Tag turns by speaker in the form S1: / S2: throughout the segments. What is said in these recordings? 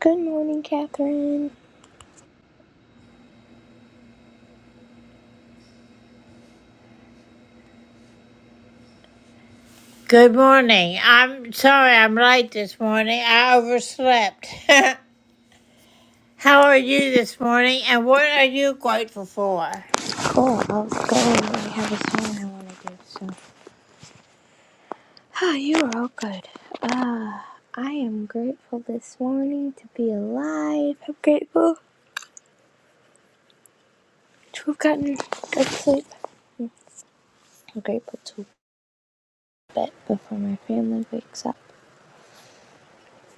S1: Good morning, Catherine. Cool. I was going. I have a song I want to do. So, ah, you are all good. Uh, I am grateful this morning to be alive. I'm grateful to have gotten good sleep. I'm grateful to bed before my family wakes up.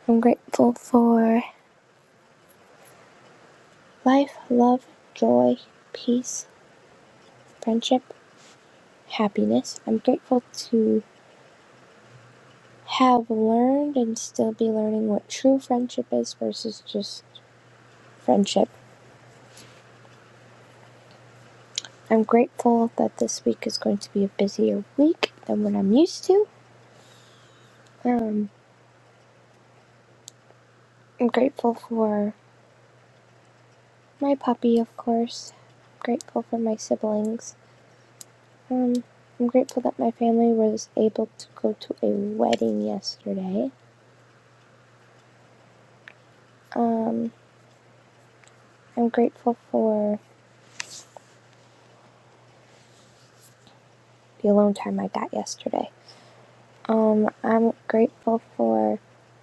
S1: I'm grateful for life, love, joy, peace, friendship, happiness. I'm grateful to have learned and still be learning what true friendship is versus just friendship. I'm grateful that this week is going to be a busier week than what I'm used to. Um, I'm grateful for my puppy, of course. I'm grateful for my siblings. Um, I'm grateful that my family was able to go to a wedding yesterday. Um, I'm grateful for the alone time I got yesterday. Um, I'm grateful for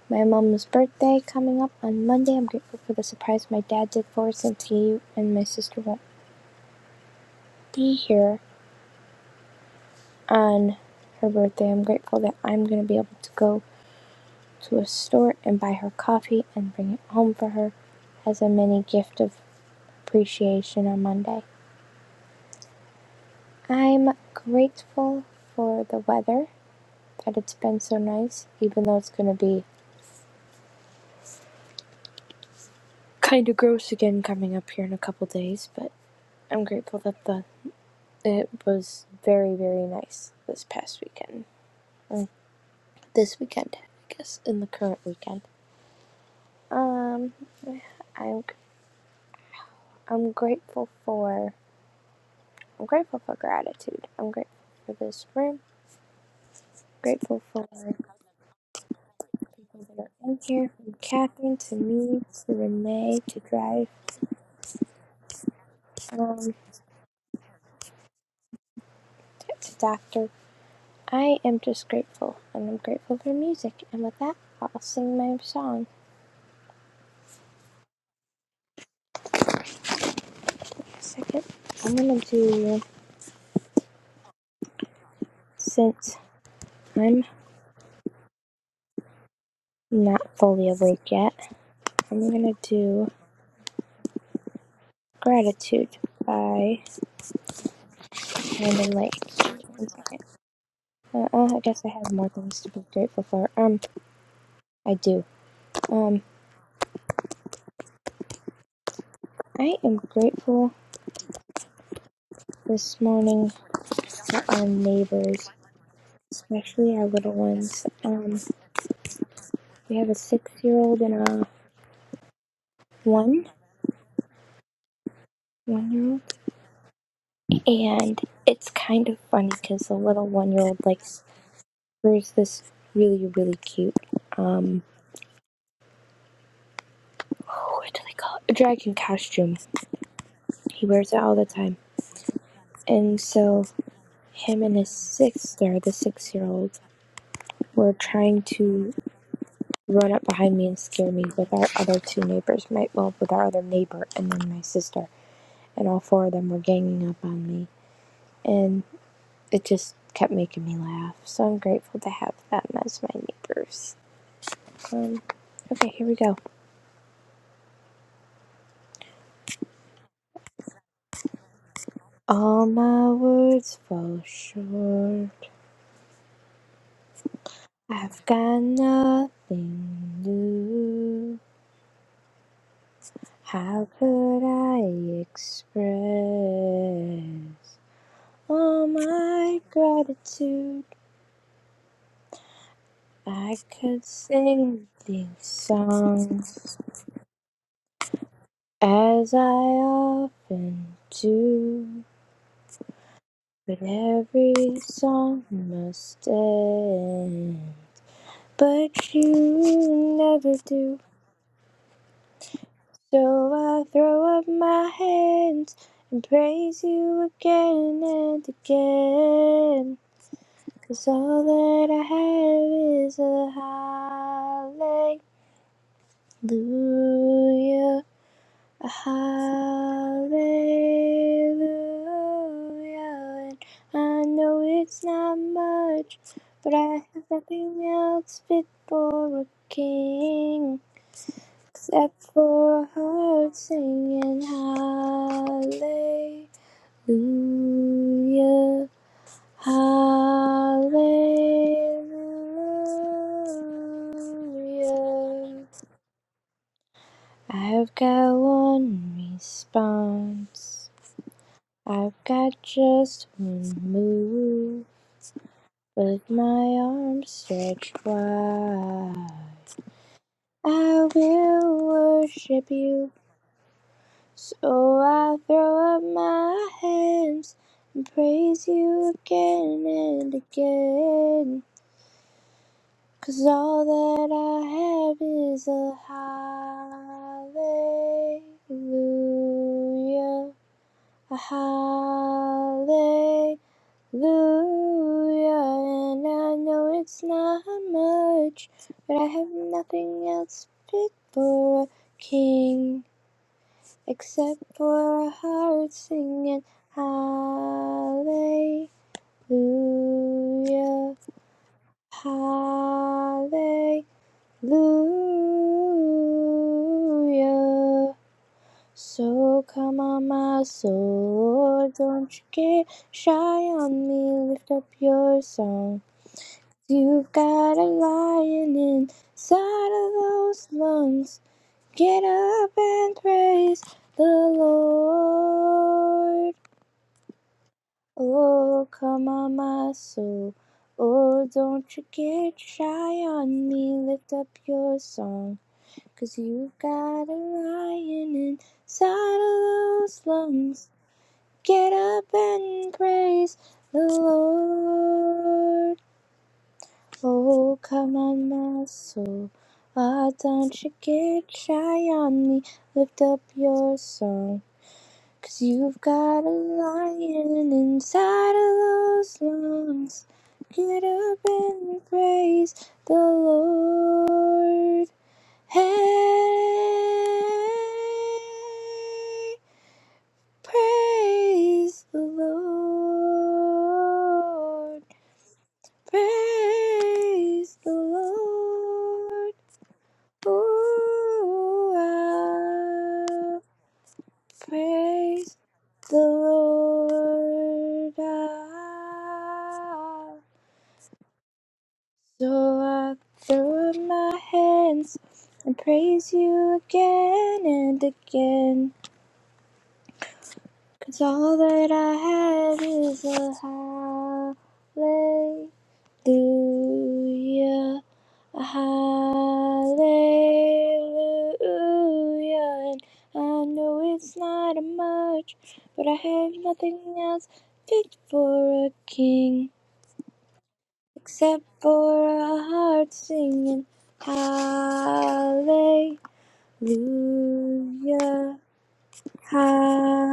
S1: my mom's birthday coming up on Monday. I'm grateful for the surprise my dad did for us, since he and my sister won't be here on her birthday. I'm grateful that I'm going to be able to go to a store and buy her coffee and bring it home for her as a mini gift of appreciation on Monday. I'm grateful for the weather, that it's been so nice, even though it's going to be kind of gross again coming up here in a couple days, but I'm grateful that the it was very very nice this past weekend, or this weekend, I guess, in the current weekend. Um, I'm I'm grateful for I'm grateful for gratitude. I'm grateful for this room. Grateful for the people that are in here, from Catherine to me to Renee to Drive um, to Doctor. I am just grateful, and I'm grateful for music. And with that, I'll sing my song. Second, I'm gonna do since I'm not fully awake yet. I'm gonna do gratitude by Brandon Lake. One second. Uh, uh, I guess I have more things to be grateful for. Um, I do. Um, I am grateful this morning for our neighbors, especially our little ones. Um, we have a six-year-old and a one, one-year-old, and it's kind of funny because the little one-year-old likes wears this really, really cute um, oh, what do they call it? A dragon costume. He wears it all the time, and so him and his sister, the six-year-old, were trying to run up behind me and scare me with our other two neighbors, my well, with our other neighbor and then my sister, and all four of them were ganging up on me, and it just kept making me laugh. So I'm grateful to have them as my neighbors. Um, okay, here we go. All my words fall short. I've got nothing new. How could I express all my gratitude? I could sing these songs as I often do, but every song must end. But you never do, so I throw up my hands and praise you again and again. 'Cause all that I have is a hallelujah. Hallelujah. And I know it's not much, but I have nothing else fit for a king except for a heart singing Hallelujah. Hallelujah. I've got one response. I've got just one move with my arms stretched wide. I will worship you, so I throw up my hands and praise you again and again. 'Cause all that I have is a hallelujah, a hallelujah. Hallelujah, and I know it's not much, but I have nothing else fit for a king except for a heart singing Hallelujah, Hallelujah. So come on, my soul, don't you get shy on me, lift up your song. You've got a lion inside of those lungs. Get up and praise the Lord. Oh, come on, my soul. Oh, don't you get shy on me. Lift up your song, you you've got a lion inside of those lungs. Get up and praise the Lord. Oh, come on, my soul. Why don't you get shy on me? Lift up your song. Cause you've got a lion inside of those lungs. Get up and praise the Lord. Hey, praise the Lord. Praise the Lord. Ooh, ah, praise the Lord. Ah. So I throw up my hands and praise you again and again. 'Cause all that I have is a hallelujah, a hallelujah. And I know it's not much, but I have nothing else fit for a king except for a heart singing hallelujah. Hallelujah.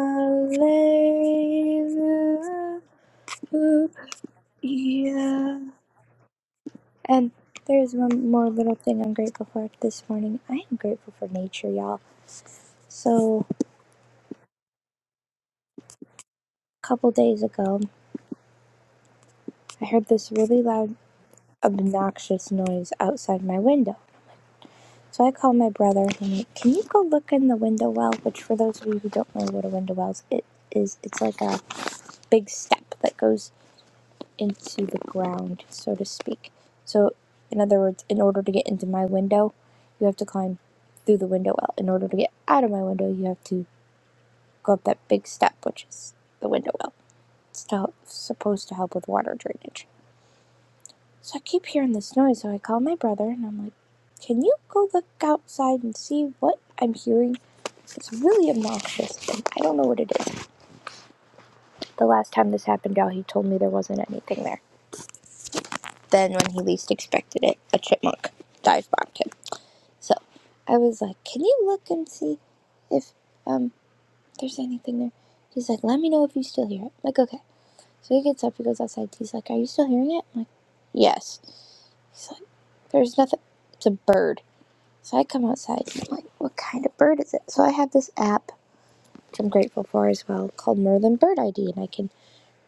S1: And there's one more little thing I'm grateful for this morning. I am grateful for nature, y'all. So, a couple days ago, I heard this really loud, obnoxious noise outside my window. So I called my brother and I'm like, can you go look in the window well? Which, for those of you who don't know what a window well is, it is it's like a big step that goes into the ground, so to speak. So, in other words, in order to get into my window, you have to climb through the window well. In order to get out of my window, you have to go up that big step, which is the window well. It's to help, supposed to help with water drainage. So I keep hearing this noise, so I call my brother and I'm like, Can you go look outside and see what I'm hearing? It's really obnoxious and I don't know what it is. The last time this happened, y'all, he told me there wasn't anything there. Then, when he least expected it, a chipmunk dive bombed him. So I was like, Can you look and see if um there's anything there? He's like, Let me know if you still hear it. I'm like, okay. So he gets up, he goes outside. He's like, Are you still hearing it? I'm like, Yes. He's like, There's nothing. It's a bird. So I come outside and I'm like, What kind of bird is it? So I have this app, which I'm grateful for as well, called Merlin Bird ID, and I can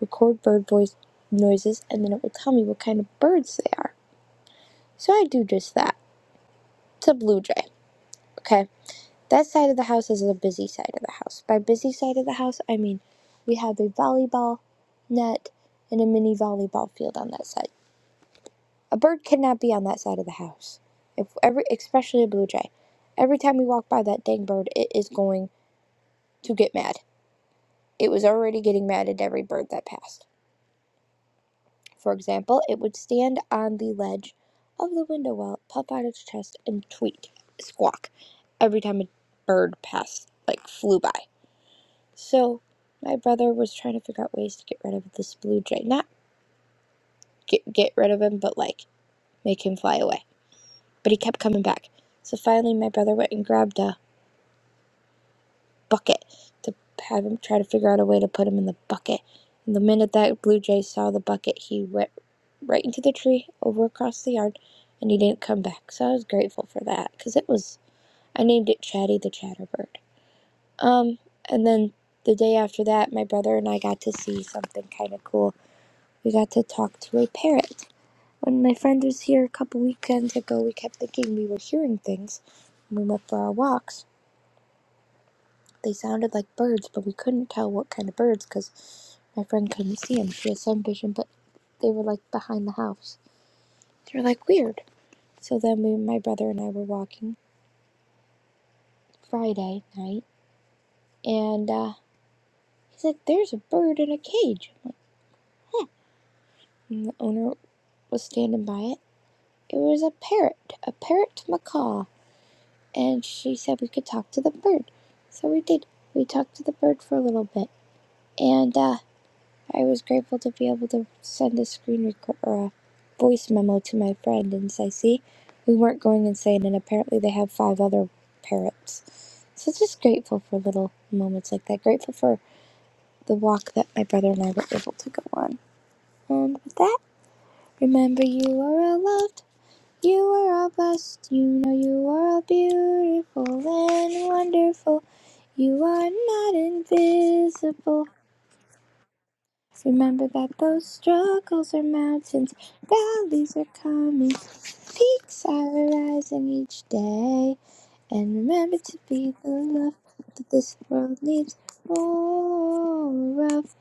S1: record bird voice noises and then it will tell me what kind of birds they are. So I do just that. It's a blue jay. Okay, that side of the house is the busy side of the house. By busy side of the house, I mean we have a volleyball net and a mini volleyball field on that side. A bird cannot be on that side of the house, if every, especially a blue jay. Every time we walk by that dang bird, it is going to get mad. It was already getting mad at every bird that passed. For example, it would stand on the ledge of the window well, puff out its chest, and tweet, squawk, every time a bird passed, like flew by. So my brother was trying to figure out ways to get rid of this blue jay. Not get get rid of him, but like make him fly away. But he kept coming back. So finally my brother went and grabbed a bucket to have him try to figure out a way to put him in the bucket. And the minute that blue jay saw the bucket, he went right into the tree over across the yard and he didn't come back. So I was grateful for that cuz it was I named it Chatty the Chatterbird. Um and then the day after that, my brother and I got to see something kind of cool we got to talk to a parrot. When my friend was here a couple weekends ago, we kept thinking we were hearing things when we went for our walks. They sounded like birds, but we couldn't tell what kind of birds because my friend couldn't see them. She had sun vision, but they were like behind the house. They were like weird. So then we, my brother and I were walking Friday night, and uh, he's like, "There's a bird in a cage." And the owner was standing by it. It was a parrot, a parrot macaw. and she said we could talk to the bird. So we did. We talked to the bird for a little bit, and uh, I was grateful to be able to send a screen record or a voice memo to my friend and say, "See, we weren't going insane." And apparently, they have five other parrots. So just grateful for little moments like that. Grateful for the walk that my brother and I were able to go on. And with that, remember you are all loved. You are all blessed. You know you are all beautiful and wonderful. You are not invisible. Remember that those struggles are mountains, valleys are coming, peaks are rising each day. And remember to be the love that this world needs more of,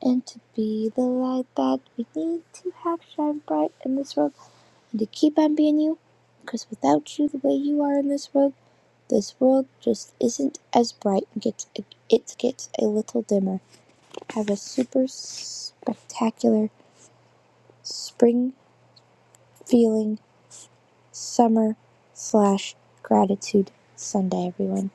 S1: and to be the light that we need to have shine bright in this world, and to keep on being you, because without you the way you are in this world, this world just isn't as bright. It gets, it, it gets a little dimmer. have a super spectacular spring feeling summer slash gratitude Sunday, everyone.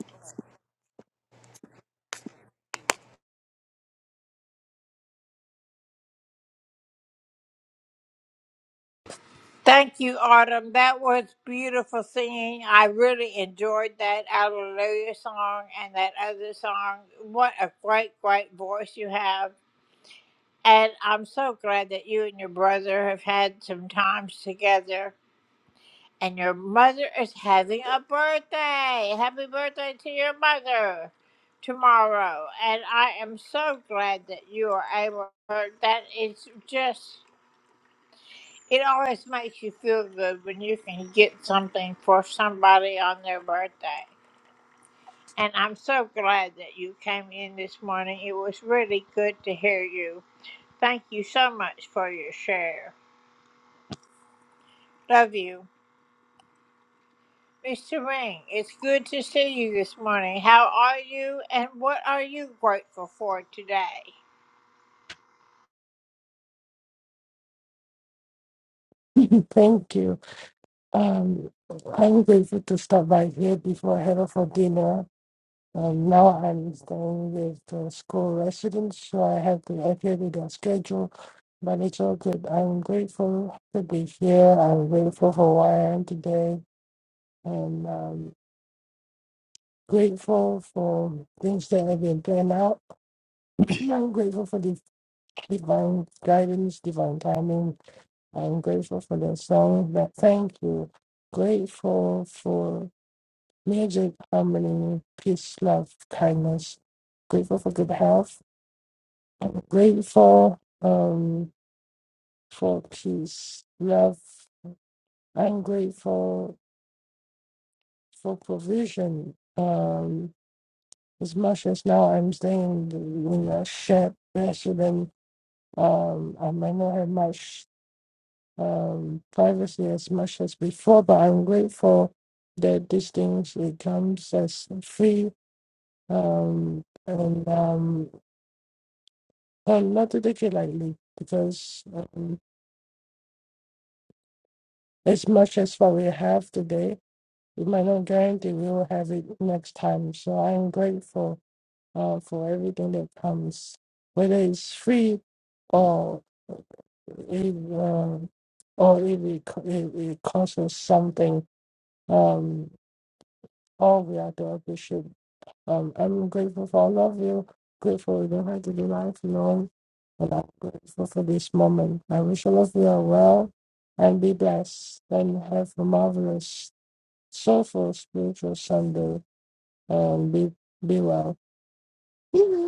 S2: Thank you. Um, I'm grateful to stop by here before I head off for dinner. Um, now I'm staying with the school residents, so I have to adhere to their schedule, but it's all good. I'm grateful to be here. I'm grateful for where I am today, and um, grateful for things that have been planned out. I'm grateful for the divine guidance, divine timing. I'm grateful for the song. But thank you. Grateful for Magic, harmony, peace, love, kindness. Grateful for good health. Grateful um, for peace, love. I'm grateful for provision. Um, as much as now I'm staying in a shared residence, um, I might not have much um, privacy as much as before, but I'm grateful that these things it comes as free um, and um, Um, not to take it lightly, because um, as much as what we have today, we might not guarantee we will have it next time. So I'm grateful uh, for everything that comes, whether it's free or if, um, or if it, co- it, it costs us something. Um, all we have to appreciate Um, I'm grateful for all of you. Grateful we don't have to be lifelong. And I'm grateful for this moment. I wish all of you are well and be blessed and have a marvelous, soulful, spiritual Sunday. And be be well.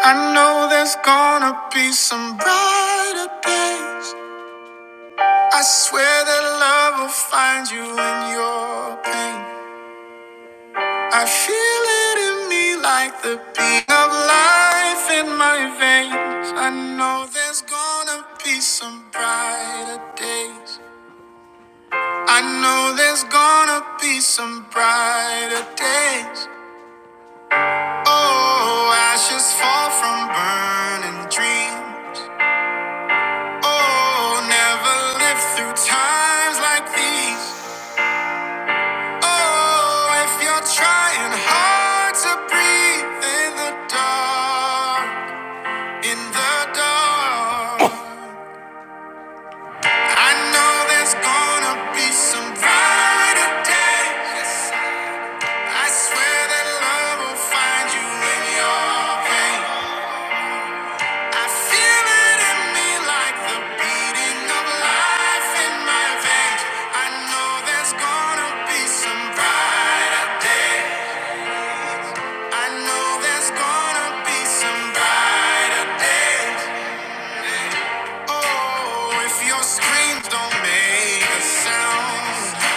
S3: I know there's gonna be some brighter days. I swear that love will find you in your pain. I feel it in me like the beat of life in my veins. I know there's gonna be some brighter days. I know there's gonna be some brighter days. Oh, ashes fall from burning dreams. Oh, never lived through times like these. Oh, if you're trying hard to breathe in the dark, in the dark, I know there's gonna be some brighter days. I swear that love will find you in your pain. I feel it in me like the beating of life in my veins. I know there's gonna be some brighter day. I know there's gonna be some brighter days. Oh, if your screams don't make a sound.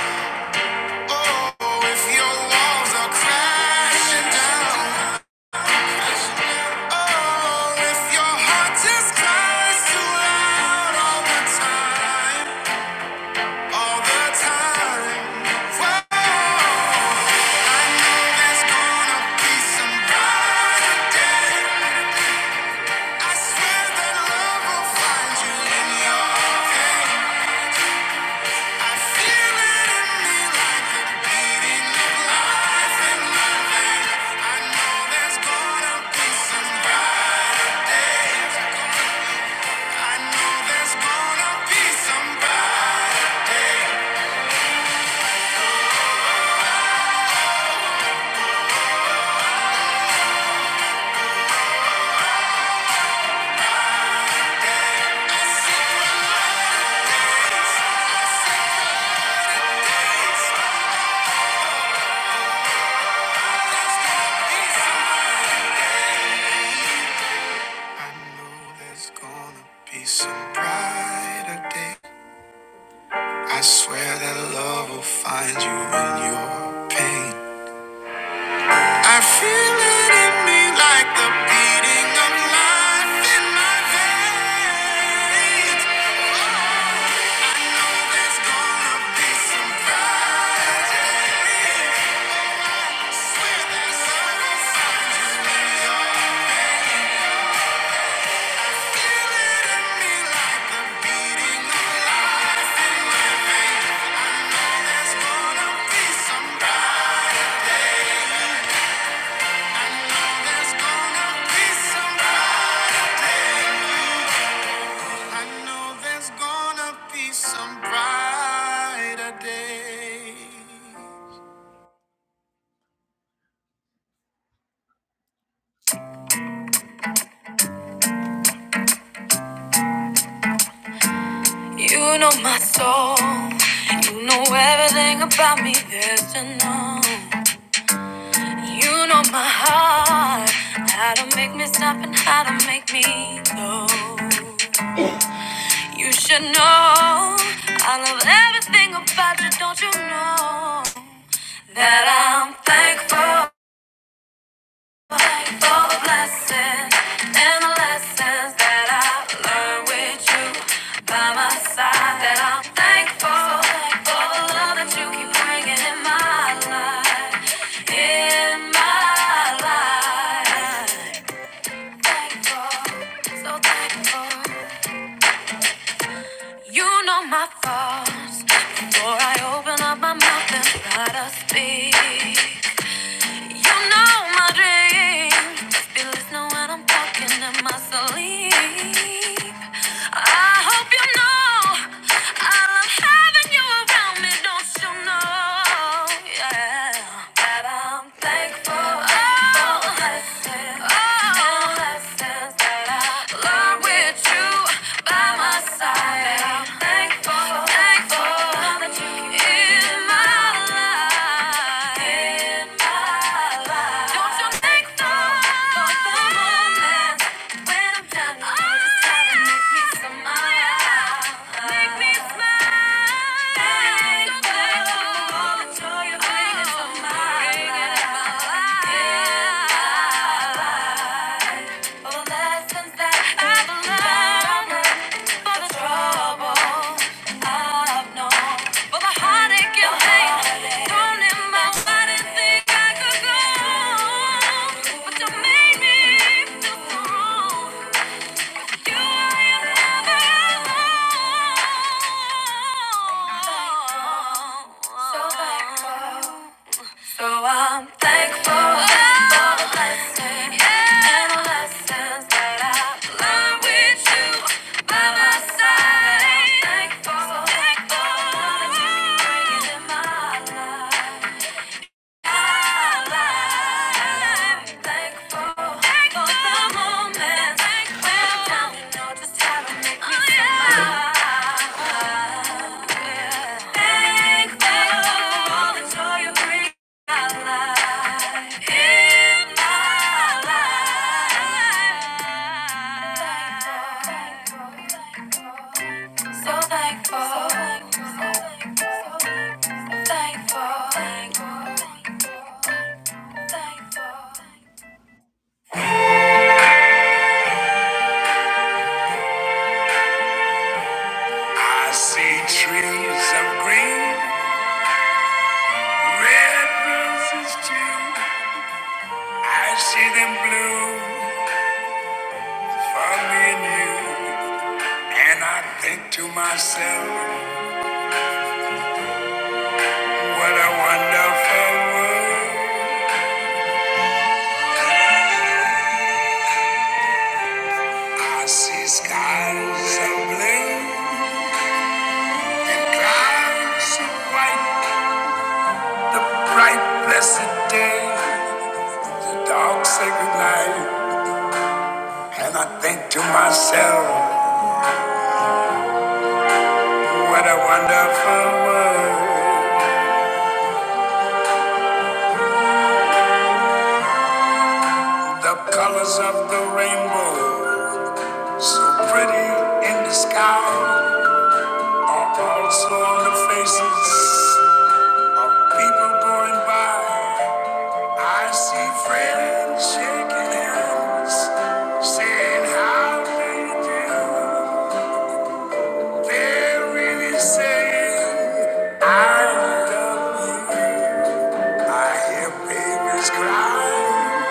S3: Oh, if your walls are crashing down. Oh, if your heart just cries too loud all the time, all the time. Whoa, I know there's gonna be some brighter day. I swear that love will find you in your day. I feel it in me like the beating of life, and I know there's gonna be some brighter day. I know there's gonna be somebody. I know there's gonna be some brighter day. I swear that love will find you in your pain. I feel it in me like the beating of life in my veins. I know there's gonna be some brighter. I swear that love will find you in your pain. some brighter day. You know my soul, you know everything about me, there's to know. You know my heart, how to make me stop and how to make me go. You should know I love everything about you, don't you know? That I'm thankful for the blessings and the lessons that I've learned with you by my side. That I'm thankful for the love that you keep bringing in my life, in my life. thankful, so thankful. You know my faults before I open up my mouth and try to speak. You know my dreams. Just be listening when I'm talking in my sleep. I hope you know I love having you around me. Don't you know? Yeah, that I'm thankful. Oh, for this that you Thankful. When I'm down, I just gotta make me smile. Make me smile. all the joy you're bringing my life. For the lessons that I've learned, for the trouble all I don't know. But my heartache and pain thrown in my way, didn't think I could go on. But you made me feel so wrong. With you, I am never alone. So thankful. so thankful. So I'm thankful for the blessings and the lessons that I've learned with you by my side. I'm thankful, thankful that you keep bringing in my life. My life. I'm thankful for the moments when you tell me no, just how to make me smile. Yeah. Thankful for all the joy you bring. So thankful, so thankful, so thankful, thankful. I see trees of green, red roses too. I see them bloom for me and you. And I think to myself, what a wonderful world. I see skies of blue, clouds of white, the bright blessed day, the dark sacred night. And I think to myself, what a wonderful world. The colors of the rainbow, so pretty in the sky, are also on the faces People going by, I see friends shaking hands, saying how they do. They're really saying, I love you. I hear babies cry,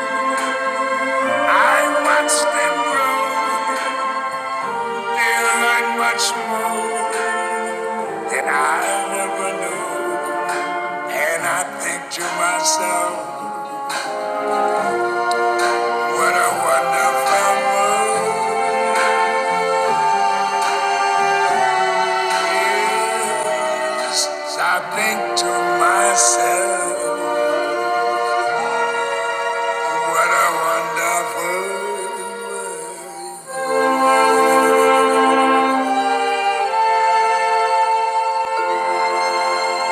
S3: I watch them grow. they learn much more than I ever knew. And I think to myself, what a wonderful world. I think to myself, what a wonderful world.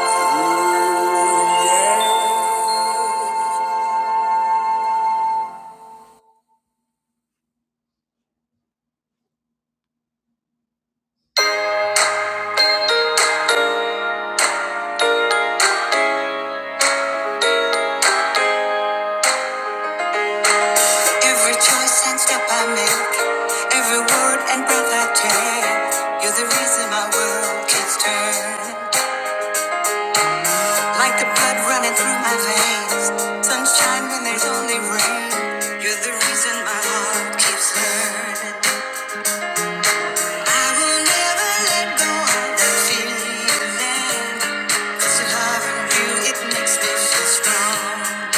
S3: Ooh, yeah. Every choice and step I make, every word and breath I take, you're the reason my world keeps turning. Like the blood running through my veins. Sunshine when there's only rain. You're the reason my heart keeps learning. I will never let go of that feeling. 'Cause loving you, it makes me feel strong.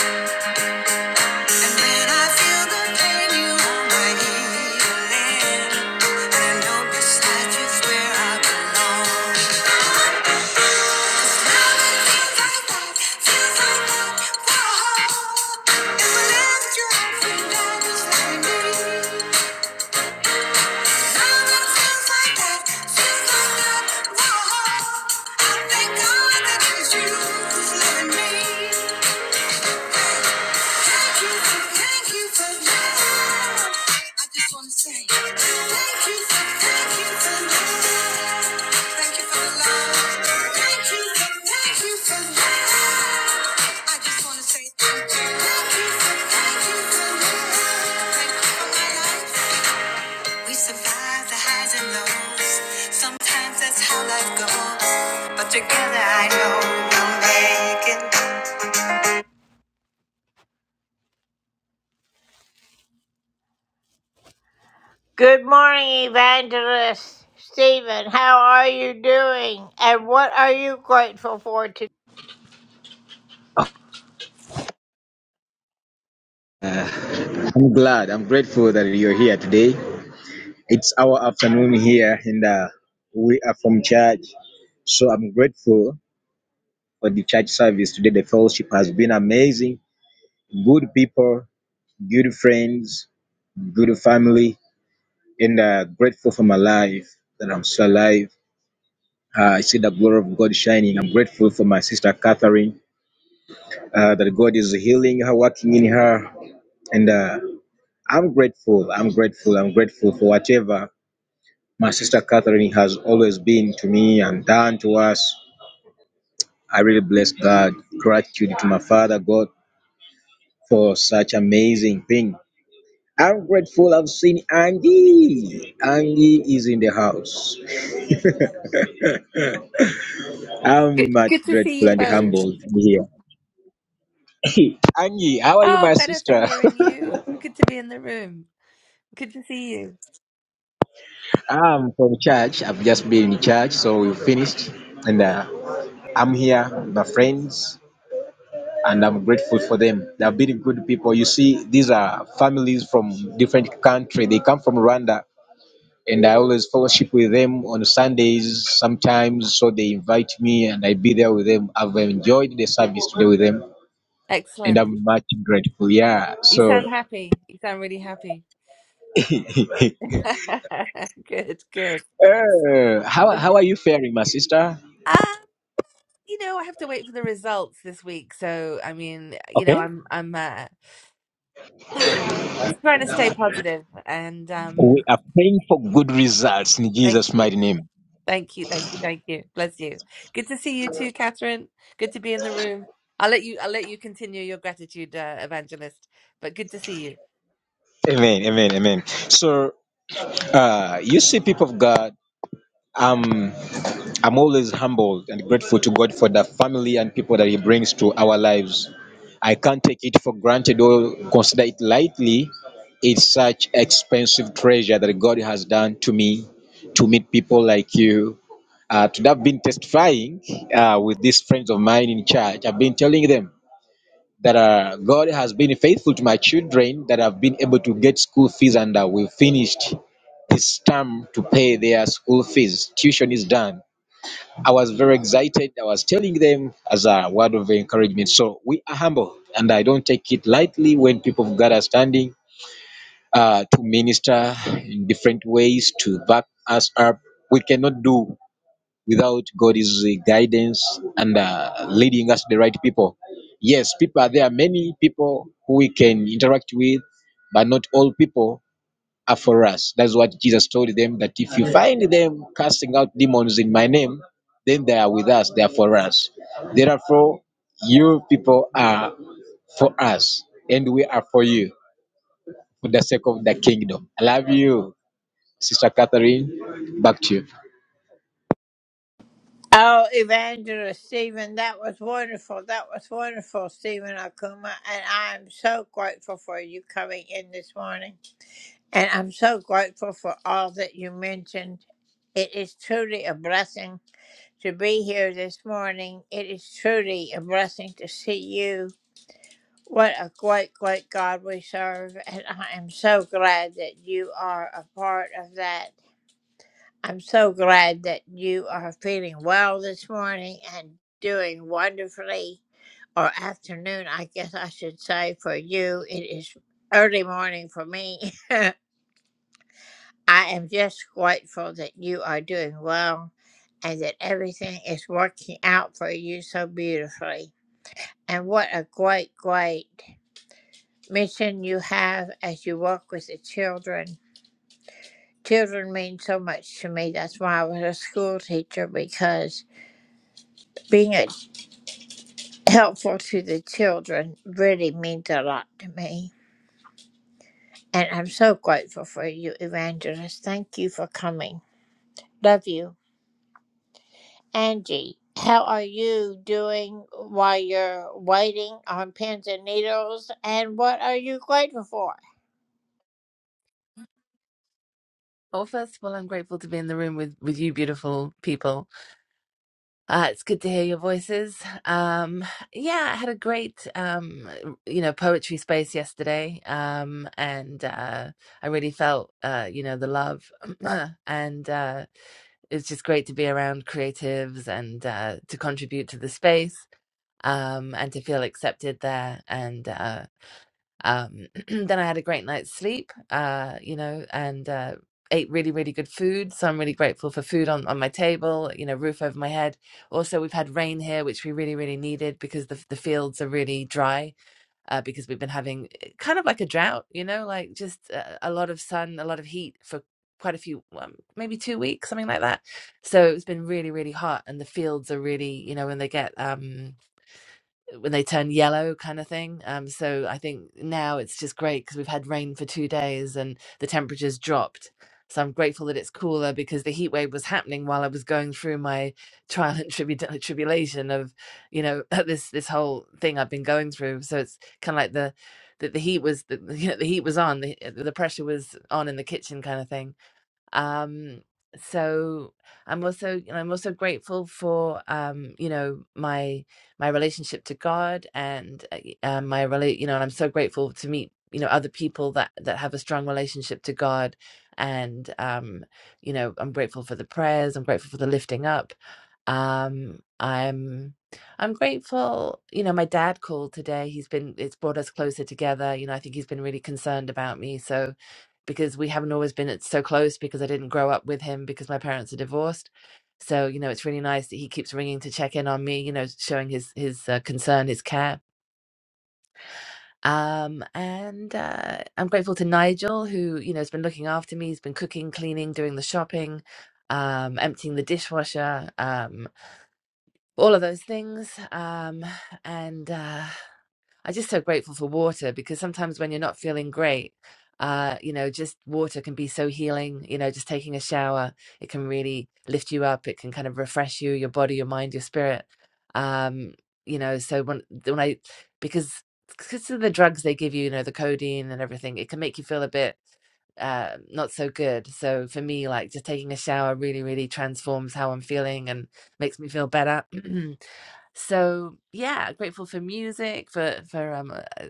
S3: And when I feel the pain, you are my healing. And I know beside you's where I belong. Thank you for, thank you for love. Thank you for the love. Thank you, thank you for love. I just wanna say thank you, thank you, thank you for love. Thank you for my life. We survive the highs and lows. Sometimes that's how life goes. But together I know we'll make it.
S4: I'm glad. I'm grateful that you're here today. It's our afternoon here, and uh, we are from church. So I'm grateful for the church service today. The fellowship has been amazing. Good people, good friends, good family, and uh, grateful for my life that I'm still alive. Uh, I see the glory of God shining. I'm grateful for my sister Catherine uh, that God is healing her, working in her, and uh, I'm grateful. I'm grateful. I'm grateful for whatever My sister Catherine has always been to me and done to us. I really bless God. Gratitude to my Father God for such amazing thing. I'm grateful I've seen Andy. Andy is in the house. I'm
S5: Good,
S4: much
S5: good to see
S4: grateful
S5: you
S4: and
S5: both.
S4: humbled to be here. Angie, how are you,
S5: Oh,
S4: my
S5: better for
S4: sister?
S5: hearing you. Good to be in the room. Good to see you.
S4: I'm from church. I've just been in church, so we finished. And uh, I'm here with my friends. and I'm grateful for them. They have been good people. You see, these are families from different country. They come from Rwanda, and I always fellowship with them on Sundays sometimes. So they invite me, and I be there with them. I've enjoyed the service today with them, and
S5: Excellent.
S4: I'm much grateful. Yeah.
S5: You
S4: So,
S5: sound happy. You sound really happy. good, good.
S4: uh, how
S5: Um,
S4: how are you faring, my sister?
S5: you know, I have to wait for the results this week. So, I mean, you know,
S4: Okay,
S5: I'm I'm uh, trying to stay positive and
S4: we
S5: um,
S4: are praying for good results in
S5: thank
S4: Jesus' mighty name.
S5: Thank you, thank you, thank you. Bless you. Good to see you too, Catherine. Good to be in the room. I'll let you. I'll let you continue your gratitude, uh, evangelist. But good to see you.
S4: Amen. Amen. Amen. So, uh, you see, people of God. um. I'm always humbled and grateful to God for the family and people that He brings to our lives. I can't take it for granted or consider it lightly. It's such expensive treasure that God has done to me, to meet people like you, uh, to have been testifying uh, with these friends of mine in church. I've been telling them that uh, God has been faithful to my children, that I've been able to get school fees and uh, we finished this term to pay their school fees. Tuition is done I was very excited. I was telling them as a word of encouragement. So we are humble, and I don't take it lightly when people of God are standing uh, to minister in different ways to back us up. We cannot do without God's guidance and uh, leading us to the right people. Yes, people are there. Are many people who we can interact with, but not all people are for us. That's what Jesus told them that if you find them casting out demons in my name, then they are with us, they are for us. Therefore, you people are for us, and we are for you for the sake of the kingdom. I love you, Sister Catherine. Back to you.
S5: Well, first of all, I'm grateful to be in the room with with you, beautiful people. Uh, it's good to hear your voices. Um, yeah, I had a great, um, you know, poetry space yesterday, um, and uh, I really felt, uh, you know, the love, and uh, it's just great to be around creatives and uh, to contribute to the space um, and to feel accepted there. And uh, um, then I had a great night's sleep, uh, you know, and uh, ate really, really good food. So I'm really grateful for food on, on my table, you know, roof over my head. Also, we've had rain here, which we really, really needed because the, the fields are really dry uh, because we've been having eh, kind of like a drought, you know, like just uh, a lot of sun, a lot of heat for quite a few um, maybe two weeks something like that so it's been really really hot and the fields are really you know when they get um when they turn yellow kind of thing um so i think now it's just great because we've had rain for two days and the temperatures dropped so i'm grateful that it's cooler because the heat wave was happening while i was going through my trial and tribu- tribulation of you know this this whole thing i've been going through so it's kind of like the that the heat was the, you know, the heat was on the, the pressure was on in the kitchen kind of thing um so i'm also and i'm also grateful for um you know my my relationship to god and uh, y- uh, my relate you know and i'm so grateful to meet you know other people that that have a strong relationship to god and um you know i'm grateful for the prayers i'm grateful for the lifting up um, I'm I'm grateful, you know, my dad called today. He's been it's brought us closer together. You know, I think he's been really concerned about me. So because we haven't always been so close because I didn't grow up with him because my parents are divorced. So, you know, it's really nice that he keeps ringing to check in on me, you know, showing his his uh, concern, his care. Um, and uh, I'm grateful to Nigel who, you know, has been looking after me. He's been cooking, cleaning, doing the shopping, um, emptying the dishwasher. Um, all of those things. Um, and uh, I'm just so grateful for water because sometimes when you're not feeling great, uh, you know, just water can be so healing. You know, just taking a shower, it can really lift you up. It can kind of refresh you, your body, your mind, your spirit. Um, you know, so when when I because because of the drugs they give you, you know, the codeine and everything, it can make you feel a bit uh, not so good. So for me, like just taking a shower really, really transforms how I'm feeling and makes me feel better. So yeah, grateful for music, for for um, uh, uh,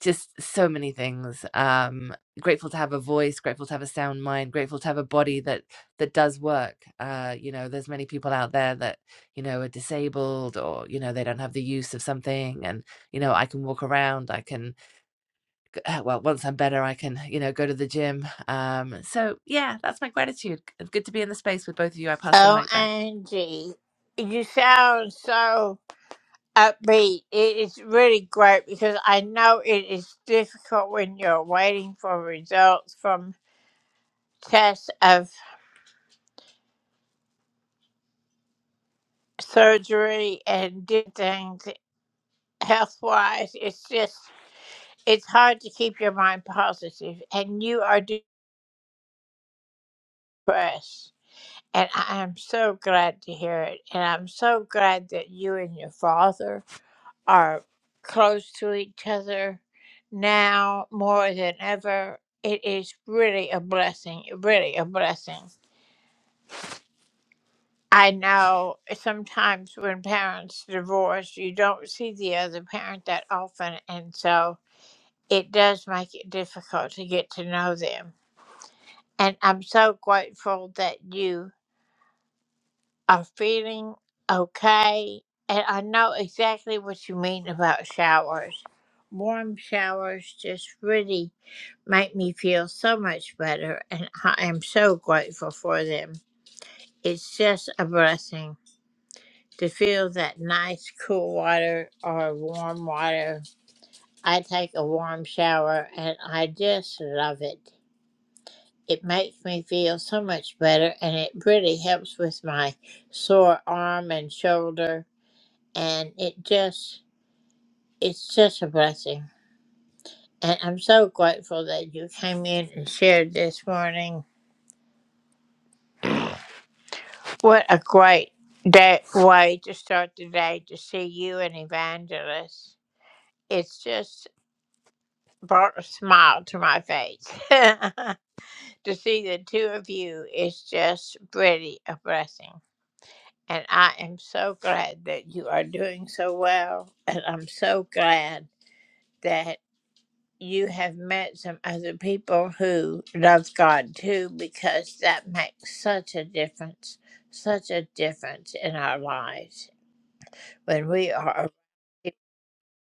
S5: just so many things. Um, grateful to have a voice, grateful to have a sound mind, grateful to have a body that that does work. Uh, you know, there's many people out there that you know are disabled or you know they don't have the use of something, and you know I can walk around, I can g- uh, well once I'm better, I can you know go to the gym. Um, so yeah, that's my gratitude. Good to be in the space with both of you. I pass the mic back.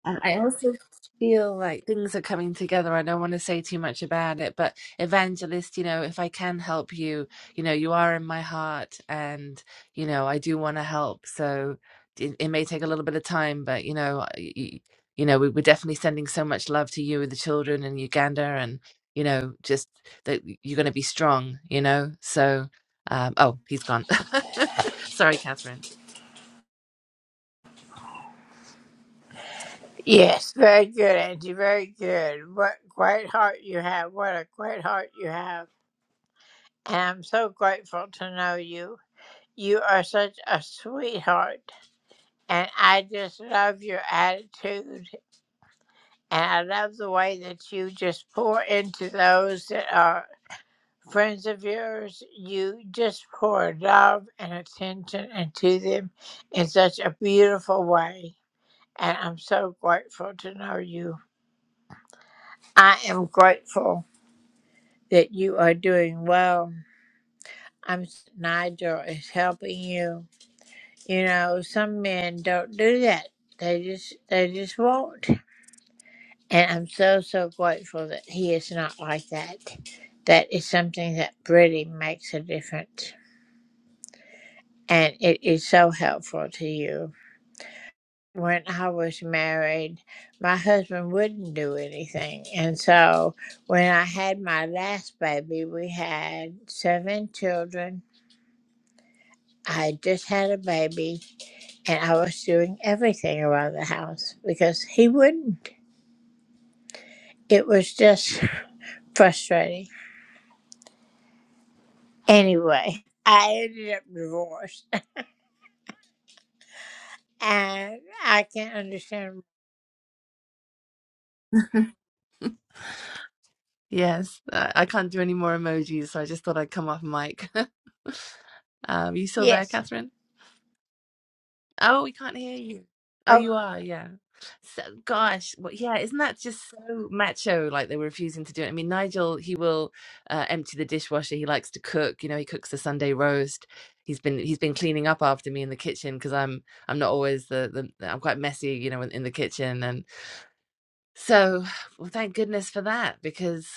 S5: And I also feel like things are coming together. I don't want to say too much about it, but evangelist, you know, if I can help you, you know, you are in my heart and, you know, I do want to help. So it, it may take a little bit of time, but, you know, you, you know, we, we're definitely sending so much love to you and the children in Uganda and, you know, just that you're going to be strong, you know? So, um, oh, he's gone. Sorry, Catherine. Yes, I I can't do any more emojis, so I just thought I'd come off mic. Um, you still there, Catherine? Oh, we can't hear you. Oh, you are, yeah. So, gosh, well, yeah, isn't that just so macho? Like they were refusing to do it. I mean, Nigel, he will uh, empty the dishwasher. He likes to cook. You know, he cooks the Sunday roast. He's been he's been cleaning up after me in the kitchen because I'm I'm not always the, the I'm quite messy, you know, in, in the kitchen. and. So, well, thank goodness for that because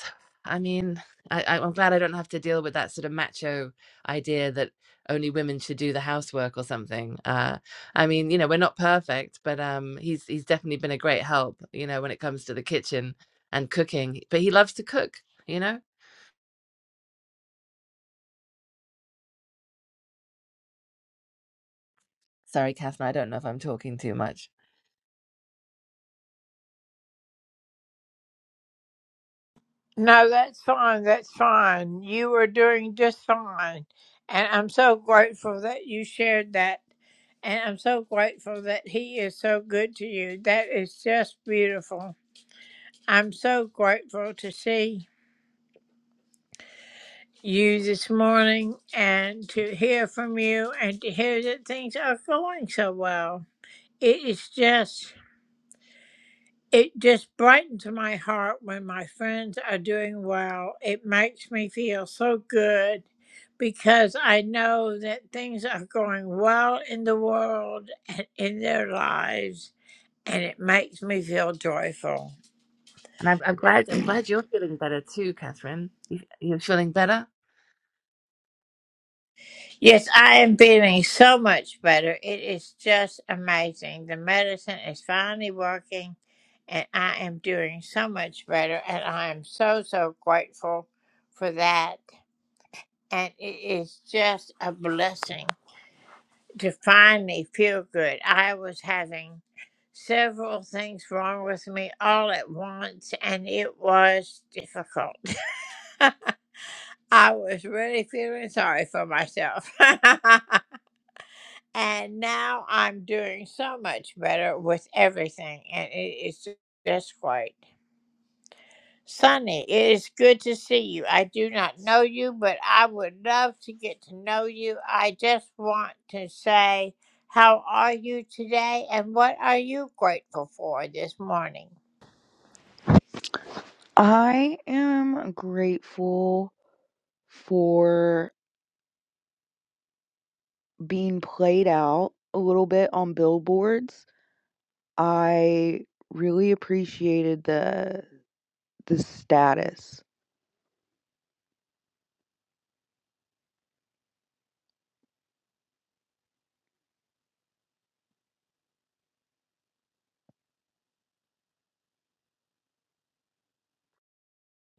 S5: I mean, I, I- I'm glad I don't have to deal with that sort of macho idea that only women should do the housework or something. Uh, I mean, you know, we're not perfect, but um, he's he's definitely been a great help, you know, when it comes to the kitchen and cooking. But he loves to cook, you know. Sorry, Catherine, I don't know if I'm talking too much. And I'm, I'm glad I'm glad you're feeling better too, Catherine. You, you're feeling better.
S6: I am grateful for being played out a little bit on billboards. I really appreciated the the status.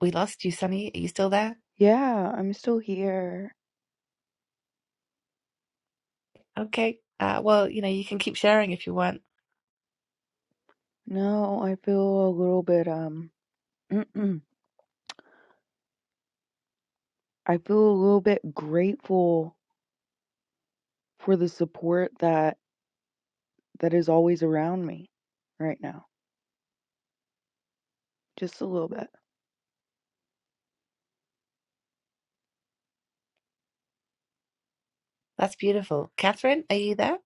S5: We lost you, Sonny. Are you still there?
S6: Yeah, I'm still here.
S5: Okay. Uh, well, you know, you can keep sharing if you want.
S6: No, I feel a little bit um I feel a little bit grateful for the support that that is always around me right now. Just a little bit.
S5: That's beautiful. Catherine, are you there?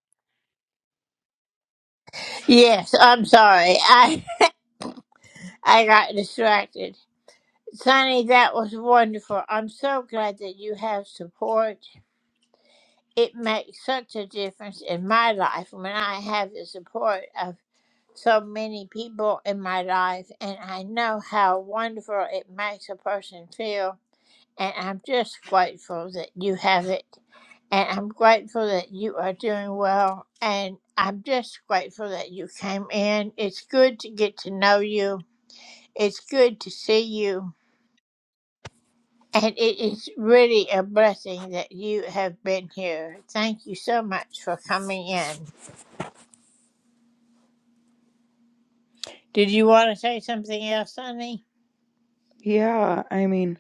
S6: Yeah, I mean,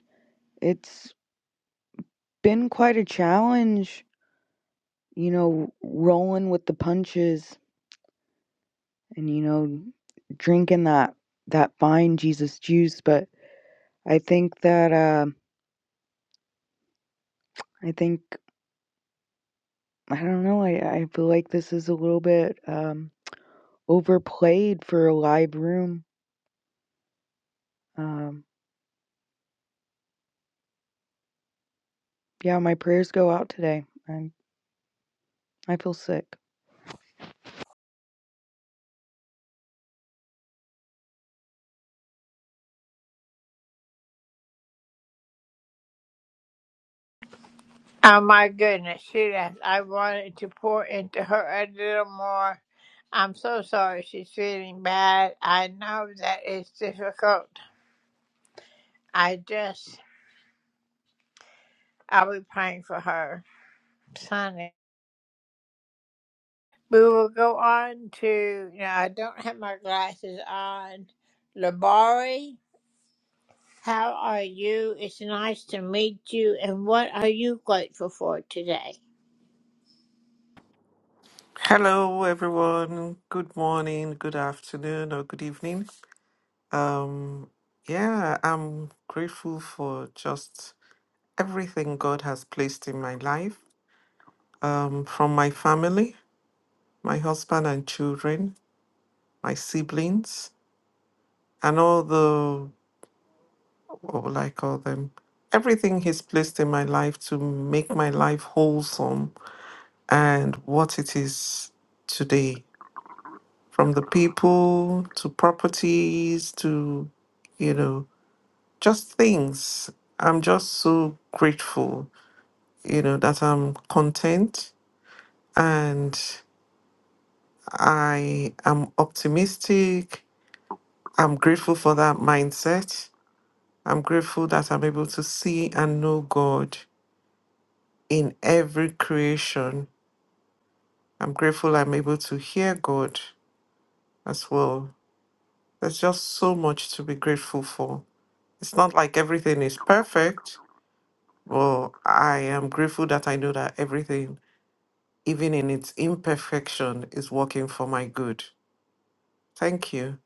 S6: it's been quite a challenge you know, rolling with the punches and, you know, drinking that that fine Jesus juice. But I think that um I think I don't know. I I feel like this is a little bit um, overplayed for a live room. Um, yeah, my prayers go out today. I I feel sick.
S7: Hello, everyone. Good morning, good afternoon, or good evening. Um, yeah, I'm grateful for just everything God has placed in my life, um, from my family, my husband and children, my siblings, and all the, what will I call them? Everything He's placed in my life to make my life wholesome and what it is today. from the people to properties to, you know, just things. I'm just so grateful, you know, that I'm content and I am optimistic. I'm grateful for that mindset. I'm grateful that I'm able to see and know God in every creation. I'm grateful I'm able to hear God as well. There's just so much to be grateful for. It's not like everything is perfect, Well, I am grateful that I know that everything, even in its imperfection, is working for my good. Thank you.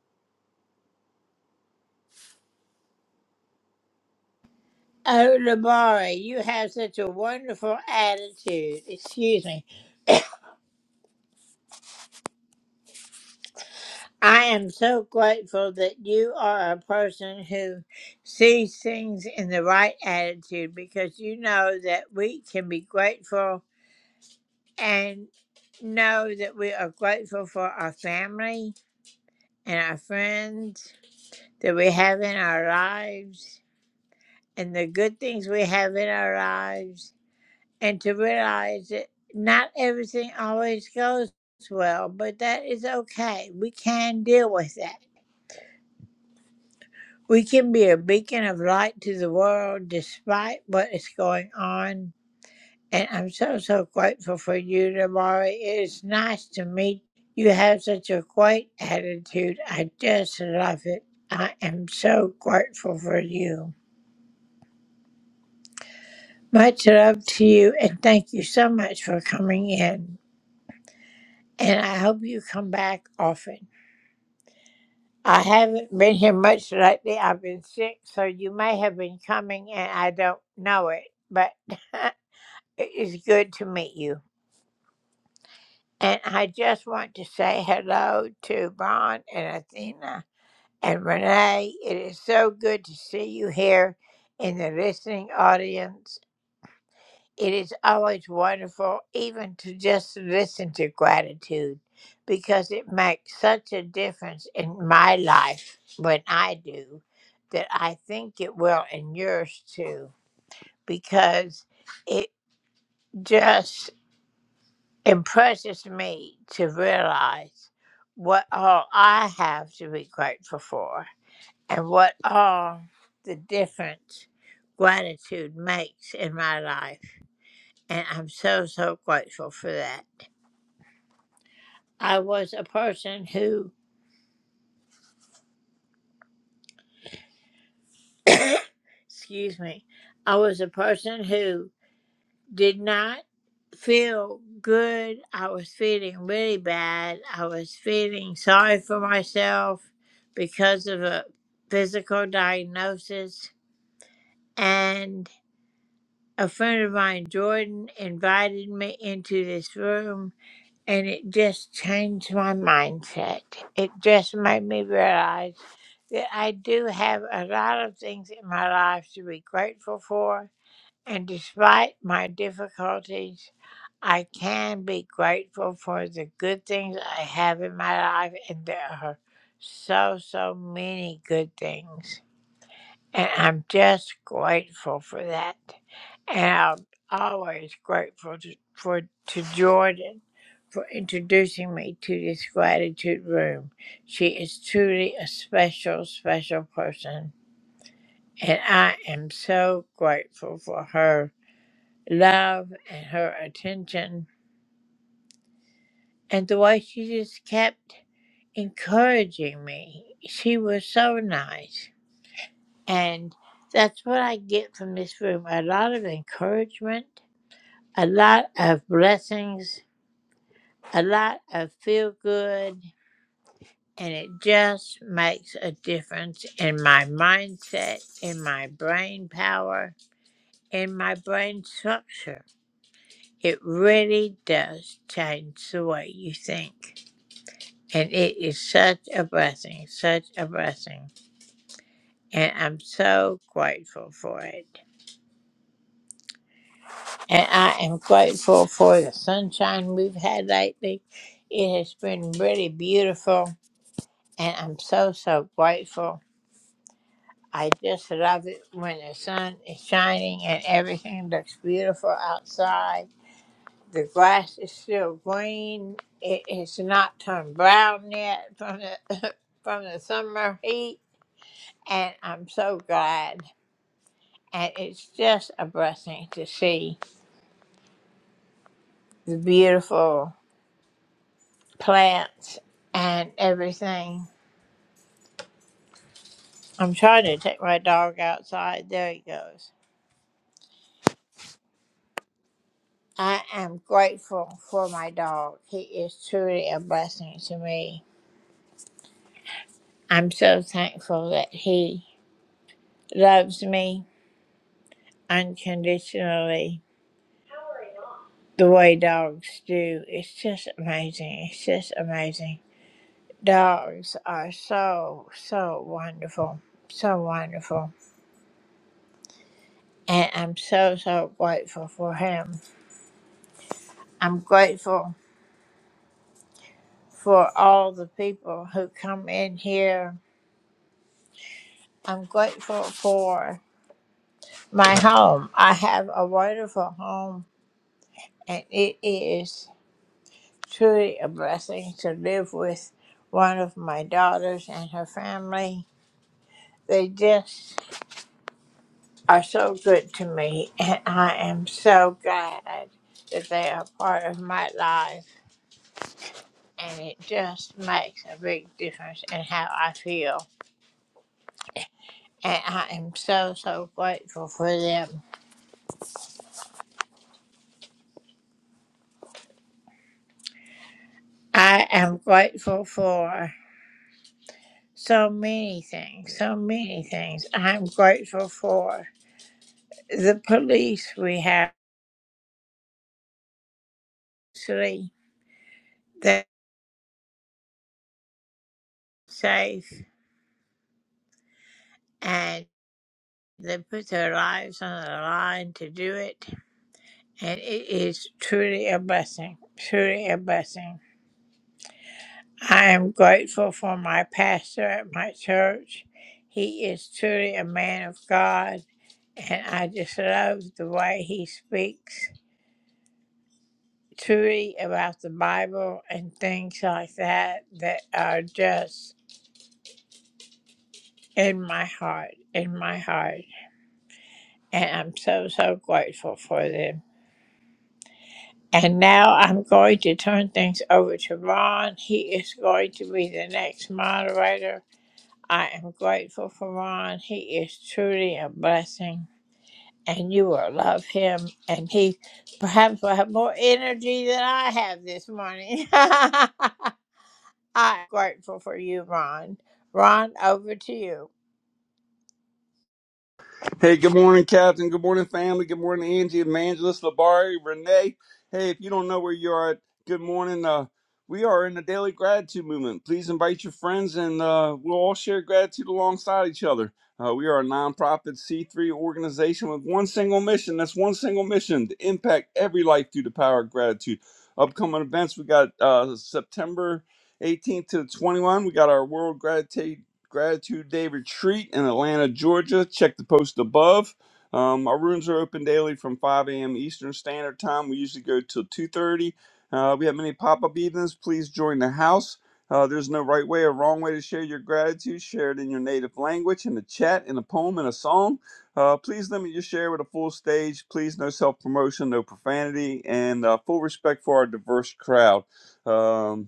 S8: Hey, good morning, Captain. Good morning, family. Good morning, Angie, Evangelist, Labari, Renee. Hey, if you don't know where you are, at, good morning. Uh, we are in the daily gratitude movement. Please invite your friends, and uh, we'll all share gratitude alongside each other. Uh, we are a nonprofit C3 organization with one single mission. That's one single mission to impact every life through the power of gratitude. Upcoming events, we got uh, September 18th to 21. We got our World Gratitude. Gratitude Day Retreat in Atlanta, Georgia. Check the post above. Um, our rooms are open daily from 5 a.m. Eastern Standard Time. We usually go till 2:30. Uh, we have many pop-up evenings. Please join the house. Uh, there's no right way or wrong way to share your gratitude. Share it in your native language, in the chat, in a poem, in a song. Uh, please limit your share with a full stage. Please no self-promotion, no profanity, and uh, full respect for our diverse crowd. Um,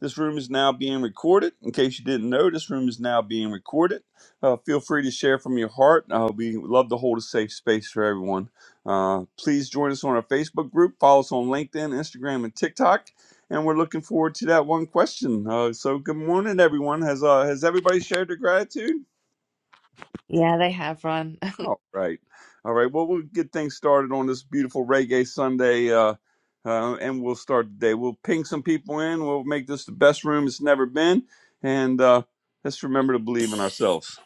S8: this room is now being recorded. In case you didn't know, this room is now being recorded. Uh, feel free to share from your heart. Uh, we love to hold a safe space for everyone. Uh, please join us on our Facebook group. Follow us on LinkedIn, Instagram, and TikTok. And we're looking forward to that one question. Uh, so, good morning, everyone. Has uh, has everybody shared their gratitude?
S5: Yeah, they have run.
S8: All right. All right. Well, we'll get things started on this beautiful reggae Sunday. Uh, uh, and we'll start today. We'll ping some people in. We'll make this the best room it's never been. And uh, let's remember to believe in ourselves.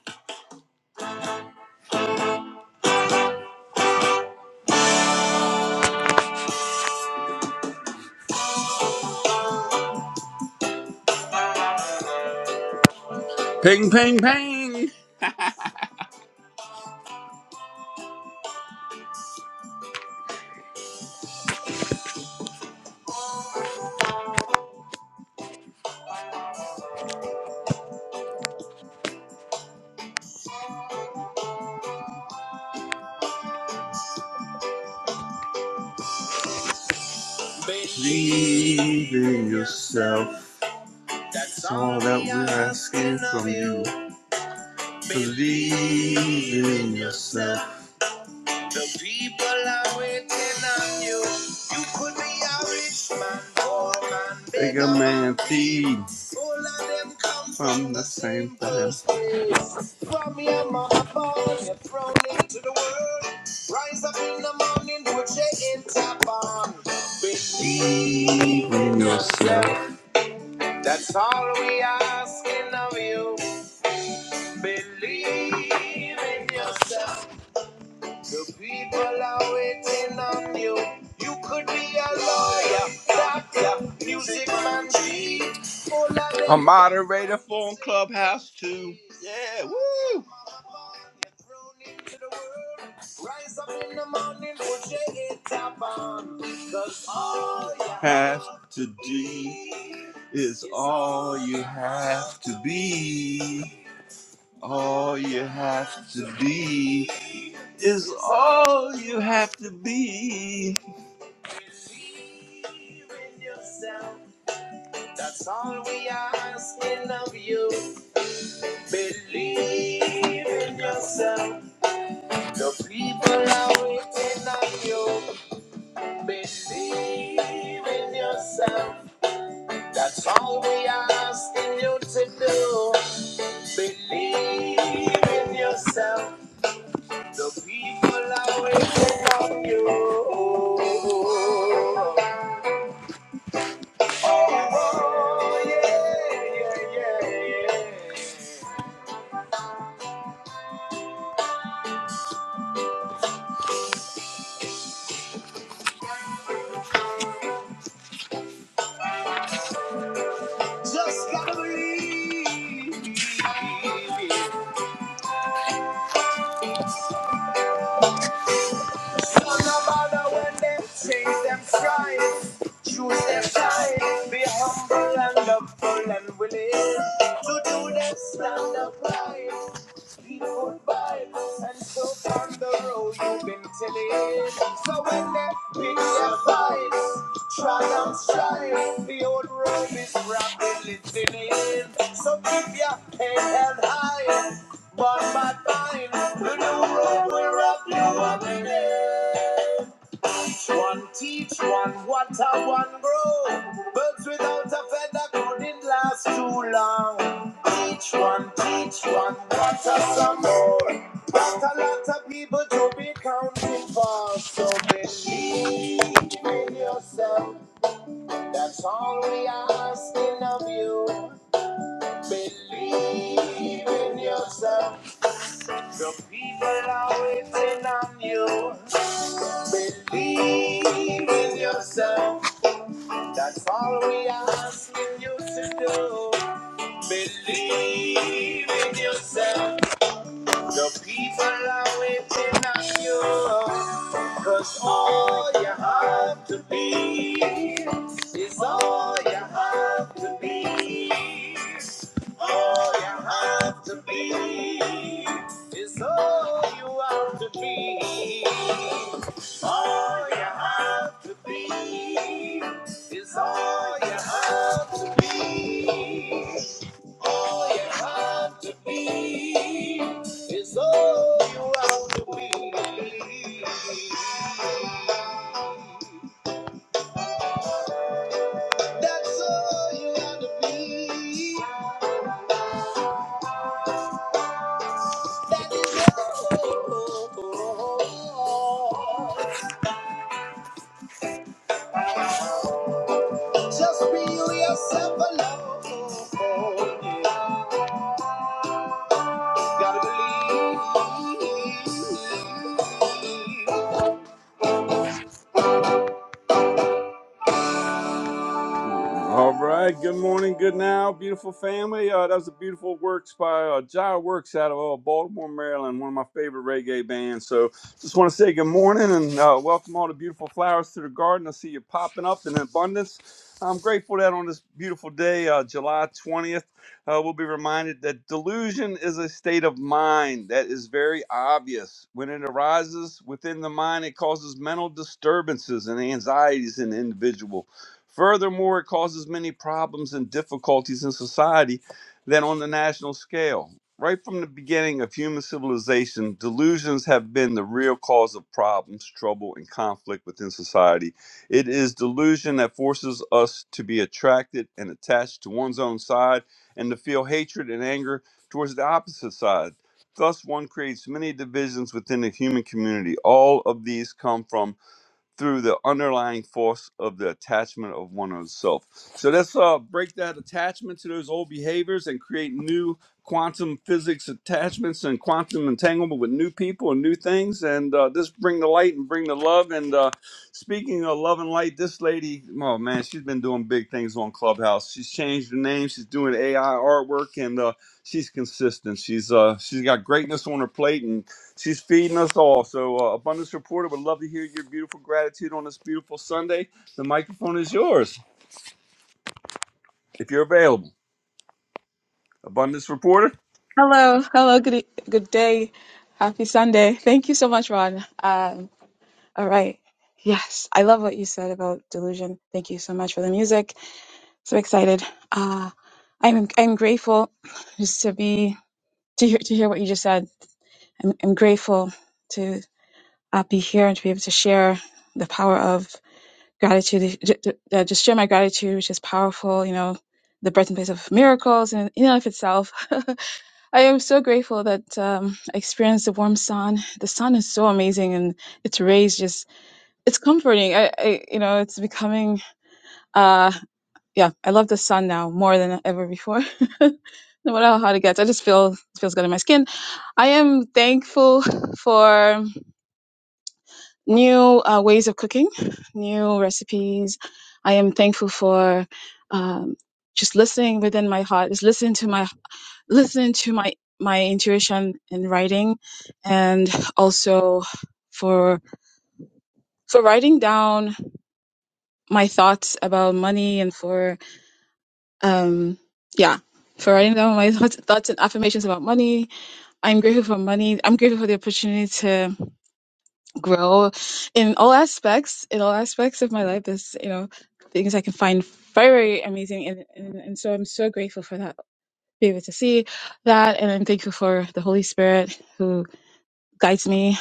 S8: Ping, ping, ping. Believe in yourself. That's all that we're asking from you. Believe in yourself. The people are waiting on you. You could be a rich man, poor man, beggar man, thief. All of them come from the same place. From your mother born, you're thrown into the world. Rise up in the morning, put your top on. Believe in yourself. That's all we asking of you. Believe in yourself. The people are waiting on you. You could be a lawyer, doctor, music man, chief, a moderator for Clubhouse too. Yeah, woo! Rise up in the morning, put your head top on, 'cause all you have to do is all you have to be. All you have to be is all you have to be. Believe in yourself. That's all we are asking of you. Believe in yourself. The people are waiting on you. Believe in yourself. That's all we are asking you to do. Believe in yourself. The people are waiting on you. Oh, yeah, yeah, yeah. Just gotta believe. So no matter when them change them stripes, choose them side, be humble and humble and willing to do them stand up right. good vibes and so on the road you've been telling. So when they pick their vibes, try and strive. The old road is rapidly thinning. So keep your head held high. One by time, the new road will wrap you up in it. Teach one, teach one, what a one grow. Birds without a feather couldn't last too long. Teach one, teach one, what a some more. But a lot of people to be counting for. So believe in yourself. That's all we are asking of you. Believe in yourself. The people are waiting on you. Believe in yourself. That's all we asking you to do. Believe in yourself. The people are waiting on you. Cause all you have to be is all you have to be. All you have to be is all you have to be. All you have to be is all you have to be. All you have to be is all you have to be. That's all you have to be. That is all. Just be yourself alone. Gotta believe. All right. Good morning. Good now, beautiful family. Uh, that was a beautiful works by uh, Jai Works out of uh, Baltimore, Maryland. One of my favorite reggae bands. So just want to say good morning and uh, welcome all the beautiful flowers to the garden. I see you popping up in abundance. I'm grateful that on this beautiful day, uh, July 20th, uh, we'll be reminded that delusion is a state of mind that is very obvious. When it arises within the mind, it causes mental disturbances and anxieties in the individual. Furthermore, it causes many problems and difficulties in society than on the national scale. Right from the beginning of human civilization, delusions have been the real cause of problems, trouble, and conflict within society. It is delusion that forces us to be attracted and attached to one's own side and to feel hatred and anger towards the opposite side. Thus, one creates many divisions within the human community. All of these come from through the underlying force of the attachment of one one's self. So let's uh, break that attachment to those old behaviors and create new quantum physics attachments and quantum entanglement with new people and new things. And uh, just bring the light and bring the love. And uh, speaking of love and light, this lady, oh man, she's been doing big things on Clubhouse. She's changed her name. She's doing AI artwork and uh, she's consistent. She's uh, she's got greatness on her plate and She's feeding us all. So, uh, Abundance Reporter would love to hear your beautiful gratitude on this beautiful Sunday. The microphone is yours if you're available. Abundance Reporter.
S9: Hello, hello, good e- good day, happy Sunday. Thank you so much, Ron. Um, all right, yes, I love what you said about delusion. Thank you so much for the music. So excited. Uh, I'm I'm grateful just to be to hear to hear what you just said. I'm, I'm grateful to uh, be here and to be able to share the power of gratitude. j- j- uh, Just share my gratitude, which is powerful. You know, the birthplace of miracles and in and of itself. I am so grateful that um, I experienced the warm sun. The sun is so amazing, and its rays just—it's comforting. I, I, you know, it's becoming. Uh, yeah, I love the sun now more than ever before. no matter how it gets, I just feel it feels good in my skin. I am thankful for new uh, ways of cooking, new recipes. I am thankful for um, just listening within my heart, just listening to my listening to my my intuition in writing and also for for writing down my thoughts about money and for um yeah for writing down my thoughts, thoughts and affirmations about money i'm grateful for money i'm grateful for the opportunity to grow in all aspects in all aspects of my life there's you know things i can find very very amazing and, and, and so i'm so grateful for that be able to see that and i'm thankful for the holy spirit who. guides me.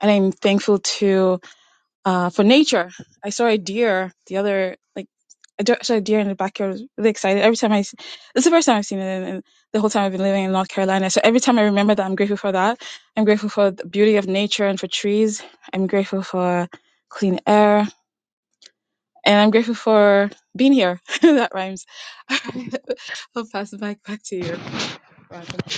S9: And I'm thankful to uh, for nature. I saw a deer the other like I saw a deer in the backyard. I was really excited. Every time I. This I, s- the first time I've seen it, and, the whole time I've been living in North Carolina. So every time I remember that, I'm grateful for that. I'm grateful for the beauty of nature and for trees. I'm grateful for clean air, and I'm grateful for being here. that rhymes. I'll pass the mic back to you. Rhonda.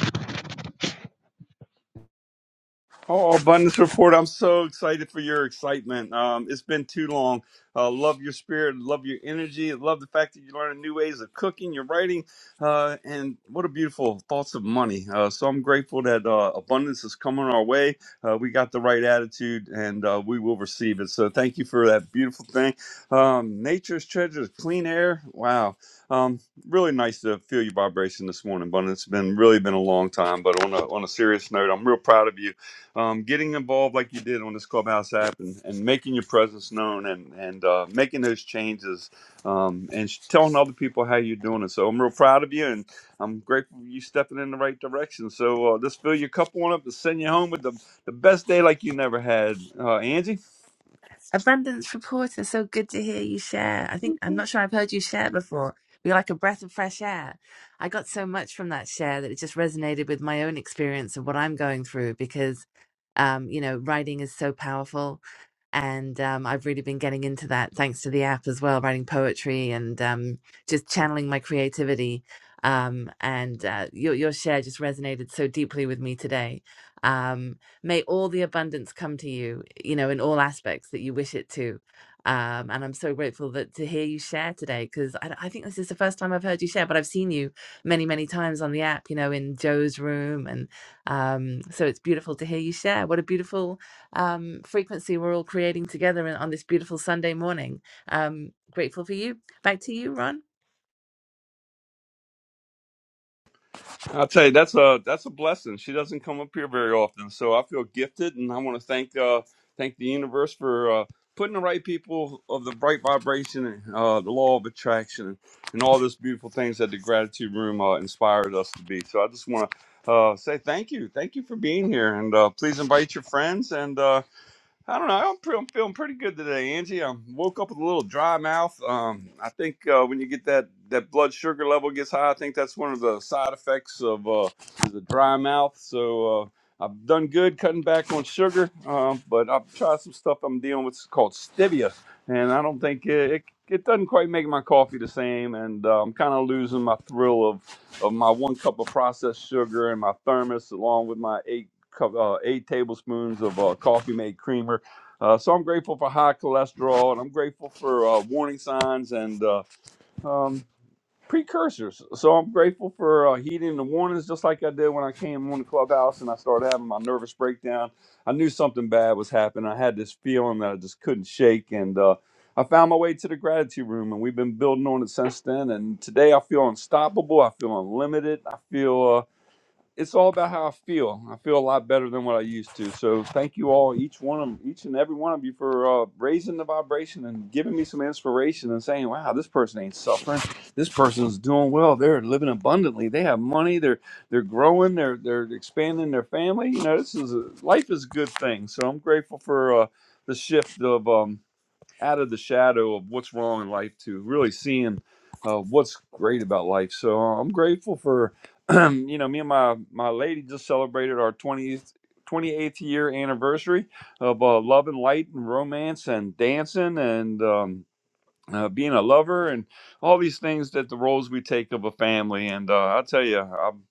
S8: Oh, abundance report! I'm so excited for your excitement. Um, it's been too long. Uh, love your spirit, love your energy, love the fact that you're learning new ways of cooking, you're writing, uh, and what a beautiful thoughts of money. Uh, so I'm grateful that uh, abundance is coming our way. Uh, we got the right attitude, and uh, we will receive it. So thank you for that beautiful thing. Um, nature's treasures, clean air. Wow, um, really nice to feel your vibration this morning, abundance. It's been really been a long time, but on a on a serious note, I'm real proud of you um, getting involved like you did on this clubhouse app and, and making your presence known and and uh, making those changes um, and sh- telling other people how you're doing it so i'm real proud of you and i'm grateful for you stepping in the right direction so uh, us fill your cup on up to send you home with the, the best day like you never had uh, angie
S5: Abundance Reporter, so good to hear you share. I think I'm not sure I've heard you share before. You're like a breath of fresh air. I got so much from that share that it just resonated with my own experience of what I'm going through because, um, you know, writing is so powerful. And um, I've really been getting into that thanks to the app as well, writing poetry and um, just channeling my creativity. Um, and uh, your, your share just resonated so deeply with me today. Um, May all the abundance come to you, you know, in all aspects that you wish it to. Um, and I'm so grateful that to hear you share today because I, I think this is the first time I've heard you share, but I've seen you many, many times on the app, you know, in Joe's room. And um, so it's beautiful to hear you share. What a beautiful um, frequency we're all creating together in- on this beautiful Sunday morning. Um, grateful for you. Back to you, Ron.
S8: I'll tell you that's a that's a blessing. She doesn't come up here very often, so I feel gifted, and I want to thank uh, thank the universe for uh, putting the right people of the right vibration, and, uh, the law of attraction, and all those beautiful things that the gratitude room uh, inspired us to be. So I just want to uh, say thank you, thank you for being here, and uh, please invite your friends and. Uh, I don't know. I'm, pre- I'm feeling pretty good today, Angie. I woke up with a little dry mouth. Um, I think uh, when you get that, that blood sugar level gets high, I think that's one of the side effects of uh, is a dry mouth. So uh, I've done good cutting back on sugar, uh, but I've tried some stuff I'm dealing with called stevia, and I don't think it, it, it doesn't quite make my coffee the same. And uh, I'm kind of losing my thrill of, of my one cup of processed sugar and my thermos, along with my 8 cup- uh, eight tablespoons of uh, coffee made creamer. Uh, so I'm grateful for high cholesterol, and I'm grateful for uh, warning signs and uh, um, precursors. So I'm grateful for uh, heeding the warnings, just like I did when I came on the clubhouse and I started having my nervous breakdown. I knew something bad was happening. I had this feeling that I just couldn't shake, and uh, I found my way to the gratitude room, and we've been building on it since then. And today I feel unstoppable. I feel unlimited. I feel. uh, it's all about how I feel. I feel a lot better than what I used to. So thank you all, each one of each and every one of you for uh, raising the vibration and giving me some inspiration and saying, "Wow, this person ain't suffering. This person's doing well. They're living abundantly. They have money. They're they're growing. They're they're expanding their family. You know, this is a, life is a good thing. So I'm grateful for uh, the shift of." Um, out of the shadow of what's wrong in life to really seeing uh, what's great about life. So uh, I'm grateful for, you know, me and my my lady just celebrated our 20th. 28th year anniversary of uh, love and light and romance and dancing and um, uh, being a lover and all these things that the roles we take of a family. And uh, I'll tell you, I'm,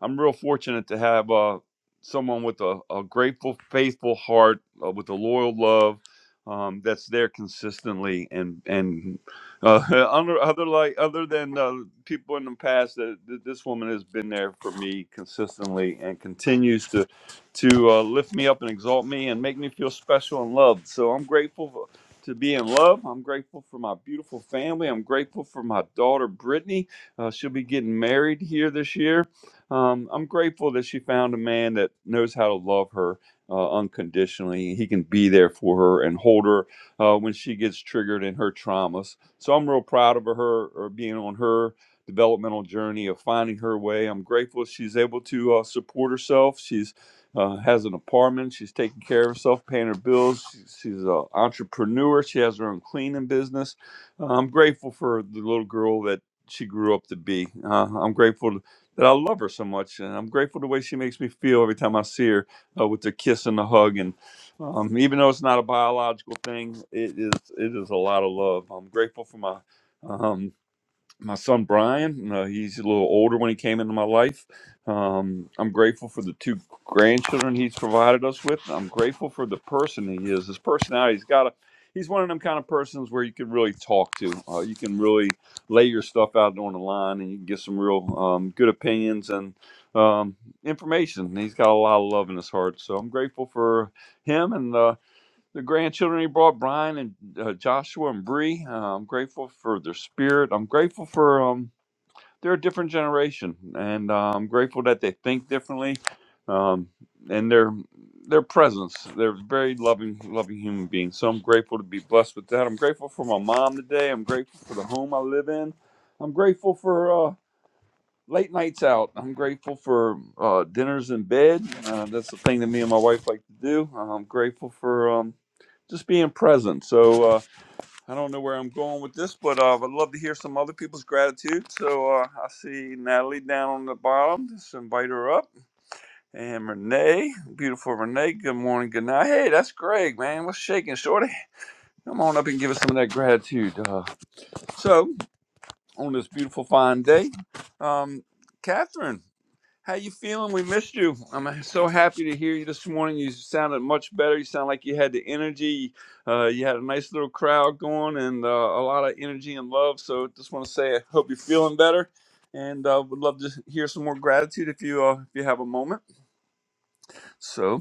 S8: I'm real fortunate to have uh, someone with a, a grateful, faithful heart, uh, with a loyal love. Um, that's there consistently, and and uh, other other like other than uh, people in the past, that th- this woman has been there for me consistently and continues to to uh, lift me up and exalt me and make me feel special and loved. So I'm grateful to be in love. I'm grateful for my beautiful family. I'm grateful for my daughter, Brittany. Uh, she'll be getting married here this year. Um, I'm grateful that she found a man that knows how to love her uh, unconditionally. He can be there for her and hold her uh, when she gets triggered in her traumas. So I'm real proud of her or being on her developmental journey of finding her way. I'm grateful she's able to uh, support herself. She's uh, has an apartment. She's taking care of herself, paying her bills. She, she's an entrepreneur. She has her own cleaning business. Uh, I'm grateful for the little girl that she grew up to be. Uh, I'm grateful that I love her so much, and I'm grateful the way she makes me feel every time I see her uh, with the kiss and the hug. And um, even though it's not a biological thing, it is it is a lot of love. I'm grateful for my. um, my son Brian. Uh, he's a little older when he came into my life. Um, I'm grateful for the two grandchildren he's provided us with. I'm grateful for the person he is. His personality's got a. He's one of them kind of persons where you can really talk to. Uh, you can really lay your stuff out on the line, and you can get some real um, good opinions and um, information. And he's got a lot of love in his heart, so I'm grateful for him. And Uh, the grandchildren he brought, Brian and uh, Joshua and Bree. Uh, I'm grateful for their spirit. I'm grateful for um, they're a different generation, and uh, I'm grateful that they think differently, um, and their their presence. They're very loving, loving human beings. So I'm grateful to be blessed with that. I'm grateful for my mom today. I'm grateful for the home I live in. I'm grateful for. uh, late nights out. I'm grateful for uh, dinners in bed. Uh, that's the thing that me and my wife like to do. Uh, I'm grateful for um, just being present. So uh, I don't know where I'm going with this, but uh, I'd love to hear some other people's gratitude. So uh, I see Natalie down on the bottom. Just invite her up. And Renee, beautiful Renee. Good morning, good night. Hey, that's Greg, man. What's shaking, shorty? Come on up and give us some of that gratitude. Uh, so on this beautiful fine day, um, Catherine. How you feeling? We missed you. I'm uh, so happy to hear you this morning. You sounded much better. You sound like you had the energy. Uh, you had a nice little crowd going and uh, a lot of energy and love. So just want to say I hope you're feeling better, and uh, would love to hear some more gratitude if you uh, if you have a moment. So.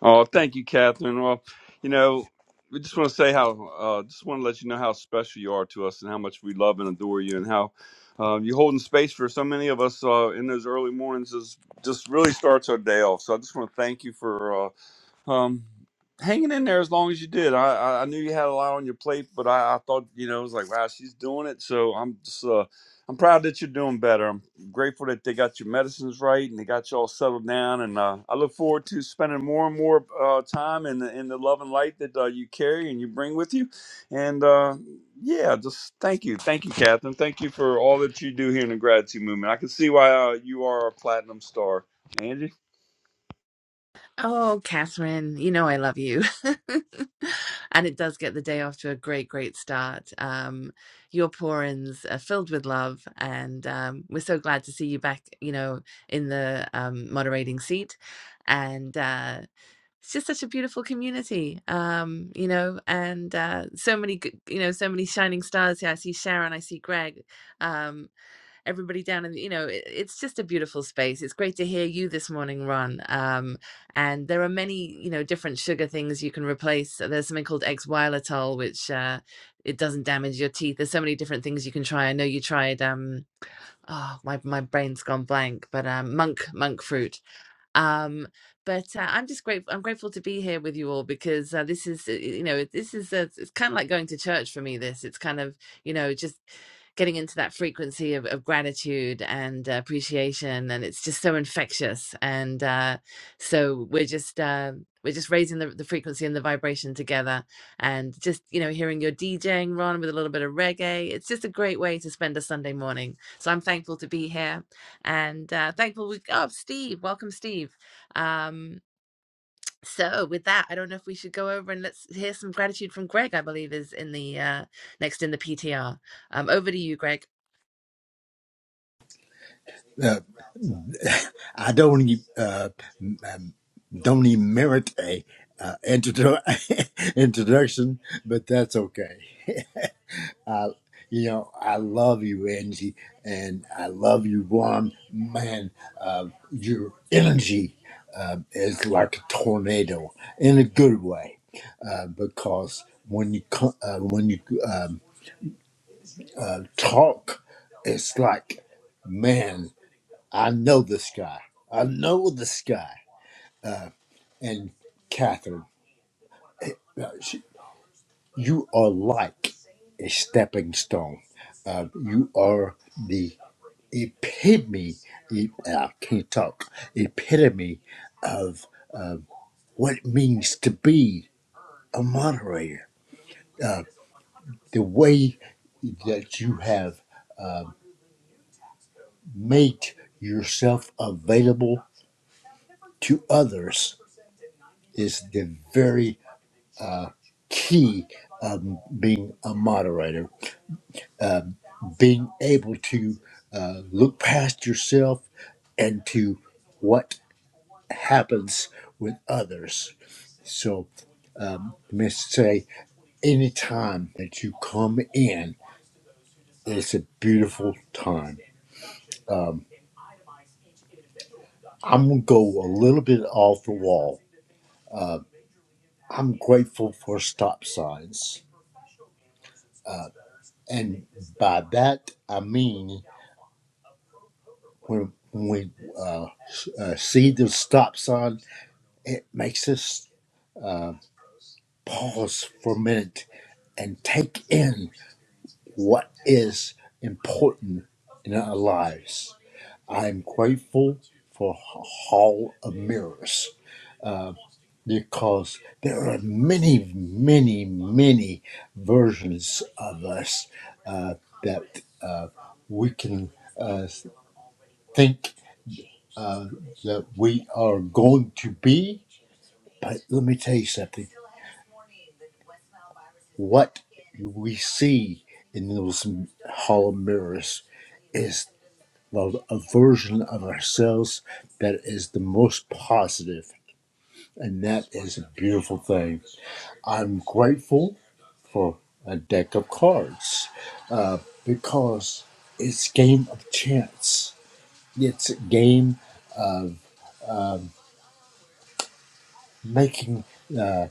S8: Oh, thank you, Catherine. Well, you know, we just want to say how, uh, just want to let you know how special you are to us and how much we love and adore you and how uh, you're holding space for so many of us uh, in those early mornings is just really starts our day off. So I just want to thank you for. uh, um, hanging in there as long as you did. I, I, I knew you had a lot on your plate, but I, I thought, you know, it was like, wow, she's doing it. So I'm just, uh, I'm proud that you're doing better. I'm grateful that they got your medicines right and they got you all settled down. And uh, I look forward to spending more and more uh, time in the, in the love and light that uh, you carry and you bring with you. And uh, yeah, just thank you. Thank you, Catherine. Thank you for all that you do here in the gratitude movement. I can see why uh, you are a platinum star. Angie?
S5: Oh, Catherine, you know I love you. And it does get the day off to a great, great start. Um, your pour-ins are filled with love, and um, we're so glad to see you back, you know, in the um, moderating seat. And uh, it's just such a beautiful community, um, you know, and uh, so many, good, you know, so many shining stars here. I see Sharon, I see Greg. Um, everybody down and you know it, it's just a beautiful space it's great to hear you this morning ron um and there are many you know different sugar things you can replace there's something called ex xylitol which uh it doesn't damage your teeth there's so many different things you can try i know you tried um oh my, my brain's gone blank but um monk monk fruit um but uh, i'm just grateful i'm grateful to be here with you all because uh, this is uh, you know this is uh it's kind of like going to church for me this it's kind of you know just getting into that frequency of, of gratitude and uh, appreciation and it's just so infectious and uh so we're just uh we're just raising the, the frequency and the vibration together and just you know hearing your djing ron with a little bit of reggae it's just a great way to spend a sunday morning so i'm thankful to be here and uh, thankful we got Steve. Welcome, Steve. Um, so with that, I don't know if we should go over and let's hear some gratitude from Greg. I believe is in the uh, next in the PTR. Um, over to you, Greg.
S10: Uh, I don't e- uh, m- um, don't even merit a uh, introdu- introduction, but that's okay. I, you know, I love you, Angie, and I love you, Ron. Man, uh, your energy uh, is like a tornado in a good way, uh, because when you co- uh, when you um, uh, talk, it's like man. I know this guy. I know this guy. And Catherine, uh, she- you are like a stepping stone. Uh, you are the epitome, e- uh, I can't talk, epitome of uh, what it means to be a moderator. The way that you have made yourself available to others is the very key of being a moderator being able to uh, look past yourself and to what happens with others. So, let me say, anytime that you come in, it's a beautiful time. Um, I'm going to go a little bit off the wall. Uh, I'm grateful for stop signs. Uh, and by that, I mean when when we uh, s- uh, see the stop sign, it makes us. uh, pause for a minute and take in what is important in our lives. I'm grateful for Hall of Mirrors uh, because there are many, many, many versions of us uh, that uh, we can uh, think uh, that we are going to be. But let me tell you something. What we see in those hollow mirrors is the, a version of ourselves that is the most positive, and that is a beautiful thing. I'm grateful for a deck of cards uh, because it's a game of chance. It's a game making uh,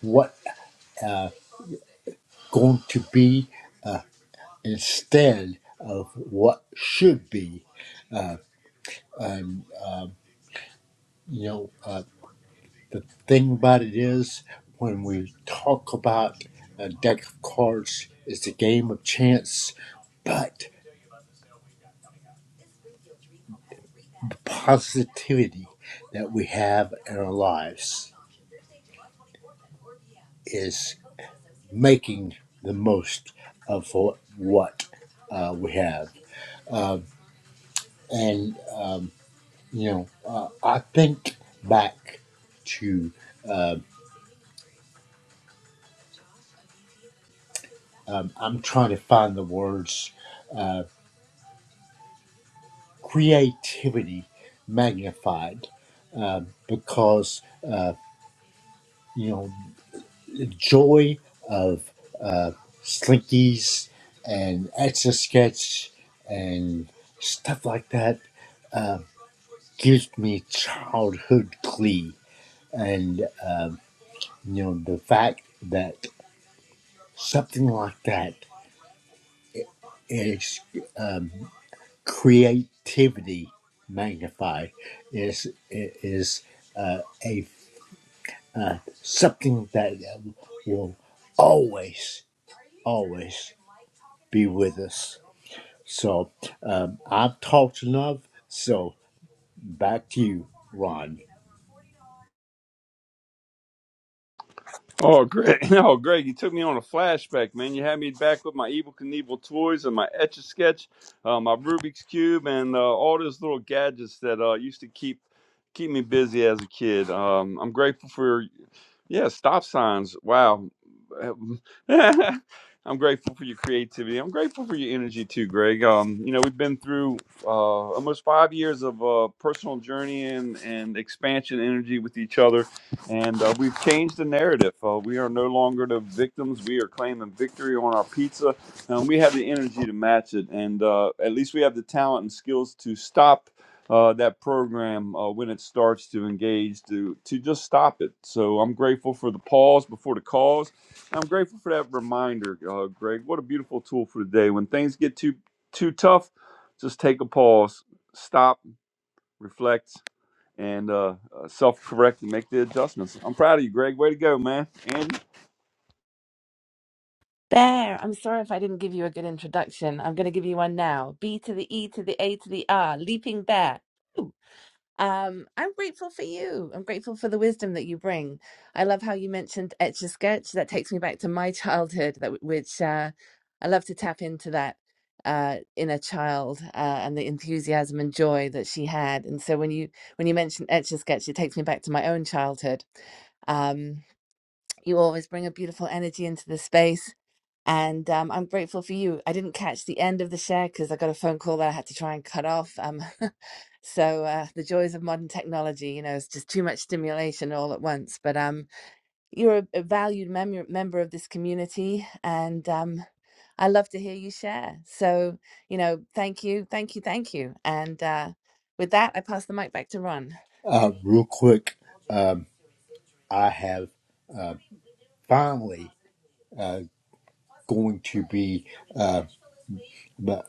S10: what uh, going to be instead of what should be. Um, you know, uh, the thing about it is when we talk about a deck of cards, it's a game of chance, but the positivity that we have in our lives is making the most of what, what uh, we have. Um, and um, You know, uh, I think back to, uh, um, I'm trying to find the words, uh, creativity magnified, uh, because, uh, you know, the joy of uh, slinkies and etch a sketch and stuff like that uh, gives me childhood glee. And, um, you know, the fact that something like that is creativity magnified is is uh, a uh, something that will always always be with us so um, i've talked enough so back to you ron
S8: Oh, Greg. No, Greg, you took me on a flashback, man. You had me back with my Evil Knievel toys and my Etch a Sketch, uh, my Rubik's Cube, and uh, all those little gadgets that uh, used to keep keep me busy as a kid. Um, I'm grateful for yeah, stop signs. Wow. I'm grateful for your creativity. I'm grateful for your energy too, Greg. Um, you know, we've been through uh, almost five years of uh, personal journey and, and expansion energy with each other, and uh, we've changed the narrative. Uh, we are no longer the victims. We are claiming victory on our pizza, and we have the energy to match it. And uh, at least we have the talent and skills to stop uh, that program uh, when it starts to engage to to just stop it. So I'm grateful for the pause before the cause. I'm grateful for that reminder, uh, Greg. What a beautiful tool for today. When things get too too tough, just take a pause, stop, reflect, and uh, uh, self-correct and make the adjustments. I'm proud of you, Greg. Way to go, man. And
S5: There. I'm sorry if I didn't give you a good introduction. I'm going to give you one now. B to the E to the A to the R. Leaping bear. Um, I'm grateful for you. I'm grateful for the wisdom that you bring. I love how you mentioned Etch a Sketch. That takes me back to my childhood, that which uh, I love to tap into that uh, inner child uh, and the enthusiasm and joy that she had. And so when you when you mentioned Etch a Sketch, it takes me back to my own childhood. Um, you always bring a beautiful energy into the space and um, I'm grateful for you. I didn't catch the end of the share because I got a phone call that I had to try and cut off. Um, so uh, the joys of modern technology, you know, it's just too much stimulation all at once. But um, you're a, a valued mem- member of this community, and um, I love to hear you share. So you know, thank you, thank you, thank you. And uh, with that, I pass the mic back to Ron.
S10: uh, real quick um, i have uh, finally uh, going to be uh, mo-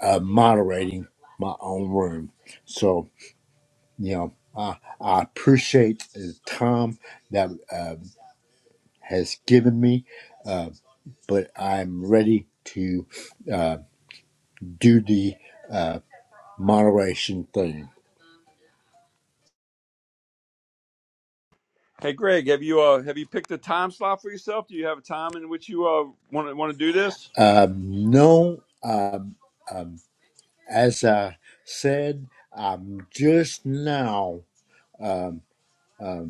S10: uh, moderating my own room so you know, I, I appreciate the time that uh, has given me, uh, but I'm ready to uh, do the uh, moderation thing.
S8: hey, Greg, have you uh, have you picked a time slot for yourself? Do you have a time in which you uh, want to want to do this?
S10: Um, no, um, as I said, I'm just now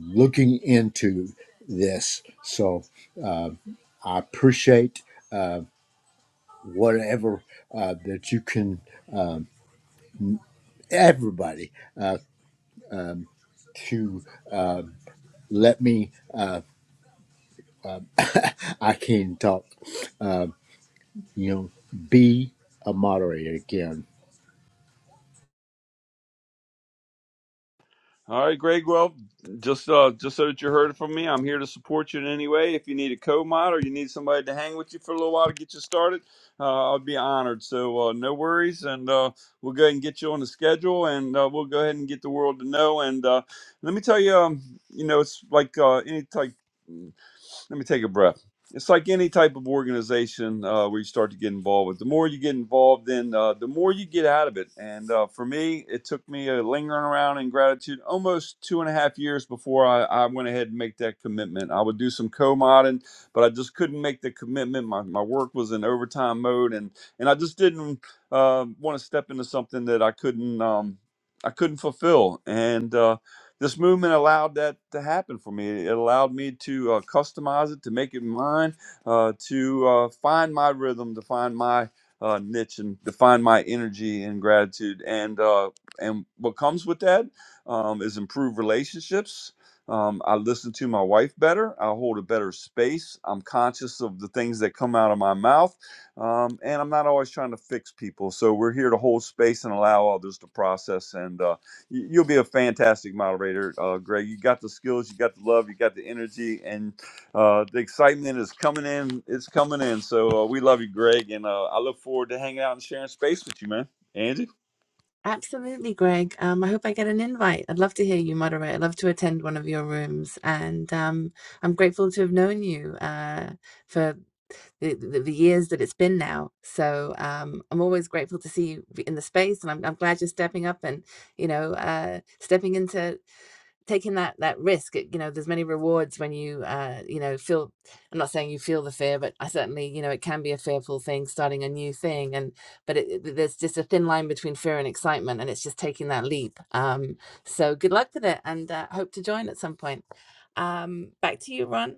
S10: looking into this, so I appreciate whatever uh, that you can, everybody, to uh, let me. I can talk you know, be a moderator again.
S8: All right, Greg. Well, just uh, just so that you heard it from me, I'm here to support you in any way. If you need a co-mod or you need somebody to hang with you for a little while to get you started, uh, I'd be honored. So uh, no worries, and uh, we'll go ahead and get you on the schedule, and uh, we'll go ahead and get the world to know. And uh, let me tell you, um, you know, it's like uh, any type let me take a breath. It's like any type of organization uh, where you start to get involved with. The more you get involved in, uh, the more you get out of it. And uh, for me, it took me a lingering around in gratitude almost two and a half years before I, I went ahead and make that commitment. I would do some co-modding, but I just couldn't make the commitment. My, my work was in overtime mode, and and I just didn't uh, want to step into something that I couldn't um, I couldn't fulfill. And uh, this movement allowed that to happen for me. It allowed me to uh, customize it, to make it mine, uh, to uh, find my rhythm, to find my uh, niche, and to find my energy and gratitude. And uh, and what comes with that um, is improved relationships. Um, I listen to my wife better. I hold a better space. I'm conscious of the things that come out of my mouth, um, and I'm not always trying to fix people. So we're here to hold space and allow others to process and uh, you- you'll be a fantastic moderator, uh, Greg. You got the skills, you got the love, you got the energy, and uh, the excitement is coming in. It's coming in. So uh, we love you, Greg, and uh, I look forward to hanging out and sharing space with you, man. Angie.
S5: Absolutely, Greg. Um, I hope I get an invite. I'd love to hear you moderate. I'd love to attend one of your rooms, and um, I'm grateful to have known you uh, for the, the, the years that it's been now. So um, I'm always grateful to see you in the space, and I'm, I'm glad you're stepping up and you know uh, stepping into taking that that risk it- you know there's many rewards when you uh you know feel i'm not saying you feel the fear but i certainly you know it can be a fearful thing starting a new thing and but it, it- there's just a thin line between fear and excitement and it's just taking that leap um so good luck with it and uh, hope to join at some point um back to you ron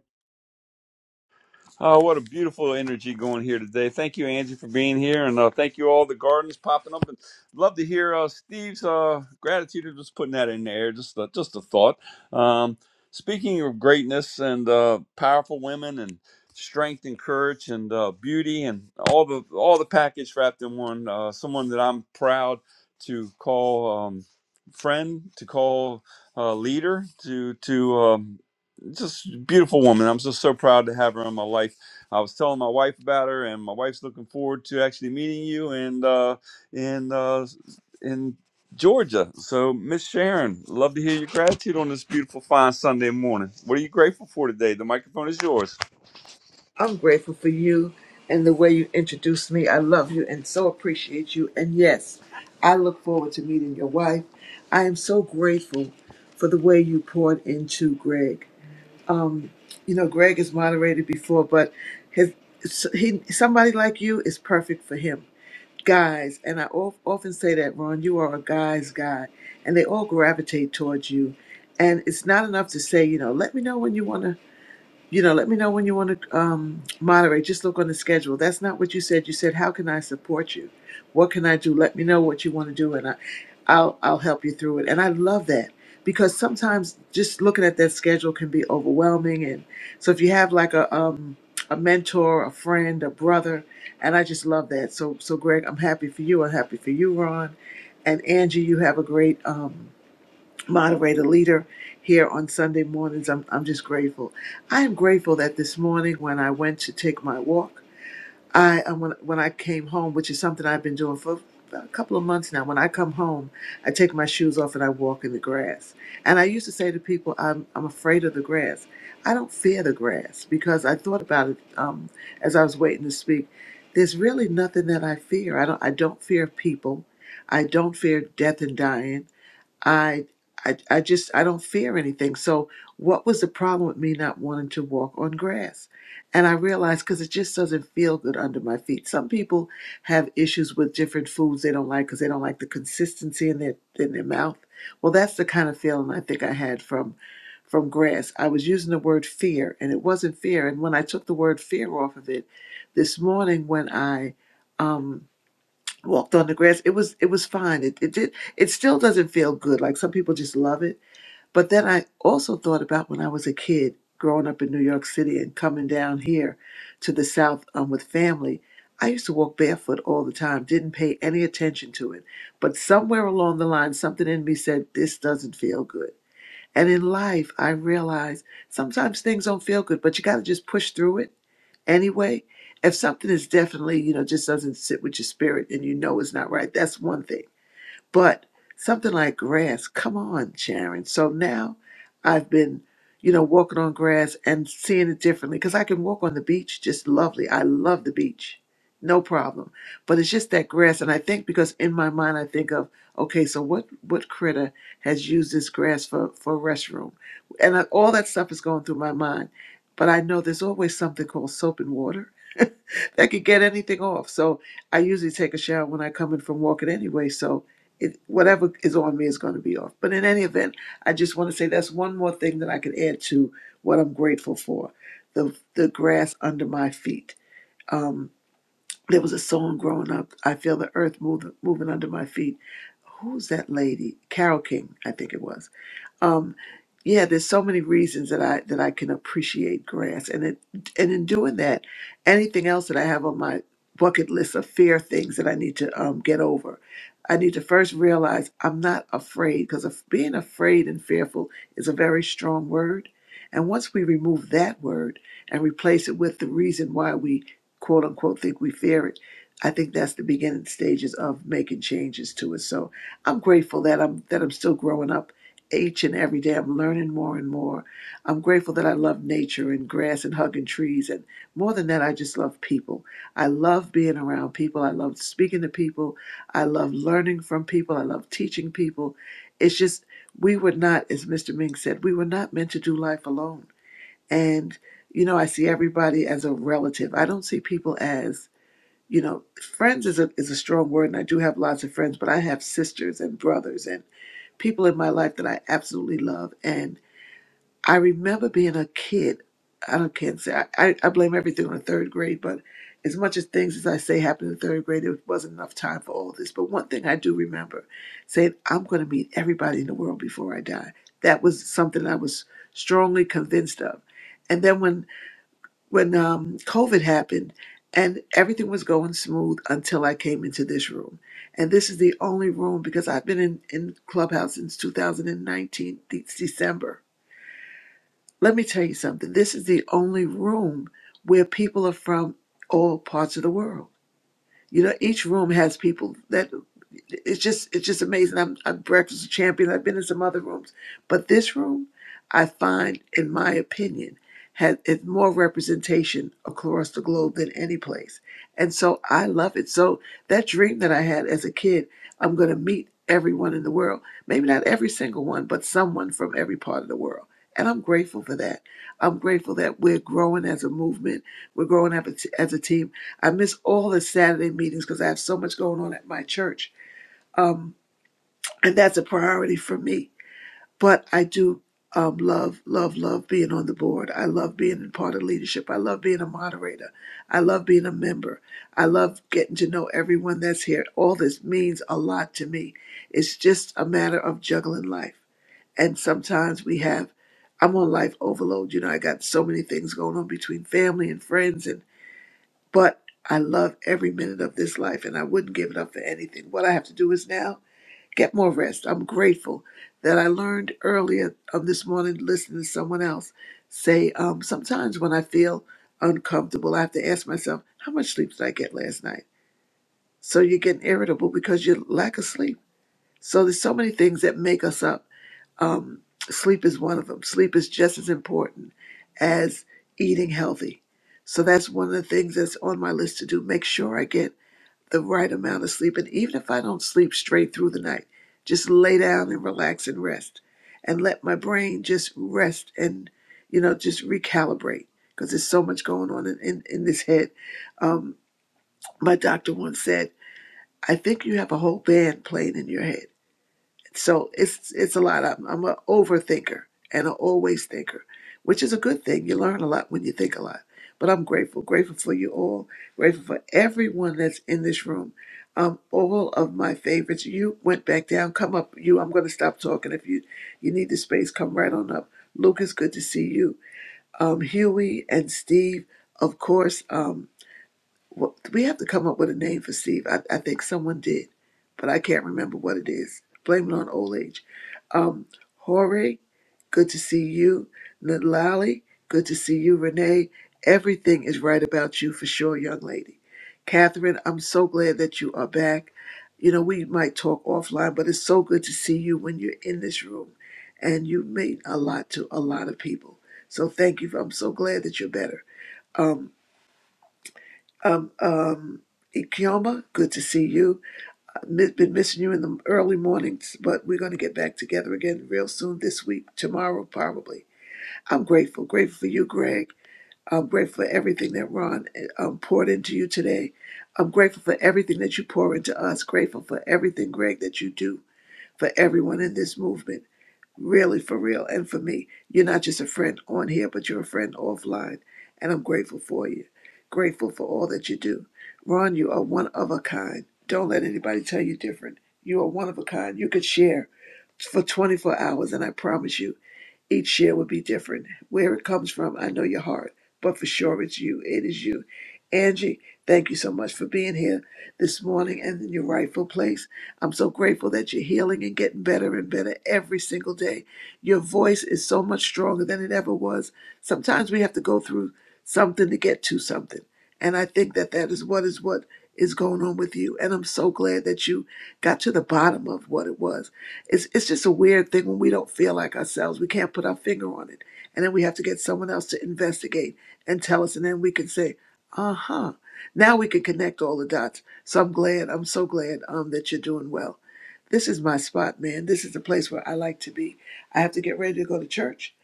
S8: Oh, what a beautiful energy going here today. Thank you, Angie, for being here. And uh, thank you, all the gardens popping up. And love to hear uh, Steve's uh, gratitude of just putting that in there. Just a, just a thought. Um, speaking of greatness and uh, powerful women and strength and courage and uh, beauty and all the all the package wrapped in one, uh, someone that I'm proud to call um, friend, to call uh, leader, to, to um, just beautiful woman. I'm just so proud to have her in my life. I was telling my wife about her, and my wife's looking forward to actually meeting you and uh, in uh, in Georgia. So, Miss Sharon, love to hear your gratitude on this beautiful, fine Sunday morning. What are you grateful for today? The microphone is yours.
S11: I'm grateful for you and the way you introduced me. I love you and so appreciate you. And yes, I look forward to meeting your wife. I am so grateful for the way you poured into Greg. You know, Greg has moderated before, but his so he somebody like you is perfect for him. Guys, and I of, often say that, Ron, you are a guy's guy, and they all gravitate towards you. And it's not enough to say, you know, let me know when you want to you know, let me know when you want to um, moderate. Just look on the schedule. That's not what you said. You said, "How can I support you? What can I do? Let me know what you want to do, and I, I'll I'll help you through it." And I love that because sometimes just looking at that schedule can be overwhelming. And so, if you have like a um, a mentor, a friend, a brother, and I just love that. So, so Greg, I'm happy for you. I'm happy for you, Ron, and Angie. You have a great um, moderator leader here on Sunday mornings. I'm, I'm just grateful. I am grateful that this morning when I went to take my walk, I um, when, when I came home, which is something I've been doing for a couple of months now. When I come home, I take my shoes off and I walk in the grass. And I used to say to people, I'm, I'm afraid of the grass. I don't fear the grass because I thought about it um, as I was waiting to speak. There's really nothing that I fear. I don't I don't fear people. I don't fear death and dying. I, I, I just I don't fear anything. So what was the problem with me not wanting to walk on grass? And I realized because it just doesn't feel good under my feet. Some people have issues with different foods they don't like because they don't like the consistency in their in their mouth. Well, that's the kind of feeling I think I had from from grass. I was using the word fear, and it wasn't fear. And when I took the word fear off of it, this morning when I um, walked on the grass. It was it was fine. It it did it still doesn't feel good. Like some people just love it. But then I also thought about when I was a kid growing up in New York City and coming down here to the South um, with family. I used to walk barefoot all the time, didn't pay any attention to it. But somewhere along the line, something in me said, This doesn't feel good. And in life, I realized sometimes things don't feel good, but you got to just push through it anyway. If something is definitely, you know, just doesn't sit with your spirit and you know it's not right, that's one thing. But something like grass, come on, Sharon. So now I've been, you know, walking on grass and seeing it differently because I can walk on the beach just lovely. I love the beach, no problem. But it's just that grass. And I think because in my mind, I think of, okay, so what, what critter has used this grass for, for a restroom? And I, all that stuff is going through my mind. But I know there's always something called soap and water that could get anything off. So I usually take a shower when I come in from walking anyway. So it, whatever is on me is going to be off. But in any event, I just want to say that's one more thing that I can add to what I'm grateful for the, the grass under my feet. Um, there was a song growing up, I Feel the Earth move, Moving Under My Feet. Who's that lady? Carol King, I think it was um, yeah, there's so many reasons that I that I can appreciate grass, and it and in doing that, anything else that I have on my bucket list of fear things that I need to um, get over, I need to first realize I'm not afraid because being afraid and fearful is a very strong word, and once we remove that word and replace it with the reason why we quote unquote think we fear it, I think that's the beginning stages of making changes to it. So I'm grateful that I'm that I'm still growing up each and every day I'm learning more and more. I'm grateful that I love nature and grass and hugging trees. And more than that, I just love people. I love being around people. I love speaking to people. I love learning from people. I love teaching people. It's just, we were not, as Mr. Ming said, we were not meant to do life alone. And, you know, I see everybody as a relative. I don't see people as, you know, friends is a, is a strong word, and I do have lots of friends, but I have sisters and brothers. and people in my life that I absolutely love. And I remember being a kid. I don't can't say I, I, I blame everything on the third grade, but as much as things as I say happened in third grade, it wasn't enough time for all this. But one thing I do remember saying, I'm going to meet everybody in the world before I die. That was something I was strongly convinced of. And then when when um, COVID happened, and everything was going smooth until I came into this room. And this is the only room because I've been in, in Clubhouse since 2019, de- December. Let me tell you something this is the only room where people are from all parts of the world you know, each room has people that it's just it's just amazing. I'm I'm breakfast champion. I've been in some other rooms, but this room, I find, in my opinion, has is more representation across the globe than any place, and so I love it. So that dream that I had as a kid, I'm going to meet everyone in the world. Maybe not every single one, but someone from every part of the world. And I'm grateful for that. I'm grateful that we're growing as a movement. We're growing up as as a team. I miss all the Saturday meetings because I have so much going on at my church. Um, and that's a priority for me. But I do um, love, love, love being on the board. I love being a part of leadership. I love being a moderator. I love being a member. I love getting to know everyone that's here. All this means a lot to me. It's just a matter of juggling life. And sometimes we have, I'm on life overload. You know, I got so many things going on between family and friends and but I love every minute of this life and I wouldn't give it up for anything. What I have to do is now get more rest. I'm grateful that I learned earlier um, this morning listening to someone else say um, sometimes when I feel uncomfortable, I have to ask myself, how much sleep did I get last night? So you're getting irritable because you lack of sleep. So there's so many things that make us up. Um, sleep is one of them. Sleep is just as important as eating healthy. So that's one of the things that's on my list to do. Make sure I get the right amount of sleep. And even if I don't sleep straight through the night, just lay down and relax and rest and let my brain just rest and, you know, just recalibrate because there's so much going on in, in, in this head. Um, my doctor once said, I think you have a whole band playing in your head so it's it's a lot. I'm, I'm an overthinker and an always thinker, which is a good thing. You learn a lot when you think a lot. But I'm grateful, grateful for you all, grateful for everyone that's in this room. Um, all of my favorites. You went back down. Come up. You. I'm going to stop talking. If you you need the space, come right on up. Lucas, good to see you. Um, Huey and Steve, of course. Um, well, we have to come up with a name for Steve. I, I think someone did, but I can't remember what it is. Blame it on old age. Um, Jorge, good to see you. Nalali, good to see you. Renee, everything is right about you for sure, young lady. Catherine, I'm so glad that you are back. You know, we might talk offline, but it's so good to see you when you're in this room. And you mean a lot to a lot of people. So thank you. I'm so glad that you're better. Um, um, um, Ikioma, good to see you. I've been missing you in the early mornings, but we're going to get back together again real soon this week, tomorrow probably. I'm grateful. Grateful for you, Greg. I'm grateful for everything that Ron um, poured into you today. I'm grateful for everything that you pour into us. Grateful for everything, Greg, that you do for everyone in this movement really for real and for me you're not just a friend on here but you're a friend offline and i'm grateful for you grateful for all that you do ron you are one of a kind don't let anybody tell you different you are one of a kind you could share for 24 hours and i promise you each share would be different where it comes from i know your heart but for sure it's you it is you angie thank you so much for being here this morning and in your rightful place I'm so grateful that you're healing and getting better and better every single day. Your voice is so much stronger than it ever was. Sometimes we have to go through something to get to something. And I think that that is what is what is going on with you. And I'm so glad that you got to the bottom of what it was. It's, it's just a weird thing when we don't feel like ourselves. We can't put our finger on it. And then we have to get someone else to investigate and tell us. And then we can say, uh huh now we can connect all the dots. So I'm glad, I'm so glad um, that you're doing well. This is my spot, man. This is the place where I like to be. I have to get ready to go to church.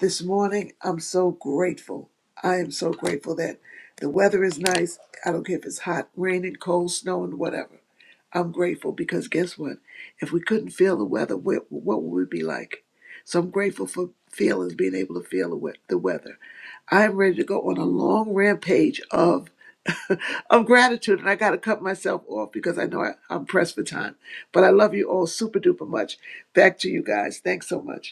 S11: This morning, I'm so grateful. I am so grateful that the weather is nice. I don't care if it's hot, raining, cold, snowing, whatever. I'm grateful because guess what? If we couldn't feel the weather, what, what would we be like? So I'm grateful for feelings, being able to feel the we- the weather. I'm ready to go on a long rampage of of gratitude. And I got to cut myself off because I know I, I'm pressed for time. But I love you all super duper much. Back to you guys. Thanks so much.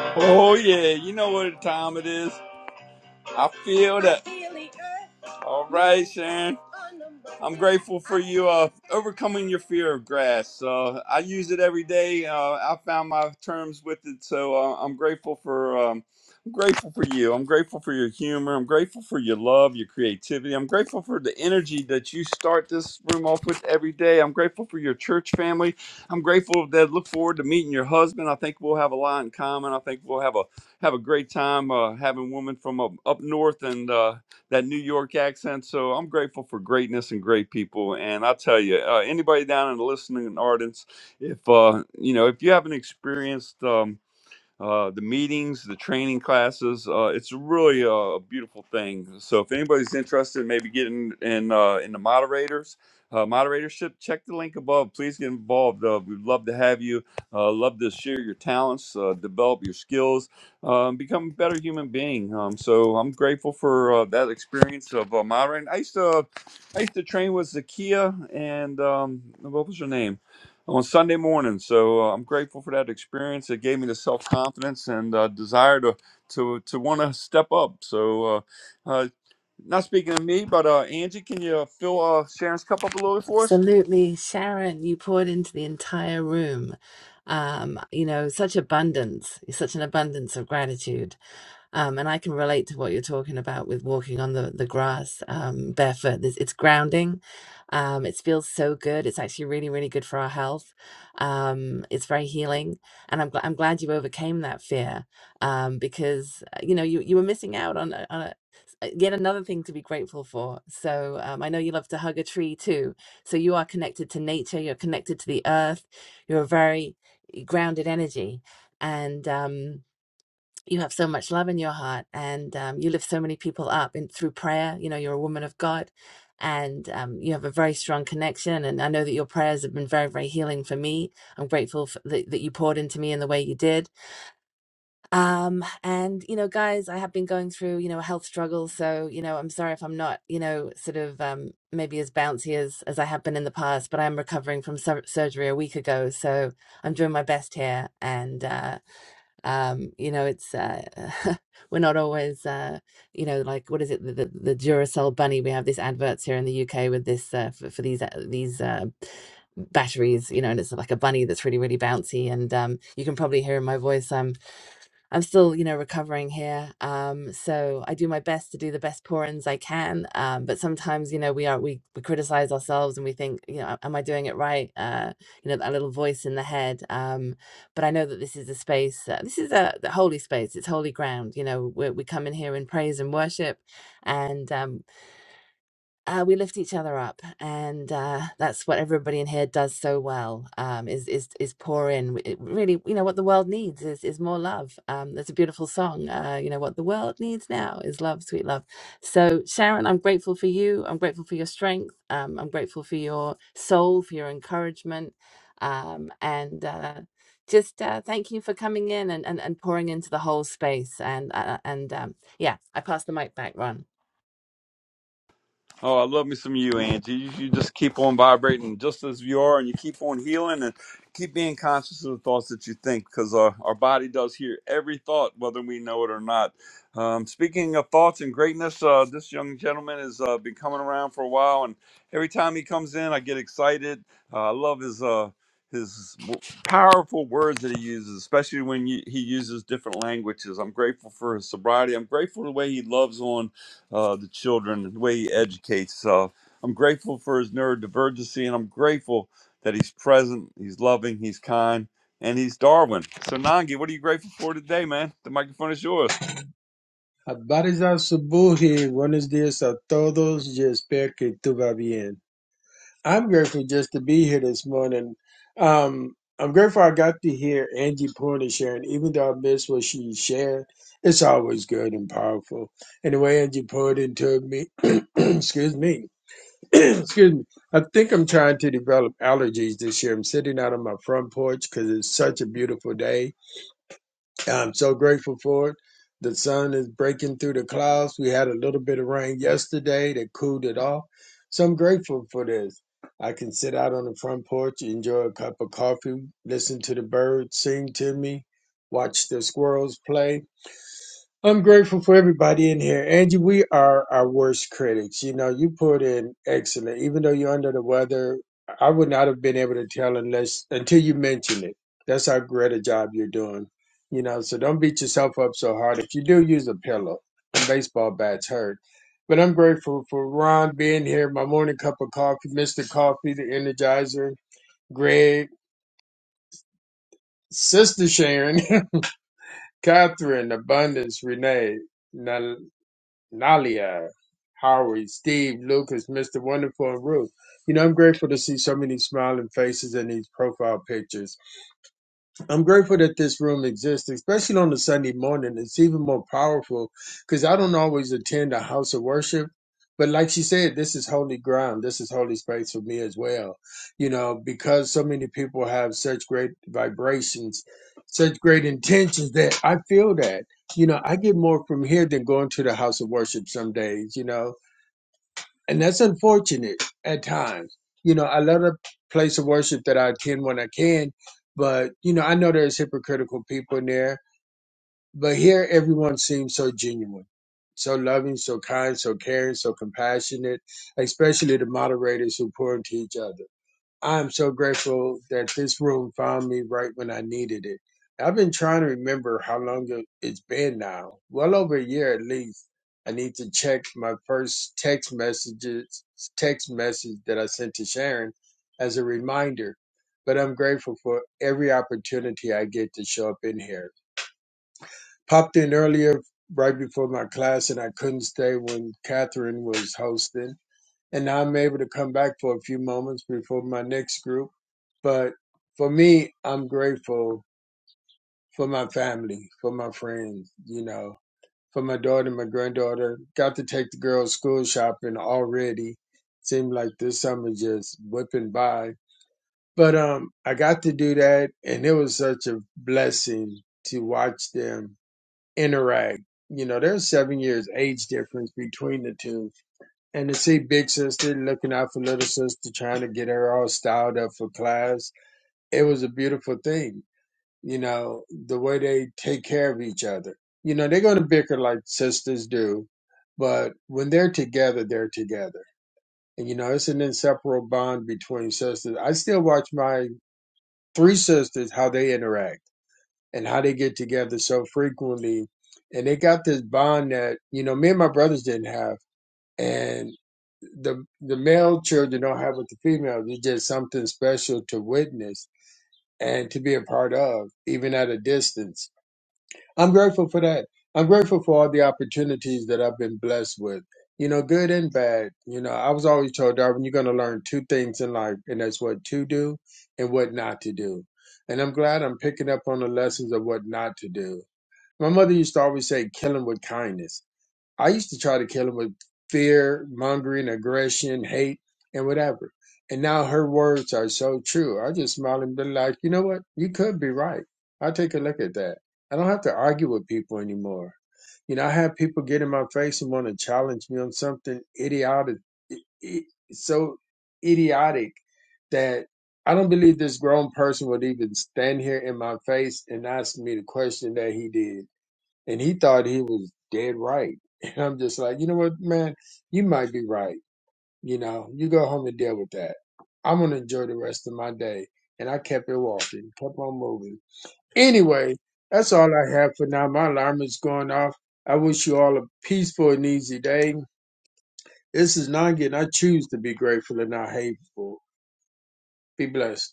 S8: Oh yeah, you know what time it is. I feel that. All right, Sharon. I'm grateful for you uh, overcoming your fear of grass. Uh, I use it every day. Uh, I found my terms with it, so uh, I'm grateful for. Um, I'm grateful for you. I'm grateful for your humor. I'm grateful for your love, your creativity. I'm grateful for the energy that you start this room off with every day. I'm grateful for your church family. I'm grateful that look forward to meeting your husband. I think we'll have a lot in common. I think we'll have a have a great time uh, having women from up, up north and uh, that New York accent. So I'm grateful for greatness and great people. And I tell you, uh, anybody down in the listening audience, if uh, you know, if you haven't experienced. Um, uh, the meetings, the training classes. Uh, it's really a, a beautiful thing. So if anybody's interested, in maybe getting in uh, in the moderators. Uh, moderatorship, check the link above. Please get involved. Uh, we'd love to have you. Uh, love to share your talents, uh, develop your skills, um, become a better human being. Um, so I'm grateful for uh, that experience of uh, moderating. I used to, I used to train with Zakia and um, what was her name? on Sunday morning. So uh, I'm grateful for that experience. It gave me the self confidence and uh, desire to to to want to step up. So, uh, uh, not speaking of me, but uh, Angie, can you fill uh, Sharon's cup up a little bit for us?
S5: absolutely sharon you poured into the entire room um you know such abundance such an abundance of gratitude Um, and I can relate to what you're talking about with walking on the, the grass um, barefoot. This, it's grounding. Um, it feels so good. It's actually really, really good for our health. Um, it's very healing. And I'm, gl- I'm glad you overcame that fear um, because, uh, you know, you, you were missing out on, a- on a, s- uh, yet another thing to be grateful for. So um, I know you love to hug a tree too. So you are connected to nature. You're connected to the earth. You're a very eh, grounded energy. And, um, you have so much love in your heart and um, you lift so many people up in, through prayer you know you're a woman of god and um, you have a very strong connection and i know that your prayers have been very very healing for me i'm grateful for that, that you poured into me in the way you did um, and you know guys i have been going through you know a health struggle so you know i'm sorry if i'm not you know sort of um, maybe as bouncy as as i have been in the past but i'm recovering from sur- surgery a week ago so i'm doing my best here and uh, um you know it's uh we're not always uh you know like what is it the, the, the duracell bunny we have these adverts here in the uk with this uh for, for these uh, these uh batteries you know and it's like a bunny that's really really bouncy and um you can probably hear in my voice I'm I'm still, you know, recovering here. Um, so I do my best to do the best pour-ins I can. Um, but sometimes, you know, we are we, we criticize ourselves and we think, you know, am I doing it right? Uh, you know, that little voice in the head. Um, but I know that this is a space. Uh, this is a the holy space. It's holy ground. You know, we we come in here in praise and worship, and um, uh, we lift each other up, and uh, that's what everybody in here does so well. Um, is is is pour in. It really, you know, what the world needs is is more love. Um, there's a beautiful song. Uh, you know, what the world needs now is love, sweet love. So, Sharon, I'm grateful for you. I'm grateful for your strength. Um, I'm grateful for your soul, for your encouragement, um, and. Uh, just uh, thank you for coming in and, and, and pouring into the whole space and uh, and um, yeah i pass the mic back ron
S8: Oh, I love me some you, Angie. You, you just keep on vibrating just as you are, and you keep on healing and keep being conscious of the thoughts that you think because our, our body does hear every thought, whether we know it or not. Um, speaking of thoughts and greatness, uh, this young gentleman has uh, been coming around for a while, and every time he comes in, I get excited. Uh, I love his. Uh, his w- powerful words that he uses, especially when you, he uses different languages. I'm grateful for his sobriety. I'm grateful the way he loves on uh, the children, the way he educates. Uh, I'm grateful for his neurodivergency, and I'm grateful that he's present, he's loving, he's kind, and he's Darwin. So, Nangi, what are you grateful for today, man? The microphone is yours.
S12: Abariza Subuhi, buenos días a todos. Yo espero que tú va bien. I'm grateful just to be here this morning. Um, I'm grateful I got to hear Angie Porter sharing, even though I missed what she shared. It's always good and powerful. And the way Angie poured told me, excuse me, excuse me. I think I'm trying to develop allergies this year. I'm sitting out on my front porch because it's such a beautiful day I'm so grateful for it. The sun is breaking through the clouds. We had a little bit of rain yesterday that cooled it off. So I'm grateful for this. I can sit out on the front porch, enjoy a cup of coffee, listen to the birds sing to me, watch the squirrels play I'm grateful for everybody in here. Angie, we are our worst critics. You know, you put in excellent, even though you're under the weather. I would not have been able to tell unless until you mentioned it. That's how great a job you're doing. You know, so don't beat yourself up so hard. If you do, use a pillow. And baseball bats hurt. But I'm grateful for Ron being here, my morning cup of coffee, Mr. Coffee, the Energizer, Greg, Sister Sharon, Catherine, Abundance, Renee. Nalia, Howard, Steve, Lucas, Mr. Wonderful, and Ruth. You know, I'm grateful to see so many smiling faces in these profile pictures. I'm grateful that this room exists, especially on a Sunday morning. It's even more powerful because I don't always attend a house of worship. But like she said, this is holy ground. This is holy space for me as well. You know, because so many people have such great vibrations, such great intentions that I feel that, you know, I get more from here than going to the house of worship some days, you know and that's unfortunate at times. You know, I love the place of worship that I attend when I can, but you know, I know there's hypocritical people in there. But here, everyone seems so genuine, so loving, so kind, so caring, so compassionate. Especially the moderators who pour into each other. I'm so grateful that this room found me right when I needed it. I've been trying to remember how long it- it's been now, well over a year at least. I need to check my first text messages, text message that I sent to Sharon as a reminder. But I'm grateful for every opportunity I get to show up in here. Popped in earlier, right before my class, and I couldn't stay when Catherine was hosting and now I'm able to come back for a few moments before my next group. But for me, I'm grateful for my family, for my friends, you know, for my daughter, my granddaughter. Got to take the girls school shopping already. Seemed like this summer just whipping by. But um I got to do that and it was such a blessing to watch them interact. You know, there's seven years age difference between the two and to see big sister looking out for little sister, trying to get her all styled up for class, it was a beautiful thing. You know, the way they take care of each other. You know, they're going to bicker like sisters do, but when they're together, they're together. And, you know, it's an inseparable bond between sisters. I still watch my three sisters, how they interact and how they get together so frequently. And they got this bond that, you know, me and my brothers didn't have and the the male children don't have what the females. It's just something special to witness and to be a part of, even at a distance. I'm grateful for that. I'm grateful for all the opportunities that I've been blessed with. You know, good and bad. You know, I was always told, Darwin, you're going to learn two things in life, and that's what to do and what not to do. And I'm glad I'm picking up on the lessons of what not to do. My mother used to always say, kill him with kindness I used to try to kill him with fear, mongering, aggression, hate, and whatever. And now her words are so true. I just smile and be like, you know what? You could be right. I'll take a look at that. I don't have to argue with people anymore. You know, I have people get in my face and want to challenge me on something idiotic, so idiotic that I don't believe this grown person would even stand here in my face and ask me the question that he did. And he thought he was dead right. And I'm just like, you know what, man, you might be right. You know, you go home and deal with that. I'm gonna enjoy the rest of my day. And I kept it walking, kept on moving. Anyway, that's all I have for now. My alarm is going off. I wish you all a peaceful and easy day. This is not getting I choose to be grateful and not hateful. Be blessed.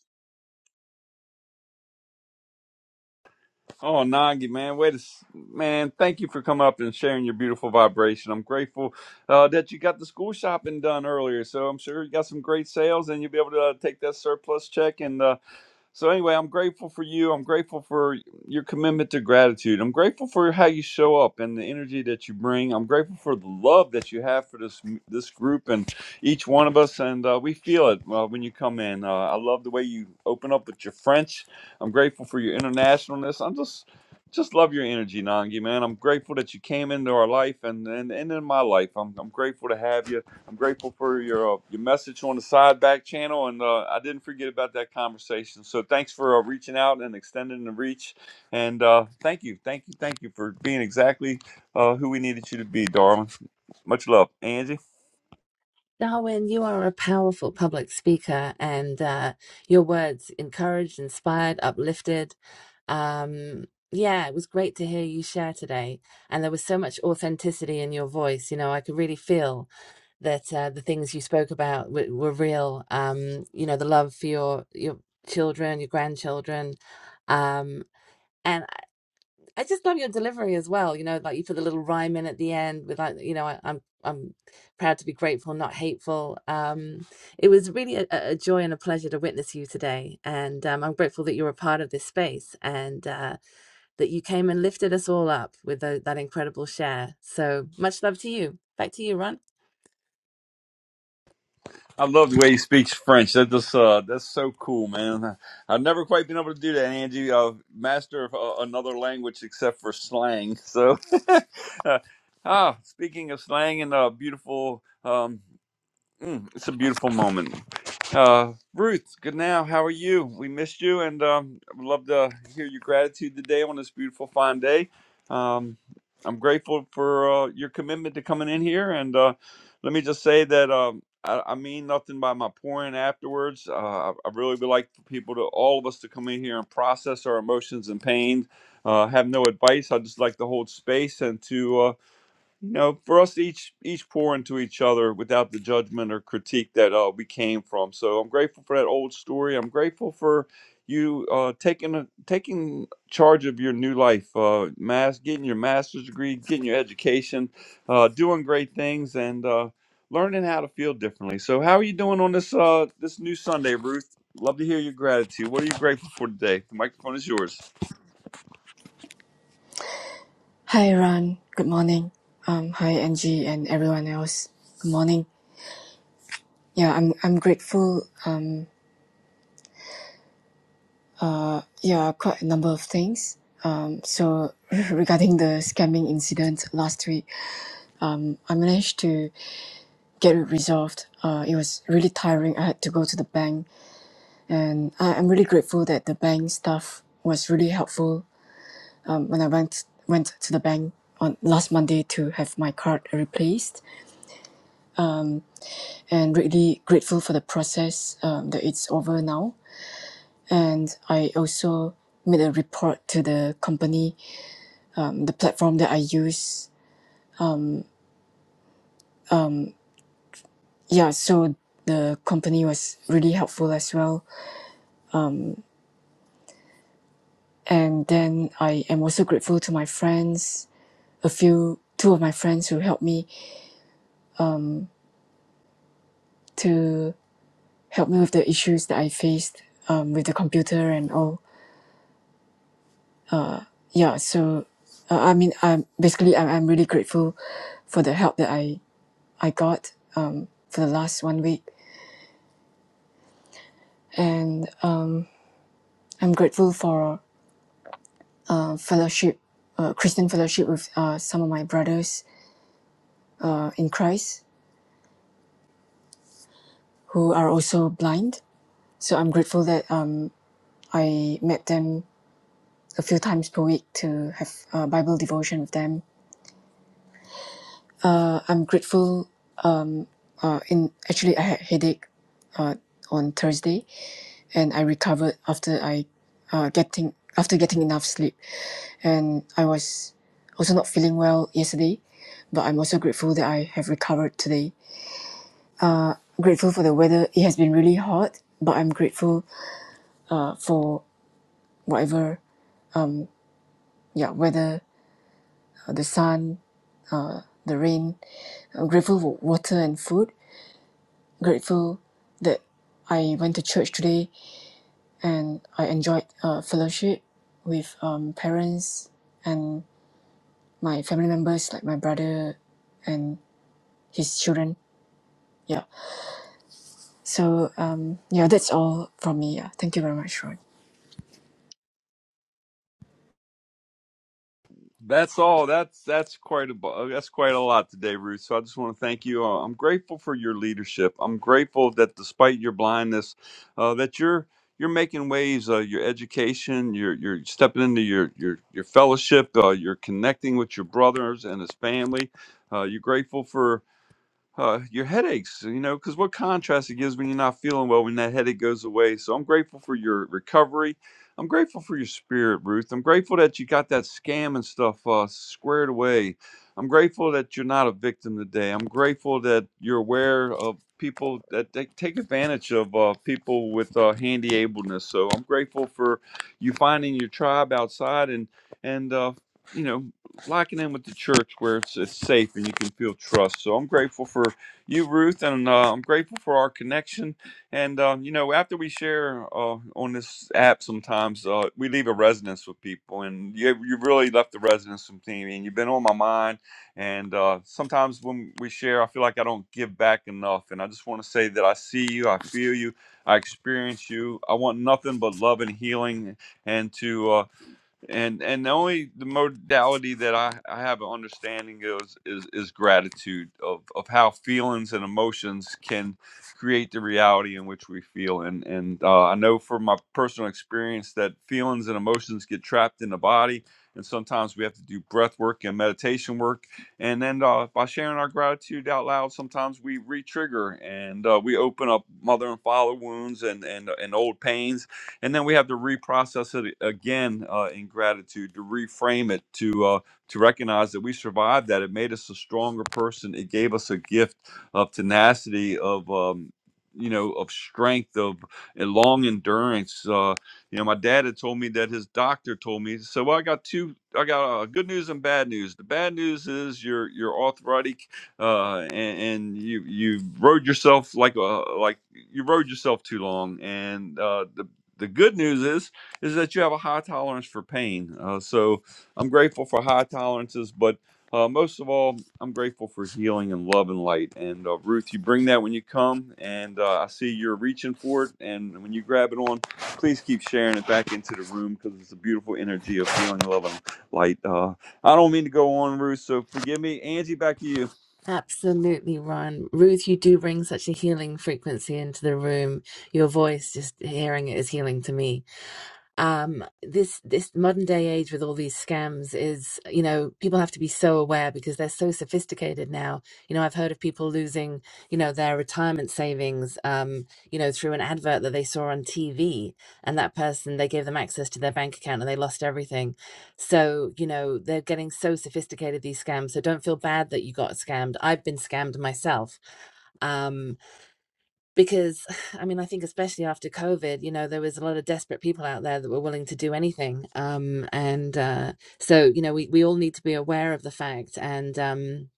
S8: Oh, Nangi, man, wait a s- man. Thank you for coming up and sharing your beautiful vibration. I'm grateful uh, that you got the school shopping done earlier, so I'm sure you got some great sales, and you'll be able to uh, take that surplus check and. Uh, So anyway, I'm grateful for you. I'm grateful for your commitment to gratitude. I'm grateful for how you show up and the energy that you bring. I'm grateful for the love that you have for this this group and each one of us, and uh, we feel it uh, when you come in. Uh, I love the way you open up with your French. I'm grateful for your internationalness. I'm just just love your energy, Nangi man. I'm grateful that you came into our life and and, and in my life. I'm I'm grateful to have you I'm grateful for your uh, your message on the side back channel, and uh, I didn't forget about that conversation. So thanks for uh, reaching out and extending the reach, and uh, thank you, thank you, thank you for being exactly uh, who we needed you to be, darling. Much love, Angie.
S5: Darwin, you are a powerful public speaker, and uh, your words encouraged, inspired, uplifted. Um, yeah, it was great to hear you share today. And there was so much authenticity in your voice. You know, I could really feel that uh, the things you spoke about w- were real. Um, you know, the love for your your children, your grandchildren, um, and I just love your delivery as well. You know, like you put the little rhyme in at the end with like, you know, I, I'm I'm proud to be grateful, not hateful. Um, it was really a, a joy and a pleasure to witness you today, and um, I'm grateful that you're a part of this space and uh, that you came and lifted us all up with tho- that incredible share. So much love to you. Back to you, Ron.
S8: I love the way he speaks French. That just uh, that's so cool, man. I've never quite been able to do that, Angie. Uh, master of uh, another language except for slang. So, uh, ah, speaking of slang and uh, beautiful. Um, Mm, it's a beautiful moment. Uh, Ruth, good now. How are you? We missed you, and um, I'd love to hear your gratitude today on this beautiful, fine day. Um, I'm grateful for uh, your commitment to coming in here, and uh, let me just say that um, I, I mean nothing by my pouring afterwards. Uh, I, I really would like for people to, all of us, to come in here and process our emotions and pain. Uh, have no advice. I just like to hold space and to. uh, you know, for us to each each pour into each other without the judgment or critique that uh, we came from. So I'm grateful for that old story. I'm grateful for you uh, taking a, taking charge of your new life, uh, mass getting your master's degree, getting your education, uh, doing great things, and uh, learning how to feel differently. So how are you doing on this uh, this new Sunday, Ruth? Love to hear your gratitude. What are you grateful for today? The microphone is yours.
S13: Hi, Ron. Good morning. Um, hi, Angie and everyone else. Good morning. Yeah, I'm I'm grateful. Um, yeah, quite a number of things. Um, so regarding the scamming incident last week, um, I managed to get it resolved. Uh, it was really tiring. I had to go to the bank, and I, I'm really grateful that the bank staff was really helpful um, when I went went to the bank on last Monday to have my card replaced and really grateful for the process um, that it's over now. And I also made a report to the company, um, the platform that I use. Yeah, so the company was really helpful as well. And then I am also grateful to my friends, a few, two of my friends who helped me to help me with the issues that I faced um, with the computer and all. Yeah, so uh, I mean, I'm basically I'm, I'm really grateful for the help that I I got um, for the last one week. And uh, I'm grateful for uh, fellowship, uh, Christian fellowship with uh, some of my brothers uh, in Christ who are also blind. So I'm grateful that um, I met them a few times per week to have uh, Bible devotion with them. Uh, I'm grateful. Uh, in actually, I had headache uh, on Thursday, and I recovered after I uh, getting after getting enough sleep. and I was also not feeling well yesterday, but I'm also grateful that I have recovered today. Grateful for the weather. It has been really hot, but I'm grateful uh, for whatever, yeah, weather, uh, the sun, the rain. I'm grateful for water and food. Grateful that I went to church today and I enjoyed uh, fellowship with um, parents and my family members, like my brother and his children. Yeah So um, yeah, that's all from me. Yeah. Thank you very much, Roy.
S8: That's all. That's that's quite a that's quite a lot today, Ruth. So I just want to thank you. Uh, I'm grateful for your leadership. I'm grateful that despite your blindness, uh, that you're you're making waves. Uh, your education, you're you're stepping into your your your fellowship. Uh, you're connecting with your brothers and his family. Uh, you're grateful for uh, your headaches, you know, because what contrast it gives when you're not feeling well when that headache goes away. So I'm grateful for your recovery. I'm grateful for your spirit, Ruth. I'm grateful that you got that scam and stuff uh, squared away. I'm grateful that you're not a victim today. I'm grateful that you're aware of people that they take advantage of uh, people with uh, handy ableness. So I'm grateful for you finding your tribe outside and and uh, you know locking in with the church where it's, it's safe and you can feel trust. So I'm grateful for you, Ruth, and uh, I'm grateful for our connection. And um, you know, after we share uh, on this app, sometimes uh, we leave a resonance with people, and you you really left the resonance with me, and you've been on my mind. And uh, sometimes when we share, I feel like I don't give back enough, and I just want to say that I see you, I feel you, I experience you. I want nothing but love and healing, and to uh, and and the only the modality that I, I have an understanding of is, is is gratitude of of how feelings and emotions can create the reality in which we feel and and uh, I know from my personal experience that feelings and emotions get trapped in the body and sometimes we have to do breath work and meditation work and then uh, by sharing our gratitude out loud sometimes we re-trigger and uh, we open up mother and father wounds and and, and old pains and then we have to reprocess it again uh, in gratitude to reframe it to uh, to recognize that we survived that it made us a stronger person it gave us a gift of tenacity of um, you know of strength of uh, long endurance uh, you know my dad had told me that his doctor told me so well, i got two i got uh, good news and bad news the bad news is you're you're arthritic uh, and, and you you rode yourself like a like you rode yourself too long. And uh, the the good news is is that you have a high tolerance for pain. Uh, so I'm grateful for high tolerances, but uh, most of all, I'm grateful for healing and love and light. And uh, Ruth, you bring that when you come, and uh, I see you're reaching for it. And when you grab it on, please keep sharing it back into the room because it's a beautiful energy of healing, love, and light. Uh, I don't mean to go on, Ruth, so forgive me. Angie, back to you.
S5: Absolutely, Ron. Ruth, you do bring such a healing frequency into the room. Your voice, just hearing it, is healing to me. um this this modern day age with all these scams is you know people have to be so aware because they're so sophisticated now you know i've heard of people losing you know their retirement savings um you know through an advert that they saw on tv and that person they gave them access to their bank account and they lost everything so you know they're getting so sophisticated these scams so don't feel bad that you got scammed i've been scammed myself um because i mean i think especially after covid you know there was a lot of desperate people out there that were willing to do anything um and uh so you know we we all need to be aware of the fact and um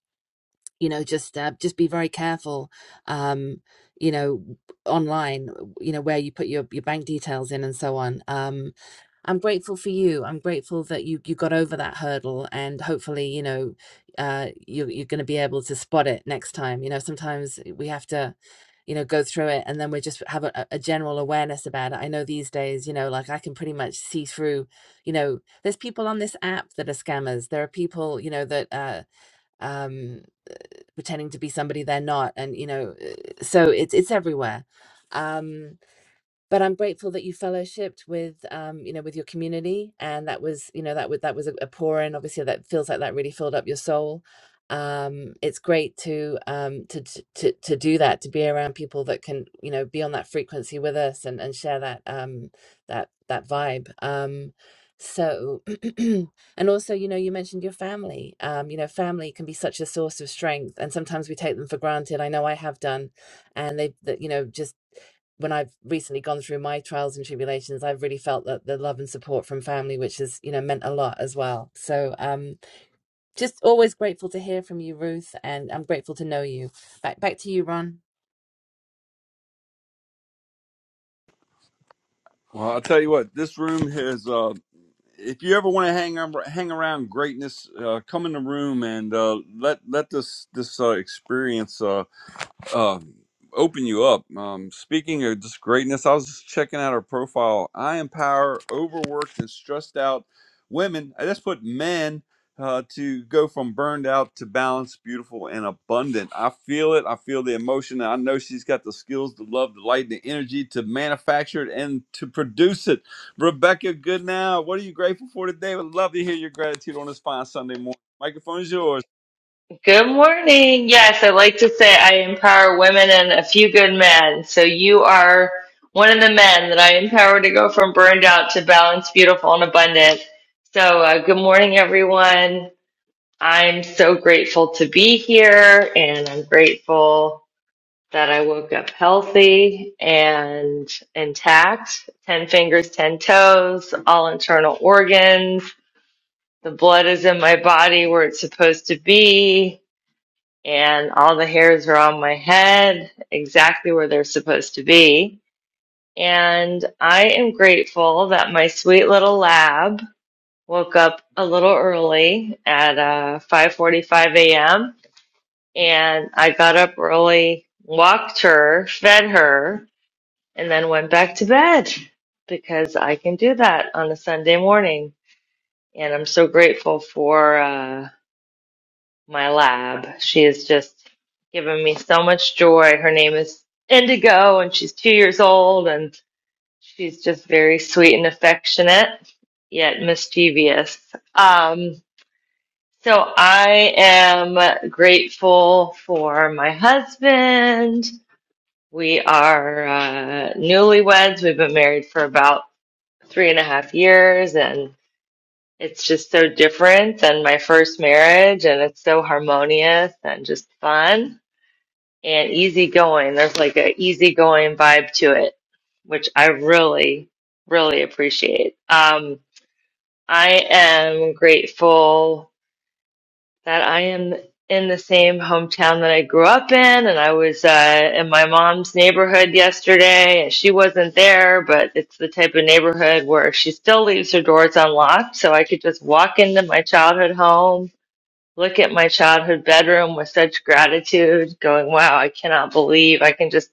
S5: you know just uh, just be very careful um you know online you know where you put your your bank details in and so on um I'm grateful for you. I'm grateful that you you got over that hurdle, and hopefully, you know, uh, you you're going to be able to spot it next time. You know, sometimes we have to, you know, go through it, and then we just have a, a general awareness about it. I know these days, you know, like I can pretty much see through. You know, there's people on this app that are scammers. There are people, you know, that uh, um, pretending to be somebody they're not, and you know, uh, so it's it's everywhere. Um, but I'm grateful that you fellowshipped with um, you know with your community and that was you know that was that was a, a pour in obviously that feels like that really filled up your soul um it's great to um to to to to do that to be around people that can you know be on that frequency with us and and share that um that that vibe um so and also you know you mentioned your family um you know family can be such a source of strength and sometimes we take them for granted i know i have done and they that you know just when I've recently gone through my trials and tribulations, I've really felt that the love and support from family, which has, you know, meant a lot as well. So um just always grateful to hear from you, Ruth, and I'm grateful to know you. Back back to you, Ron.
S8: Well, I'll tell you what, this room has. uh, if you ever want to hang ar- hang around greatness, uh, come in the room and uh, let let this this uh, experience. Uh, uh open you up um speaking of just greatness i was just checking out her profile i empower overworked and stressed out women i just put men uh, to go from burned out to balanced beautiful and abundant i feel it i feel the emotion i know she's got the skills the love the light the energy to manufacture it and to produce it rebecca good now what are you grateful for today would love to hear your gratitude on this fine sunday morning microphone is yours
S14: Good morning. Yes, I like to say I empower women and a few good men. So you are one of the men that I empower to go from burned out to balanced, beautiful, and abundant. So uh, good morning, everyone. I'm so grateful to be here, and I'm grateful that I woke up healthy and intact. Ten fingers, ten toes, all internal organs. The blood is in my body where it's supposed to be and all the hairs are on my head exactly where they're supposed to be. And I am grateful that my sweet little lab woke up a little early at uh, 5:45 a.m. and I got up early, walked her, fed her, and then went back to bed because I can do that on a Sunday morning. And I'm so grateful for. uh, my lab. She has just given me so much joy. Her name is Indigo, and she's two years old, and she's just very sweet and affectionate, yet mischievous. Um, so I am grateful for my husband. We are uh, newlyweds. We've been married for about three and a half years, and it's just so different than my first marriage, and it's so harmonious and just fun and easygoing. There's like an easygoing vibe to it, which I really, really appreciate. Um, I am grateful that I am in the same hometown that I grew up in, and I was uh, in my mom's neighborhood yesterday, and she wasn't there, but it's the type of neighborhood where she still leaves her doors unlocked, so I could just walk into my childhood home look at my childhood bedroom with such gratitude, going, wow, I cannot believe I can just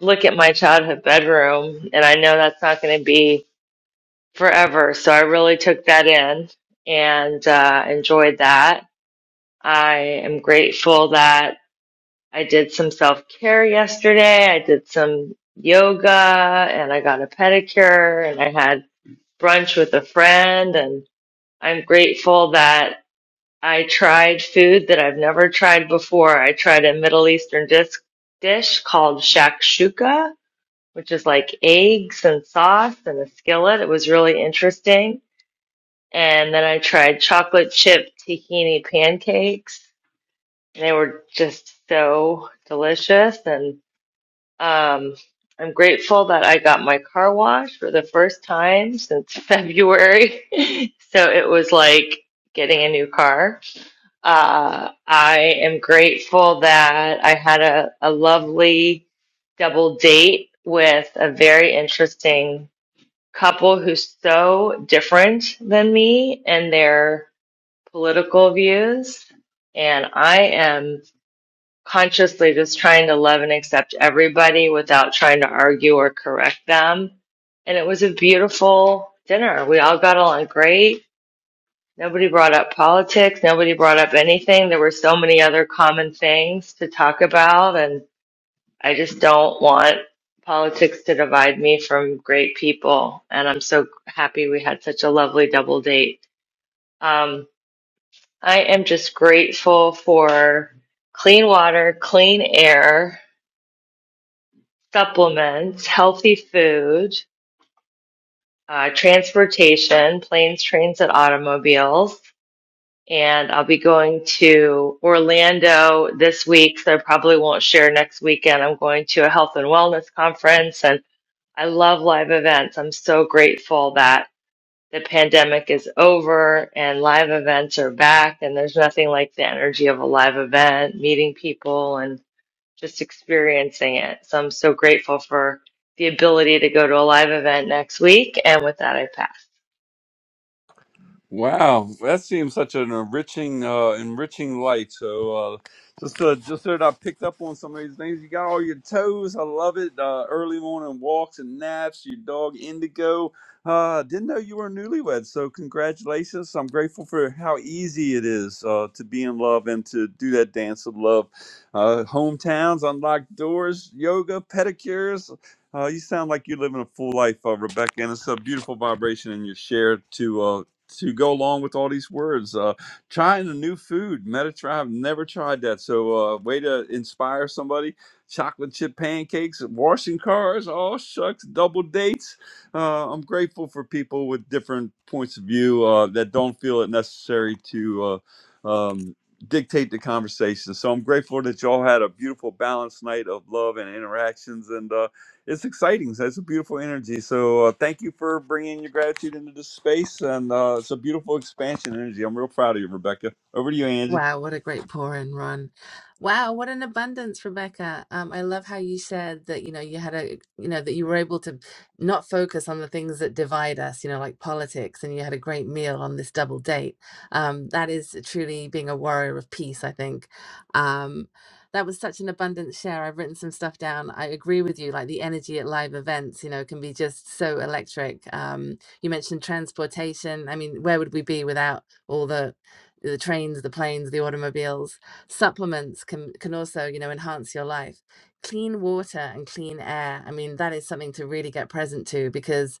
S14: look at my childhood bedroom, and I know that's not going to be forever. So I really took that in and uh, enjoyed that. I am grateful that I did some self care yesterday. I did some yoga and I got a pedicure and I had brunch with a friend. And I'm grateful that I tried food that I've never tried before. I tried a Middle Eastern disc dish called shakshuka which is like eggs and sauce and a skillet. It was really interesting. And then I tried chocolate chip tahini pancakes. They were just so delicious. And um, I'm grateful that I got my car washed for the first time since February. So it was like getting a new car. Uh, I am grateful that I had a, a lovely double date with a very interesting couple who's so different than me and their political views. And I am consciously just trying to love and accept everybody without trying to argue or correct them. And it was a beautiful dinner. We all got along great. Nobody brought up politics. Nobody brought up anything. There were so many other common things to talk about. And I just don't want politics to divide me from great people. And I'm so happy we had such a lovely double date. Um, I am just grateful for clean water, clean air, supplements, healthy food, uh, transportation, planes, trains, and automobiles. And I'll be going to Orlando this week, so I probably won't share next weekend. I'm going to a health and wellness conference, and I love live events. I'm so grateful that the pandemic is over and live events are back, and there's nothing like the energy of a live event, meeting people and just experiencing it. So I'm so grateful for the ability to go to a live event next week. And with that, I pass.
S8: Wow, that seems such an enriching, uh, enriching life. So, uh, just uh, just that I picked up on some of these things. You got all your toes. I love it. Uh, early morning walks and naps. Your dog Indigo. Uh, didn't know you were newlywed. So, congratulations. I'm grateful for how easy it is uh, to be in love and to do that dance of love. Uh, hometowns, unlocked doors, yoga, pedicures, uh, you sound like you're living a full life, uh, Rebecca, and it's a beautiful vibration in your share too to go along with all these words. Uh, trying a new food, Mediterranean. I've never tried that. So, uh, way to inspire somebody. Chocolate chip pancakes, washing cars, all shucks, double dates. Uh, I'm grateful for people with different points of view uh, that don't feel it necessary to uh, um, dictate the conversation. So I'm grateful that y'all had a beautiful, balanced night of love and interactions. And uh, it's exciting. So it's a beautiful energy. So uh, thank you for bringing your gratitude into this space, and uh, it's a beautiful expansion energy. I'm real proud of you, Rebecca. Over to you, Angie.
S5: Wow, what a great pour in, Ron. Wow, what an abundance, Rebecca. Um, I love how you said that, you know, you had a, you know, that you were able to not focus on the things that divide us, you know, like politics, and you had a great meal on this double date. Um, that is truly being a warrior of peace, I think. Um, that was such an abundant share. I've written some stuff down. I agree with you, like the energy at live events, you know, can be just so electric. Um, you mentioned transportation. I mean, where would we be without all the the trains, the planes, the automobiles. Supplements can can also, you know, enhance your life. Clean water and clean air. I mean, that is something to really get present to because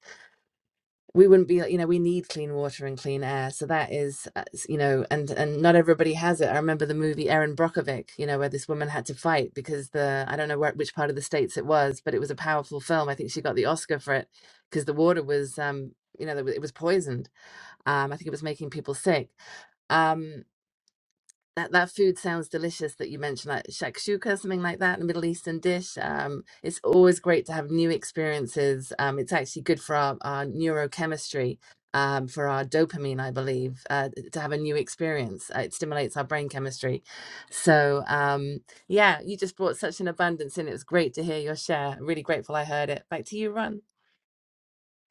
S5: we wouldn't be, you know, we need clean water and clean air. So that is, uh, s- you know, and and not everybody has it. I remember the movie Erin Brockovich, you know, where this woman had to fight because the I don't know where, which part of the states it was, but it was a powerful film. I think she got the Oscar for it because the water was, um, you know, it was poisoned. Um, I think it was making people sick. Um, that that food sounds delicious that you mentioned, like shakshuka, something like that, a Middle Eastern dish. Um, it's always great to have new experiences. Um, it's actually good for our, our neurochemistry, um, for our dopamine, I believe, uh, to have a new experience. Uh, it stimulates our brain chemistry. So, um, yeah, you just brought such an abundance in. It was great to hear your share. Really grateful I heard it. Back to you, Ron.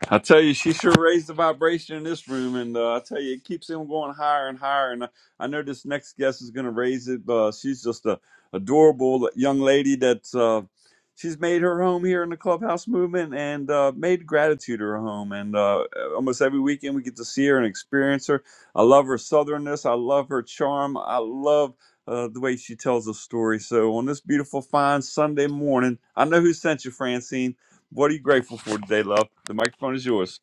S8: I tell you, she sure raised the vibration in this room, and uh, I tell you, it keeps him going higher and higher. And I, I know this next guest is going to raise it. but uh, she's just a adorable young lady that's uh, she's made her home here in the clubhouse movement and uh, made gratitude her home. And uh, almost every weekend we get to see her and experience her. I love her southernness. I love her charm. I love. Uh, the way she tells a story. So on this beautiful, fine Sunday morning, I know who sent you, Francine. What are you grateful for today, love? The microphone is yours.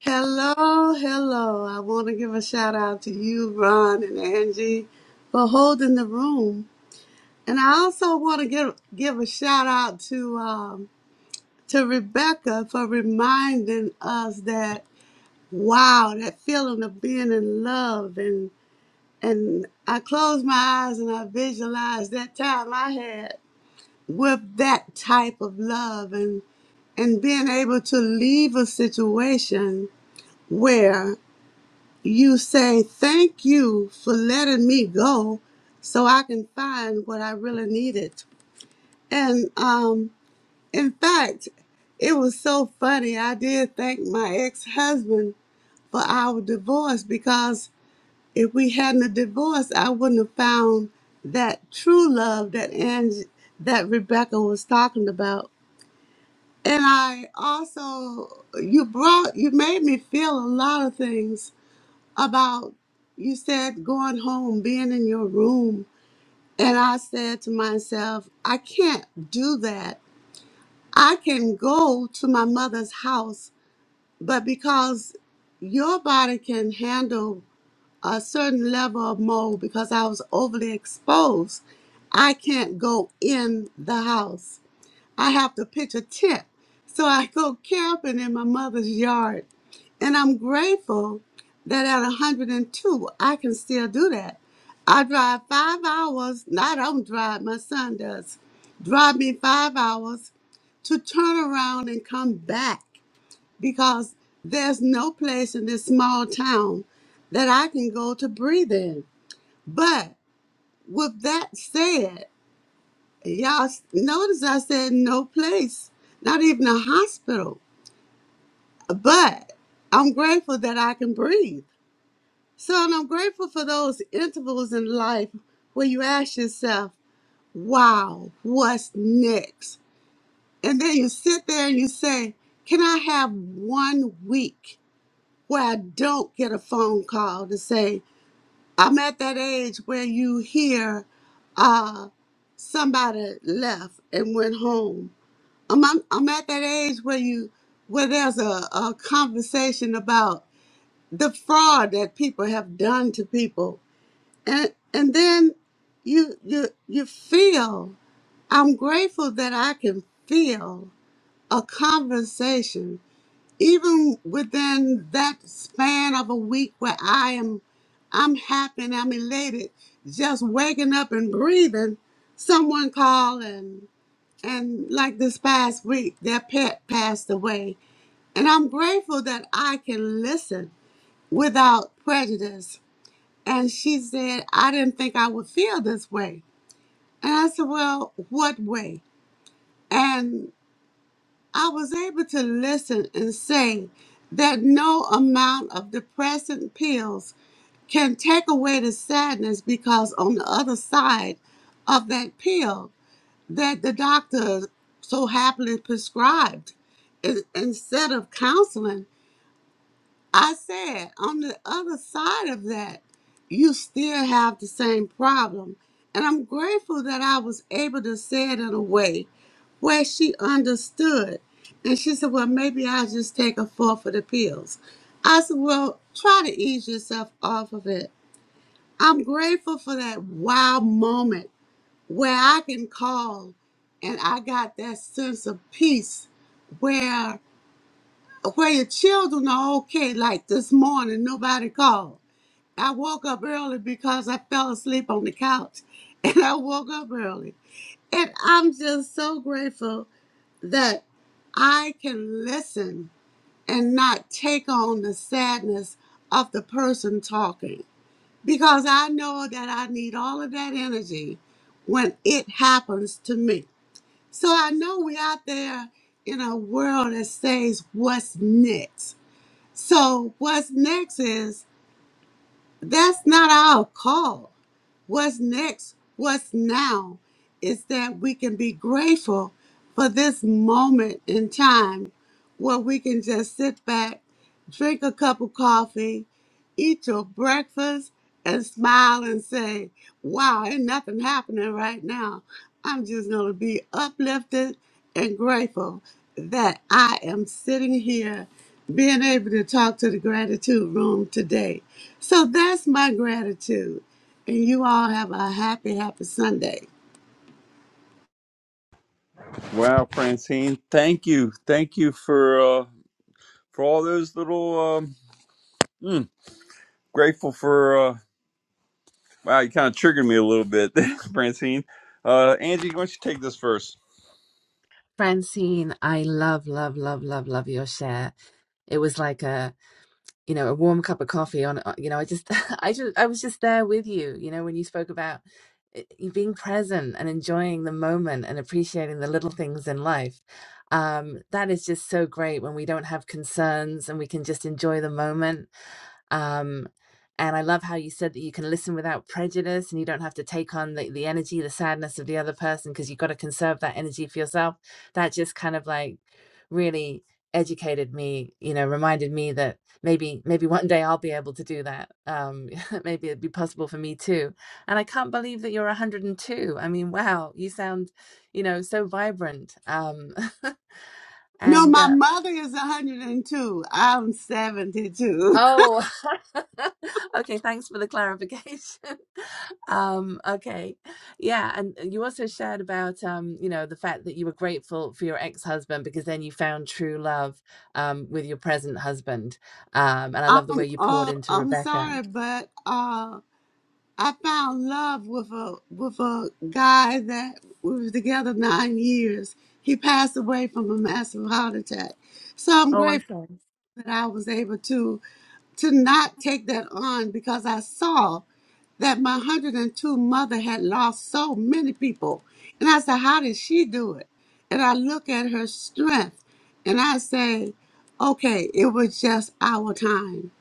S15: Hello, hello. I want to give a shout out to you, Ron and Angie, for holding the room. And I also want to give give a shout out to um, to Rebecca for reminding us that wow, that feeling of being in love and and I close my eyes and I visualize that time I had with that type of love and and being able to leave a situation where. You say, Thank you for letting me go so I can find what I really needed. And um, in fact, it was so funny. I did thank my ex husband for our divorce because if we hadn't a divorce, I wouldn't have found that true love that Angie, that Rebecca was talking about. And I also, you brought, you made me feel a lot of things about you said going home, being in your room. And I said to myself, I can't do that. I can go to my mother's house, but because your body can handle a certain level of mold because I was overly exposed, I can't go in the house. I have to pitch a tent. So I go camping in my mother's yard and I'm grateful that at 102, I can still do that. I drive five hours, not I don't drive, my son does, drive me five hours to turn around and come back because there's no place in this small town that I can go to breathe in. But with that said, y'all s- notice I said no place, not even a hospital. But I'm grateful that I can breathe. So and I'm grateful for those intervals in life where you ask yourself, wow, what's next? And then you sit there and you say, can I have one week where I don't get a phone call to say, I'm at that age where you hear uh, somebody left and went home. I'm, I'm, I'm at that age where you where there's a, a conversation about the fraud that people have done to people and and then you you you feel i'm grateful that i can feel a conversation even within that span of a week where i am i'm happy and i'm elated just waking up and breathing someone call and and like this past week their pet passed away and i'm grateful that i can listen without prejudice and she said i didn't think i would feel this way and I said, Well, what way? And I was able to listen and say that no amount of depressant pills can take away the sadness because on the other side of that pill that the doctor so happily prescribed, in- instead of counseling, I said, on the other side of that, you still have the same problem. And I'm grateful that I was able to say it in a way where she understood. And she said, Well, maybe I'll just take a fourth of the pills. I said, Well, try to ease yourself off of it. I'm grateful for that wow moment where I can call and I got that sense of peace where your children are okay. Like this morning, nobody called. I woke up early because I fell asleep on the couch and I woke up early. And I'm just so grateful that I can listen and not take on the sadness of the person talking because I know that I need all of that energy when it happens to me. So I know we're out there in a world that says, What's next? So what's next is that's not our call. What's next, what's now, is that we can be grateful for this moment in time where we can just sit back, drink a cup of coffee, eat your breakfast and smile and say, wow, ain't nothing happening right now. I'm just going to be uplifted and grateful that I am sitting here being able to talk to the gratitude room today. So that's my gratitude. And you all have a happy, happy Sunday.
S8: Wow, Francine, thank you, thank you for uh, for all those little. Um, mm, grateful for. Uh, wow, you kind of triggered me a little bit, Francine. Uh, Angie, why don't you take this first?
S5: Francine, I love, love, love, love, love your share. It was like a you know a warm cup of coffee on uh, you know i just i just i was just there with you you know when you spoke about it- you being present and enjoying the moment and appreciating the little things in life um that is just so great when we don't have concerns and we can just enjoy the moment um, and I love how you said that you can listen without prejudice and you don't have to take on the, the energy, the sadness of the other person because you've got to conserve that energy for yourself. That just kind of like really educated me, you know, reminded me that maybe maybe one day I'll be able to do that. Um, maybe it'd be possible for me too. And I can't believe that you're 102. I mean, wow, you sound, you know, so vibrant. Um,
S15: No,
S5: and
S15: my
S5: uh,
S15: mother is 102. I'm 72.
S5: oh, okay, thanks for the clarification. Um, okay. Yeah, and you also shared about um, you know, the fact that you were grateful for your ex-husband because then you found true love um with your present husband. Um, and I love the
S15: I'm,
S5: way you poured
S15: oh,
S5: into
S15: I'm
S5: Rebecca.
S15: sorry, but uh. I found love with a with a guy that we were together nine years. He passed away from a massive heart attack. So I'm
S5: Oh,
S15: grateful.
S5: I'm sorry.
S15: But I was able to to not take that on because I saw that my 102 mother had lost so many people. And I said, How did she do it? And I look at her strength and I say, Okay, it was just our time.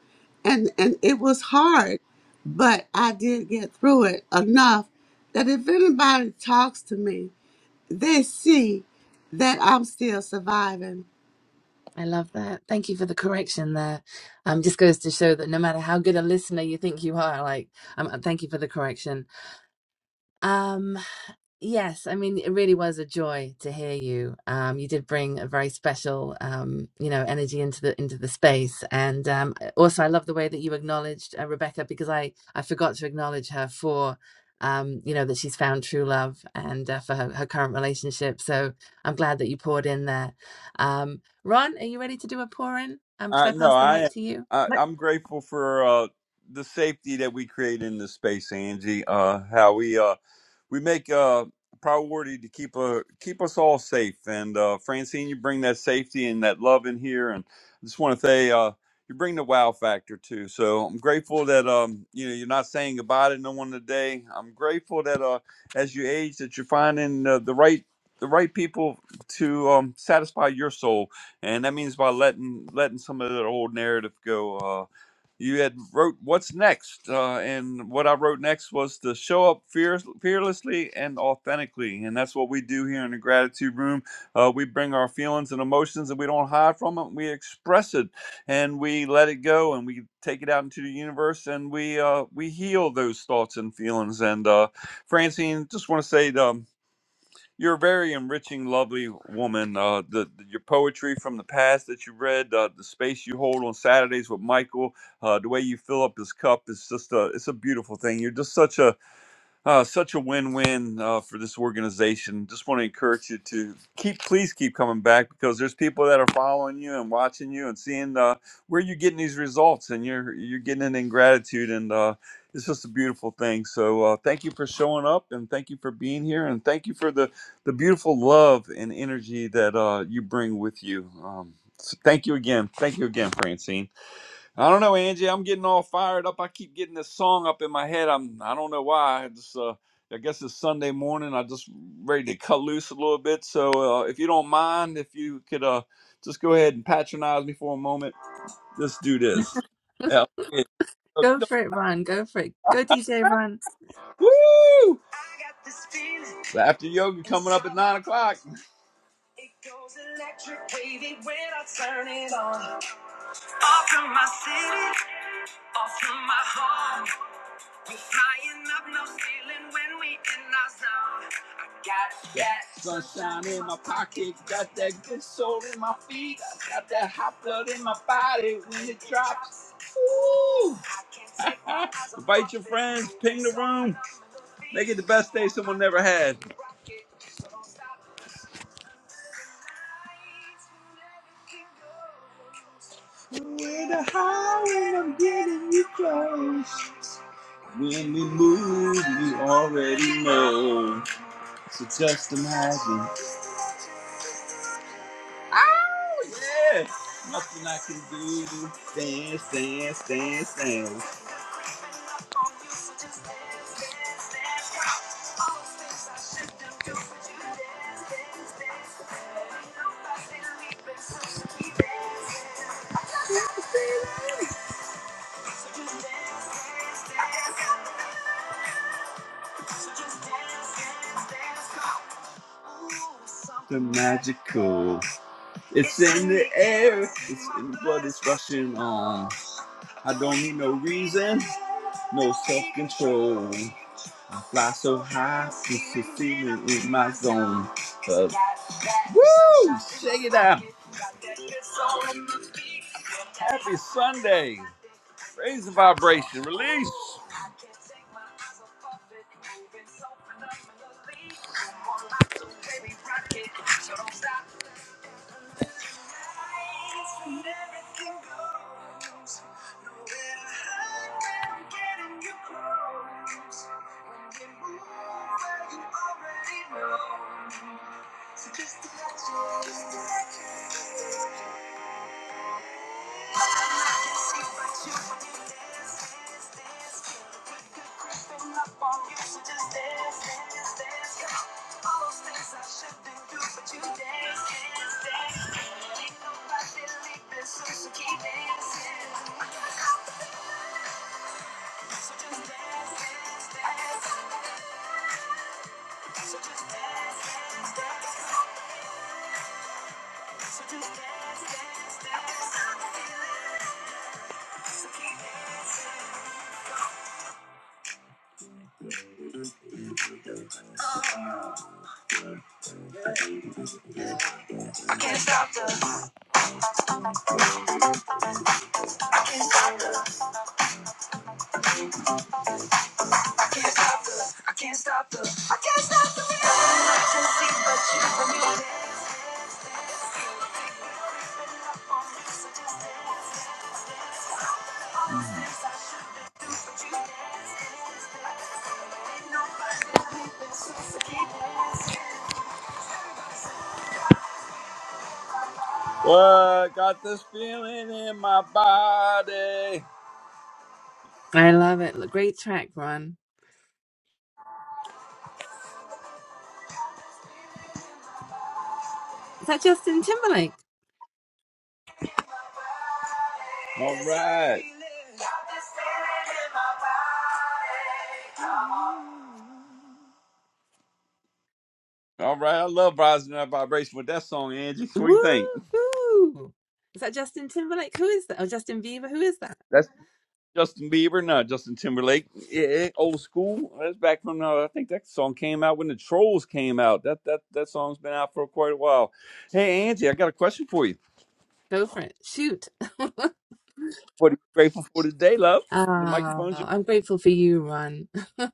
S15: And and it was hard, but I did get through it enough that if anybody talks to me, they see that I'm still surviving
S5: I love that. Thank you for the correction there. Um, just goes to show that no matter how good a listener you think you are, like, um, thank you for the correction. Um, Yes, I mean, it really was a joy to hear you. Um, you did bring a very special, um, you know, energy into the into the space, and um, also I love the way that you acknowledged uh, Rebecca because I I forgot to acknowledge her for, um, you know, that she's found true love and uh, for her, her current relationship. So I'm glad that you poured in there. Um, Ron, are you ready to do a pour in? Um, should
S8: Uh,
S5: I
S8: no,
S5: pass the
S8: I am.
S5: mic to you?
S8: I,
S5: Let-
S8: I'm grateful for uh, the safety that we create in this space, Angie. Uh, how we uh, we make a priority to keep uh keep us all safe. And uh, Francine, you bring that safety and that love in here, and I just want to say uh, you bring the wow factor too. So I'm grateful that um you know you're not saying goodbye to no one today. I'm grateful that uh as you age that you're finding uh, the right the right people to um, satisfy your soul, and that means by letting letting some of that old narrative go. uh, you had wrote what's next uh, and what i wrote next was to show up fears, fearlessly and authentically and that's what we do here in the gratitude room uh, we bring our feelings and emotions and we don't hide from them we express it and we let it go and we take it out into the universe and we uh, we heal those thoughts and feelings and uh, francine just want to say um, you're a very enriching, lovely woman. Uh, the, the your poetry from the past that you read, uh, the space you hold on Saturdays with Michael, uh, the way you fill up his cup is just a it's a beautiful thing. You're just such a uh, such a win-win uh, for this organization. Just want to encourage you to keep, please keep coming back because there's people that are following you and watching you and seeing uh, where you're getting these results, and you're you're getting it in gratitude, and uh, it's just a beautiful thing. So uh, thank you for showing up, and thank you for being here, and thank you for the the beautiful love and energy that uh, you bring with you. Um, so thank you again, thank you again, Francine. I don't know, Angie. I'm getting all fired up. I keep getting this song up in my head. I'm I don't know why. It's uh, I guess it's Sunday morning. I just ready to cut loose a little bit. So uh, if you don't mind, if you could uh, just go ahead and patronize me for a moment. Let's do this. Yeah. yeah. So,
S5: Go for it, Ron. Go for it. Go, DJ Ron.
S8: Woo! I After yoga coming up at nine o'clock, sunshine in my pocket, got that good soul in my feet, got that hot blood in my body when it drops. Woo! Invite your friends, ping the room, make it the best day someone never had. With a high when I'm getting you close. When we move, you already know. So just imagine. Oh, yeah. Nothing I can do. dance, dance, dance. stand. Magical. It's rushing on. I don't need no reason, no self control. Fly so high. But woo! Happy Sunday. Raise the vibration. Release. What got this feeling in my body?
S5: I love it. Look, Great track, Ron. Is that Justin Timberlake?
S8: All right. All right. I love rising that vibration with that song, Angie. What do you think?
S5: Woohoo! Is that Justin Timberlake? Who is that? Or Justin Bieber? Who is that?
S8: That's Justin Bieber, not Justin Timberlake. Yeah, old school. That's back from uh, I think that song came out when the Trolls came out. That that that song's been out for quite a while. Hey, Angie, I got a question for you.
S5: Go for it. Shoot.
S8: What are you grateful for today, love? The microphone's yours.
S5: Ah, I'm grateful for you, Ron.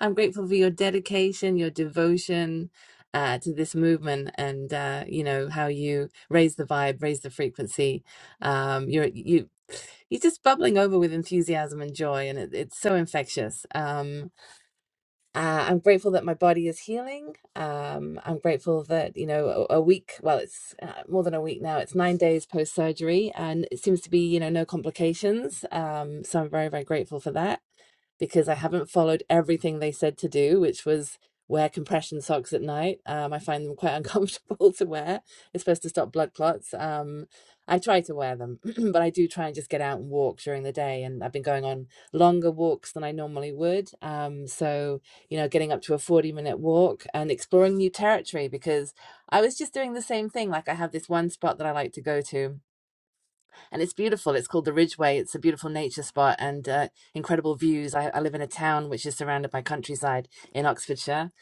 S5: I'm grateful for your dedication, your devotion uh, to this movement, and uh, you know how you raise the vibe, raise the frequency. Um, you're you you're just bubbling over with enthusiasm and joy, and it, it's so infectious. Um, Uh, I'm grateful that my body is healing. Um, I'm grateful that, you know, a, a week, well, it's uh, more than a week now, it's nine days post surgery, and it seems to be, you know, no complications. Um, so I'm very, very grateful for that because I haven't followed everything they said to do, which was wear compression socks at night. Um, I find them quite uncomfortable to wear. It's supposed to stop blood clots. Um, I try to wear them, but I do try and just get out and walk during the day. And I've been going on longer walks than I normally would. Um, so, you know, getting up to a 40 minute walk and exploring new territory because I was just doing the same thing. Like, I have this one spot that I like to go to and it's beautiful. It's called the Ridgeway. It's a beautiful nature spot and uh, incredible views. I, I live in a town which is surrounded by countryside in Oxfordshire,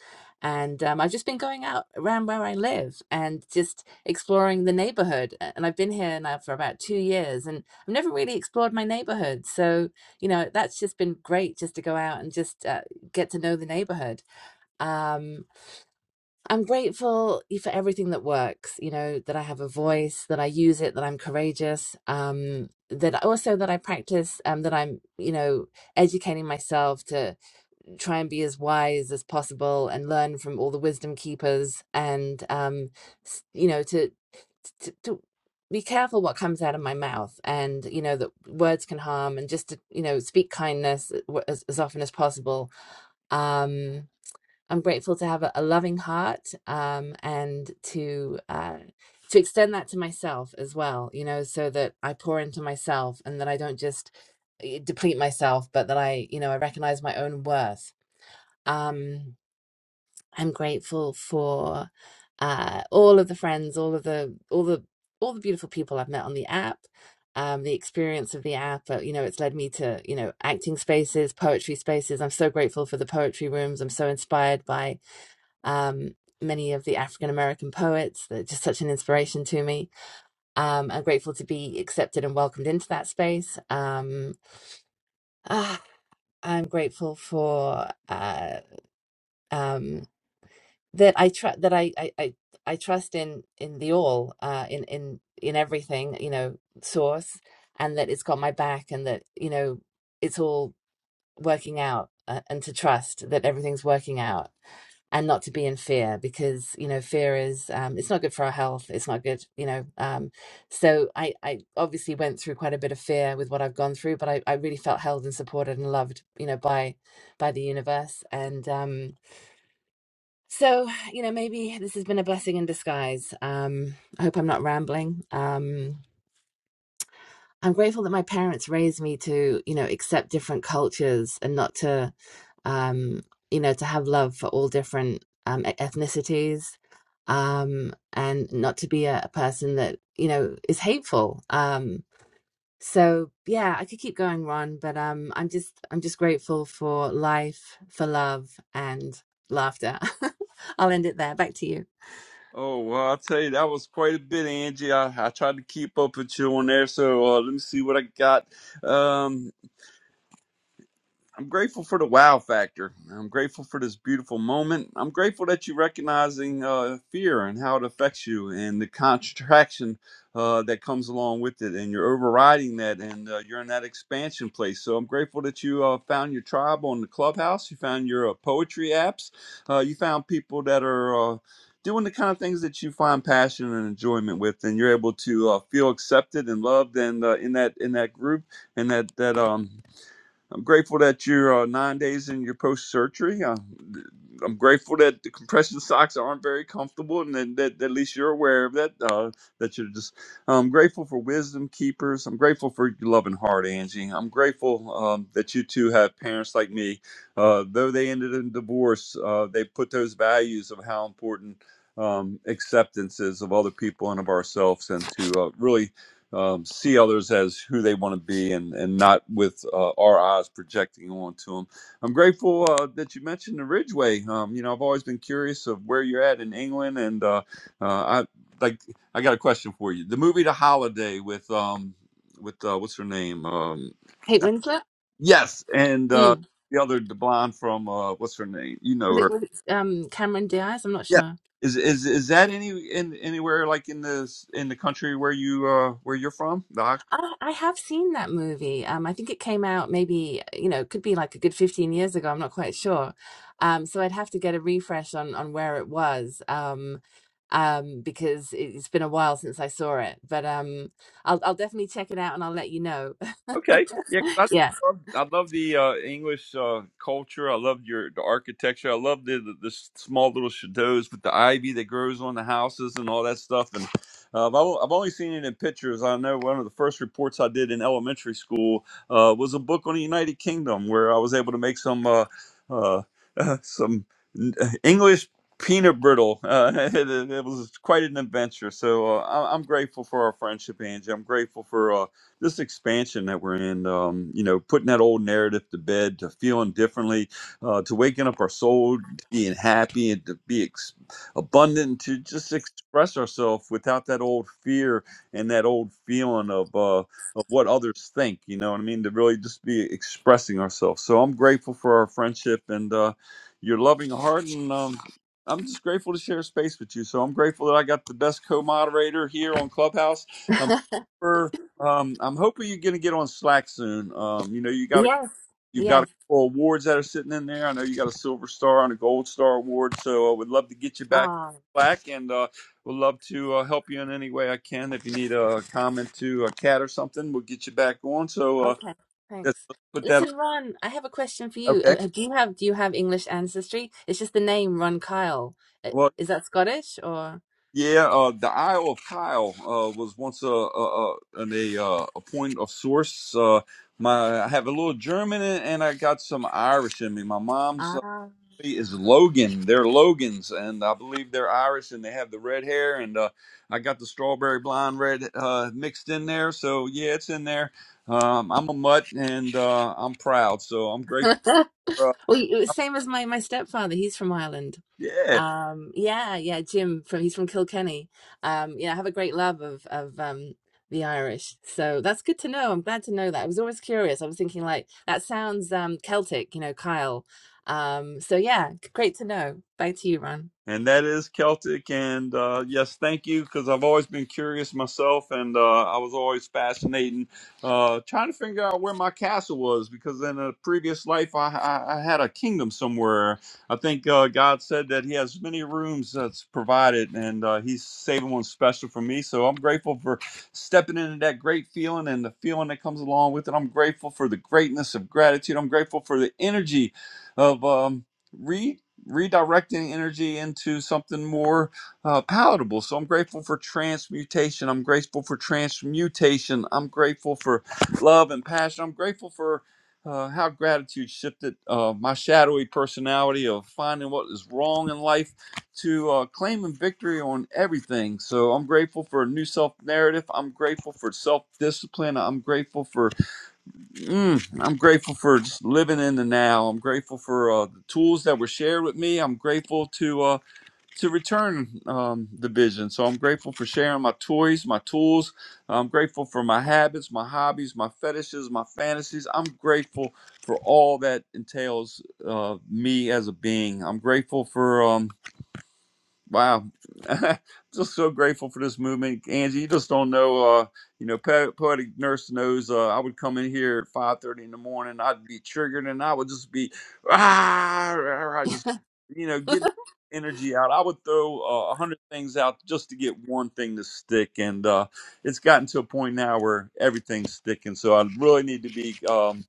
S5: and um, I've just been going out around where I live and just exploring the neighborhood. And I've been here now for about two years, and I've never really explored my neighborhood. So you know that's just been great, just to go out and just uh, get to know the neighborhood. Um, I'm grateful for everything that works, you know, that I have a voice, that I use it, that I'm courageous, um, that also that I practice, um, that I'm, you know, educating myself to try and be as wise as possible and learn from all the wisdom keepers and, um, s- you know, to, to, to be careful what comes out of my mouth and, you know, that words can harm and just to, you know, speak kindness uh, w- as, as often as possible. Um, I'm grateful to have a, a loving heart um, and to uh, to extend that to myself as well. You know, so that I pour into myself and that I don't just eh, deplete myself, but that I, you know, I recognize my own worth. Um, I'm grateful for uh, all of the friends, all of the all the all the beautiful people I've met on the app. Um, the experience of the app, uh, you know, it's led me to, you know, acting spaces, poetry spaces. I'm so grateful for the poetry rooms. I'm so inspired by um, many of the African American poets. They're just such an inspiration to me. Um, I'm grateful to be accepted and welcomed into that space. Um, ah, I'm grateful for uh, um, that I trust that I, I I I trust in in the all uh, in in in everything you know source, and that it's got my back, and that you know it's all working out, uh, and to trust that everything's working out and not to be in fear because you know fear is um, it's not good for our health it's not good you know um, so I, I obviously went through quite a bit of fear with what i've gone through but I, I really felt held and supported and loved you know by by the universe and um, so you know maybe this has been a blessing in disguise um, i hope i'm not rambling um, I'm grateful that my parents raised me to, you know, accept different cultures and not to, um, you know, to have love for all different um, e- ethnicities, um, and not to be a, a person that, you know, is hateful. Um, so yeah, I could keep going, Ron, but um, I'm just I'm just grateful for life, for love, and laughter. I'll end it there. Back to you.
S8: Oh well, I'll tell you that was quite a bit, Angie. I, I tried to keep up with you on there, so uh, let me see what I got. Um, I'm grateful for the wow factor. I'm grateful for this beautiful moment. I'm grateful that you are recognizing uh, fear and how it affects you and the contraction uh, that comes along with it, and you're overriding that, and uh, you're in that expansion place. So I'm grateful that you uh, found your tribe on the clubhouse. You found your uh, poetry apps. Uh, you found people that are. Uh, Doing the kind of things that you find passion and enjoyment with, and you're able to uh, feel accepted and loved, and uh, in that in that group, and that that um I'm grateful that you're uh, nine days in your post surgery. Uh, I'm grateful that the compression socks aren't very comfortable, and that, that that at least you're aware of that. Uh, that you're just. I'm grateful for wisdom keepers. I'm grateful for your loving heart, Angie. I'm grateful um, that you two have parents like me. Uh, though they ended in divorce, uh, they put those values of how important um, acceptance is of other people and of ourselves, and to uh, really um, see others as who they want to be and, and not with uh, our eyes projecting onto them. I'm grateful uh, that you mentioned the Ridgeway. Um, you know, I've always been curious of where you're at in England, and uh, uh, I like I got a question for you. The movie The Holiday with um with uh, what's her name? Um,
S5: Kate Winslet?
S8: yes, and uh,
S5: Mm.
S8: the other the blonde from uh, what's her name? You know
S5: Was it
S8: her.
S5: was it um Cameron Diaz? I'm not
S8: Yeah.
S5: sure.
S8: Is, is is that any in anywhere like in this in the country where you uh where you're from?
S5: I, I have seen that movie. Um, I think it came out maybe, you know, it could be like a good 15 years ago. I'm not quite sure. Um, so I'd have to get a refresh on on where it was, um, um, because it- it's been a while since I saw it. But um, I'll I'll definitely check it out and I'll let you know.
S8: Okay. Yeah, 'cause
S5: Yeah.
S8: I love, I love the uh, English uh, culture. I love your the architecture. I love the, the the s- small little chateaus with the ivy that grows on the houses and all that stuff. And uh, I've al- I've only seen it in pictures. I know one of the first reports I did in elementary school uh, was a book on the United Kingdom where I was able to make some uh, uh, some n- uh, English peanut brittle. Uh, it, it was quite an adventure. So uh, I- I'm grateful for our friendship, Angie. I'm grateful for. Uh, this expansion that we're in, um, you know, putting that old narrative to bed, to feeling differently, uh, to waking up our soul, to being happy, and to be ex- abundant, to just express ourselves without that old fear and that old feeling of uh, of what others think. You know what I mean? To really just be expressing ourselves. So I'm grateful for our friendship and uh, your loving heart, and um, I'm just grateful to share space with you. So I'm grateful that I got the best co-moderator here on Clubhouse. I'm um, I'm hoping you're gonna get on Slack soon. Um, you know, you got a
S5: Yes.
S8: you've got a
S5: Yes.
S8: couple awards that are sitting in there. I know you got a Silver Star and a Gold Star award, so I would love to get you back
S5: Oh,
S8: Slack, and uh, would love to uh, help you in any way I can. If you need a comment to a cat or something, we'll get you back on. So uh,
S5: okay.
S8: let's
S5: Thanks.
S8: put that. on.
S5: Listen, Ron, I have a question for you.
S8: Okay.
S5: Uh, uh, Do you have do you have English ancestry? It's just the name Ron Kyle. Uh,
S8: Well,
S5: Is that Scottish or?
S8: yeah. Uh, the Isle of Kyle uh, was once a a, a, an- a, uh, a point of source. Uh, my I have a little German in it, and I got some Irish in me. My mom's
S5: Ah.
S8: is Logan. They're Logans, and I believe they're Irish, and they have the red hair. And uh, I got the strawberry blonde red uh, mixed in there, so yeah, it's in there. Um, I'm a mutt, and uh, I'm proud, so I'm grateful. For, uh,
S5: Well, you- same as my my stepfather. He's from Ireland.
S8: yeah,
S5: Um, yeah, yeah. Jim from he's from Kilkenny. Um, yeah, I have a great love of of um the Irish. So that's good to know. I'm glad to know that. I was always curious. I was thinking like that sounds um Celtic, you know, Kyle. Um, so yeah, g- great to know. Back to you, Ron.
S8: and that is Celtic. And uh, yes, thank you because I've always been curious myself, and uh, I was always fascinating uh, trying to figure out where my castle was because in a previous life I, I, I had a kingdom somewhere. I think uh, God said that He has many rooms that's provided, and uh, He's saving one special for me. So I'm grateful for stepping into that great feeling and the feeling that comes along with it. I'm grateful for the greatness of gratitude. I'm grateful for the energy of um, redirecting energy into something more uh, palatable. So I'm grateful for transmutation. I'm grateful for transmutation. I'm grateful for love and passion. I'm grateful for uh, how gratitude shifted uh, my shadowy personality of finding what is wrong in life to uh, claiming victory on everything. So I'm grateful for a new self narrative. I'm grateful for self discipline. I'm grateful for Mm, I'm grateful for just living in the now. I'm grateful for uh, the tools that were shared with me. I'm grateful to uh, to return um, the vision. So I'm grateful for sharing my toys, my tools. I'm grateful for my habits, my hobbies, my fetishes, my fantasies. I'm grateful for all that entails uh, me as a being. I'm grateful for. Um, Wow, just so grateful for this movement, Angie. You just don't know, uh, you know, po- poetic nurse knows. Uh, I would come in here at five thirty in the morning. I'd be triggered, and I would just be, ah, I just, you know, getting energy out. I would throw uh, a hundred things out just to get one thing to stick, and uh, it's gotten to a point now where everything's sticking. So I really need to be. um,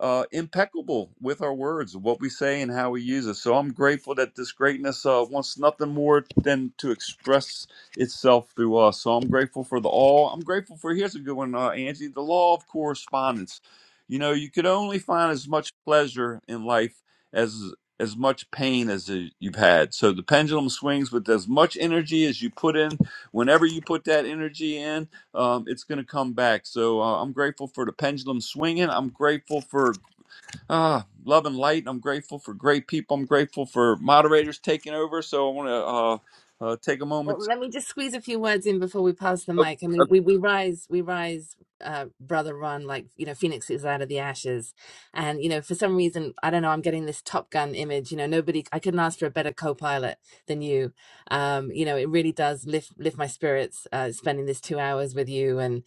S8: uh, impeccable with our words, what we say, and how we use it. So I'm grateful that this greatness uh, wants nothing more than to express itself through us. So I'm grateful for the all. I'm grateful for here's a good one, uh, Angie. The law of correspondence. You know, you could only find as much pleasure in life as as much pain as y- you've had. So the pendulum swings with as much energy as you put in. Whenever you put that energy in um, it's going to come back. So uh, I'm grateful for the pendulum swinging. I'm grateful for uh, love and light. I'm grateful for great people. I'm grateful for moderators taking over. So I want to uh, uh, take a
S5: Well,
S8: moment. To,
S5: let me just squeeze a few words in before we pass the mic. I
S8: oh,
S5: mean, we, we rise, we rise, uh, brother Ron, like, you know, Phoenix is out of the ashes. And, you know, for some reason, I don't know, I'm getting this Top Gun image. You know, nobody, I couldn't ask for a better co pilot than you. Um, you know, it really does lift, lift my spirits, uh, spending this two hours with you. and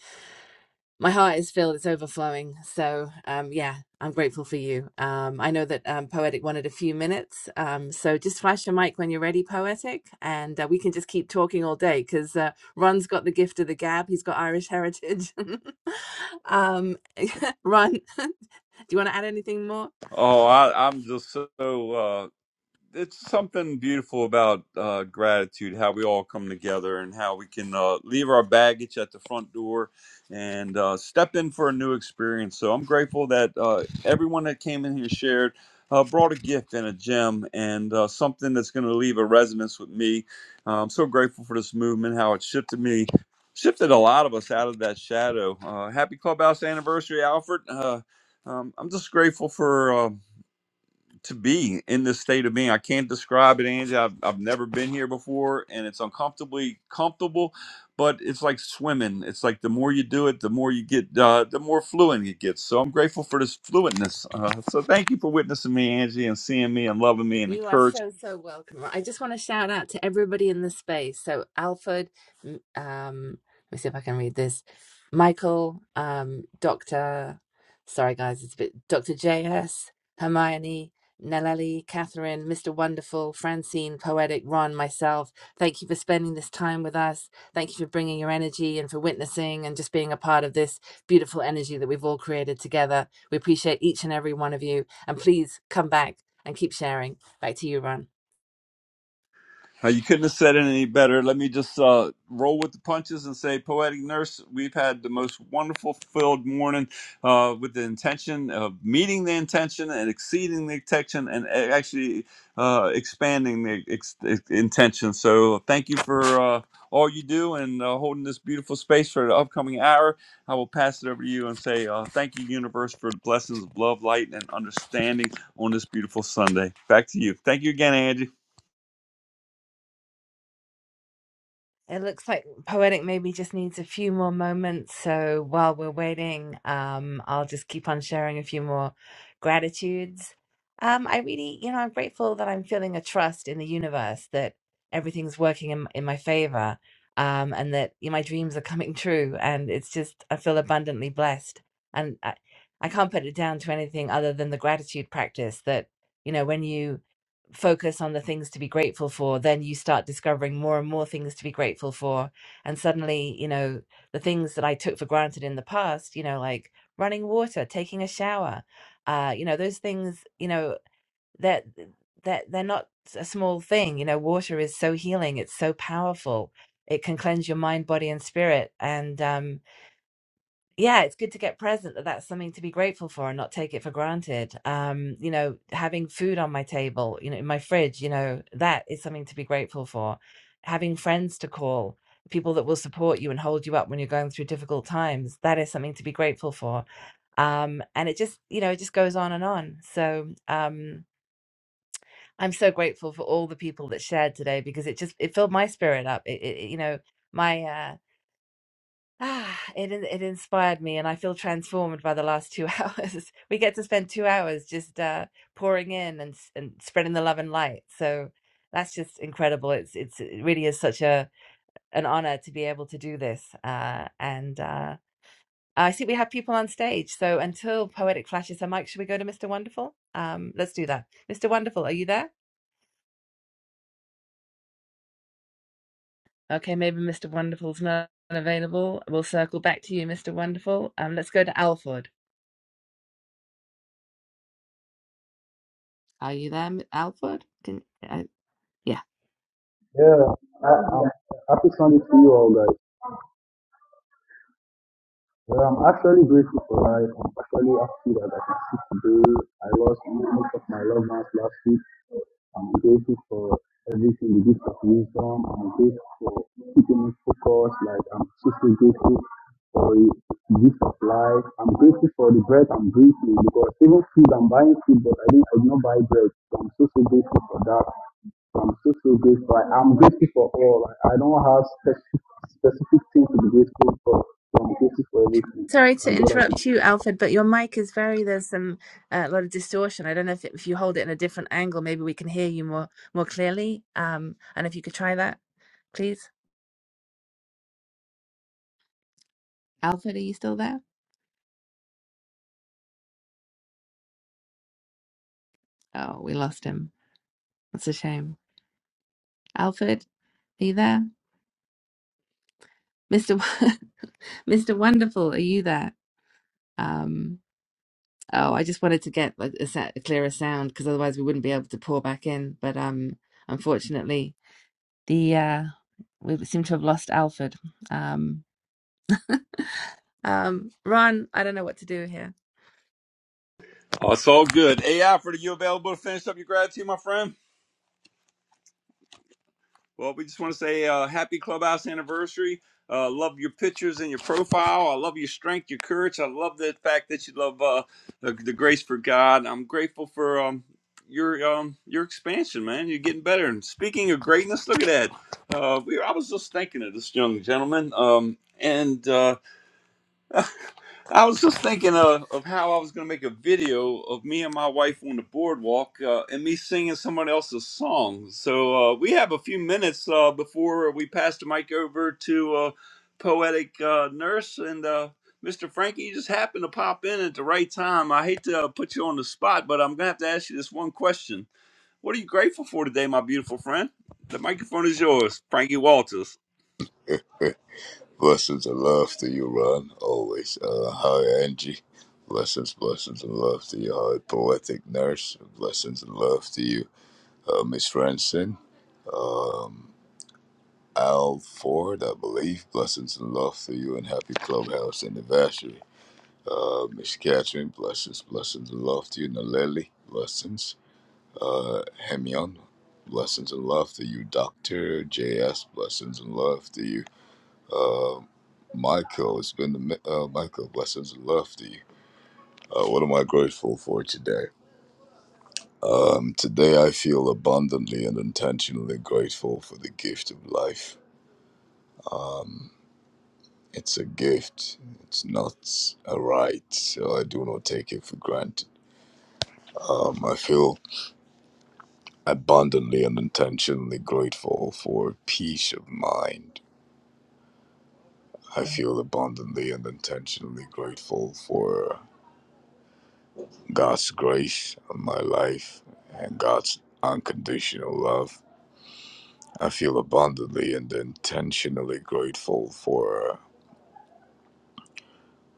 S5: my heart is filled it's overflowing so um yeah i'm grateful for you um i know that um poetic wanted a few minutes um so just flash your mic when you're ready poetic and uh, we can just keep talking all day because uh, ron's got the gift of the gab he's got irish heritage um ron do you want to add anything more
S8: oh, I, I'm just so. uh, it's something beautiful about uh, gratitude, how we all come together and how we can uh, leave our baggage at the front door and uh, step in for a new experience. So I'm grateful that uh, everyone that came in here shared uh, brought a gift and a gem and uh, something that's going to leave a resonance with me. Uh, I'm so grateful for this movement, how it shifted me. Shifted a lot of us out of that shadow. Uh, happy clubhouse anniversary, Alfred. Uh, um, I'm just grateful for uh, to be in this state of being. I can't describe it, Angie. I've, I've never been here before, and it's uncomfortably comfortable, but it's like swimming. It's like the more you do it, the more you get, uh, the more fluent it gets. So I'm grateful for this fluentness. Uh, so thank you for witnessing me, Angie, and seeing me and loving me and
S5: You are
S8: encouraging.
S5: so, so welcome. I just want to shout out to everybody in the space. So, Alfred, m- um, let me see if I can read this. Michael, um, Dr. Sorry, guys, it's a bit. Dr. J.S., Hermione, Nelleli, Catherine, Mr. Wonderful, Francine, Poetic, Ron, myself. Thank you for spending this time with us. Thank you for bringing your energy and for witnessing and just being a part of this beautiful energy that we've all created together. We appreciate each and every one of you. And please come back and keep sharing. Back to you, Ron.
S8: Uh, You couldn't have said it any better. Let me just uh, roll with the punches and say, Poetic Nurse, we've had the most wonderful filled morning uh, with the intention of meeting the intention and exceeding the intention and a- actually uh, expanding the ex- ex- intention. So, thank you for uh, all you do and uh, holding this beautiful space for the upcoming hour. I will pass it over to you and say, uh, Thank you, Universe, for the blessings of love, light, and understanding on this beautiful Sunday. Back to you. Thank you again, Angie.
S5: It looks like Poetic maybe just needs a few more moments. So while we're waiting, um, I'll just keep on sharing a few more gratitudes. Um, I really, you know, I'm grateful that I'm feeling a trust in the universe that everything's working in, in my favor, um, and that you know, my dreams are coming true. And it's just, I feel abundantly blessed. And I, I can't put it down to anything other than the gratitude practice that, you know, when you focus on the things to be grateful for, then you start discovering more and more things to be grateful for. And suddenly, you know, the things that I took for granted in the past, you know, like running water, taking a shower, uh, you know, those things, you know, that that they're not a small thing. You know, water is so healing, it's so powerful. It can cleanse your mind, body, and spirit. And um yeah, it's good to get present that that's something to be grateful for and not take it for granted. Um, you know, having food on my table, you know, in my fridge, you know, that is something to be grateful for. Having friends to call, people that will support you and hold you up when you're going through difficult times, that is something to be grateful for. Um, and it just, you know, it just goes on and on. So, um, I'm so grateful for all the people that shared today because it just it filled my spirit up. It, it it, you know, my uh Ah, it it inspired me, and I feel transformed by the last two hours. We get to spend two hours just uh, pouring in and s- and spreading the love and light. So that's just incredible. It's it's it really is such a an honor to be able to do this. Uh, and uh, I see we have people on stage. So until poetic flashes her mic, should we go to Mr. Wonderful? Um, let's do that. Mr. Wonderful, are you there? Okay, maybe Mr. Wonderful's not available. We'll circle back to you, Mr. Wonderful. Um, let's go to Alfred. Are you there, M- Alfred? Can uh, yeah.
S16: Yeah. I, I'm happy Sunday to you all guys. Well, I'm actually grateful for life. I'm actually happy that I can see today. I lost most of my loved ones last week. I'm grateful for everything, the gift of wisdom. I'm grateful for keeping me focused. Like, I'm super grateful for the gift of life. I'm grateful for the bread I'm breathing because even food, I'm buying food, but I didn't, I did not buy bread. So I'm so, so grateful for that. So I'm so so grateful. I, I'm grateful for all. I, I don't have specific specific thing to be grateful for. I'm grateful for everything,
S5: Sorry to
S16: and God has been
S5: interrupt you, Alfred, but your mic is very, there's some, a lot of distortion. I don't know if, if you hold it in a different angle, maybe we can hear you more, more clearly. Um, and if you could try that, please. Alfred, are you still there? Oh, we lost him. That's a shame. Alfred, are you there? Mr. Wo- Mr. Wonderful, are you there? Um, oh, I just wanted to get like, a, sa- a clearer sound because otherwise we wouldn't be able to pour back in. But um, unfortunately, The uh, we seem to have lost Alfred. Um, um, Ron, I don't know what to do here.
S8: Oh, it's all good. Hey, Alfred, are you available to finish up your gratitude, my friend? Well, we just want to say uh, happy clubhouse anniversary. Uh, love your pictures and your profile. I love your strength, your courage. I love the fact that you love uh, the, the grace for God. I'm grateful for um, your um, your expansion, man. You're getting better. And speaking of greatness, look at that. Uh, we, I was just thinking of this young gentleman, um, and Uh, I was just thinking uh, of how I was going to make a video of me and my wife on the boardwalk uh, and me singing someone else's song. So uh, we have a few minutes uh, before we pass the mic over to uh, Poetic uh, Nurse. And uh, Mr. Frankie, you just happened to pop in at the right time. I hate to uh, put you on the spot, but I'm going to have to ask you this one question. What are you grateful for today, my beautiful friend? The microphone is yours, Frankie Walters.
S17: Blessings and love to you, Ron. Always. Uh, hi, Angie. Blessings, blessings and love to you, hi, poetic nurse. Blessings and love to you, uh, Miss Franson. Um, Al Ford, I believe. Blessings and love to you, and happy clubhouse anniversary. Uh, Miss Catherine, blessings, blessings and love to you, Naleli. Blessings. Uh, Hemion, blessings and love to you, Doctor JS. Blessings and love to you. Uh, Michael, it's been a mi- uh, Michael. Blessings and love to you. Uh, what am I grateful for today? Um, today I feel abundantly and intentionally grateful for the gift of life. It's a gift. It's not a right, so I do not take it for granted. Um, I feel abundantly and intentionally grateful for peace of mind. I feel abundantly and intentionally grateful for God's grace on my life and God's unconditional love. I feel abundantly and intentionally grateful for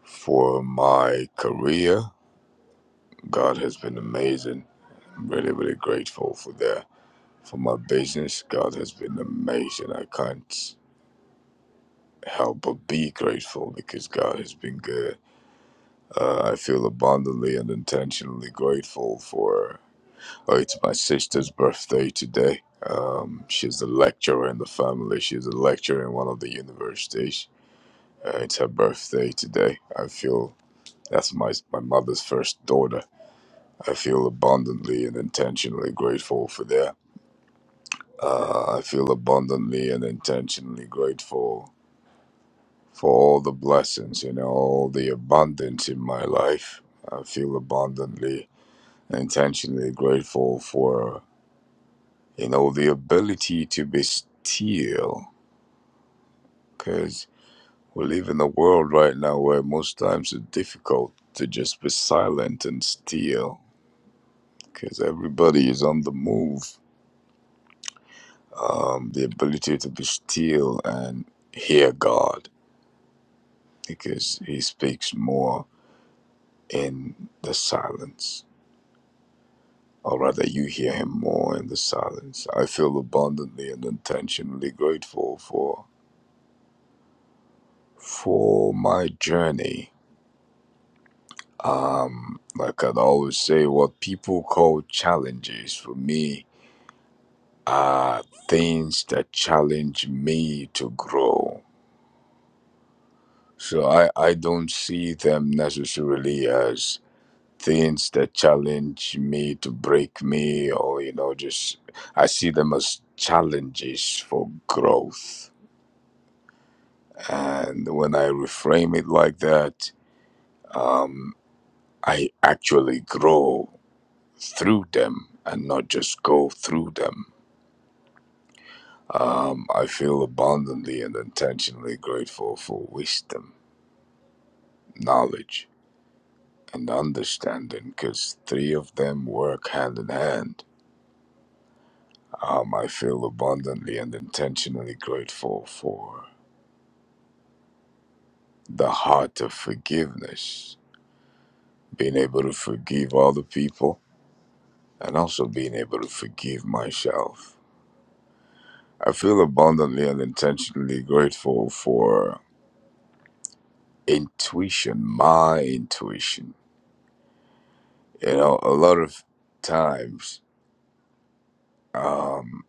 S17: for my career. God has been amazing. I'm really, really grateful for that. For my business, God has been amazing. I can't help but be grateful because God has been good. Uh, I feel abundantly and intentionally grateful for Oh, it's my sister's birthday today. Um, she's a lecturer in the family. She's a lecturer in one of the universities. Uh, it's her birthday today. I feel that's my my mother's first daughter. I feel abundantly and intentionally grateful for that. Uh, I feel abundantly and intentionally grateful for all the blessings, you know, all the abundance in my life. I feel abundantly and intentionally grateful for you know, the ability to be still, because we live in a world right now where most times it's difficult to just be silent and still, because everybody is on the move. Um, the ability to be still and hear God, because He speaks more in the silence, or rather, you hear Him more in the silence. I feel abundantly and intentionally grateful for for my journey Um, like I'd always say, what people call challenges for me are things that challenge me to grow. So I, I don't see them necessarily as things that challenge me to break me or, you know, just I see them as challenges for growth. And when I reframe it like that, um, I actually grow through them and not just go through them. Um, I feel abundantly and intentionally grateful for wisdom, knowledge, and understanding because three of them work hand in hand. Um, I feel abundantly and intentionally grateful for the heart of forgiveness, being able to forgive other people, and also being able to forgive myself. I feel abundantly and intentionally grateful for intuition, my intuition You know, a lot of times um,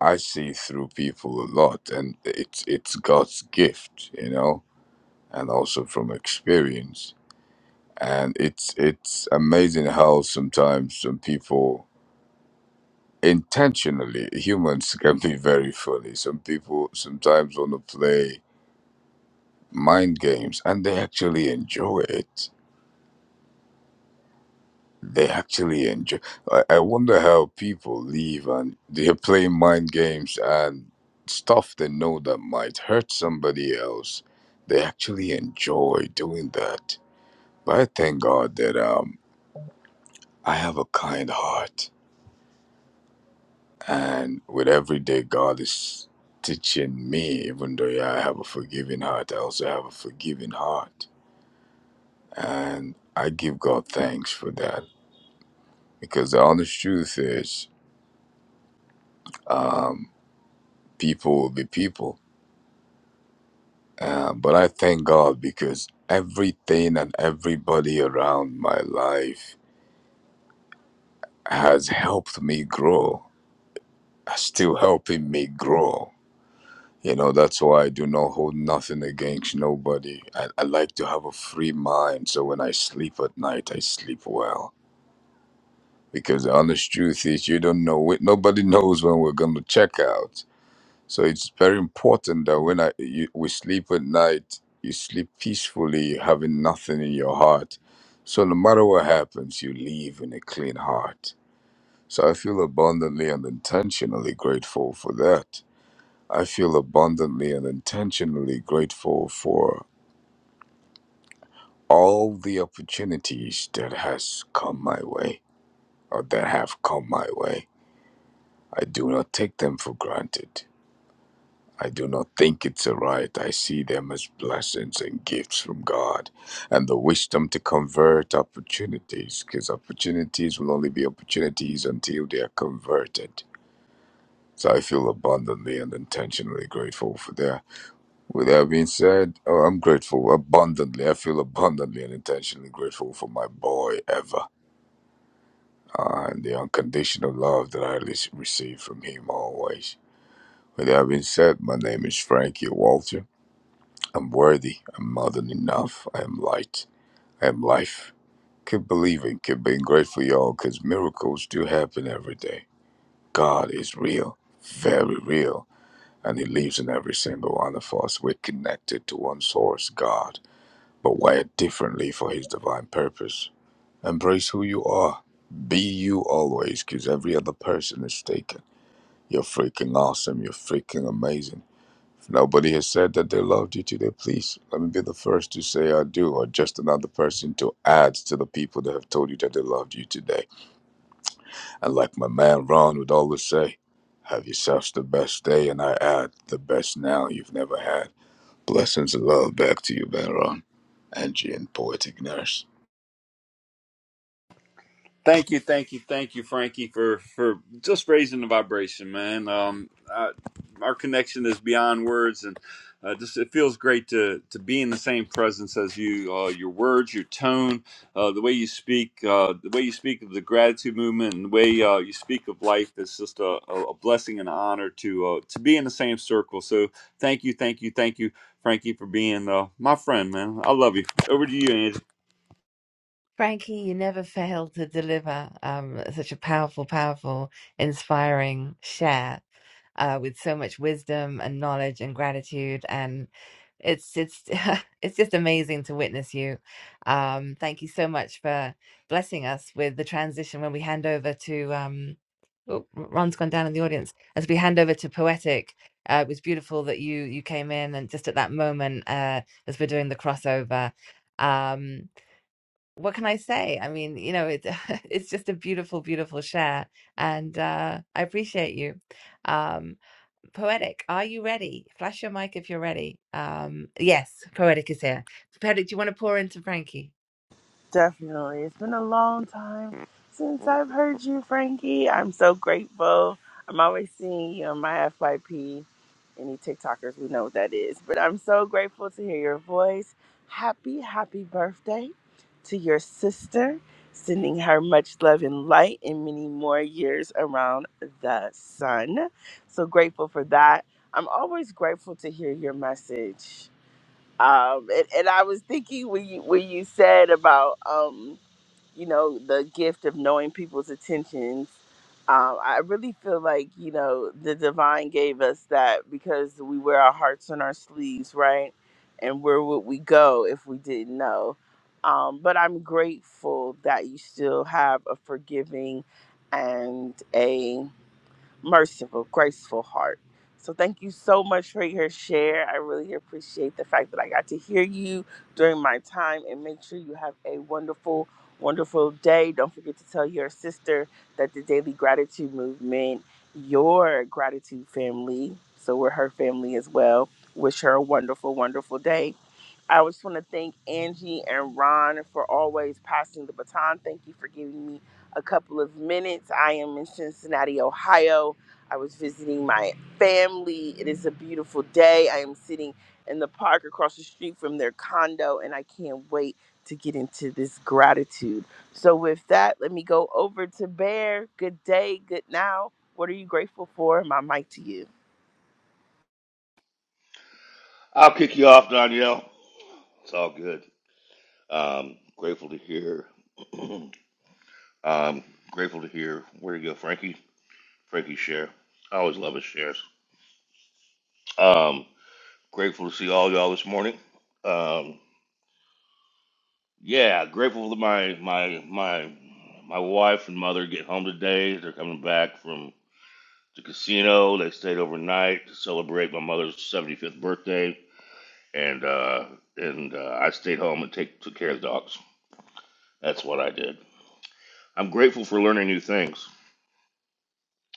S17: I see through people a lot, and it's it's God's gift, you know, and also from experience. And it's it's amazing how sometimes some people intentionally humans can be very funny. Some people sometimes want to play mind games, and they actually enjoy it they actually enjoy. I, I wonder how people leave and they're playing mind games and stuff they know that might hurt somebody else. They actually enjoy doing that. But I thank God that um, I have a kind heart, and with every day, God is teaching me. Even though yeah, I have a forgiving heart, I also have a forgiving heart, and I give God thanks for that because the honest truth is. Um, people will be people. Uh, but I thank God because everything and everybody around my life has helped me grow, are still helping me grow. You know, that's why I do not hold nothing against nobody. I, I like to have a free mind. So when I sleep at night, I sleep well. Because the honest truth is, you don't know, it. nobody knows when we're going to check out. So it's very important that when I, you, we sleep at night, you sleep peacefully, having nothing in your heart. So no matter what happens, you leave in a clean heart. So I feel abundantly and intentionally grateful for that. I feel abundantly and intentionally grateful for all the opportunities that has come my way or that have come my way. I do not take them for granted. I do not think it's a right. I see them as blessings and gifts from God and the wisdom to convert opportunities because opportunities will only be opportunities until they are converted. So I feel abundantly and intentionally grateful for that. With that being said, oh, I'm grateful abundantly. I feel abundantly and intentionally grateful for my boy Ever uh, and the unconditional love that I receive from him always. With that being said, my name is Frankie Walter. I'm worthy. I'm more than enough. I am light. I am life. Keep believing. Keep being grateful, y'all, because miracles do happen every day. God is real, very real, and He lives in every single one of us. We're connected to one source, God, but wired differently for His divine purpose. Embrace who you are. Be you always, because every other person is taken. You're freaking awesome. You're freaking amazing. Nobody has said that they loved you today. Please let me be the first to say I do, or just another person to add to the people that have told you that they loved you today. And like my man Ron would always say, have yourselves the best day, and I add the best now you've never had. Blessings and love back to you, man Ron, Angie, and Poetic Nurse.
S8: Thank you, thank you, thank you, Frankie, for for just raising the vibration, man. Um, I, our connection is beyond words, and uh, just it feels great to to be in the same presence as you. Uh, your words, your tone, uh, the way you speak, uh, the way you speak of the gratitude movement, and the way uh, you speak of life is just a, a a blessing and an honor to uh, to be in the same circle. So, thank you, thank you, thank you, Frankie, for being uh, my friend, man. I love you. Over to you, Angie.
S5: Frankie, you never fail to deliver um, such a powerful, powerful, inspiring share uh, with so much wisdom and knowledge and gratitude, and it's it's it's just amazing to witness you. Um, thank you so much for blessing us with the transition when we hand over to. Um, oh, R- Ron's gone down in the audience. As we hand over to poetic, uh, it was beautiful that you you came in and just at that moment uh, as we're doing the crossover. Um, what can I say? I mean, you know, it, it's just a beautiful, beautiful share, and uh, I appreciate you. Um, Poetic, are you ready? Flash your mic if you're ready. Um, yes, Poetic is here. Poetic, do you want to pour into Frankie?
S18: Definitely. It's been a long time since I've heard you, Frankie. I'm so grateful. I'm always seeing you on my FYP. Any TikTokers, we know what that is. But I'm so grateful to hear your voice. Happy, happy birthday to your sister. Sending her much love and light and many more years around the sun. So grateful for that. I'm always grateful to hear your message. Um, and, and I was thinking when you, when you said about. Um, you know, the gift of knowing people's intentions. Um, I really feel like, you know, the divine gave us that because we wear our hearts on our sleeves, right? And where would we go if we didn't know? Um, but I'm grateful that you still have a forgiving and a merciful, graceful heart. So thank you so much for your share. I really appreciate the fact that I got to hear you during my time and make sure you have a wonderful, wonderful day. Don't forget to tell your sister that the Daily Gratitude Movement, your gratitude family, so we're her family as well. Wish her a wonderful, wonderful day I just want to thank Angie and Ron for always passing the baton. Thank you for giving me a couple of minutes. I am in Cincinnati, Ohio. I was visiting my family. It is a beautiful day. I am sitting in the park across the street from their condo, and I can't wait to get into this gratitude. So, with that, let me go over to Bear. Good day, good now. What are you grateful for? My mic to you.
S19: I'll kick you off, Danielle. It's all good. Um, grateful to hear. um, grateful to hear. Where you go, Frankie? Frankie share. I always love his shares. Um, grateful to see all y'all this morning. Um, yeah, grateful that my my my my wife and mother get home today. They're coming back from the casino. They stayed overnight to celebrate my mother's 75th birthday, and uh, and uh, I stayed home and take took care of the dogs. That's what I did. I'm grateful for learning new things.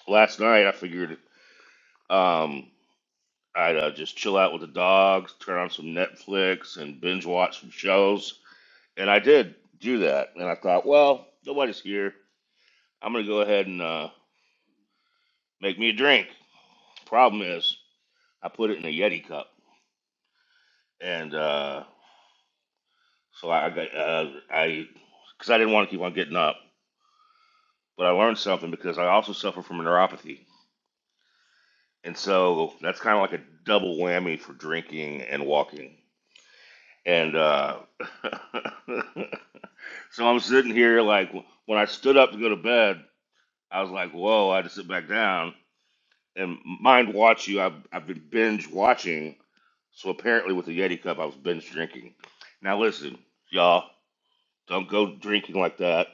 S19: Last night, I figured um, I'd uh, just chill out with the dogs, turn on some Netflix, and binge watch some shows. And I did do that. And I thought, well, nobody's here. I'm going to go ahead and uh, make me a drink. Problem is, I put it in a Yeti cup. And uh, so I got, uh, I, because I didn't want to keep on getting up, but I learned something because I also suffer from neuropathy. And so that's kind of like a double whammy for drinking and walking. And uh, so I'm sitting here like when I stood up to go to bed, I was like, "Whoa!" I had to sit back down and mind watch you. I've I've been binge watching, so apparently with the Yeti cup, I was binge drinking. Now listen, y'all, don't go drinking like that.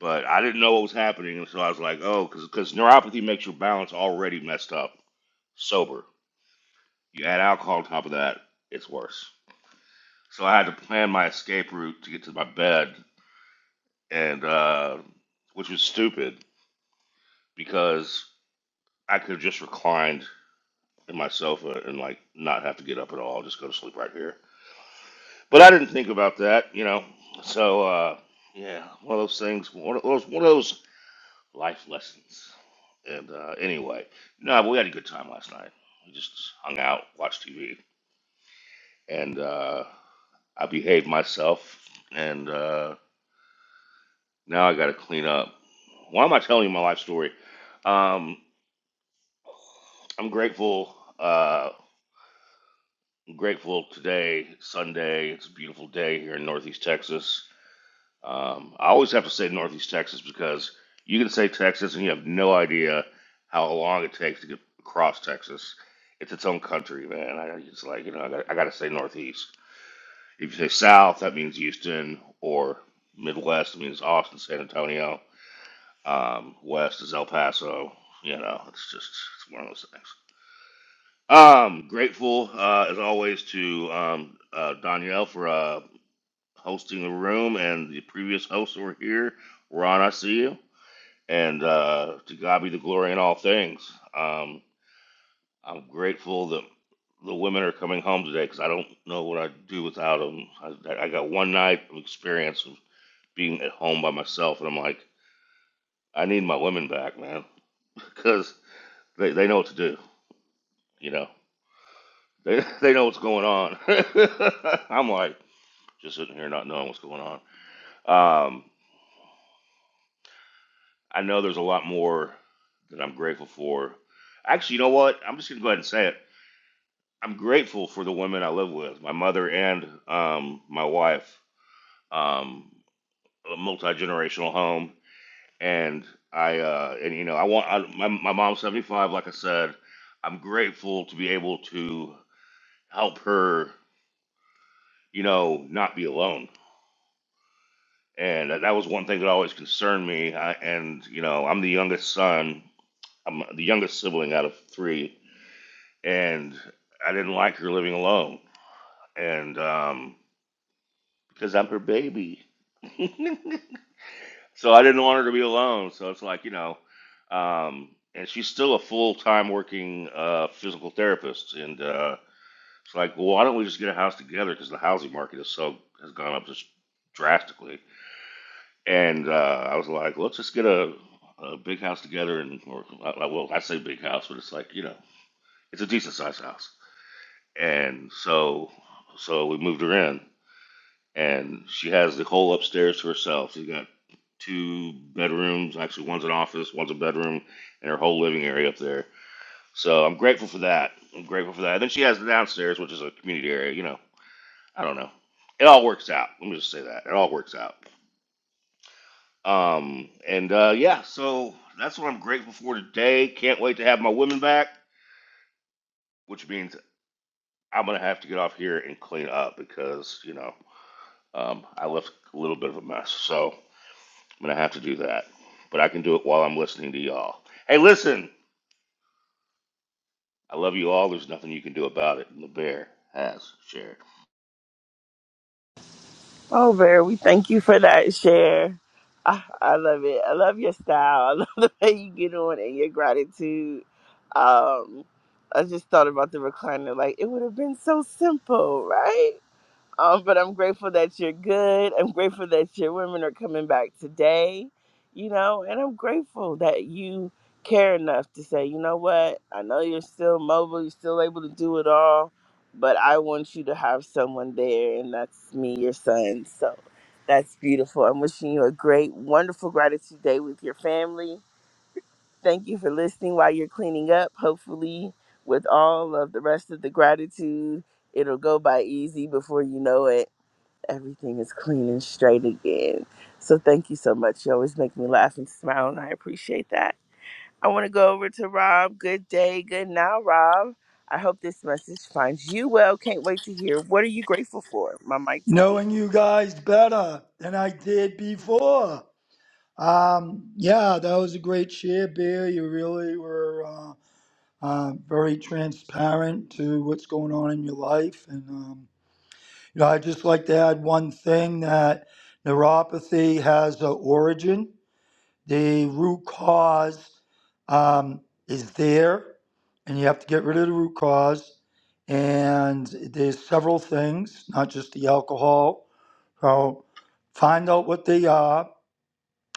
S19: But I didn't know what was happening, and so I was like, "Oh," because neuropathy makes your balance already messed up. Sober, you add alcohol on top of that, it's worse. So I had to plan my escape route to get to my bed and uh, which was stupid because I could have just reclined in my sofa and like not have to get up at all, just go to sleep right here. But I didn't think about that, you know. So uh, yeah, one of those things, one of those, one of those life lessons. And uh, anyway, no, but we had a good time last night. We just hung out, watched TV, and uh, I behaved myself. And uh, now I got to clean up. Why am I telling you my life story? Um, I'm grateful. Uh, I'm grateful today, Sunday. It's a beautiful day here in Northeast Texas. Um, I always have to say Northeast Texas because you can say Texas and you have no idea how long it takes to get across Texas. It's its own country, man. I, it's like you know, I got, I got to say Northeast. If you say South, that means Houston, or Midwest, it means Austin, San Antonio. Um, West is El Paso. You know, it's just it's one of those things. Um, grateful uh, as always to um, uh, Danielle for uh, hosting the room, and the previous hosts that were here. Ron, I see you, and uh, to God be the glory in all things. Um, I'm grateful that the women are coming home today because I don't know what I'd do without them. I, I got one night of experience of being at home by myself, and I'm like, I need my women back, man, because they, they know what to do. You know, they they know what's going on. I'm like. just sitting here not knowing what's going on. Um, I know there's a lot more that I'm grateful for. Actually, you know what? I'm just gonna go ahead and say it. I'm grateful for the women I live with, my mother and um, my wife. Um, a multi generational home, and I uh, and you know I want I, my my mom's 75. Like I said, I'm grateful to be able to help her. You know, not be alone. And that that was one thing that always concerned me. I, and you know, I'm the youngest son, I'm the youngest sibling out of three, and I didn't like her living alone, and um, because I'm her baby, so I didn't want her to be alone. So it's like you know, um, and she's still a full time working uh, physical therapist, and uh, it's like, well, why don't we just get a house together? Because the housing market is so has gone up just drastically, and uh, I was like, let's just get a a big house together, and or well, I say big house, but it's like you know, it's a decent sized house and so so we moved her in, and she has the whole upstairs to herself. She's got two bedrooms, actually one's an office, one's a bedroom, and her whole living area up there. So I'm grateful for that. I'm grateful for that. And then she has the downstairs, which is a community area. You know, I don't know. It all works out. Let me just say that it all works out. Um, and uh, yeah, so that's what I'm grateful for today. Can't wait to have my women back, which means I'm gonna have to get off here and clean up because you know. Um, I left a little bit of a mess, so I'm gonna have to do that. But I can do it while I'm listening to y'all. Hey, listen, I love you all. There's nothing you can do about it, and the bear has shared.
S18: Oh, Vera, we thank you for that share. I, I love it. I love your style. I love the way you get on and your gratitude. Um, I just thought about the recliner. Like, it would have been so simple, right? Um, but I'm grateful that you're good. I'm grateful that your women are coming back today, you know, and I'm grateful that you care enough to say, you know what, I know you're still mobile, you're still able to do it all, but I want you to have someone there, and that's me, your son. So that's beautiful. I'm wishing you a great, wonderful gratitude day with your family. Thank you for listening while you're cleaning up. Hopefully, with all of the rest of the gratitude, it'll go by easy before you know it everything is clean and straight again. So thank you so much. You always make me laugh and smile, and I appreciate that. I want to go over to Rob. Good day, good now, Rob. I hope this message finds you well. Can't wait to hear. What are you grateful for? My mic to you.
S20: knowing you guys better than I did before. Um, yeah, that was a great share, Bear. You really were uh, uh, very transparent to what's going on in your life, and um, you know, I just like to add one thing that neuropathy has an origin. The root cause um, is there, and you have to get rid of the root cause. And there's several things, not just the alcohol, so find out what they are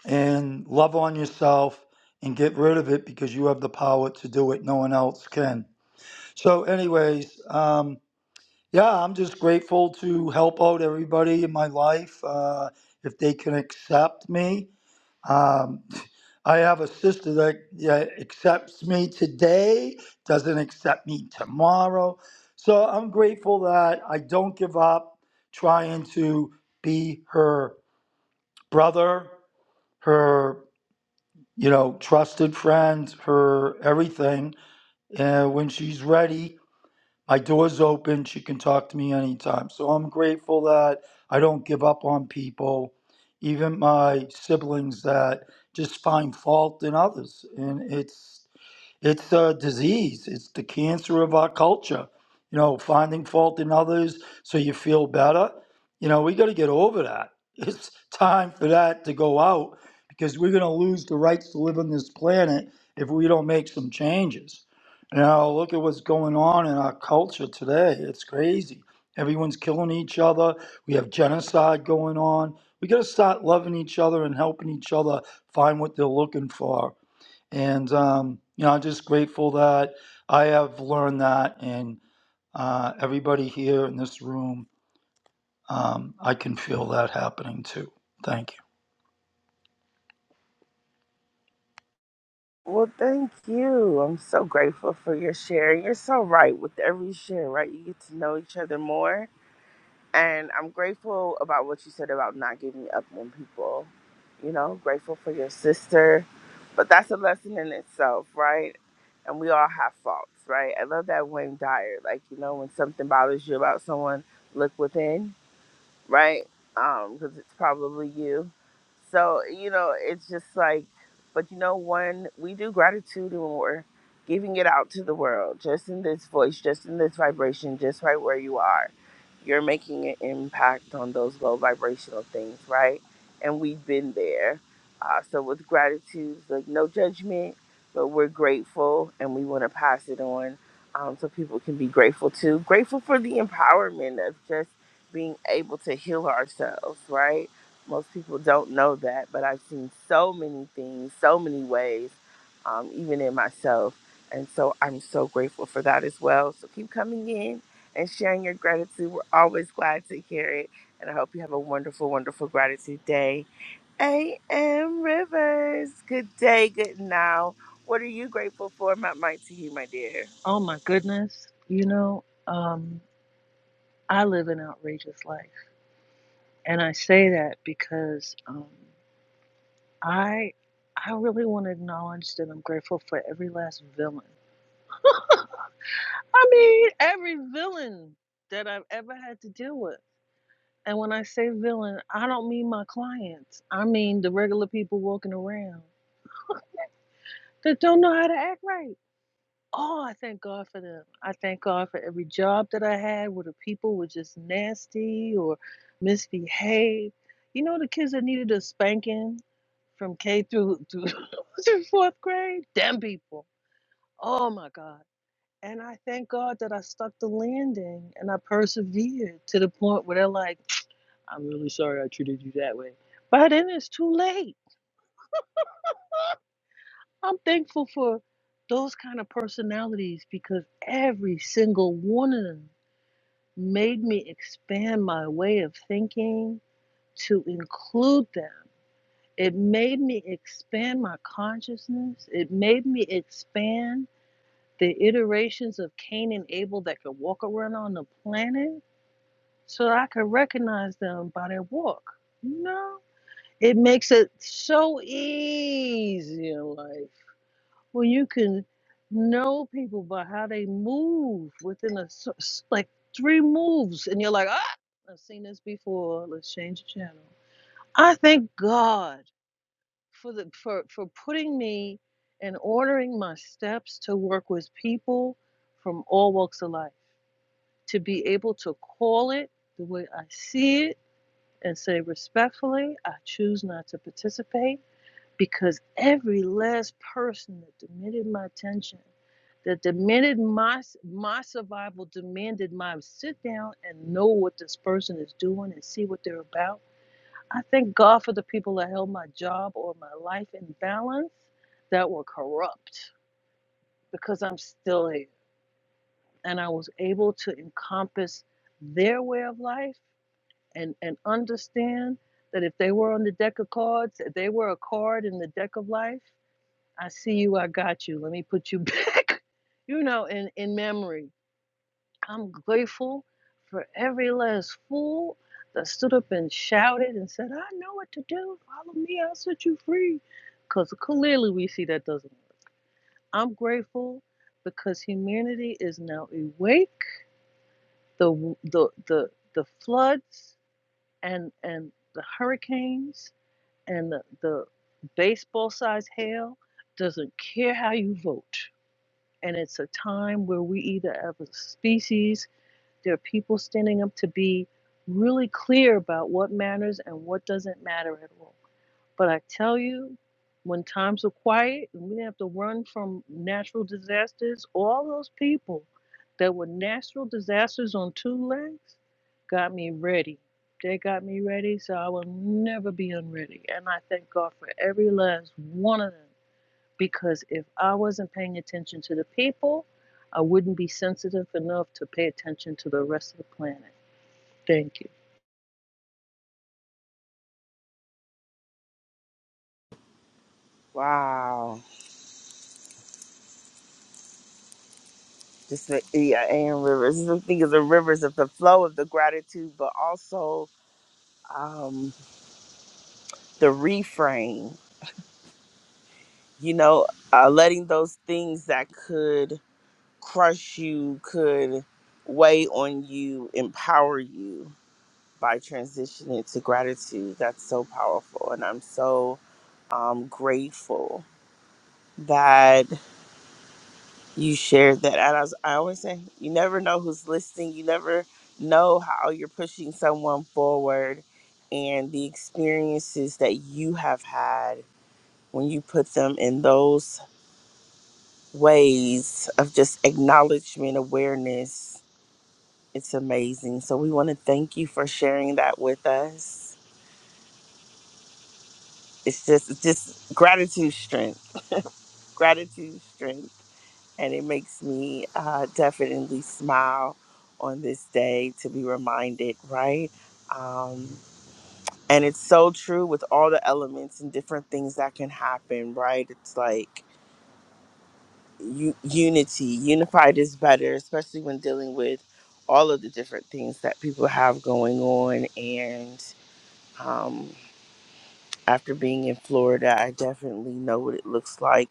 S20: and love on yourself and get rid of it because you have the power to do it. No one else can. So, anyways, um, yeah, I'm just grateful to help out everybody in my life uh, if they can accept me. Um, I have a sister that yeah, accepts me today, doesn't accept me tomorrow. So I'm grateful that I don't give up trying to be her brother, her, you know, trusted friend, her everything. And when she's ready, my door's open. She can talk to me anytime. So I'm grateful that I don't give up on people, even my siblings that just find fault in others. And it's it's a disease. It's the cancer of our culture. You know, finding fault in others so you feel better. You know, we got to get over that. It's time for that to go out because we're going to lose the rights to live on this planet if we don't make some changes. You know, look at what's going on in our culture today. It's crazy. Everyone's killing each other. We have genocide going on. We got to start loving each other and helping each other find what they're looking for and, um, you know, I'm just grateful that I have learned that, and uh, everybody here in this room, um, I can feel that happening too. Thank you.
S18: Well, thank you. I'm so grateful for your share. You're so right with every share, right? You get to know each other more And I'm grateful about what you said about not giving up on people. You know, grateful for your sister. But that's a lesson in itself, right? And we all have faults, right? I love that Wayne Dyer. Like, you know, when something bothers you about someone, look within right? Um, because it's probably you. So you know, it's just like, but you know, when we do gratitude and we're giving it out to the world, just in this voice, just in this vibration, just right where you are, you're making an impact on those low vibrational things, right? And we've been there. Uh, so with gratitude, like no judgment, but we're grateful and we want to pass it on. Um, so people can be grateful too. Grateful for the empowerment of just being able to heal ourselves, right? Most people don't know that, but I've seen so many things, so many ways, um, even in myself. And so I'm so grateful for that as well. So keep coming in and sharing your gratitude. We're always glad to hear it. And I hope you have a wonderful, wonderful gratitude day. A.M. Rivers, good day, good now. What are you grateful for? My mic to you, my dear.
S21: Oh my goodness. You know, um, I live an outrageous life. And I say that because um, I I really want to acknowledge that I'm grateful for every last villain. I mean, every villain that I've ever had to deal with. And when I say villain, I don't mean my clients. I mean the regular people walking around that don't know how to act right. Oh, I thank God for them. I thank God for every job that I had where the people were just nasty or misbehaved. You know, the kids that needed a spanking from K through through, through fourth grade, them people. Oh my God. And I thank God that I stuck the landing and I persevered to the point where they're like, I'm really sorry I treated you that way. By then it's too late. I'm thankful for those kind of personalities because every single one of them made me expand my way of thinking to include them. It made me expand my consciousness. It made me expand the iterations of Cain and Abel that could walk around on the planet so I could recognize them by their walk. You know? It makes it so easy in life when you can know people by how they move within a s- s- like three moves, and you're like, ah, I've seen this before. Let's change the channel. I thank God for the for for putting me and ordering my steps to work with people from all walks of life, to be able to call it the way I see it and say respectfully, I choose not to participate because every last person that demanded my attention, that demanded my my survival, demanded my sit down and know what this person is doing and see what they're about. I thank God for the people that held my job or my life in balance that were corrupt because I'm still here and I was able to encompass their way of life and and understand that if they were on the deck of cards, if they were a card in the deck of life I see you, I got you. Let me put you back, you know, in, in memory. I'm grateful for every last fool that stood up and shouted and said, I know what to do. Follow me, I'll set you free. Because clearly we see that doesn't work. I'm grateful because humanity is now awake. The, the, the, the floods and, and the hurricanes and the, the baseball sized hail doesn't care how you vote and it's a time where we either as a species there are people standing up to be really clear about what matters and what doesn't matter at all but i tell you when times were quiet and we didn't have to run from natural disasters all those people that were natural disasters on two legs got me ready they got me ready so i will never be unready and i thank god for every last one of them because if I wasn't paying attention to the people, I wouldn't be sensitive enough to pay attention to the rest of the planet. Thank you.
S18: Wow. just the, yeah, and rivers. Just think of the rivers of the flow of the gratitude, but also um, the reframe. You know, uh, letting those things that could crush you, could weigh on you, empower you by transitioning to gratitude. That's so powerful, and I'm so um, grateful that. you shared that. And I, was, I always say, you never know who's listening. You never know how you're pushing someone forward and the experiences that you have had when you put them in those ways of just acknowledgement, awareness. It's amazing. So we want to thank you for sharing that with us. It's just, it's just gratitude, strength, gratitude, strength. and it makes me uh, definitely smile on this day to be reminded, right? Um, and it's so true with all the elements and different things that can happen, right? It's like u- unity, unified is better, especially when dealing with all of the different things that people have going on and. um, after being in Florida, I definitely know what it looks like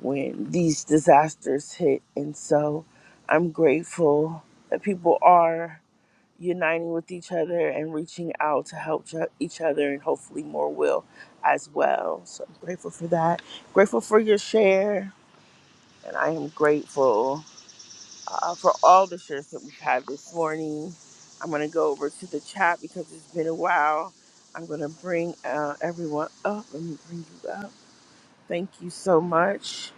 S18: when these disasters hit. And so I'm grateful that people are uniting with each other and reaching out to help ch- each other, and hopefully more will as well. So I'm grateful for that. Grateful for your share, and I am grateful uh, for all the shares that we've had this morning. I'm going to go over to the chat because it's been a while. I'm going to bring uh, everyone up Let me bring you up. Thank you so much.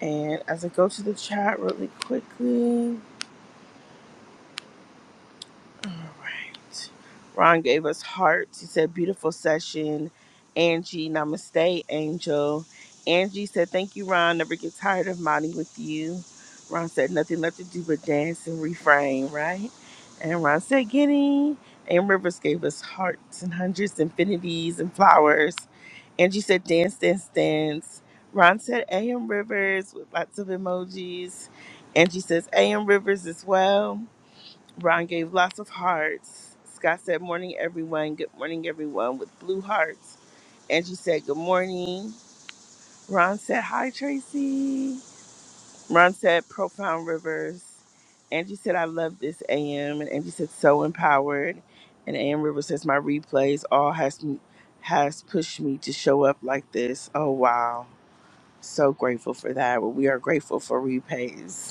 S18: And as I go to the chat really quickly, all right. Ron gave us hearts. He said, beautiful session. Angie, namaste, angel. Angie said, thank you, Ron. Never get tired of modding with you. Ron said, nothing left to do but dance and refrain, right? And Ron said, giddy. And Rivers gave us hearts and hundreds, infinities, and flowers. Angie said, dance, dance, dance. Ron said, AM Rivers with lots of emojis. Angie says, AM Rivers as well. Ron gave lots of hearts. Scott said, Morning, everyone. Good morning, everyone, with blue hearts. Angie said, Good morning. Ron said, Hi, Tracy. Ron said, Profound Rivers. Angie said, I love this AM. And Angie said, So empowered. And AM Rivers says, My replays all has, m- has pushed me to show up like this. Oh, wow. So grateful for that. Well, we are grateful for replays.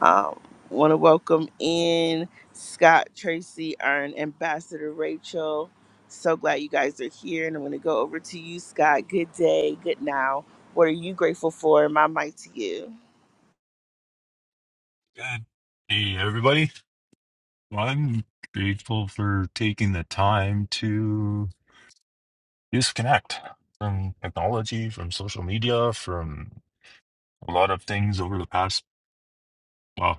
S18: Um, Want to welcome in Scott, Tracy, our ambassador Rachel. So glad you guys are here, and I'm going to go over to you, Scott. Good day, good now. What are you grateful for? My mic to you.
S22: Good day, everybody. Well, I'm grateful for taking the time to disconnect from technology, from social media, from a lot of things over the past. Well,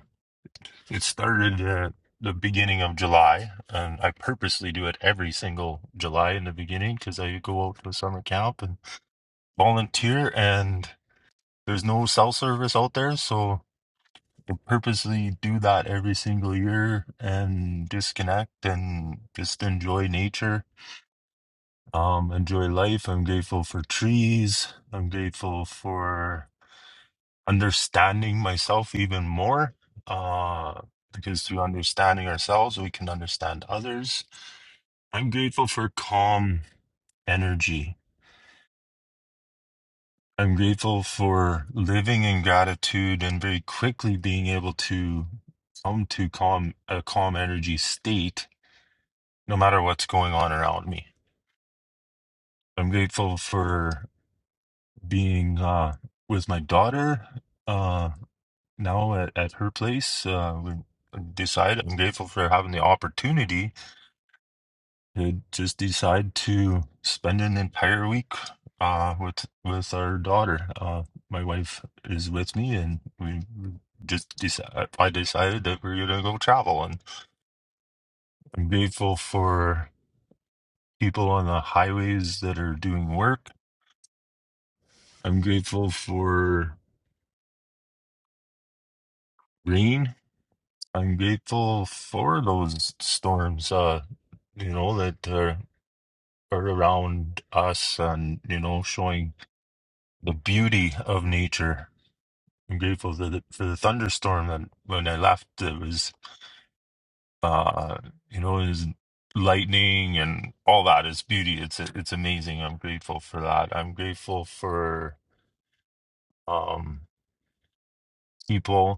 S22: it started at the beginning of July, and I purposely do it every single July in the beginning because I go out to a summer camp and volunteer, and there's no cell service out there, so. to purposely do that every single year and disconnect and just enjoy nature um enjoy life i'm grateful for trees i'm grateful for understanding myself even more uh because through understanding ourselves we can understand others i'm grateful for calm energy i'm grateful for living in gratitude and very quickly being able to come to calm a calm energy state no matter what's going on around me. I'm grateful for being uh, with my daughter uh, now at, at her place. Uh, we decide I'm grateful for having the opportunity to just decide to spend an entire week uh, with with our daughter. Uh, my wife is with me, and we just decide. I decided that we're gonna go travel, and I'm grateful for people on the highways that are doing work I'm grateful for rain. I'm grateful for those storms, uh, you know, that are, are around us and, you know, showing the beauty of nature. I'm grateful for the, for the thunderstorm that when I left, it was, uh, you know, it was lightning and all that is beauty. It's, it's amazing. I'm grateful for that. I'm grateful for, um, people.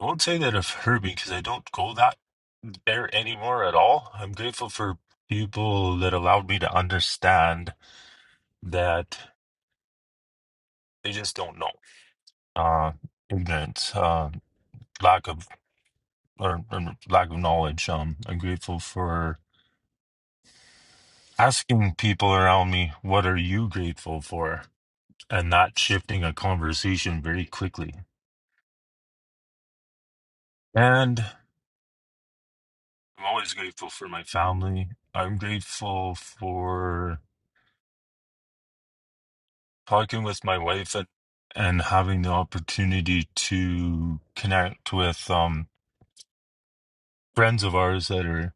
S22: I won't say that I've hurt me because I don't go that there anymore at all. I'm grateful for people that allowed me to understand that they just don't know. Uh, ignorance, uh, lack of or, or lack of knowledge. Um, I'm grateful for asking people around me, "What are you grateful for?" and not shifting a conversation very quickly. And I'm always grateful for my family. I'm grateful for talking with my wife and and having the opportunity to connect with um friends of ours that are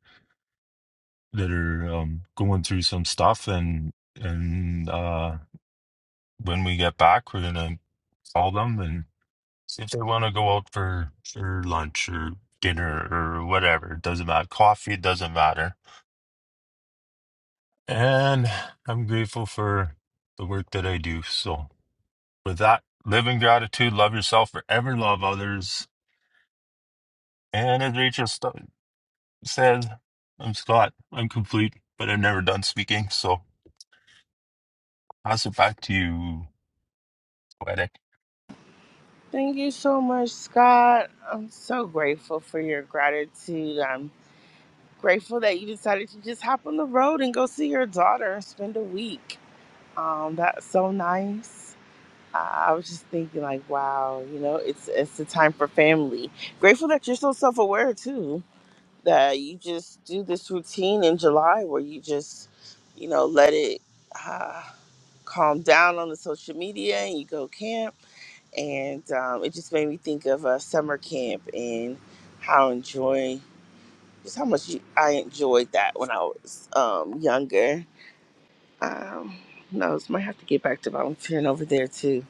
S22: that are um going through some stuff and and uh when we get back we're gonna call them and see if they want to go out for for lunch or dinner or whatever it doesn't matter coffee it doesn't matter and i'm grateful for the work that i do so with that live in gratitude love yourself forever love others And as Rachel st- said, I'm Scott. I'm complete, but I've never done speaking. So pass it back to you, Poetic.
S18: Thank you so much, Scott. I'm so grateful for your gratitude. I'm grateful that you decided to just hop on the road and go see your daughter and spend a week. Um, that's so nice. I I was just thinking, like, wow, you know, it's it's the time for family. Grateful that you're so self aware too, that you just do this routine in July where you just, you know, let it uh, calm down on the social media and you go camp, and um, it just made me think of a summer camp and how enjoy just how much you, I enjoyed that when I was um, younger. Um, who Might have to get back to volunteering over there too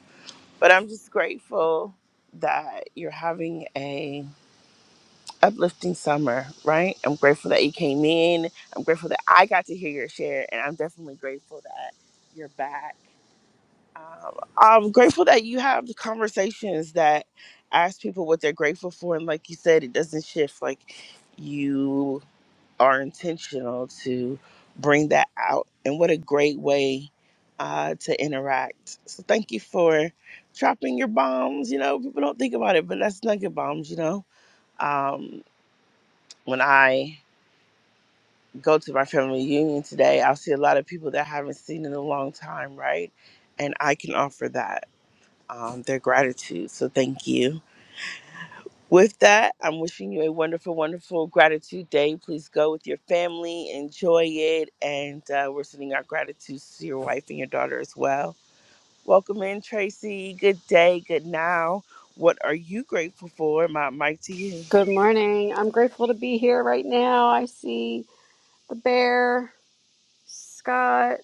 S18: but I'm just grateful that you're having a uplifting summer, right? I'm grateful that you came in. I'm grateful that I got to hear your share, and I'm definitely grateful that you're back. Um, I'm grateful that you have the conversations that ask people what they're grateful for, and like you said, it doesn't shift. Like you are intentional to bring that out. And what a great way uh, to interact. So thank you for dropping your bombs. You know, people don't think about it, but that's nugget bombs, you know. Um, when I go to my family reunion today, I'll see a lot of people that I haven't seen in a long time, right? And I can offer that, um, their gratitude. So thank you. With that, I'm wishing you a wonderful, wonderful gratitude day. Please go with your family, enjoy it, and uh, we're sending our gratitude to your wife and your daughter as well. Welcome in, Tracy. Good day, good now. What are you grateful for? My mic to you.
S23: Good morning. I'm grateful to be here right now. I see the bear, Scott,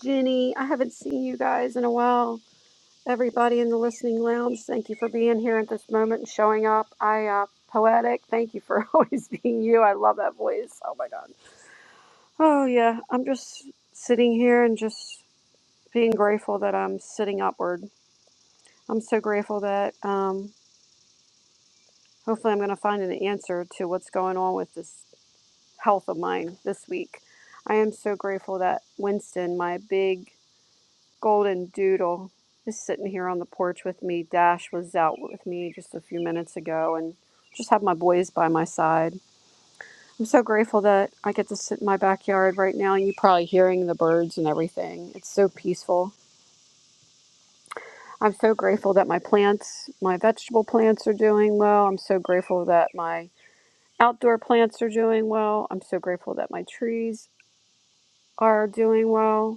S23: Ginny. I haven't seen you guys in a while. Everybody in the listening lounge, thank you for being here at this moment and showing up. I, uh, poetic, thank you for always being you. I love that voice. Oh my God. Oh, yeah. I'm just sitting here and just being grateful that I'm sitting upward. I'm so grateful that, um, hopefully, I'm going to find an answer to what's going on with this health of mine this week. I am so grateful that Winston, my big golden doodle, is sitting here on the porch with me. Dash was out with me just a few minutes ago and just have my boys by my side. I'm so grateful that I get to sit in my backyard right now and you're probably hearing the birds and everything. It's so peaceful. I'm so grateful that my plants, my vegetable plants are doing well. I'm so grateful that my outdoor plants are doing well. I'm so grateful that my trees are doing well.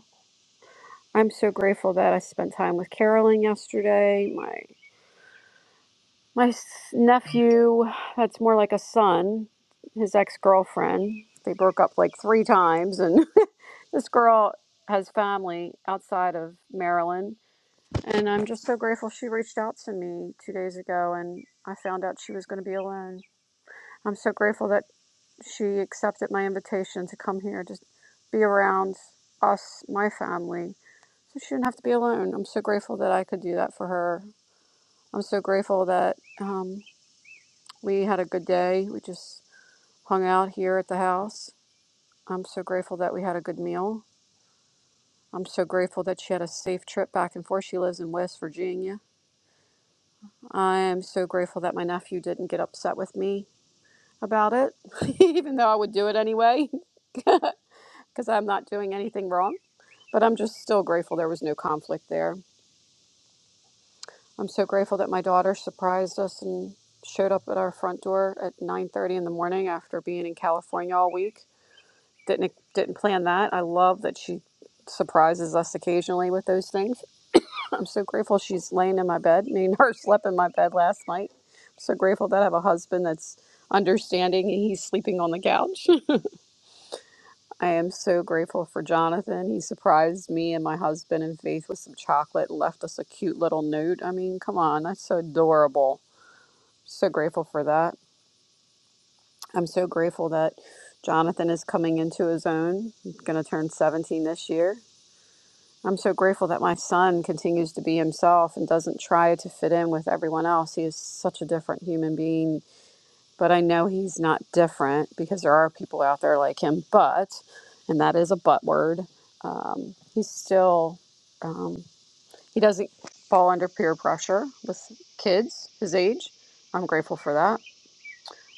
S23: I'm so grateful that I spent time with Carolyn yesterday. My my s- nephew, that's more like a son, his ex-girlfriend. They broke up like three times and this girl has family outside of Maryland and I'm just so grateful she reached out to me 2 days ago and I found out she was going to be alone. I'm so grateful that she accepted my invitation to come here just be around us, my family, She shouldn't have to be alone. I'm so grateful that I could do that for her. I'm so grateful that um, we had a good day. We just hung out here at the house. I'm so grateful that we had a good meal. I'm so grateful that she had a safe trip back and forth. She lives in West Virginia. I am so grateful that my nephew didn't get upset with me about it, even though I would do it anyway, because I'm not doing anything wrong. But I'm just still grateful there was no conflict there. I'm so grateful that my daughter surprised us and showed up at our front door at 9:30 in the morning after being in California all week. Didn't e, didn't plan that. I love that she surprises us occasionally with those things. I'm so grateful she's laying in my bed. Me and her slept in my bed last night. I'm so grateful that I have a husband that's understanding and he's sleeping on the couch. I am so grateful for Jonathan. He surprised me and my husband and Faith with some chocolate and left us a cute little note. I mean, come on, that's so adorable So grateful for that. I'm so grateful that Jonathan is coming into his own. He's going to turn 17 this year. I'm so grateful that my son continues to be himself and doesn't try to fit in with everyone else. He is such a different human being, but I know he's not different because there are people out there like him. But, and that is a but word, um, he's still, um, he doesn't fall under peer pressure with kids his age. I'm grateful for that.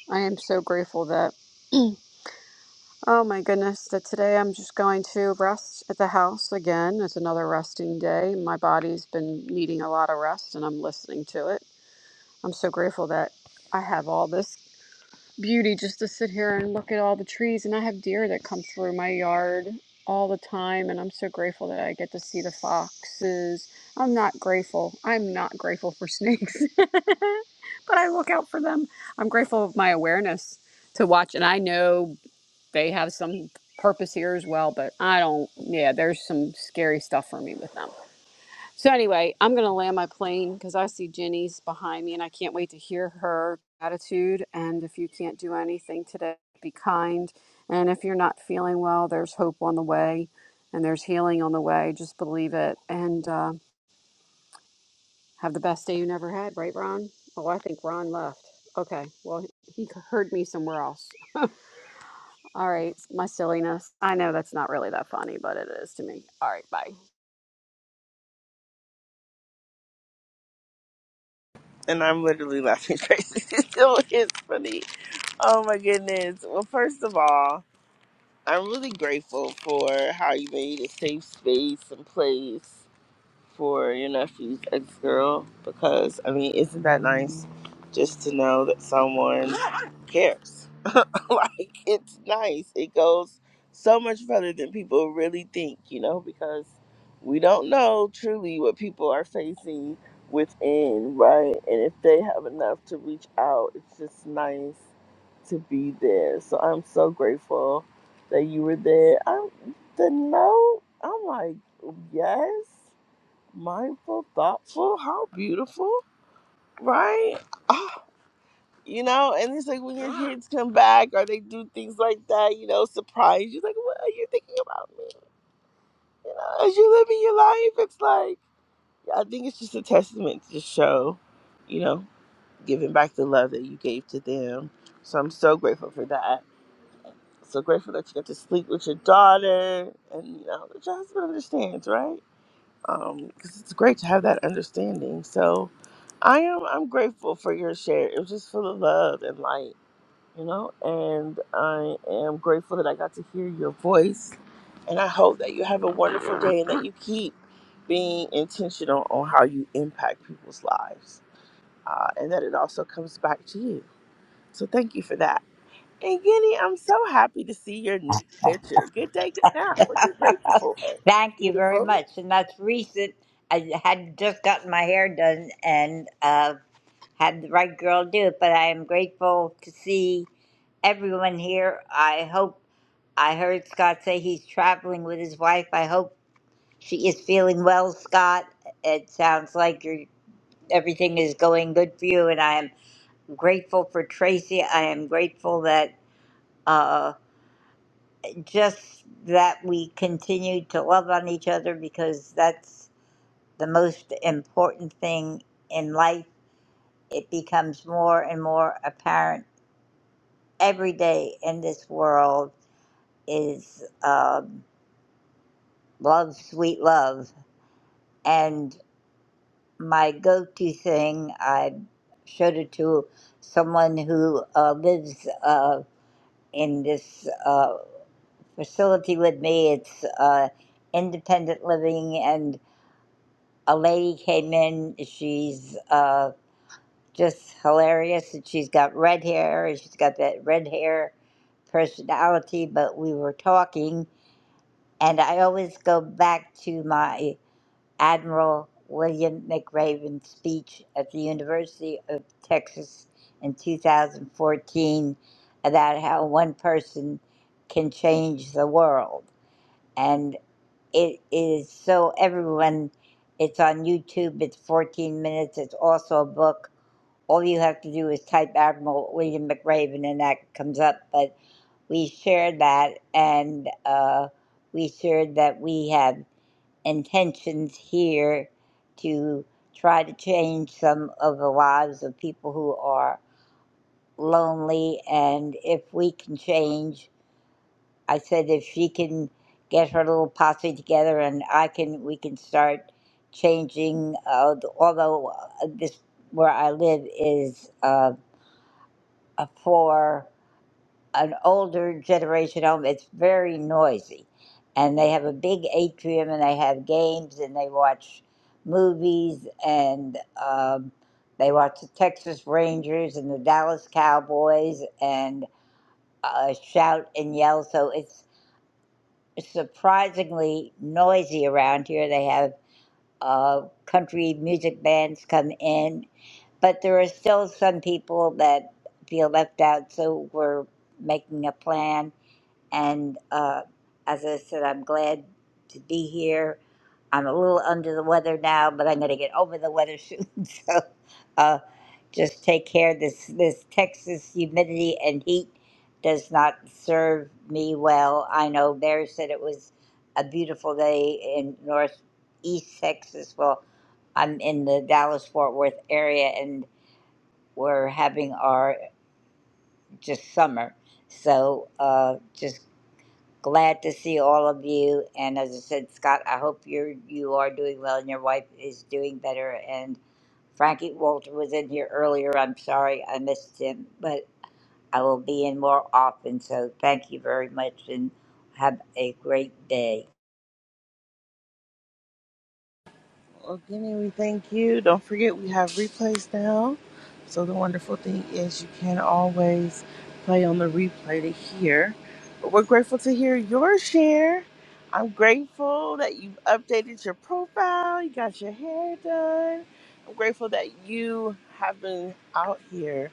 S23: I am so grateful that Oh my goodness, that today I'm just going to rest at the house again. It's another resting day. My body's been needing a lot of rest and I'm listening to it. I'm so grateful that I have all this beauty just to sit here and look at all the trees and I have deer that come through my yard all the time and I'm so grateful that I get to see the foxes. I'm not grateful. I'm not grateful for snakes. but I look out for them. I'm grateful of my awareness to watch and I know they have some purpose here as well, but I don't, yeah, there's some scary stuff for me with them. So, anyway, I'm going to land my plane because I see Jenny's behind me and I can't wait to hear her attitude. And if you can't do anything today, be kind. And if you're not feeling well, there's hope on the way and there's healing on the way. Just believe it and uh, have the best day you never had, right, Ron? Oh, I think Ron left. Okay, well, he heard me somewhere else. All right, my silliness. I know that's not really that funny, but it is to me. All right, bye.
S18: And I'm literally laughing, Tracy. It still is funny. Oh my goodness. Well, first of all, I'm really grateful for how you made a safe space and place for your nephew's ex girl because I mean, isn't that nice just to know that someone cares? like it's nice. It goes so much further than people really think, you know, because we don't know truly what people are facing within, right? And if they have enough to reach out, it's just nice to be there. So I'm so grateful that you were there. I'm the note. I'm like, yes mindful, thoughtful. How beautiful, right? Ah, you know, and it's like when your kids come back or they do things like that, you know, surprise you. Like, what are you thinking about me, you know, as you're living your life. It's like, yeah, I think it's just a testament to show, you know, giving back the love that you gave to them. So I'm so grateful for that. So grateful that you got to sleep with your daughter and, you know, that your husband understands, right? um, 'cause it's great to have that understanding. So I am I'm grateful for your share. It was just full of love and light, you know. And I am grateful that I got to hear your voice. And I hope that you have a wonderful day and that you keep being intentional on how you impact people's lives, uh, and that it also comes back to you. So thank you for that. And Guinea, I'm so happy to see your new picture. Good day, good night. What you grateful for?
S24: Thank you very
S18: Beautiful.
S24: much. And that's recent. I had just gotten my hair done and uh, had the right girl do it, but I am grateful to see everyone here. I hope I heard Scott say he's traveling with his wife. I hope she is feeling well, Scott. It sounds like you're, everything is going good for you, and I am grateful for Tracy. I am grateful that uh, just that we continue to love on each other because that's the most important thing in life. It becomes more and more apparent every day in this world is um, love, sweet love. And my go to thing, I showed it to someone who uh, lives uh, in this uh, facility with me. It's uh, independent living, and a lady came in. She's. Uh, just hilarious. And she's got red hair, and she's got that red hair personality. But we were talking, and I always go back to my Admiral William McRaven speech at the University of Texas in 2014 about how one person can change the world. And it is so everyone, it's on YouTube, it's 14 minutes, it's also a book all you have to do is type Admiral William McRaven and that comes up. But we shared that and uh, we shared that we have intentions here to try to change some of the lives of people who are lonely. And if we can change, I said if she can get her little posse together and I can, we can start changing. Uh, although uh, this where I live is. Um, uh, for an older generation home. It's very noisy. And they have a big atrium and they have games and they watch movies and um, they watch the Texas Rangers and the Dallas Cowboys and uh, shout and yell. So it's surprisingly noisy around here. They have uh, country music bands come in but there are still some people that feel left out. So we're making a plan. And uh, as I said, I'm glad to be here. I'm a little under the weather now, but I'm going to get over the weather soon. So uh, just take care. This this Texas humidity and heat does not serve me well. I know Bear said it was a beautiful day in northeast Texas. Well, I'm in the Dallas Fort Worth area, and we're having our just summer. So uh, just glad to see all of you. And as I said, Scott, I hope you're you are doing well and your wife is doing better. And Frankie Walter was in here earlier. I'm sorry I missed him, but I will be in more often. So thank you very much and have a great day.
S18: Again, we thank you. Don't forget we have replays now. So the wonderful thing is you can always play on the replay to hear. But we're grateful to hear your share. I'm grateful that you've updated your profile. You got your hair done. I'm grateful that you have been out here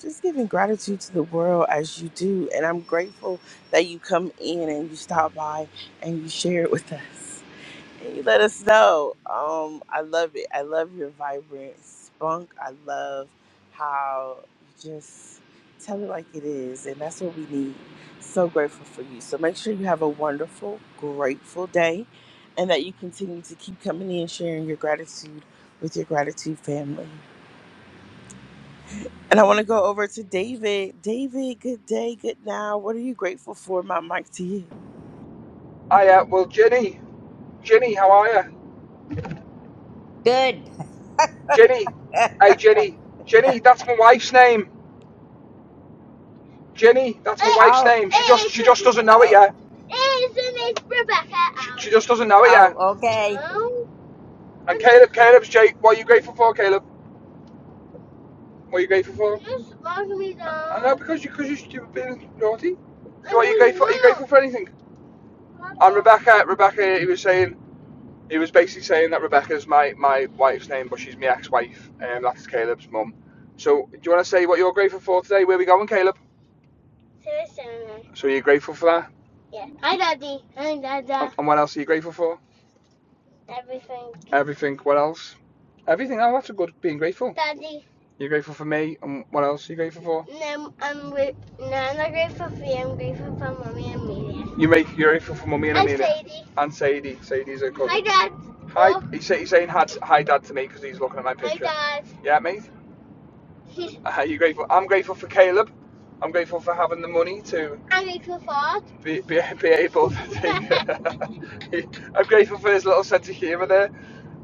S18: just giving gratitude to the world as you do. And I'm grateful that you come in and you stop by and you share it with us. Hey, You let us know. Um, I love it. I love your vibrant spunk. I love how you just tell it like it is, and that's what we need. So grateful for you. So make sure you have a wonderful, grateful day, and that you continue to keep coming in and sharing your gratitude with your gratitude family. And I want to go over to David. David, good day, good now. What are you grateful for? My mic to you.
S25: Hiya, well, Jenny, Jenny, how are you?
S24: Good.
S25: Jenny, hey, Jenny, Jenny, that's my wife's name. Jenny, that's my it, wife's
S24: Oh,
S25: name. She just, she just doesn't know it
S24: oh,
S25: yet. It's not Rebecca? She, she just doesn't know it
S24: oh
S25: yet.
S24: okay.
S25: Oh, And Caleb, Caleb's Jake. What are you grateful for, Caleb? What are you grateful for? just lock me down. I know because you, because you, have been naughty. So, what are you grateful? Are you grateful for anything? And Rebecca, Rebecca, he was saying, He was basically saying that Rebecca's my, my wife's name, but she's my ex-wife, and that's Caleb's mum. So, do you want to say what you're grateful for today? Where are we going, Caleb? To the cinema. So, you're grateful for that? Yeah. Hi, Daddy. Hi, Dada. And what else are you grateful for? Everything. Everything. What else? Everything. Oh, that's a good being grateful. Daddy, You're grateful for me, and what else are you grateful for? no, I'm, no, I'm not grateful for you. I'm grateful for Mummy and Amelia. You make you're grateful for mummy and Hi, Amelia And Sadie. and Sadie. Sadie's a good. Hi, Dad. Hi. Dad. He's, saying hi, hi, Dad, to me because he's looking at my picture. Hi, Dad. Yeah, mate. Uh, you grateful? I'm grateful for Caleb. I'm grateful for having the money to I'm grateful for. be, be, be able to take. I'm grateful for his little sense of humour there,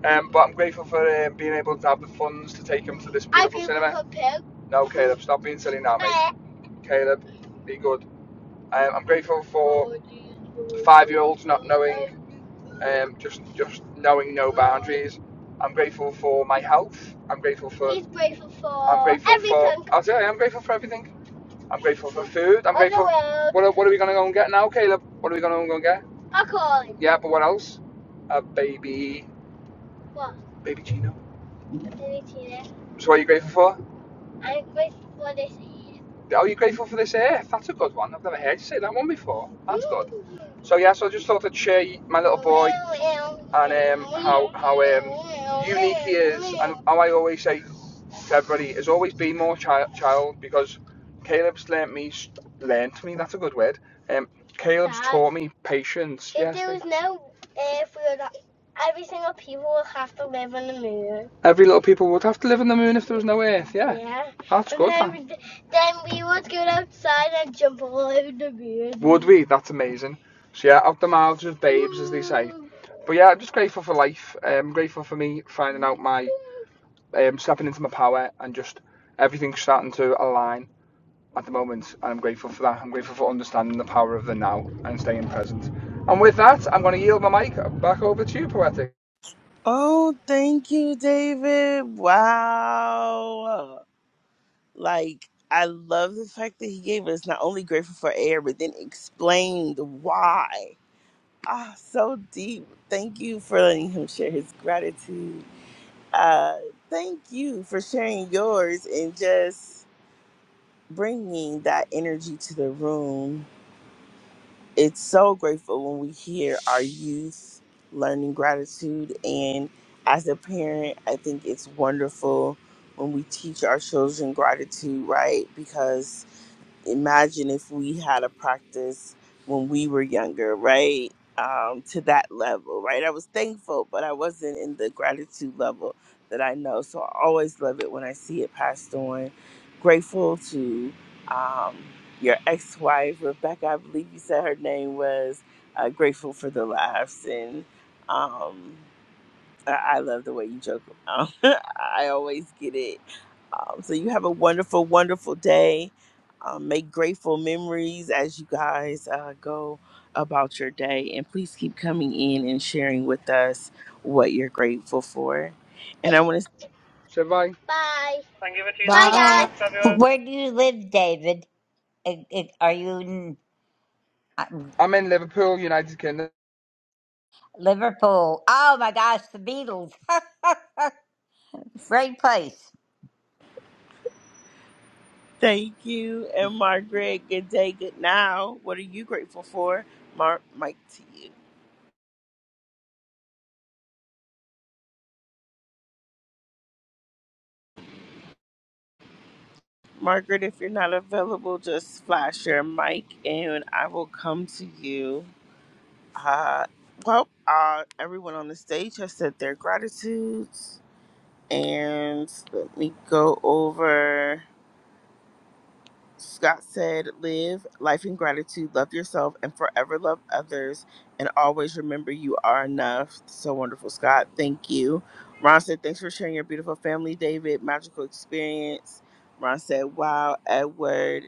S25: um, but I'm grateful for um, being able to have the funds to take him to this I'm beautiful grateful cinema. for Pooh. No, Caleb, stop being silly now, mate. Eh, Caleb, be good. Um, I'm grateful for five-year-olds not knowing um, just just knowing no boundaries. I'm grateful for my health. I'm grateful for He's grateful for I'm grateful everything. for. I'll tell you, I'm grateful for everything. I'm grateful for food. I'm grateful. What are, what are we gonna go and get now, Caleb? What are we gonna go and get? Alcohol. Yeah, but what else? A baby, What? baby Gino. A baby Tina. So, what are you grateful for? I'm grateful for this year. Are you grateful for this earth? That's a good one. I've never heard you say that one before. That's good. Mm. So yeah, so I just thought I'd share my little boy and um, how how um, unique he is, and how I always say February has always been more child, child because Caleb's learnt me, learnt me, that's a good word. Um, Caleb's Dad, taught me patience. if Yes, there was no earth, we would, every single people would have to live on the moon. Every little people would have to live on the moon if there was no Earth. Yeah, Yeah. that's And good. then, That. we- then we would go outside and jump all over the moon. Would we? That's amazing. So yeah, out the mouths of babes, mm. as they say. But yeah, I'm just grateful for life. I'm um, grateful for me finding out my um, stepping into my power and just everything's starting to align at the moment. And I'm grateful for that. I'm grateful for understanding the power of the now and staying present. And with that, I'm going to yield my mic back over to you, Poetic.
S18: Oh, thank you, David. Wow. like I love the fact that he gave us not only grateful for air, but then explained why. Ah, so deep. Thank you for letting him share his gratitude. Uh, thank you for sharing yours and just bringing that energy to the room. It's so grateful when we hear our youth learning gratitude. And as a parent, I think it's wonderful when we teach our children gratitude, right? Because imagine if we had a practice when we were younger, right? Um, to that level, right? I was thankful, but I wasn't in the gratitude level that I know. So I always love it when I see it passed on. Grateful to um, your ex wife, Rebecca, I believe you said her name was. Uh, grateful for the laughs and. Um, I I love the way you joke. Um, I always get it. Um, so you have a wonderful, wonderful day. Um, make grateful memories as you guys uh, go about your day, and please keep coming in and sharing with us what you're grateful for. And
S25: Bye.
S18: I want to say
S25: So bye. Bye. Thank you for choosing Starbucks, everyone.
S18: bye.
S24: Where do you live, David? Uh, uh, Are you in? uh,
S25: I'm in Liverpool, United Kingdom.
S24: Liverpool. Oh my gosh, the Beatles. Great place.
S18: Thank you, and Margaret. Good day, good now. What are you grateful for, Mark? Mike to you. Margaret, if you're not available, just flash your mic and I will come to you. Uh, well, uh, everyone on the stage has said their gratitudes. And let me go over. Scott said, Live life in gratitude, love yourself, and forever love others. And always remember you are enough. So wonderful, Scott. Thank you. Ron said, Thanks for sharing your beautiful family, David. Magical experience. Ron said, Wow, Edward.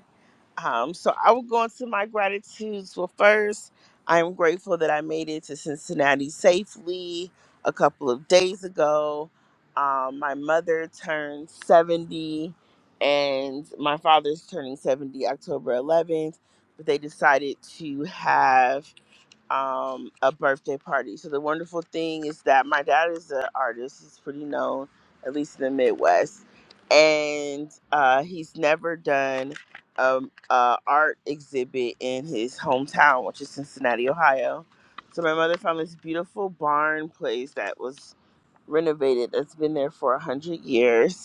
S18: Um, so I will go into my gratitudes. Well, first, I am grateful that I made it to Cincinnati safely a couple of days ago. Um, my mother turned 70, and my father's turning 70 October 11th, but they decided to have um, a birthday party. So the wonderful thing is that my dad is an artist. He's pretty known, at least in the Midwest, and uh, he's never done um, a art exhibit in his hometown, which is Cincinnati, Ohio. So my mother found this beautiful barn place that was renovated. That's been there for a hundred years,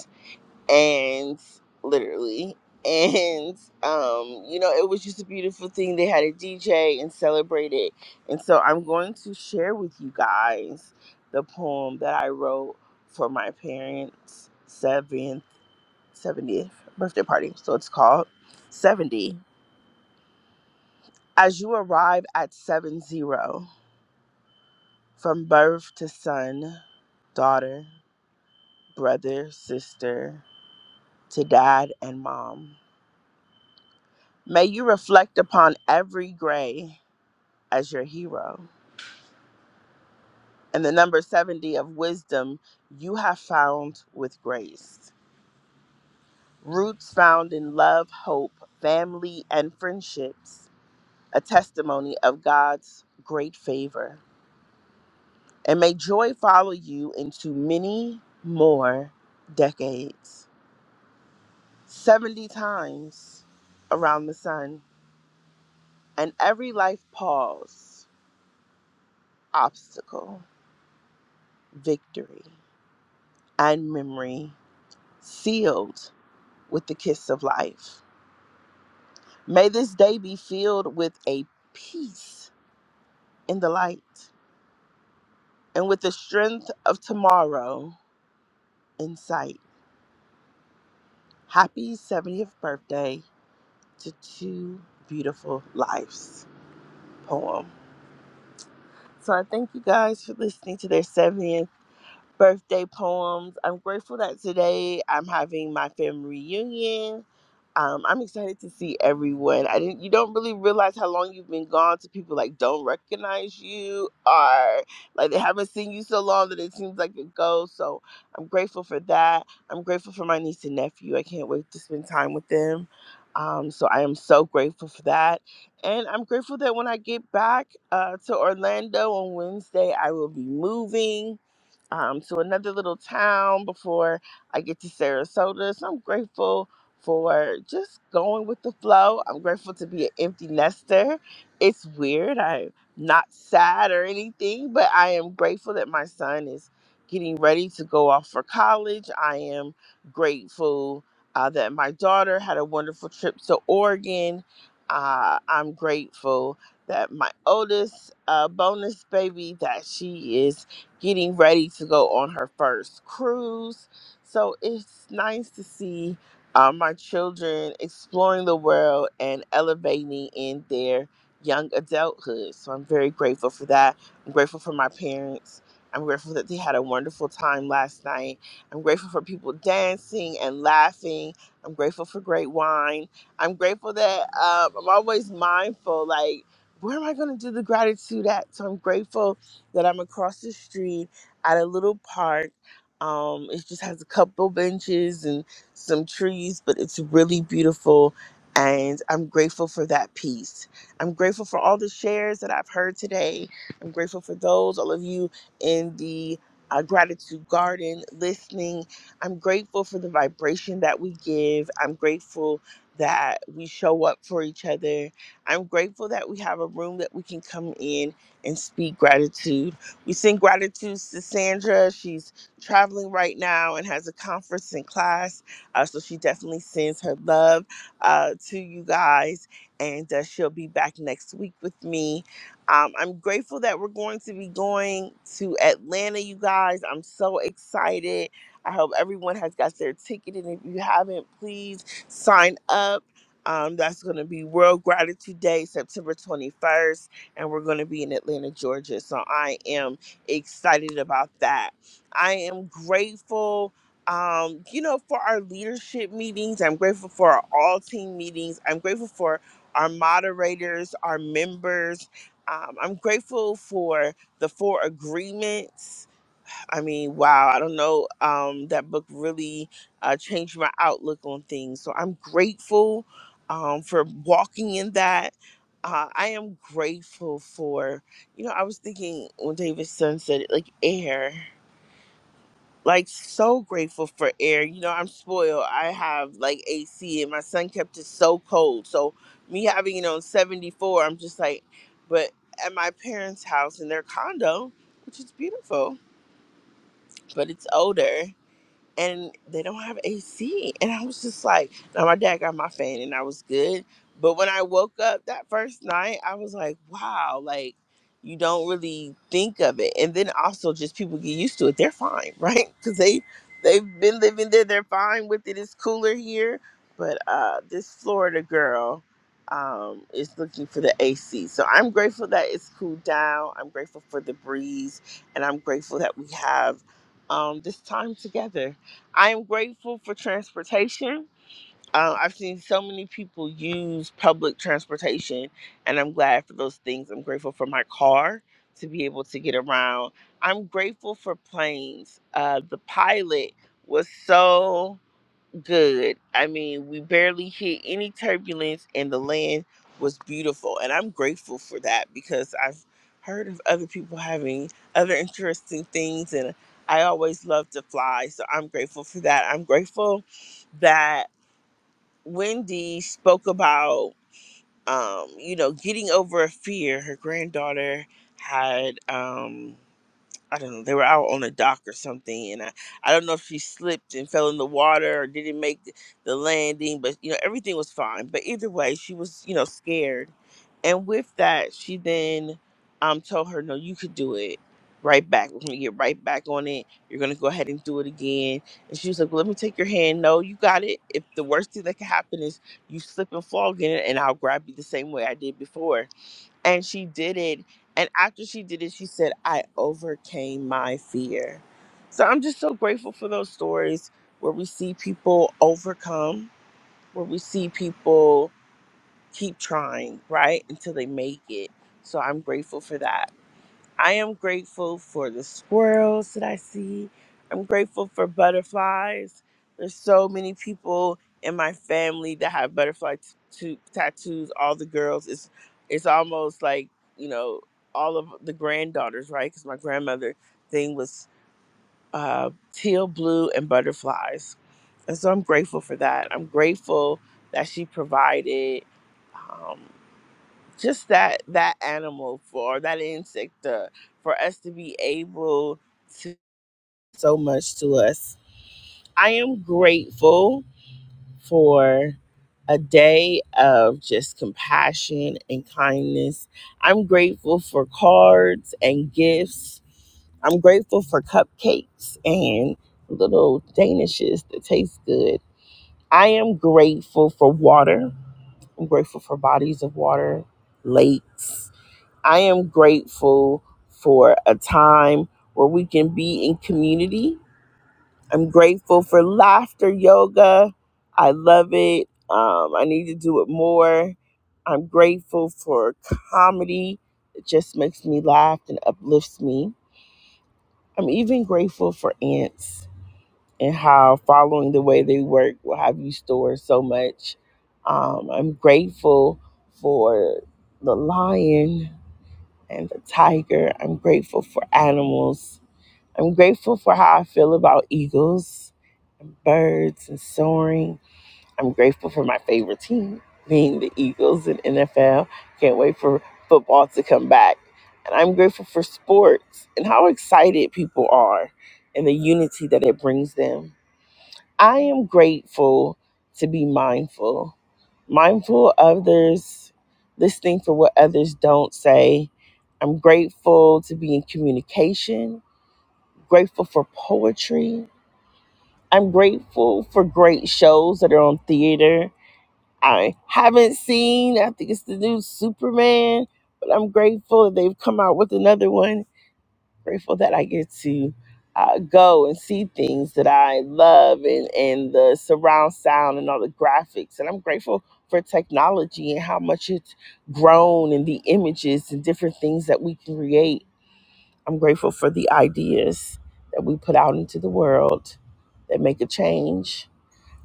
S18: and literally and um you know it was just a beautiful thing they had a dj and celebrated and so i'm going to share with you guys the poem that i wrote for my parents seventh 70th birthday party so it's called 70 as you arrive at 70 from birth to son daughter brother sister to dad and mom May you reflect upon every gray as your hero. And the number 70 of wisdom you have found with grace. Roots found in love, hope, family, and friendships, a testimony of God's great favor. And may joy follow you into many more decades, 70 times around the sun, and every life pause, obstacle, victory. and memory sealed with the kiss of life. May this day be filled with a peace in the light and with the strength of tomorrow in sight. Happy 70th birthday to two beautiful lives poem. So I thank you guys for listening to their 70th birthday poems. I'm grateful that today I'm having my family reunion Um, I'm excited to see everyone. I didn't. You don't really realize how long you've been gone. To people like don't recognize you, or like they haven't seen you so long that it seems like a ghost. So I'm grateful for that. I'm grateful for my niece and nephew. I can't wait to spend time with them. Um, so I am so grateful for that, and I'm grateful that when I get back uh, to Orlando on Wednesday, I will be moving um, to another little town before I get to Sarasota. So I'm grateful for just going with the flow. I'm grateful to be an empty nester. It's weird. I'm not sad or anything, but I am grateful that my son is getting ready to go off for college. I am grateful uh, that my daughter had a wonderful trip to Oregon. Uh, I'm grateful that my oldest uh, bonus baby that she is getting ready to go on her first cruise. So it's nice to see uh, my children exploring the world and elevating in their young adulthood. So I'm very grateful for that. I'm grateful for my parents. I'm grateful that they had a wonderful time last night. I'm grateful for people dancing and laughing. I'm grateful for great wine. I'm grateful that um, I'm always mindful, like, where am I going to do the gratitude at? So I'm grateful that I'm across the street at a little park. Um, it just has a couple benches and some trees, but it's really beautiful. And I'm grateful for that piece. I'm grateful for all the shares that I've heard today. I'm grateful for those, all of you in the uh, gratitude garden listening. I'm grateful for the vibration that we give. I'm grateful that we show up for each other. I'm grateful that we have a room that we can come in and speak gratitude. We send gratitude to Sandra. She's traveling right now and has a conference and class. Uh, so she definitely sends her love uh, to you guys. And uh, she'll be back next week with me. Um, I'm grateful that we're going to be going to Atlanta, you guys. I'm so excited. I hope everyone has got their ticket. And if you haven't, please sign up. Um, that's going to be World Gratitude Day, September 21st and we're going to be in Atlanta, Georgia. So I am excited about that. I am grateful. Um, you know, for our leadership meetings, I'm grateful for our all team meetings. I'm grateful for our moderators, our members. Um, I'm grateful for the four agreements I mean, wow, I don't know. Um, that book really uh, changed my outlook on things. So I'm grateful um, for walking in that. Uh, I am grateful for, you know, I was thinking when David Sun said it, like air, like so grateful for air. You know, I'm spoiled. I have like AC and my son kept it so cold. So me having it on 74, I'm just like, but at my parents' house in their condo, which is beautiful, but it's older and they don't have AC. And I was just like, now my dad got my fan and I was good. But when I woke up that first night, I was like, wow, like you don't really think of it. And then also just people get used to it. They're fine, right? Because they they've been living there. They're fine with it. It's cooler here. But uh this Florida girl um is looking for the AC. So I'm grateful that it's cooled down. I'm grateful for the breeze and I'm grateful that we have um this time together I am grateful for transportation. Uh, I've seen so many people use public transportation, and I'm glad for those things. I'm grateful for my car to be able to get around. I'm grateful for planes. Uh, the pilot was so good. I mean, we barely hit any turbulence, and the land was beautiful. And I'm grateful for that because I've heard of other people having other interesting things, and I always love to fly. So I'm grateful for that. I'm grateful that Wendy spoke about, um, you know, getting over a fear. Her granddaughter had. Um, I don't know, they were out on a dock or something, and I, I don't know if she slipped and fell in the water or didn't make the, the landing, but you know everything was fine. But either way, she was you know scared, and with that, she then um told her, "No, you could do it right back. We're gonna get right back on it. You're gonna go ahead and do it again." And she was like, well, "Let me take your hand. No, you got it. If the worst thing that could happen is you slip and fall again, and I'll grab you the same way I did before." and she did it and after she did it she said i overcame my fear so i'm just so grateful for those stories where we see people overcome where we see people keep trying right until they make it so i'm grateful for that I am grateful for the squirrels that I see. I'm grateful for butterflies. There's so many people in my family that have butterfly t- tattoos. All the girls, it's it's almost like you know all of the granddaughters, right? Because my grandmother thing was uh, teal blue and butterflies, and so I'm grateful for that. I'm grateful that she provided. Um, just that that animal for or that insect uh, for us to be able to so much to us i am grateful for a day of just compassion and kindness i'm grateful for cards and gifts i'm grateful for cupcakes and little danishes that taste good i am grateful for water i'm grateful for bodies of water lakes I am grateful for a time where we can be in community. I'm grateful for laughter yoga. I love it. Um, I need to do it more. I'm grateful for comedy. It just makes me laugh and uplifts me. I'm even grateful for ants and how following the way they work will have you store so much. Um, I'm grateful for the lion and the tiger. I'm grateful for animals. I'm grateful for how I feel about eagles and birds and soaring. I'm grateful for my favorite team being the Eagles in NFL. Can't wait for football to come back. And I'm grateful for sports and how excited people are and the unity that it brings them. I am grateful to be mindful mindful of others, listening for what others don't say. I'm grateful to be in communication, grateful for poetry. I'm grateful for great shows that are on theater. I haven't seen, I think it's the new Superman, but I'm grateful that they've come out with another one grateful that I get to uh, go and see things that I love and, and the surround sound and all the graphics. And I'm grateful for technology and how much it's grown and the images and different things that we can create. I'm grateful for the ideas that we put out into the world that make a change.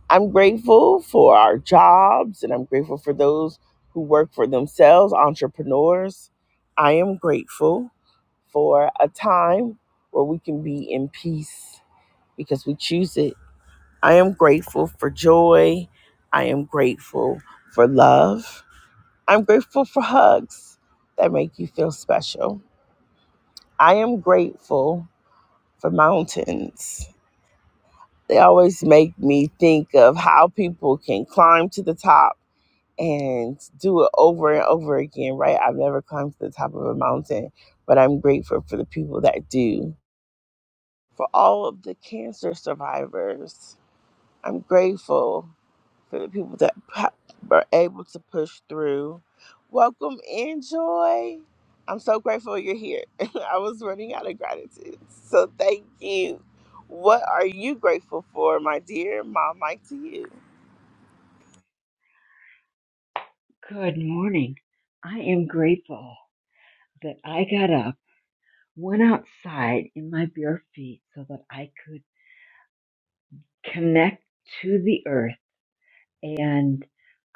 S18: I'm grateful for our jobs and I'm grateful for those who work for themselves, entrepreneurs. I am grateful for a time where we can be in peace because we choose it. I am grateful for joy. I am grateful for love. I'm grateful for hugs that make you feel special. I am grateful for mountains. They always make me think of how people can climb to the top and do it over and over again, right? I've never climbed to the top of a mountain, but I'm grateful for the people that do for all of the cancer survivors. I'm grateful for the people that pa- were able to push through. Welcome in, Joy. I'm so grateful you're here. I was running out of gratitude. So thank you. What are you grateful for, my dear? My mic to you.
S26: Good morning. I am grateful that I got up, went outside in my bare feet so that I could connect to the earth, and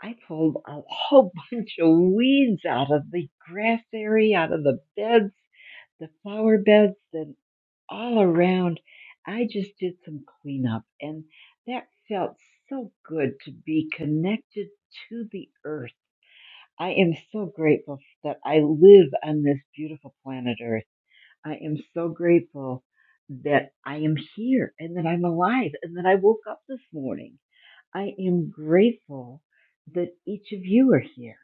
S26: I pulled a whole bunch of weeds out of the grass area, out of the beds, the flower beds, and all around. I just did some cleanup, and that felt so good to be connected to the earth I am so grateful that I live on this beautiful planet Earth. I am so grateful that I am here and that I'm alive and that I woke up this morning. I am grateful that each of you are here.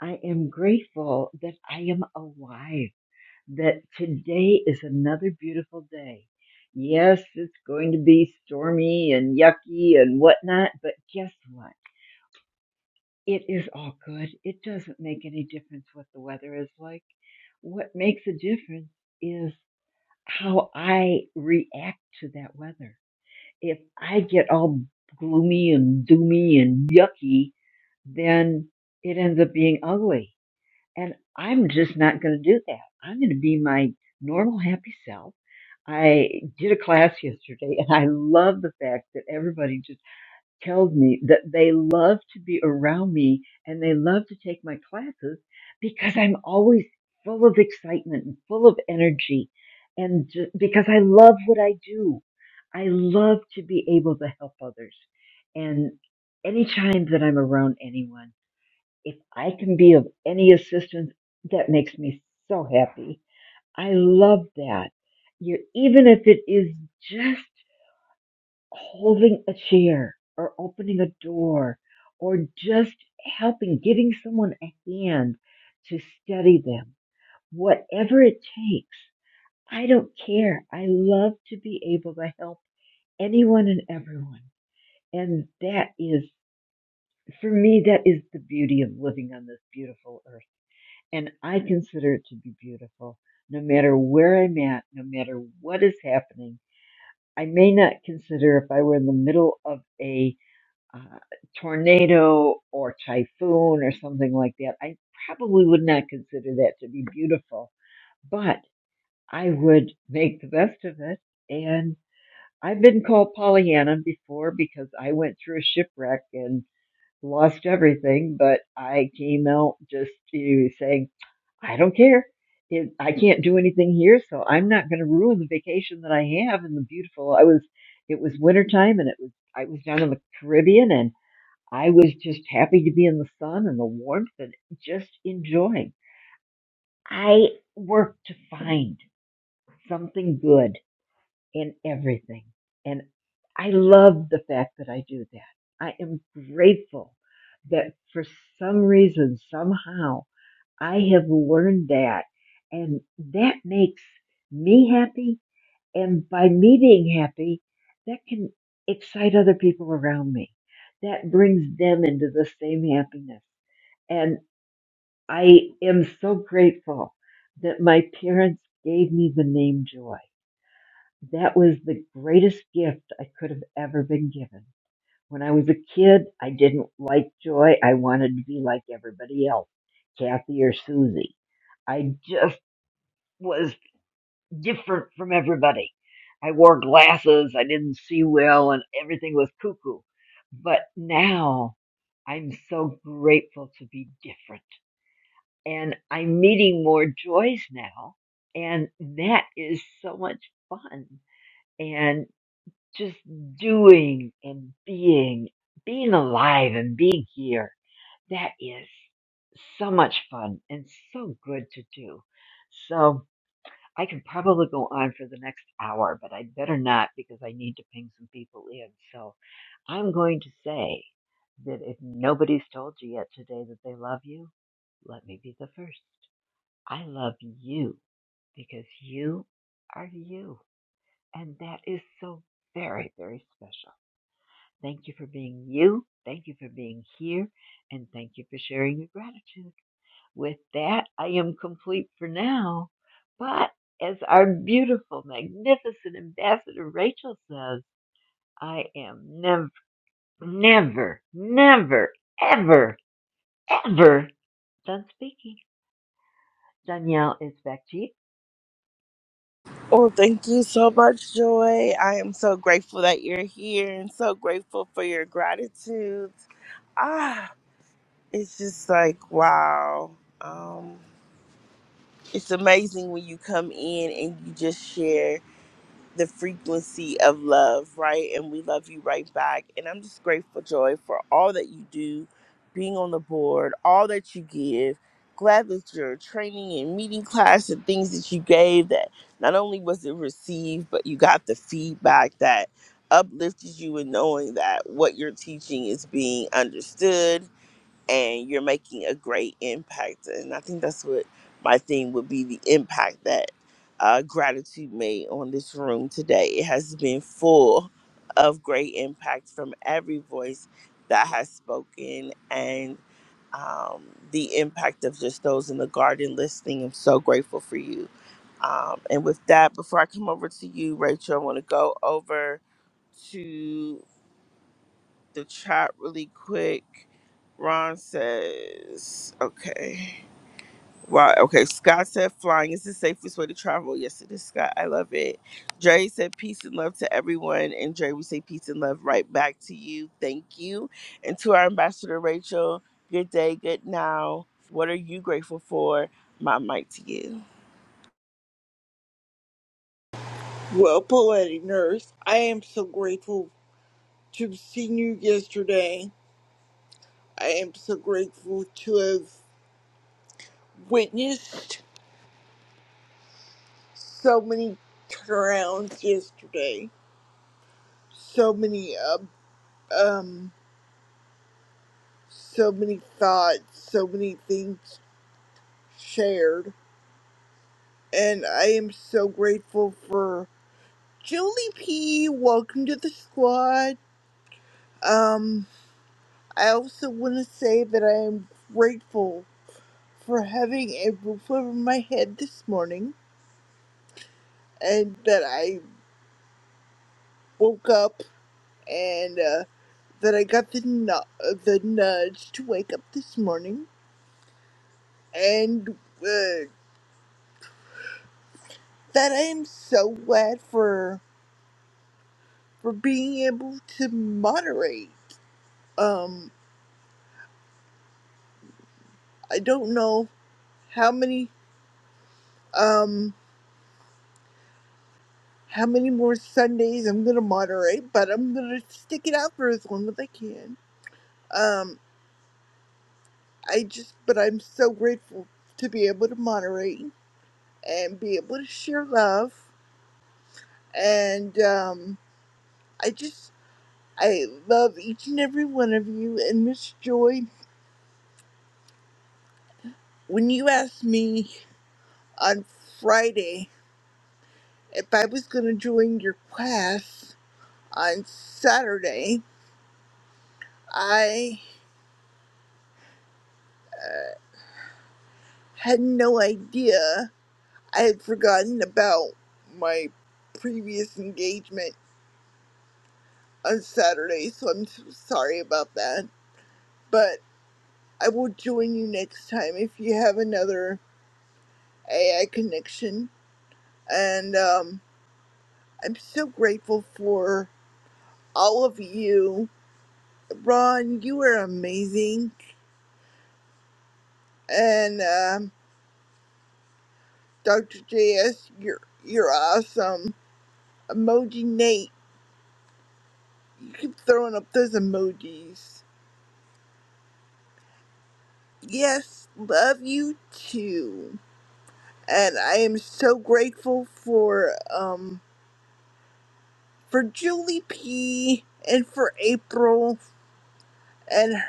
S26: I am grateful that I am alive, that today is another beautiful day. Yes, it's going to be stormy and yucky and whatnot, but guess what? It is all good. It doesn't make any difference what the weather is like. What makes a difference is how I react to that weather. If I get all gloomy and doomy and yucky, then it ends up being ugly. And I'm just not going to do that. I'm going to be my normal happy self. I did a class yesterday and I love the fact that everybody just tells me that they love to be around me and they love to take my classes because I'm always full of excitement and full of energy and ju- because I love what I do. I love to be able to help others. And anytime that I'm around anyone, if I can be of any assistance, that makes me so happy. I love that. you even if it is just holding a chair or opening a door or just helping, giving someone a hand to steady them. Whatever it takes. I don't care. I love to be able to help anyone and everyone. And that is, for me, that is the beauty of living on this beautiful earth. And I consider it to be beautiful no matter where I'm at, no matter what is happening. I may not consider if I were in the middle of a uh, tornado or typhoon or something like that, I probably would not consider that to be beautiful, but I would make the best of it. And I've been called Pollyanna before because I went through a shipwreck and lost everything, but I came out just to saying, I don't care. It, I can't do anything here, so I'm not going to ruin the vacation that I have and the beautiful. I was, it was wintertime and it was, I was down in the Caribbean and. I was just happy to be in the sun and the warmth and just enjoying. I worked to find something good in everything. And I love the fact that I do that. I am grateful that for some reason, somehow, I have learned that. And that makes me happy and by me being happy, that can excite other people around me. That brings them into the same happiness. And I am so grateful that my parents gave me the name Joy. That was the greatest gift I could have ever been given. When I was a kid, I didn't like Joy. I wanted to be like everybody else, Kathy or Susie. I just was different from everybody. I wore glasses, I didn't see well, and everything was cuckoo. But now I'm so grateful to be different. And I'm meeting more joys now, and that is so much fun. And just doing and being, being alive and being here, that is so much fun and so good to do. So, I can probably go on for the next hour, but I'd better not because I need to ping some people in. So I'm going to say that if nobody's told you yet today that they love you, let me be the first. I love you because you are you. And that is so very, very special. Thank you for being you. Thank you for being here. And thank you for sharing your gratitude. With that, I am complete for now. But as our beautiful, magnificent ambassador Rachel says, I am never, never, never, ever, ever done speaking. Danielle is back to you.
S18: Well, thank you so much, Joy. I am so grateful that you're here and so grateful for your gratitude. Ah, it's just like, wow. Um, it's amazing when you come in and you just share the frequency of love, right? And we love you right back. And I'm just grateful, Joy, for all that you do, being on the board, all that you give. Glad that your training and meeting class and things that you gave that not only was it received, but you got the feedback that uplifted you in knowing that what you're teaching is being understood and you're making a great impact. And I think that's what my theme would be the impact that uh, gratitude made on this room today. It has been full of great impact from every voice that has spoken and um, the impact of just those in the garden listening. I'm so grateful for you. Um, and with that, before I come over to you, Rachel, I want to go over. to the chat really quick. Ron says, okay. Wow, okay. Scott said flying is the safest way to travel. Yes, it is, Scott. I love it. Dre said peace and love to everyone. And Dre, we say peace and love right back to you. Thank you. And to our ambassador, Rachel, good day, good now. What are you grateful for? My mic to you.
S27: Well, Poetic Nurse, I am so grateful to have seen you yesterday. I am so grateful to have witnessed so many turnarounds yesterday. So many, um, um, so many thoughts, so many things shared. And I am so grateful for Julie P. Welcome to the squad. Um, I also want to say that I am grateful for having a roof over my head this morning, and that I woke up and uh, that I got the nu- uh, the nudge to wake up this morning, and uh, that I am so glad for for being able to moderate. Um, I don't know how many um how many more Sundays I'm gonna moderate, but I'm gonna stick it out for as long as I can. Um, I just, but I'm so grateful to be able to moderate and be able to share love. And um, I just, I love each and every one of you. And Miss Joy, when you asked me on Friday if I was going to join your class on Saturday, I had no idea. I had forgotten about my previous engagement on Saturday, so I'm so sorry about that. but. I will join you next time if you have another AI connection. And um, I'm so grateful for all of you. Ron, you are amazing. And um, Dr. JS, you're, you're awesome. Emoji Nate, you keep throwing up those emojis. Yes, love you too. And I am so grateful for um for Julie P and for April and.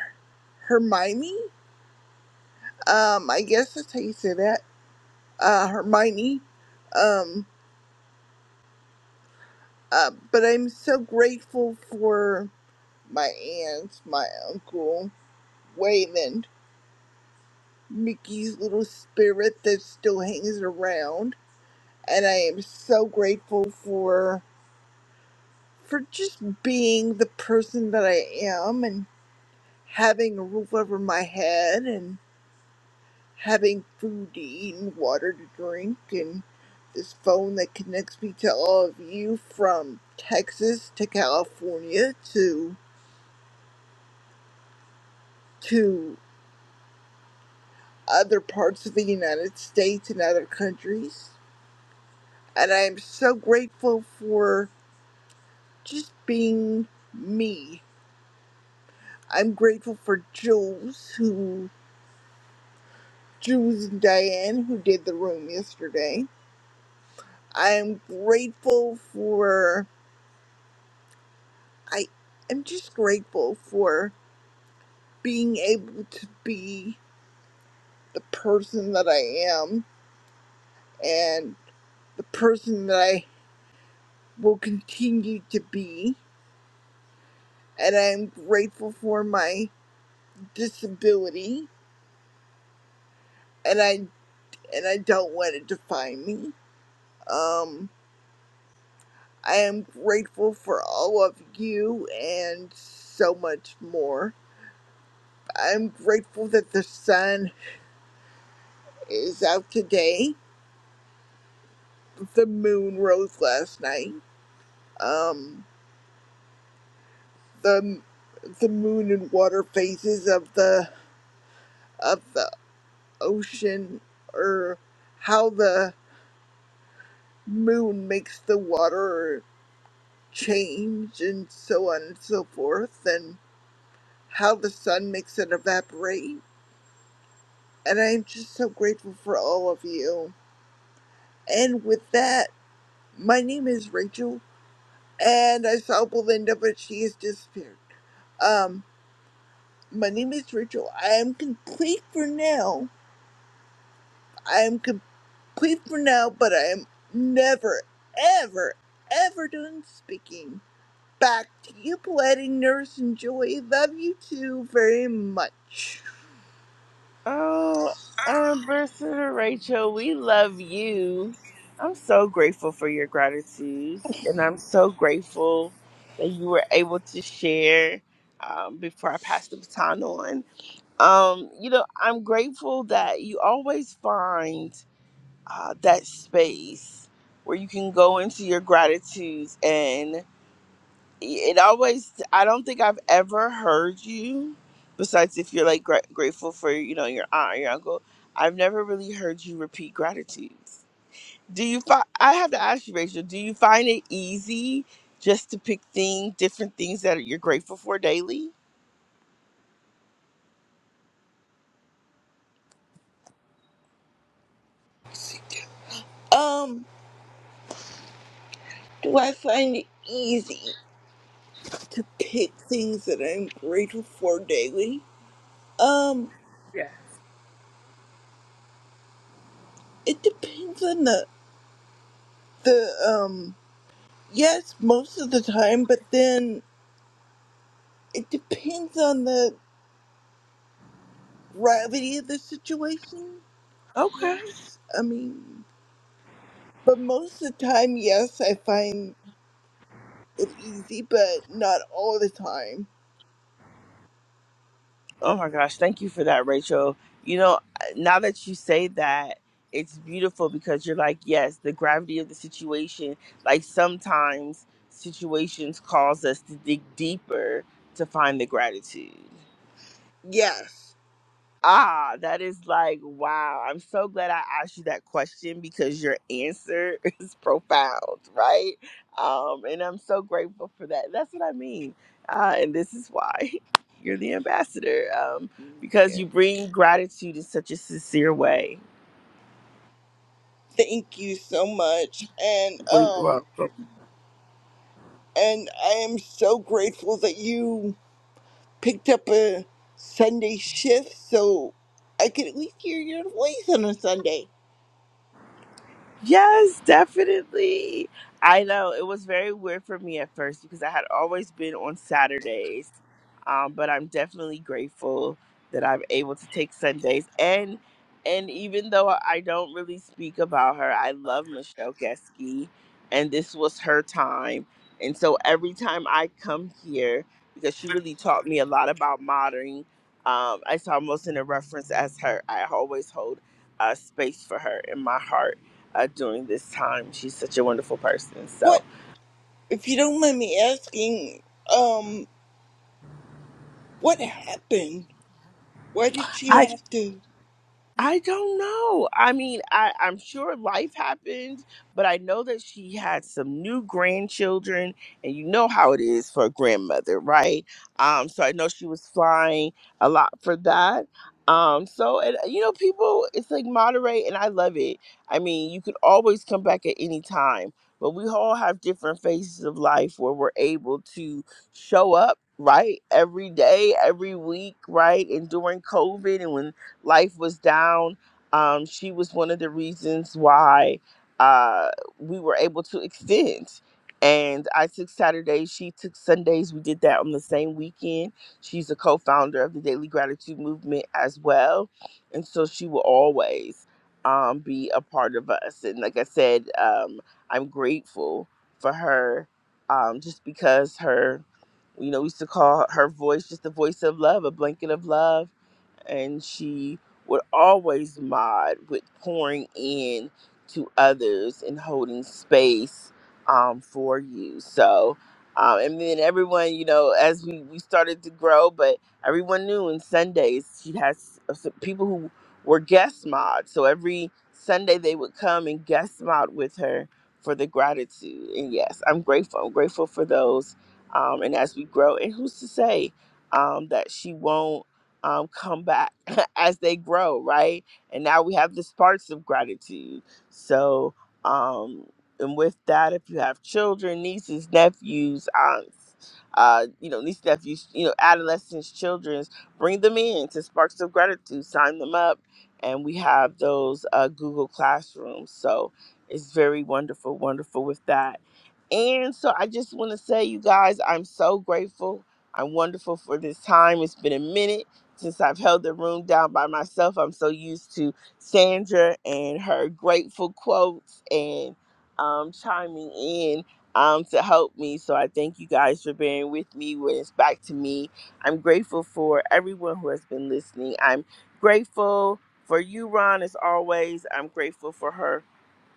S27: Hermione. Um, I guess that's how you say that. Uh, Hermione. Um, uh, but I'm so grateful for my aunt, my uncle, Wayland, Mickey's little spirit that still hangs around, and I am so grateful for for just being the person that I am and having a roof over my head and. having food to eat and water to drink and this phone that connects me to all of you from Texas to California to to other parts of the United States and other countries. And I am so grateful for just being me. I'm grateful for Jules who Jules and Diane who did the room yesterday. I am grateful for I am just grateful for being able to be the person that I am and the person that I will continue to be. And I'm grateful for my disability and I and I don't let it define me. Um I am grateful for all of you and so much more. I'm grateful that the sun is out today. The moon rose last night. Um the the moon and water phases of the of the ocean or how the moon makes the water change and so on and so forth and how the sun makes it evaporate and i'm just so grateful for all of you and with that my name is rachel and i saw belinda but she has disappeared um my name is rachel i am complete for now i am complete Please for now, but I am never, ever, ever done speaking. Back to you, poetic nurse and joy. Love you too very much.
S18: Oh, Ambassador Rachel, we love you. I'm so grateful for your gratitudes, and I'm so grateful that you were able to share um, before I pass the baton on. Um, you know, I'm grateful that you always find uh, that space where you can go into your gratitudes and it always i don't think i've ever heard you besides if you're like gra- grateful for you know your aunt or your uncle i've never really heard you repeat gratitudes do you find i have to ask you rachel do you find it easy just to pick things different things that you're grateful for daily
S27: Um, do I find it easy to pick things that I'm grateful for daily? Um, it depends on the the um. Yes, most of the time, but then it depends on the gravity of the situation. I
S18: okay
S27: guess. I mean. But most of the time, yes, I find it easy, but not all the time.
S18: Oh my gosh, thank you for that, Rachel. You know, now that you say that, it's beautiful because you're like, yes, the gravity of the situation, like sometimes situations cause us to dig deeper to find the gratitude.
S27: Yes.
S18: Ah, that is like wow. I'm so glad I asked you that question because your answer is profound, right? Um, and I'm so grateful for that. That's what I mean. Uh, and this is why you're the ambassador. Um, because
S27: Yeah.
S18: you bring gratitude in such a sincere way.
S27: Thank you so much. And um and I am so grateful that you picked up a Sunday shift so I could at least hear your voice on a Sunday.
S18: Yes, definitely. I know it was very weird for me at first because I had always been on Saturdays, um, but I'm definitely grateful that I'm able to take Sundays. And and even though I don't really speak about her, I love Michelle Geske, and this was her time. And so every time I come here, because she really taught me a lot about modeling, um, it's almost in a reference as her. I always hold a space for her in my heart uh, during this time. She's such a wonderful person. So
S27: What if you don't mind me asking, um, what happened? Why did she
S18: I
S27: have to
S18: I don't know. I mean, I, I'm sure life happened, but I know that she had some new grandchildren, and you know how it is for a grandmother, right? Um, so I know she was flying a lot for that. Um, so and you know, people, it's like moderate, and I love it. I mean, you could always come back at any time, but we all have different phases of life where we're able to show up. Right, every day, every week, right, and during COVID, and when life was down. Um, she was one of the reasons why uh, we were able to extend. And I took Saturdays, she took Sundays. We did that on the same weekend. She's a co founder of the Daily Gratitude Movement as well. And so she will always um, be a part of us. And like I said, um, I'm grateful for her um, just because her you know, we used to call her voice just the voice of love, a blanket of love and she would always mod with pouring in to others and holding space um, for you. So, um, and then everyone, you know, as we, we started to grow, but everyone knew on Sundays she has some people who were guest mod. So every Sunday they would come and guest mod with her for the gratitude. And yes, I'm grateful. I'm grateful for those. Um, and as we grow, and who's to say um, that she won't? um, come back as they grow, right? And now we have the sparks of gratitude. So, um, and with that, if you have children, nieces, nephews, aunts, uh, you know, nieces, nephews, you know, adolescents, children's, bring them in to Sparks of Gratitude, sign them up, and we have those uh, Google Classrooms. So it's very wonderful, wonderful with that. And so I just want to say, you guys, I'm so grateful. I'm wonderful for this time. It's been a minute since I've held the room down by myself, I'm so used to Sandra and her grateful quotes and um, chiming in um, to help me. So I thank you guys for bearing with me when it's back to me. I'm grateful for everyone who has been listening. I'm grateful for you, Ron, as always. I'm grateful for her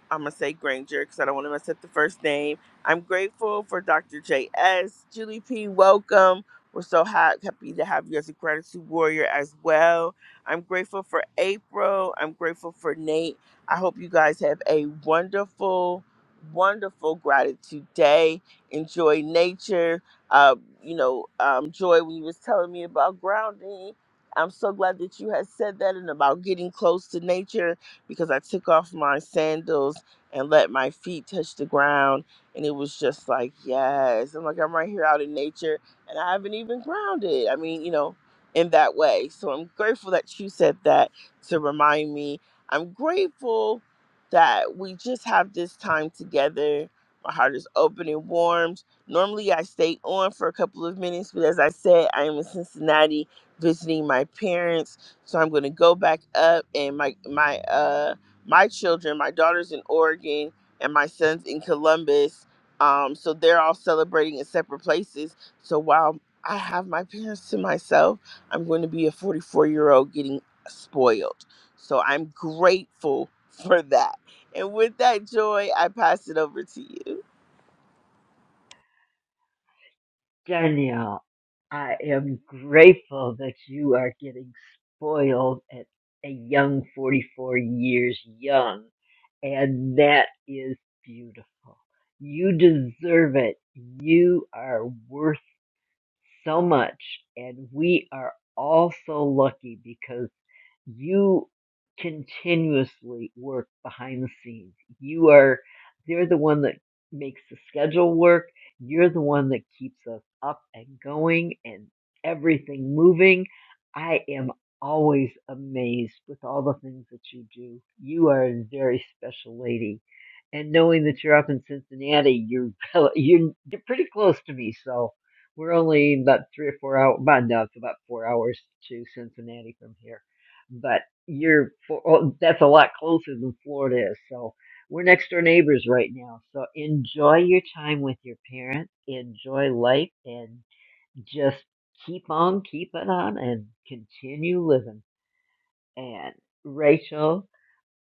S18: I'm gonna say Granger because I don't want to mess up the first name. I'm grateful for Dr. J.S. Julie P. Welcome. We're so ha- happy to have you as a gratitude warrior as well. I'm grateful for April. I'm grateful for Nate. I hope you guys have a wonderful, wonderful gratitude day. Enjoy nature. Uh, you know, um, Joy, when you was telling me about grounding, I'm so glad that you had said that and about getting close to nature because I took off my sandals and let my feet touch the ground. And it was just like, yes. I'm like, I'm right here out in nature and I haven't even grounded. I mean, you know, in that way. So I'm grateful that you said that to remind me. I'm grateful that we just have this time together. My heart is open and warm. Normally, I stay on for a couple of minutes, but as I said, I am in Cincinnati visiting my parents, so I'm going to go back up and my my uh my children, my daughter's in Oregon and my son's in Columbus. Um, so they're all celebrating in separate places. So while I have my parents to myself, I'm going to be a 44 year old getting spoiled. So I'm grateful for that. And with that joy, I pass it over to you.
S26: Danielle, I am grateful that you are getting spoiled at a young 44 years young, and that is beautiful. You deserve it. You are worth so much, and we are all so lucky because you continuously work behind the scenes. You are they're the one that makes the schedule work. You're the one that keeps us up and going and everything moving. I am always amazed with all the things that you do. You are a very special lady. And knowing that you're up in Cincinnati, you're you're, you're pretty close to me, so we're only about three or four hours, about no, it's about four hours to Cincinnati from here but you're for, oh, that's a lot closer than Florida is. So we're next door neighbors right now. So enjoy your time with your parents, enjoy life, and just keep on keeping on and continue living. And Rachel,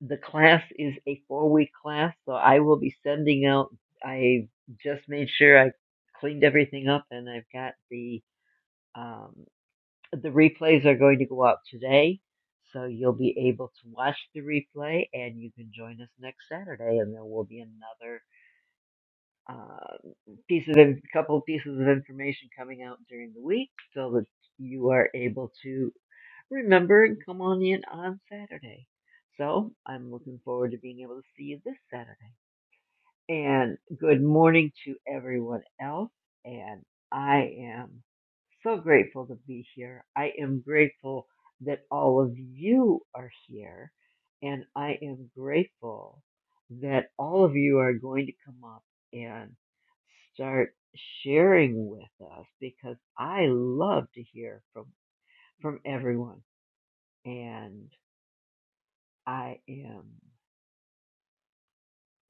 S26: the class is a four week class, so I will be sending out. I just made sure I cleaned everything up, and I've got the um, the replays are going to go out today, so you'll be able to watch the replay and you can join us next Saturday and there will be another uh, piece of in- couple of pieces of information coming out during the week so that you are able to remember and come on in on Saturday. So I'm looking forward to being able to see you this Saturday and good morning to everyone else. And I am so grateful to be here. I am grateful that all of you are here, and I am grateful that all of you are going to come up and start sharing with us because I love to hear from from everyone, and I am.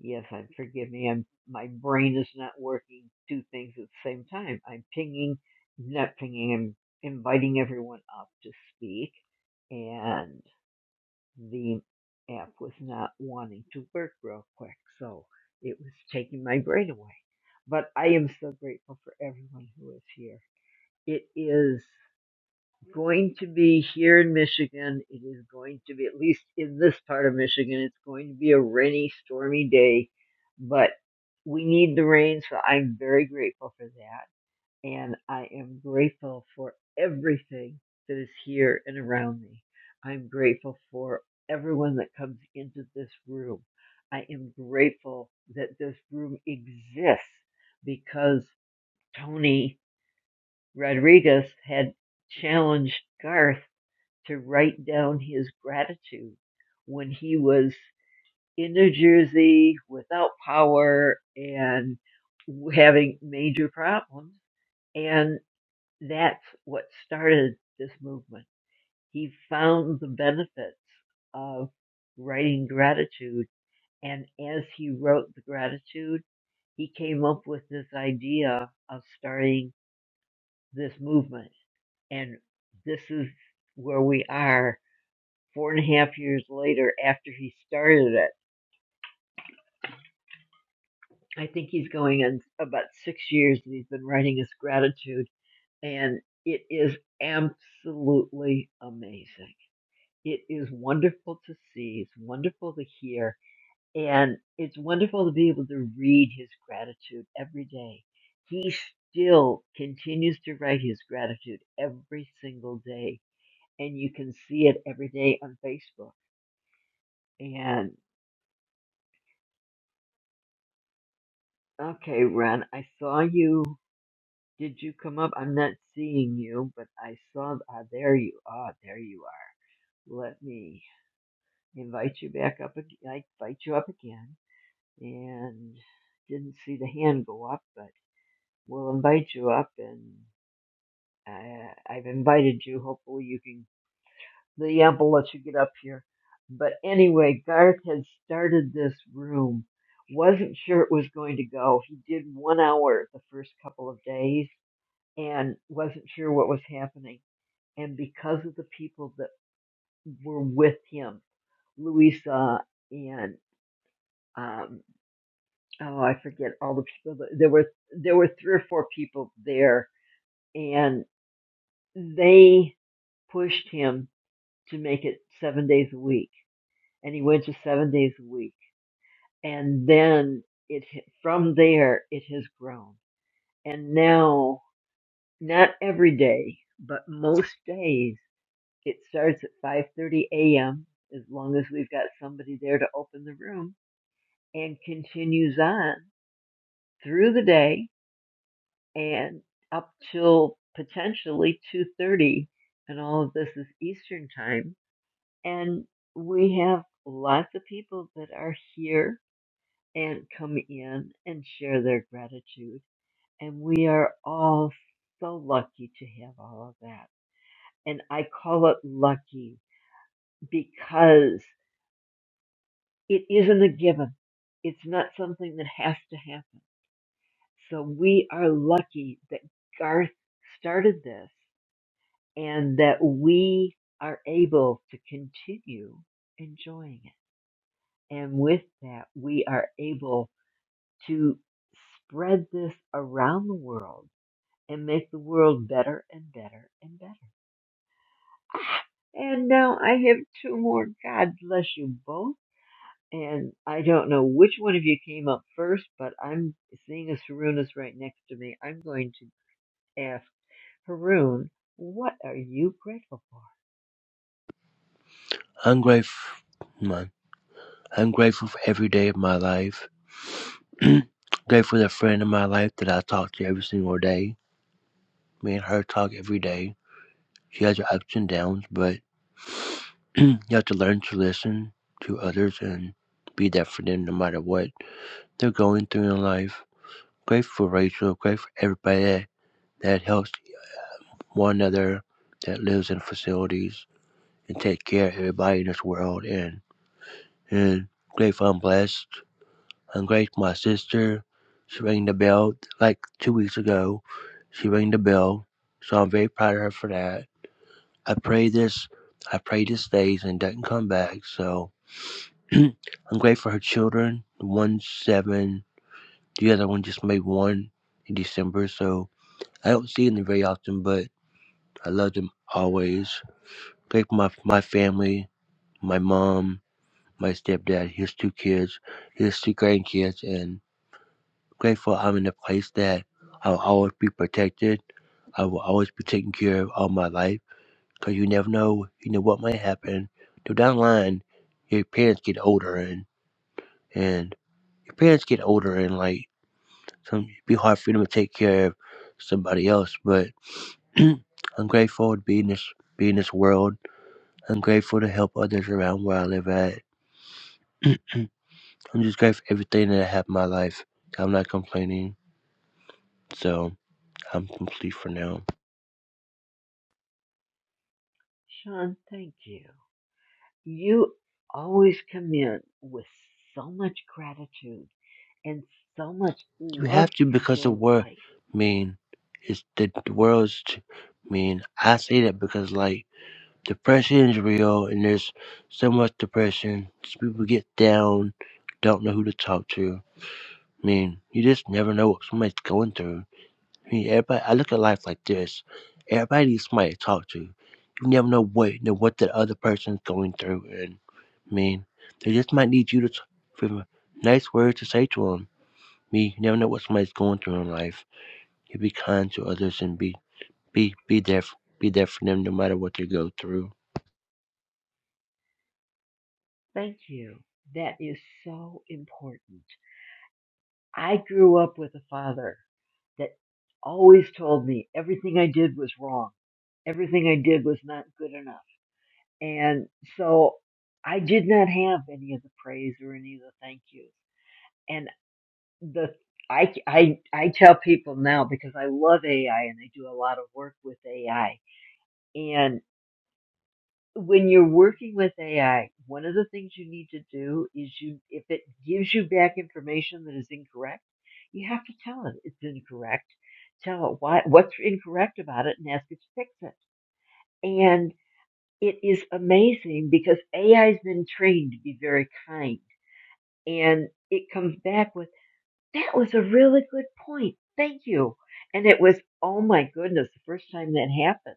S26: Yes, I'm forgive me. I'm my brain is not working two things at the same time. I'm pinging, not pinging. I'm inviting everyone up to speak, and the app was not wanting to work real quick, so it was taking my brain away. But I am so grateful for everyone who is here. It is going to be here in Michigan. It is going to be, at least in this part of Michigan, it's going to be a rainy, stormy day, but we need the rain, so I'm very grateful for that. And I am grateful for everything that is here and around me. I'm grateful for everyone that comes into this room. I am grateful that this room exists because Tony Rodriguez had challenged Garth to write down his gratitude when he was in New Jersey without power and having major problems. And that's what started this movement. He found the benefits of writing gratitude. And as he wrote the gratitude, he came up with this idea of starting this movement. And this is where we are four and a half years later after he started it. I think he's going on about six years and he's been writing his gratitude and it is absolutely amazing. It is wonderful to see. It's wonderful to hear. And it's wonderful to be able to read his gratitude every day. He still continues to write his gratitude every single day. And you can see it every day on Facebook. And okay, Ren, I saw you Did you come up? I'm not seeing you, but I saw. Ah, there you are. There you are. Let me invite you back up. ag- I invite you up again, and didn't see the hand go up, but we'll invite you up, and uh, I've invited you. Hopefully, you can. The app will let you get up here. But anyway, Garth had started this room. Wasn't sure it was going to go. He did one hour the first couple of days and wasn't sure what was happening and because of the people that were with him, Louisa and um, oh, I forget all the people. That, there were there were three or four people there, and they pushed him to make it seven days a week, and he went to seven days a week, and then it from there it has grown, and now not every day, but most days It starts at 5:30 a.m. as long as we've got somebody there to open the room and continues on through the day and up till potentially 2:30 and all of this is eastern time and we have lots of people that are here and come in and share their gratitude and we are all so lucky to have all of that and I call it lucky because It isn't a given. It's not something that has to happen. So we are lucky that Garth started this and that we are able to continue enjoying it. And with that, we are able to spread this around the world and make the world better and better and better. Ah, and now I have two more. God bless you both. And I don't know which one of you came up first, but I'm seeing as Haroon is right next to me. I'm going to ask Haroon, what are you grateful for?
S28: Ungrateful, man. Ungrateful for every day of my life. grateful that friend of my life that I talk to every single day. Me and her talk every day. She has her ups and downs, but you have to learn to listen to others and be there for them no matter what they're going through in life. Grateful for Rachel, grateful for everybody that, that helps one another, that lives in facilities and take care of everybody in this world and and grateful I'm blessed and grace my sister. She rang the bell like two weeks ago. She rang the bell, so I'm very proud of her for that. I pray this, I pray this stays and doesn't come back. So I'm grateful for her children. One seven, the other one just made one in December. So I don't see them very often, but I love them always. Grateful for my my family, my mom, my stepdad, his two kids, his two grandkids, and. grateful I'm in a place that I'll always be protected. I will always be taken care of all my life because you never know, you know what might happen. So down the line, your parents get older and and your parents get older and like some it'd be hard for them to take care of somebody else. But I'm grateful to be in this be in this world. I'm grateful to help others around where I live at. I'm just grateful for everything that I have in my life. I'm not complaining, so I'm complete for now.
S26: Sean, thank you. You always come in with so much gratitude and so much
S28: You
S26: love
S28: have to
S26: for
S28: because the
S26: your
S28: word
S26: life.
S28: mean is the, the world's t- mean. I say that because like depression is real and there's so much depression. Just People get down, don't know who to talk to. I mean, you just never know what somebody's going through. I mean, everybody. I look at life like this. Everybody needs somebody to talk to. You never know what know what the other person's going through, and I mean, they just might need you to t- for a nice word to say to them. Me, you never know what somebody's going through in life. You be kind to others and be be be there be there for them no matter what they go through.
S26: Thank you. That is so important. I grew up with a father that always told me everything I did was wrong. Everything I did was not good enough And so I did not have any of the praise or any of the thank yous. And the I, I, I tell people now because I love AI and I do a lot of work with AI. And when you're working with AI, one of the things you need to do is you, if it gives you back information that is incorrect, you have to tell it it's incorrect. Tell it why, what's incorrect about it and ask it to fix it. And it is amazing because AI has been trained to be very kind and it comes back with, that was a really good point. Thank you. And it was, oh my goodness, the first time that happened.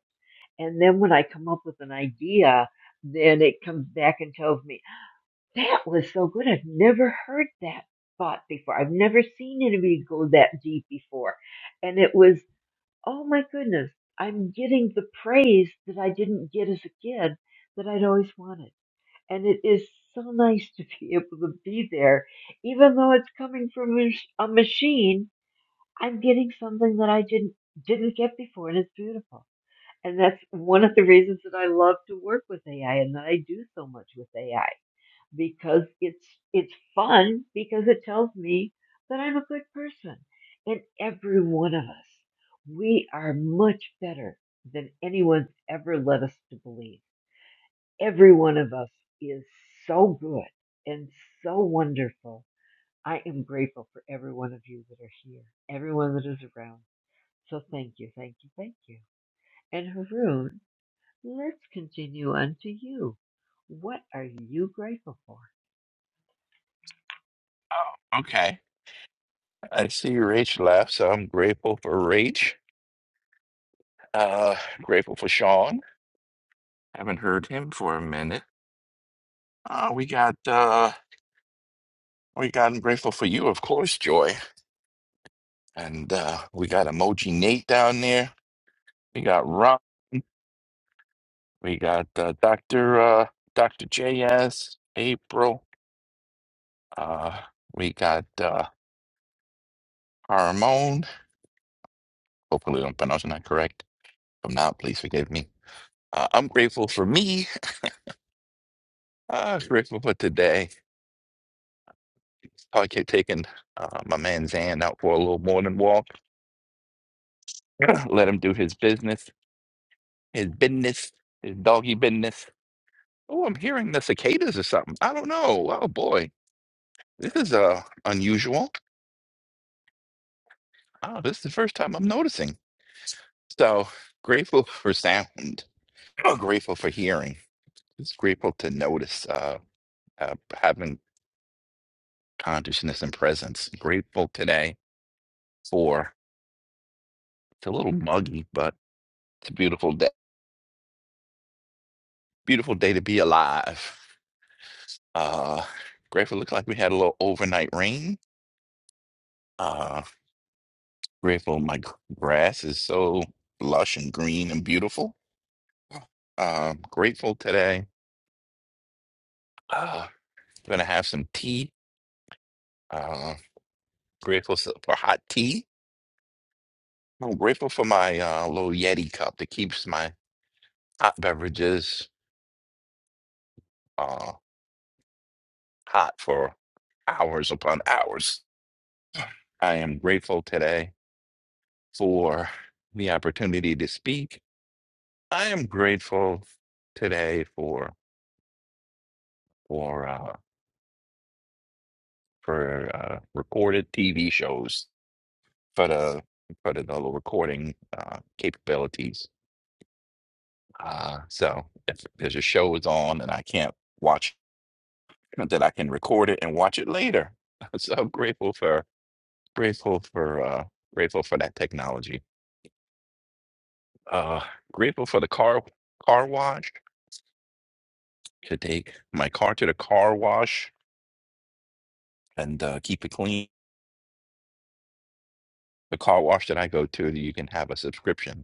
S26: And then when I come up with an idea, then it comes back and tells me, that was so good. I've never heard that thought before. I've never seen anybody go that deep before. And it was, oh my goodness, I'm getting the praise that I didn't get as a kid that I'd always wanted and it is so nice to be able to be there even though it's coming from a mach- a machine i'm getting something that i didn't didn't get before and it's beautiful and that's one of the reasons that i love to work with ai and that i do so much with ai because it's it's fun because it tells me that i'm a good person and every one of us we are much better than anyone's ever led us to believe Every one of us is so good and so wonderful. I am grateful for every one of you that are here, everyone that is around. So thank you, thank you, thank you. And Haroon, let's continue on to you. What are you grateful for?
S29: Oh, okay. I see Rach left, so I'm grateful for Rach. Uh, grateful for Sean. Haven't heard him for a minute. Uh, we got uh, we got I'm grateful for you, of course, Joy. And uh, we got Emoji Nate down there. We got Rob. We got uh, Doctor uh, Doctor JS April. Uh, we got uh, Harmon. Hopefully, I'm pronouncing that correct. If I'm not, please forgive me. Uh, I'm grateful for me. Uh, grateful for today. Probably kept taking uh, my man Zan out for a little morning walk. Let him do his business, his business, his doggy business. Oh, I'm hearing the cicadas or something. I don't know. Oh boy, this is uh unusual. Oh, this is the first time I'm noticing. So grateful for sound. Oh, grateful for hearing. Just grateful to notice. Uh, uh, having consciousness and presence. Grateful today for it's a little muggy, but it's a beautiful day. Beautiful day to be alive. Uh, grateful looked like we had a little overnight rain. Uh, grateful my gr- grass is so lush and green and beautiful. Uh, grateful today. Uh, gonna have some tea. Uh, grateful s- for hot tea. I'm grateful for my uh, little Yeti cup that keeps my hot beverages uh, hot for hours upon hours. I am grateful today for the opportunity to speak. I am grateful today for for uh, for uh, recorded TV shows for the for the, the recording uh, capabilities. Uh, so if there's a show is on and I can't watch that, I can record it and watch it later. So I'm grateful for grateful for uh, grateful for that technology. Uh, grateful for the car car wash to take my car to the car wash and uh, keep it clean. The car wash that I go to, you can have a subscription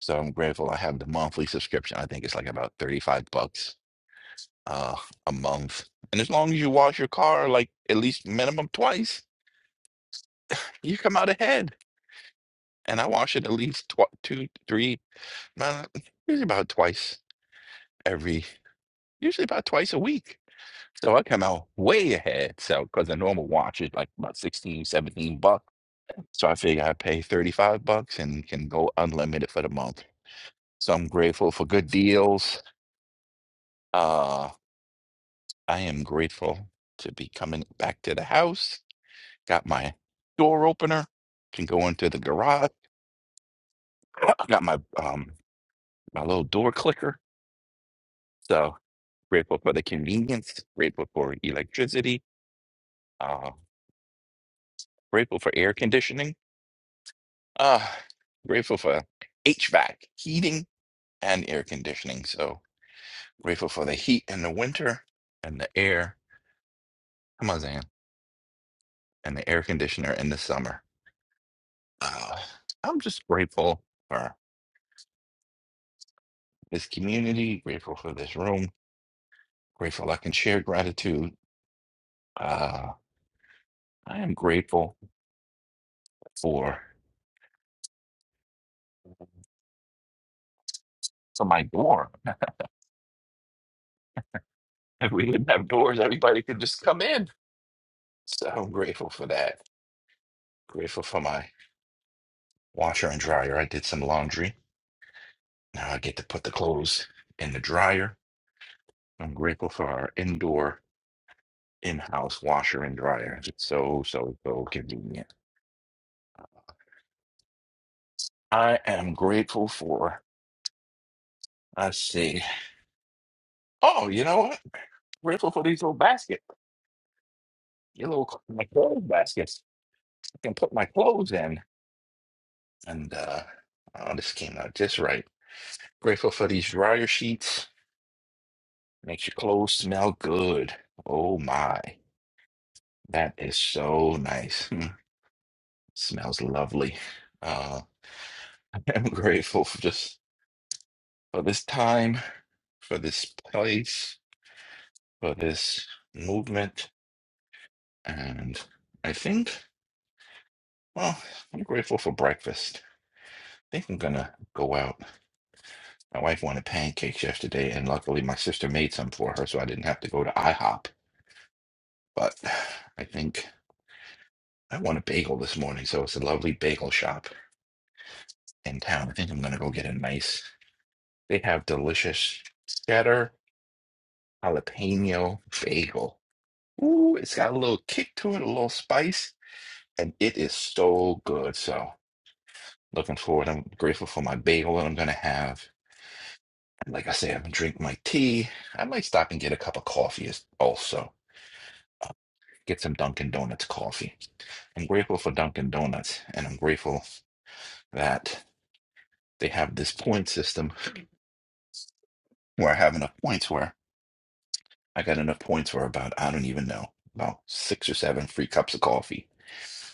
S29: So I'm grateful I have the monthly subscription. I think it's like about 35 bucks uh, a month. And as long as you wash your car like at least minimum twice, you come out ahead. And I wash it at least tw two, three, uh, usually about twice every, usually about twice a week. So I come out way ahead. So because the normal wash is like about 16, 17 bucks. So I figure I pay 35 bucks and can go unlimited for the month. So I'm grateful for good deals. Uh, I am grateful to be coming back to the house. Got my door opener, can go into the garage. Got my um my little door clicker. So grateful for the convenience, grateful for electricity, uh, grateful for air conditioning, uh, grateful for HVAC, heating and air conditioning. So grateful for the heat in the winter and the air. Come on, Zan, and the air conditioner in the summer. Uh, I'm just grateful. for. this community, grateful for this room, grateful I can share gratitude. Uh, I am grateful for for my door. If we didn't have doors, everybody could just come in. So I'm grateful for that. Grateful for my washer and dryer. I did some laundry. Now I get to put the clothes in the dryer. I'm grateful for our indoor in-house washer and dryer. It's so, so, so convenient. I am grateful for, I see. Oh, you know what? Grateful for these little baskets. your little cl- my clothes baskets. I can put my clothes in. And uh, oh, this came out just right. Grateful for these dryer sheets. Makes your clothes smell good. Oh my, that is so nice. Hmm. Smells lovely. Uh, I'm grateful for just for this time, for this place, for this movement, and I think. Well, I'm grateful for breakfast. I think I'm gonna go out My wife wanted pancakes yesterday, and luckily my sister made some for her, so I didn't have to go to IHOP. But I think I want a bagel this morning, so it's a lovely bagel shop in town. I think I'm gonna go get a nice. They have delicious cheddar jalapeno bagel. Ooh, it's got a little kick to it, a little spice, and it is so good. So looking forward. I'm grateful for my bagel that I'm gonna have. And like I say, I'm gonna drink my tea. I might stop and get a cup of coffee as- also. get some Dunkin' Donuts coffee. I'm grateful for Dunkin' Donuts, and I'm grateful that they have this point system where I have enough points where I got enough points for about, I don't even know, about six or seven free cups of coffee.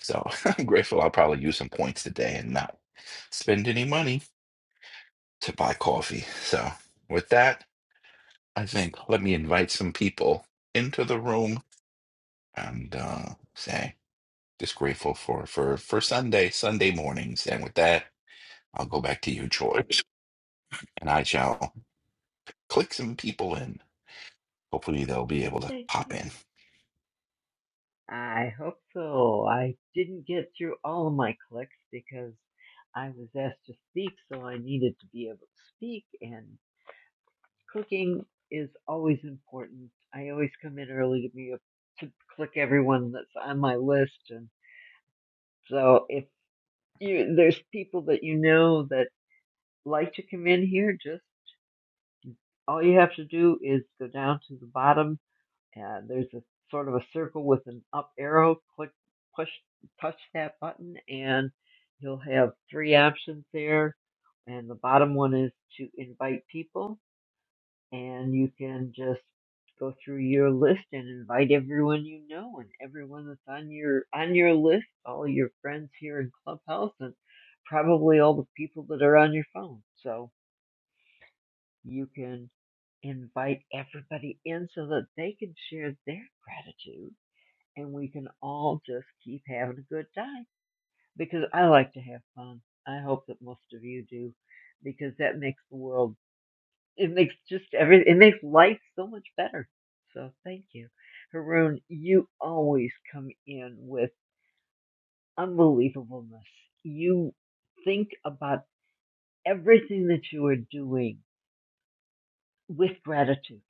S29: So I'm grateful I'll probably use some points today and not spend any money to buy coffee. So with that, I think let me invite some people into the room and uh, say just grateful for for for Sunday Sunday mornings. And with that, I'll go back to you, George, and I shall click some people in. Hopefully, they'll be able to
S26: Thank
S29: pop
S26: you.
S29: in.
S26: I hope so. I didn't get through all of my clicks because I was asked to speak, so I needed to be able to speak, and. Cooking is always important. I always come in early to be a, to click everyone that's on my list, and so if you there's people that you know that like to come in here, just all you have to do is go down to the bottom. Uh, there's a sort of a circle with an up arrow. Click, push, touch that button, and you'll have three options there. And the bottom one is to invite people and you can just go through your list and invite everyone you know and everyone that's on your on your list, all your friends here in Clubhouse and probably all the people that are on your phone. So you can invite everybody in so that they can share their gratitude and we can all just keep having a good time because I like to have fun. I hope that most of you do because that makes the world it makes just every it makes life so much better. So thank you, Haroon. You always come in with unbelievableness. You think about everything that you are doing with gratitude.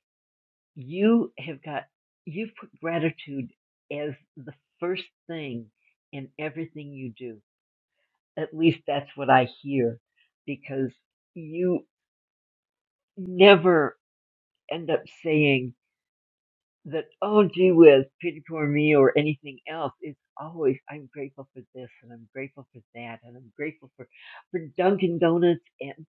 S26: You have got you've put gratitude as the first thing in everything you do. At least that's what I hear, because you never end up saying that oh gee whiz, pity poor me or anything else. It's always I'm grateful for this and I'm grateful for that and I'm grateful for for Dunkin' Donuts and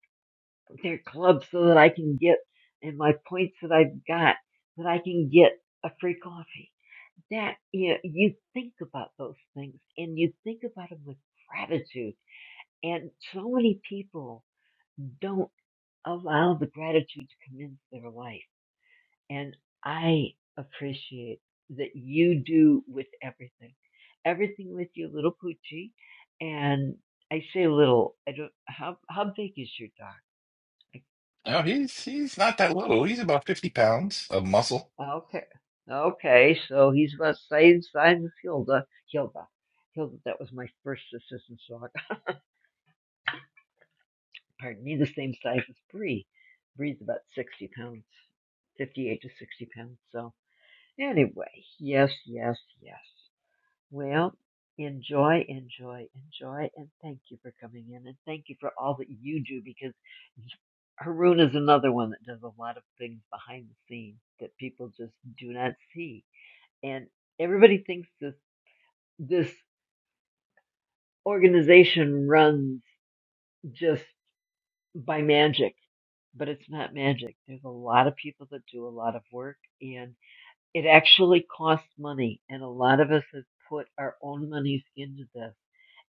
S26: their club so that I can get and my points that I've got that I can get a free coffee. That you know, you think about those things and you think about them with gratitude. And so many people don't allow the gratitude to come into their life and I appreciate that you do with everything, everything with your little poochie. And I say little. I don't. How how big is your dog?
S29: No, he's he's not that little. He's about fifty pounds of muscle.
S26: Okay, okay. So he's about the same size as Hilda. Hilda, Hilda. That was my first assistant's dog. Pardon me. The same size as Bree. Bree's about sixty pounds, fifty-eight to sixty pounds. So anyway, yes, yes, yes. Well, enjoy, enjoy, enjoy, and thank you for coming in, and thank you for all that you do because Haroon is another one that does a lot of things behind the scenes that people just do not see. And everybody thinks this this organization runs just by magic, but it's not magic. There's a lot of people that do a lot of work, and it actually costs money. And a lot of us have put our own monies into this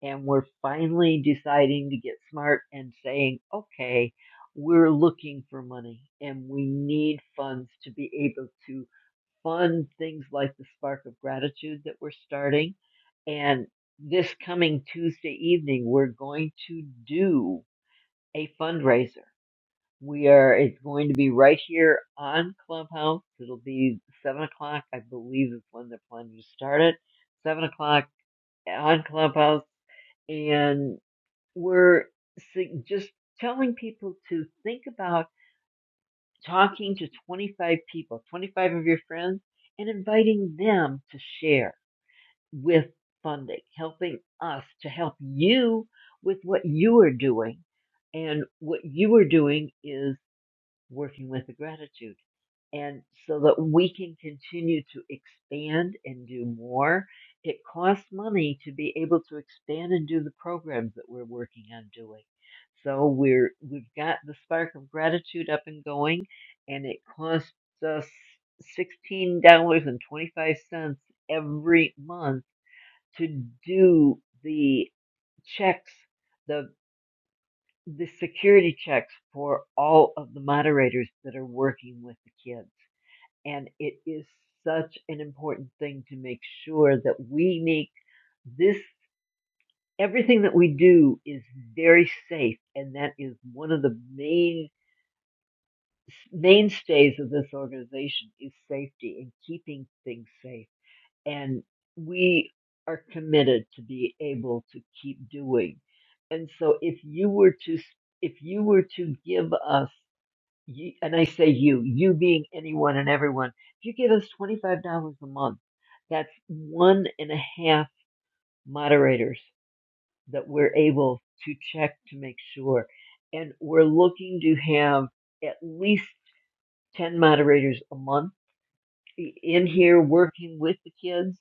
S26: and we're finally deciding to get smart and saying, okay, we're looking for money and we need funds to be able to fund things like the spark of gratitude that we're starting. And this coming Tuesday evening, we're going to do a fundraiser. We are, it's going to be right here on Clubhouse. It'll be seven o'clock, I believe is when they're planning to start it. Seven o'clock on Clubhouse. And we're sig- just telling people to think about talking to 25 people, 25 of your friends, and inviting them to share with funding, helping us to help you with what you are doing. And what you are doing is working with the gratitude and so that we can continue to expand and do more. It costs money to be able to expand and do the programs that we're working on doing. So we're we've got the spark of gratitude up and going, and it costs us sixteen dollars and twenty five cents every month to do the checks, the the security checks for all of the moderators that are working with the kids and it is such an important thing to make sure that we make this, everything that we do is very safe. And that is one of the main mainstays of this organization is safety and keeping things safe. And we are committed to be able to keep doing. And so if you were to, if you were to give us you, and I say you, you being anyone and everyone, if you give us $25 a month, that's one and a half moderators that we're able to check to make sure. And we're looking to have at least 10 moderators a month in here working with the kids.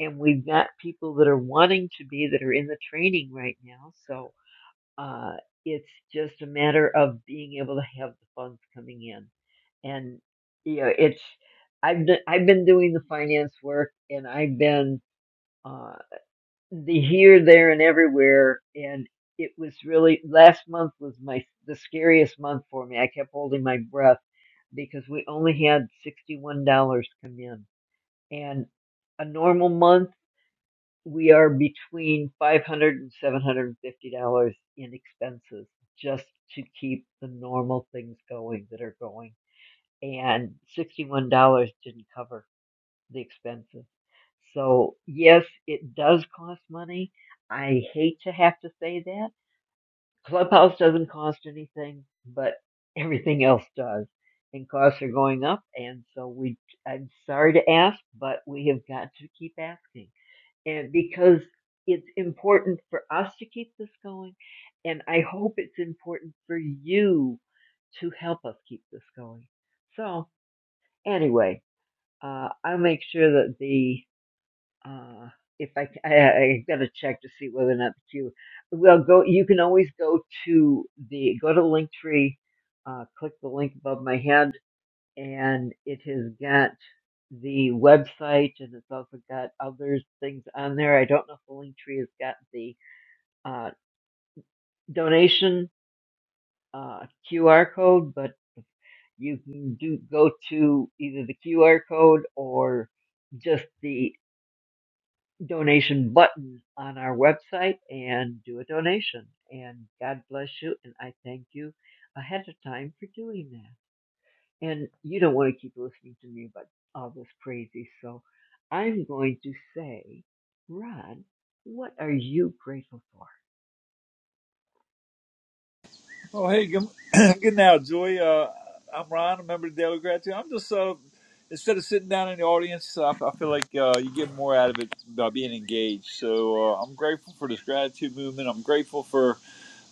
S26: And we've got people that are wanting to be that are in the training right now. So uh, it's just a matter of being able to have the funds coming in and you know it's i've been i've been doing the finance work and i've been uh the here there and everywhere and it was really last month was my the scariest month for me i kept holding my breath because we only had sixty one dollars come in and a normal month we are between five hundred and seven hundred and fifty dollars in expenses just to keep the normal things going that are going and $61 didn't cover the expenses. So, yes, it does cost money. I hate to have to say that. Clubhouse doesn't cost anything, but everything else does. And costs are going up, and so we, I'm sorry to ask, but we have got to keep asking. And because it's important for us to keep this going, and I hope it's important for you to help us keep this going. So, anyway, uh, I'll make sure that the uh, if I, I I got to check to see whether or not the queue. Well, go. You can always go to the go to the link tree, uh, click the link above my head, and it has got the website and it's also got other things on there. I don't know if the link tree has got the uh, donation uh, QR code, but you can do go to either the QR code or just the donation button on our website and do a donation. And God bless you. And I thank you ahead of time for doing that. And you don't want to keep listening to me about all this crazy. So I'm going to say, Ron, what are you grateful for?
S8: Oh, hey, good, good now, Joy. Uh, I'm Ron, a member of the Daily Gratitude. I'm just uh, instead of sitting down in the audience, I, I feel like uh, you get more out of it by being engaged. So uh, I'm grateful for this gratitude movement. I'm grateful for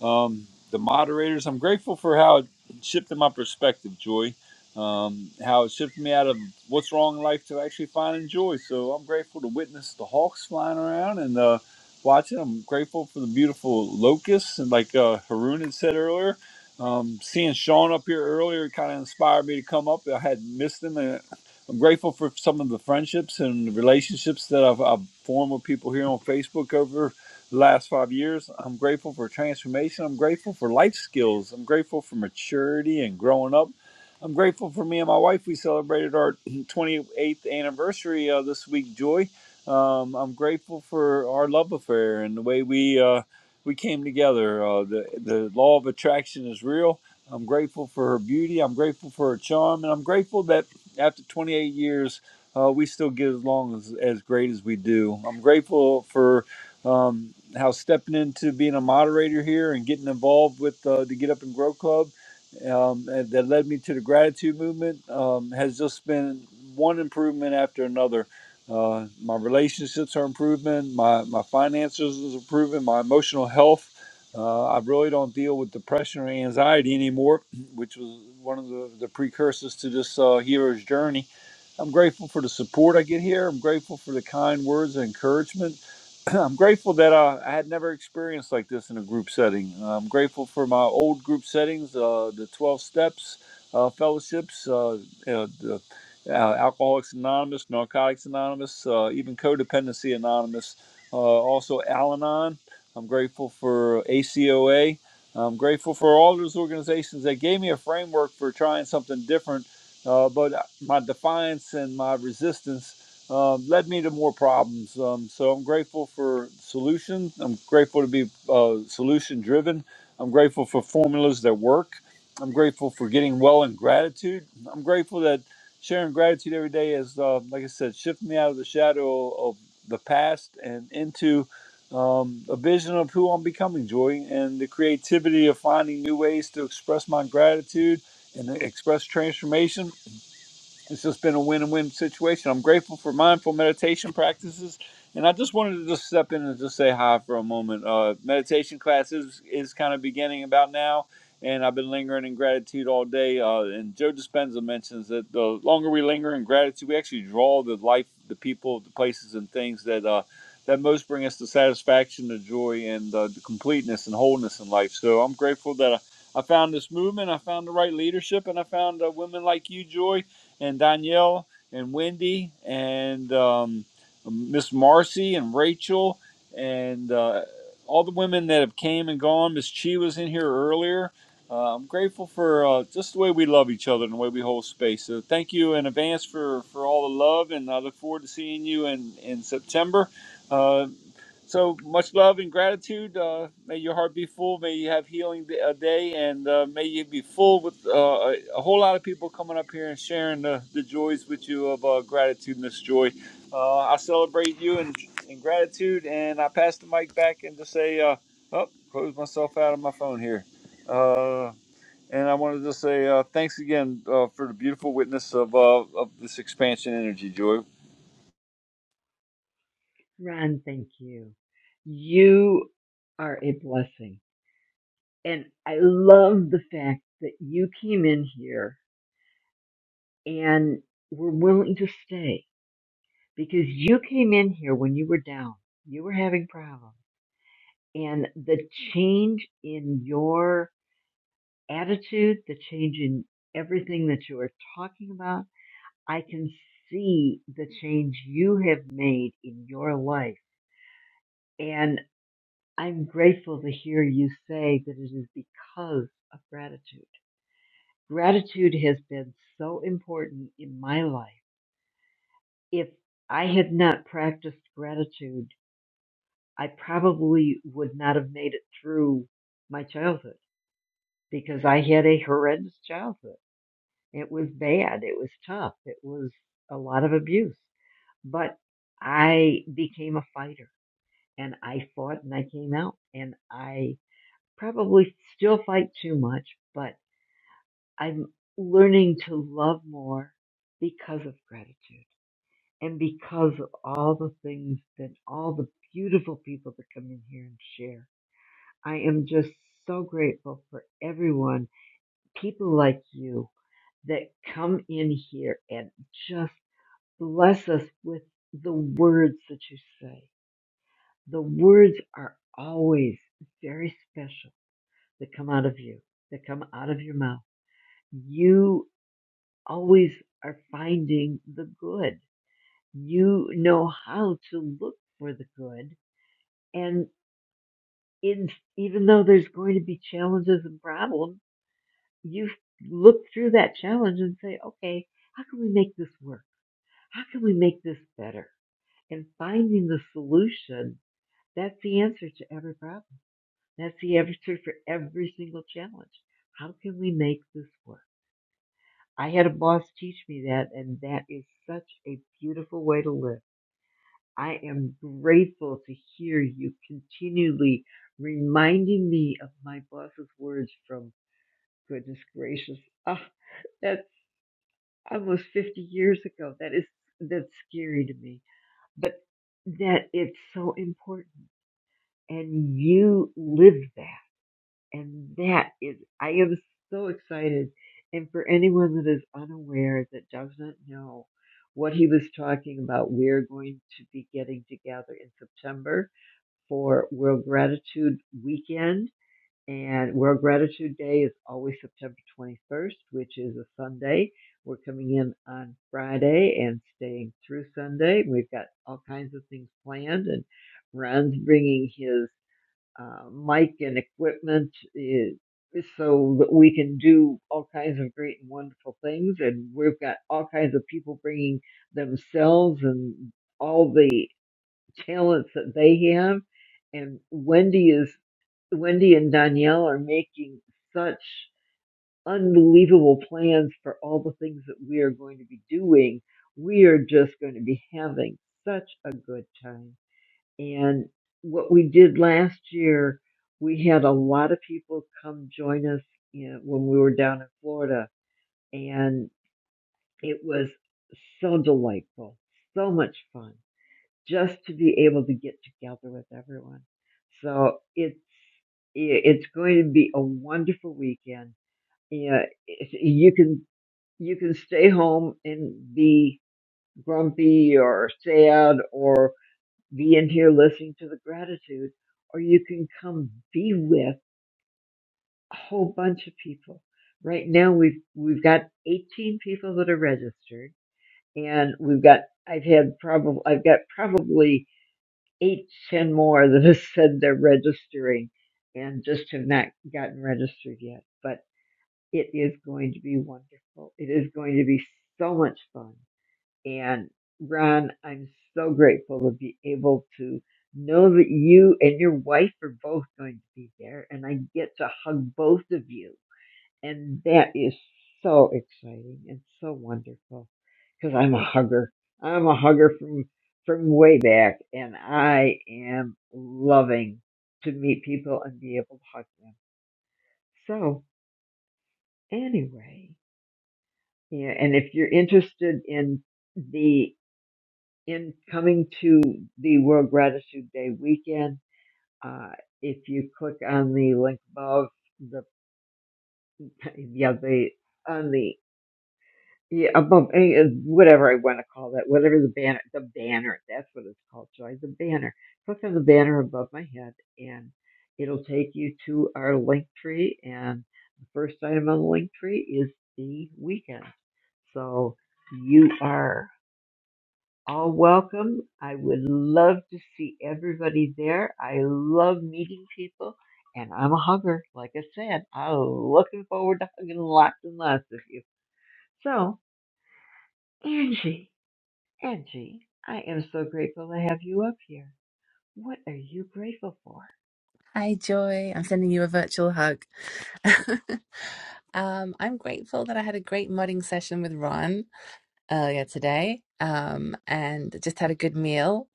S8: um, the moderators. I'm grateful for how it shifted my perspective, Joy. Um, how it shifted me out of what's wrong in life to actually finding joy. So I'm grateful to witness the hawks flying around and uh, watching. I'm grateful for the beautiful locusts and like uh, Haroon had said earlier. Um, seeing Sean up here earlier kind of inspired me to come up. I had missed him. And I'm grateful for some of the friendships and relationships that I've, I've formed with people here on Facebook over the last five years. I'm grateful for transformation. I'm grateful for life skills. I'm grateful for maturity and growing up. I'm grateful for me and my wife. We celebrated our 28th anniversary uh, this week, Joy. Um, I'm grateful for our love affair and the way we uh, we came together. Uh, the the law of attraction is real. I'm grateful for her beauty. I'm grateful for her charm, and I'm grateful that after 28 years, uh, we still get along as, as great as we do. I'm grateful for um, how stepping into being a moderator here and getting involved with uh, the Get Up and Grow Club um, and that led me to the gratitude movement um, has just been one improvement after another. Uh, my relationships are improving, my, my finances is improving, my emotional health. Uh, I really don't deal with depression or anxiety anymore, which was one of the, the precursors to this uh, hero's journey. I'm grateful for the support I get here. I'm grateful for the kind words and encouragement I'm grateful that uh, I had never experienced like this in a group setting. Uh, I'm grateful for my old group settings, uh, the 12 steps, uh, fellowships, uh, you the, uh, Alcoholics Anonymous, Narcotics Anonymous, uh, even Codependency Anonymous, uh, also Al Anon. I'm grateful for ACOA. I'm grateful for all those organizations that gave me a framework for trying something different. Uh, but my defiance and my resistance um, led me to more problems. Um, so I'm grateful for solutions. I'm grateful to be uh, solution driven. I'm grateful for formulas that work. I'm grateful for getting well in gratitude. I'm grateful that sharing gratitude every day has, uh, like I said, shifted me out of the shadow of the past and into um, a vision of who I'm becoming, Joy, and the creativity of finding new ways to express my gratitude and express transformation it's just been a win win situation. I'm grateful for mindful meditation practices. And I just wanted to just step in and just say hi for a moment. Uh, meditation class is, is kind of beginning about now, and I've been lingering in gratitude all day. Uh, and Joe Dispenza mentions that the longer we linger in gratitude, we actually draw the life, the people, the places, and things that uh, that most bring us the satisfaction, the joy, and uh, the completeness and wholeness in life. So I'm grateful that I, I found this movement, I found the right leadership, and I found uh, women like you, Joy, and Danielle and Wendy and um, Miss Marcy and Rachel and uh, all the women that have came and gone. Miss Chi was in here earlier. Uh, I'm grateful for uh, just the way we love each other and the way we hold space. So thank you in advance for, for all the love, and I look forward to seeing you in in September. Uh, so much love and gratitude. Uh, may your heart be full. May you have healing d- a day, and uh, may you be full with uh, a a whole lot of people coming up here and sharing the, the joys with you of uh, gratitude and this joy. Uh, I celebrate you in, in gratitude, and I pass the mic back and just say, uh, oh, close myself out of my phone here. Uh, and I wanted to say uh, thanks again uh, for the beautiful witness of, uh, of this expansion energy, Joy.
S26: Ron, thank you. You are a blessing. And I love the fact that you came in here and were willing to stay because you came in here when you were down, you were having problems, and the change in your attitude, the change in everything that you are talking about, I can see the change you have made in your life. And I'm grateful to hear you say that it is because of gratitude. Gratitude has been so important in my life. If I had not practiced gratitude, I probably would not have made it through my childhood because I had a horrendous childhood. It was bad. It was tough. It was a lot of abuse. But I became a fighter and I fought and I came out and I probably still fight too much, but I'm learning to love more because of gratitude and because of all the things that all the beautiful people that come in here and share I am just so grateful for everyone, people like you that come in here and just bless us with the words that you say. The words are always very special that come out of you, that come out of your mouth. You always are finding the good. You know how to look for the good. And in, even though there's going to be challenges and problems, you look through that challenge and say, okay, how can we make this work? How can we make this better? And finding the solution, that's the answer to every problem. That's the answer for every single challenge. How can we make this work? I had a boss teach me that, and that is such a beautiful way to live. I am grateful to hear you continually reminding me of my boss's words from goodness gracious. Ah, that's almost 50 years ago. That is that's scary to me, but that it's so important, and you live that, and that is I am so excited. And for anyone that is unaware that doesn't know what he was talking about, we're going to be getting together in September for World Gratitude Weekend and World Gratitude Day is always September 21st, which is a Sunday. We're coming in on Friday and staying through Sunday. We've got all kinds of things planned, and Ron's bringing his uh, mic and equipment eh, so that we can do all kinds of great and wonderful things. And we've got all kinds of people bringing themselves and all the talents that they have, and Wendy is Wendy and Danielle are making such unbelievable plans for all the things that we are going to be doing. We are just going to be having such a good time. And what we did last year, we had a lot of people come join us you know, when we were down in Florida, and it was so delightful, so much fun just to be able to get together with everyone. So it's it's going to be a wonderful weekend. Yeah, you can you can stay home and be grumpy or sad or be in here listening to the gratitude, or you can come be with a whole bunch of people. Right now we've we've got 18 people that are registered, and we've got I've had probably I've got probably eight, ten more that have said they're registering and just have not gotten registered yet. But it is going to be wonderful. It is going to be so much fun. And Ron, I'm so grateful to be able to know that you and your wife are both going to be there and I get to hug both of you and that is so exciting and so wonderful because I'm a hugger. I'm a hugger from from way back, and I am loving to meet people and be able to hug them. So anyway, yeah, and if you're interested in the in coming to the World Gratitude Day weekend, uh, if you click on the link above the yeah the on the yeah, above eh, eh, whatever I want to call that, whatever the banner, the banner, that's what it's called, Joy, the banner. Click on the banner above my head, and it'll take you to our link tree. And the first item on the link tree is the weekend. So you are all welcome. I would love to see everybody there. I love meeting people, and I'm a hugger. Like I said, I'm looking forward to hugging lots and lots of you. So, Angie. Angie, I am so grateful to have you up here. What are you grateful for?
S5: Hi, Joy. I'm sending you a virtual hug. um, I'm grateful that I had a great modding session with Ron earlier today um, and just had a good meal.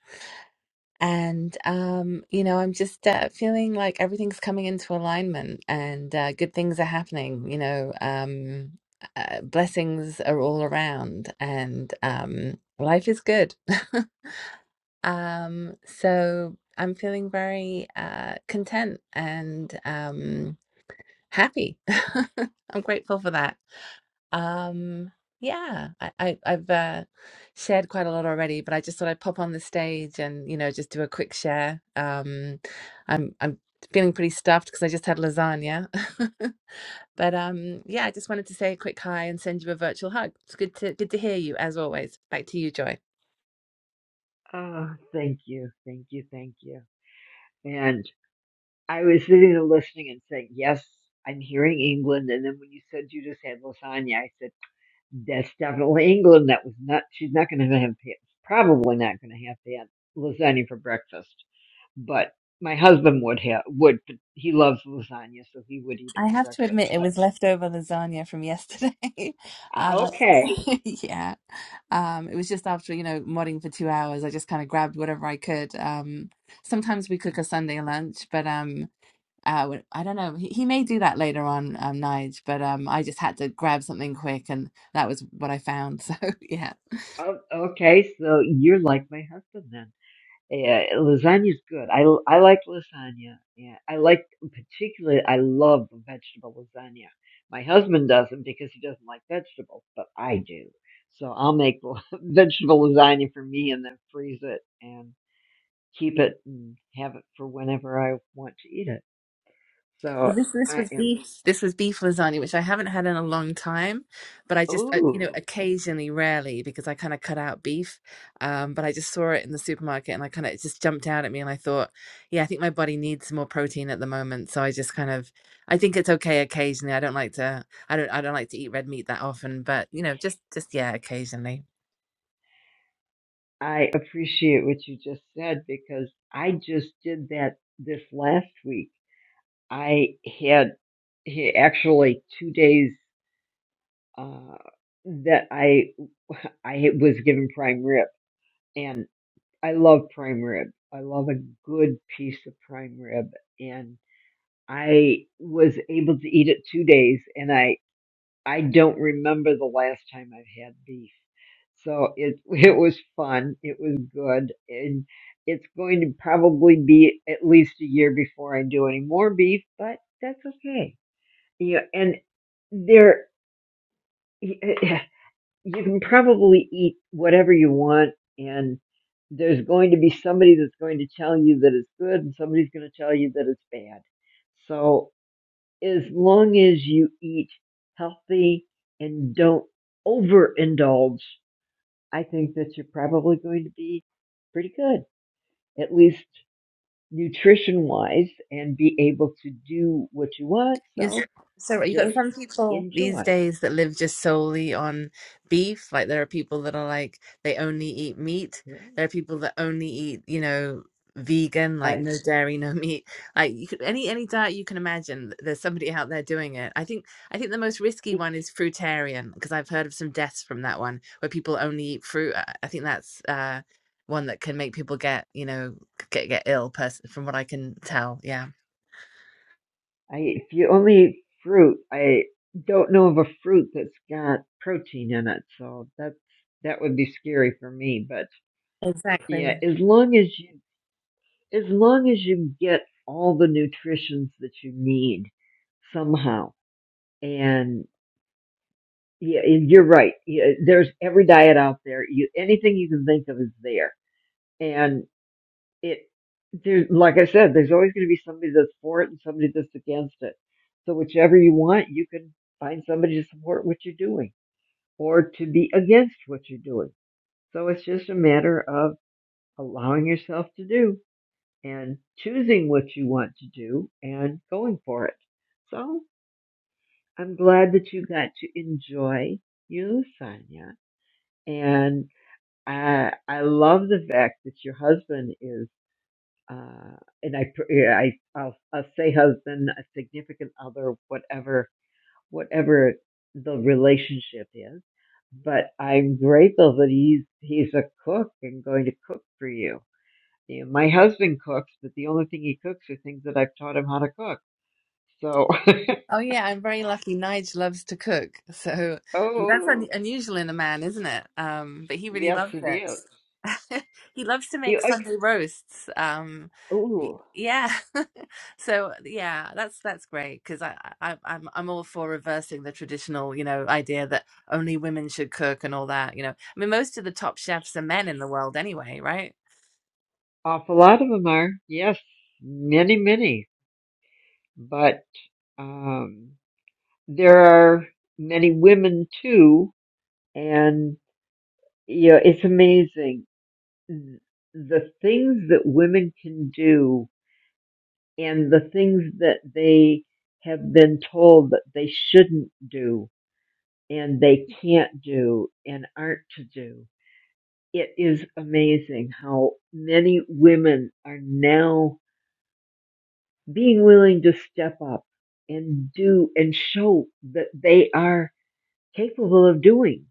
S5: And, um, you know, I'm just uh, feeling like everything's coming into alignment and uh, good things are happening, you know, um, uh, blessings are all around and um, life is good. Um, so I'm feeling very uh, content and um, happy. I'm grateful for that. Um, yeah, I, I, I've uh, shared quite a lot already, but I just thought I'd pop on the stage and you know just do a quick share. Um, I'm I'm feeling pretty stuffed because I just had lasagna, but um, yeah, I just wanted to say a quick hi and send you a virtual hug. It's good to good to hear you as always. Back to you, Joy.
S26: Oh, thank you, thank you, thank you. And I was sitting there listening and saying, yes, I'm hearing England. And then when you said you just had lasagna, I said, that's definitely England. That was not, she's not going to have, probably not going to have to have lasagna for breakfast. But my husband would have, would, he loves lasagna, so he would eat it
S5: I
S26: for
S5: have to
S26: breakfast.
S5: admit, it
S26: But
S5: was leftover lasagna from yesterday. Um,
S26: okay.
S5: I- yeah, um, it was just after you know modding for two hours. I just kind of grabbed whatever I could. Um, sometimes we cook a Sunday lunch, but um, uh, w- I don't know. He, he may do that later on, um, Nige. But um, I just had to grab something quick, and that was what I found. So yeah.
S26: Oh, okay, so you're like my husband then. Yeah, lasagna's good. I, I like lasagna. Yeah, I like particularly. I love vegetable lasagna. My husband doesn't because he doesn't like vegetables, but I do. So I'll make vegetable lasagna for me and then freeze it and keep it and have it for whenever I want to eat it. So
S5: Well, this this
S26: I
S5: was
S26: am.
S5: beef. This was beef lasagna, which I haven't had in a long time, but I just I, you know
S26: Ooh,
S5: occasionally, rarely, because I kind of cut out beef. Um, but I just saw it in the supermarket, and I kind of it just jumped out at me, and I thought, yeah, I think my body needs more protein at the moment. So I just kind of I think it's okay occasionally. I don't like to I don't I don't like to eat red meat that often, but you know just just yeah occasionally.
S26: I appreciate what you just said because I just did that this last week I had he- actually two days uh, that I I was given prime rib, and I love prime rib. I love a good piece of prime rib, and I was able to eat it two days, and I I don't remember the last time I've had beef. So it it was fun. It was good, and it's going to probably be at least a year before I do any more beef, but that's okay. Yeah, and there you can probably eat whatever you want, and there's going to be somebody that's going to tell you that it's good, and somebody's going to tell you that it's bad. So as long as you eat healthy and don't overindulge, I think that you're probably going to be pretty good, at least nutrition wise, and be able to do what you want.
S5: Yes.
S26: So
S5: So right, you got
S26: just
S5: some people these
S26: enjoy.
S5: days that live just solely on beef. Like there are people that are like they only eat meat.
S26: Yeah.
S5: There are people that only eat, you know, vegan,
S26: I,
S5: like no dairy, no meat. Like you could, any any diet you can imagine, th- there's somebody out there doing it. I think I think the most risky
S26: If
S5: one is fruitarian because I've heard of some deaths from that one where people only eat fruit. I I think that's uh one that can make people get, you know, get get ill. Person from what I can tell, yeah.
S26: I if you only eat fruit, I don't know of a fruit that's got protein in it, so that's that would be scary for me. But
S5: Exactly.
S26: yeah, as long as you as long as you get all the nutritions that you need somehow, and yeah, and you're right. Yeah, there's every diet out there. You anything you can think of is there, And it there like I said, there's always going to be somebody that's for it and somebody that's against it. So whichever you want, you can find somebody to support what you're doing or to be against what you're doing. So it's just a matter of allowing yourself to do and choosing what you want to do and going for it. So I'm glad that you got to enjoy you, Sonia. And I, I love the fact that your husband is. uh, and I, yeah, I, I'll, I'll say husband, a significant other, whatever, whatever the relationship is. But I'm grateful that he's, he's a cook and going to cook for you. You know, my husband cooks, but the only thing he cooks are things that I've taught him how to cook. So,
S5: Oh yeah, I'm very lucky. Nige loves to cook, so that's un
S26: oh,
S5: unusual in a man, isn't it? Um, but he really
S26: yes,
S5: loves
S26: it is.
S5: it. He loves to
S26: You,
S5: make
S26: I,
S5: Sunday roasts. Um, y-
S26: oh,
S5: yeah. So yeah, that's that's great because I, I I'm I'm all for reversing the traditional, you know, idea that only women should cook and all that. You know, I mean, most of the top chefs are men in the world anyway, right?
S26: awful lot of them are. Yes, many, many. But, um. there are many women too, and you know, it's amazing the things that women can do and the things that they have been told that they shouldn't do and they can't do and aren't to do. It is amazing how many women are now being willing to step up and do and show that they are capable of doing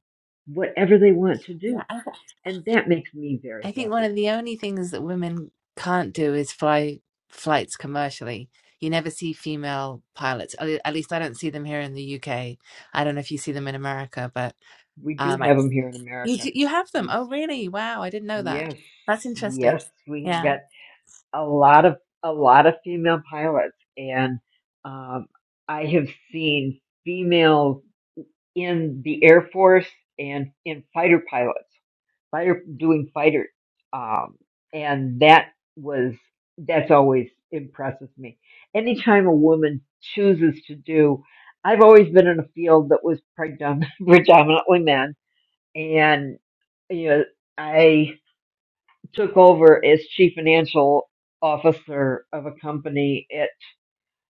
S26: whatever they want to do.
S5: Yeah.
S26: And that makes me
S5: I
S26: very
S5: think one
S26: happy.
S5: of the only things that women can't do is fly flights commercially. You never see female pilots. At le- at least I don't see them here in the UK. I don't know if you see them in America, but
S26: We do
S5: um, I,
S26: have them here in
S5: you
S26: America.
S5: do- you have them.
S26: We,
S5: Oh, really? Wow, I didn't know that.
S26: yes,
S5: That's
S26: yes,
S5: interesting.
S26: we've
S5: Yeah,
S26: got a lot of, a lot of female pilots and, um, I have seen females in the Air Force and in fighter pilots. fighter doing fighter, um, and that was that's always impresses me. Anytime a woman chooses to do, I've always been in a field that was predom- predominantly men, and you know I took over as chief financial officer of a company at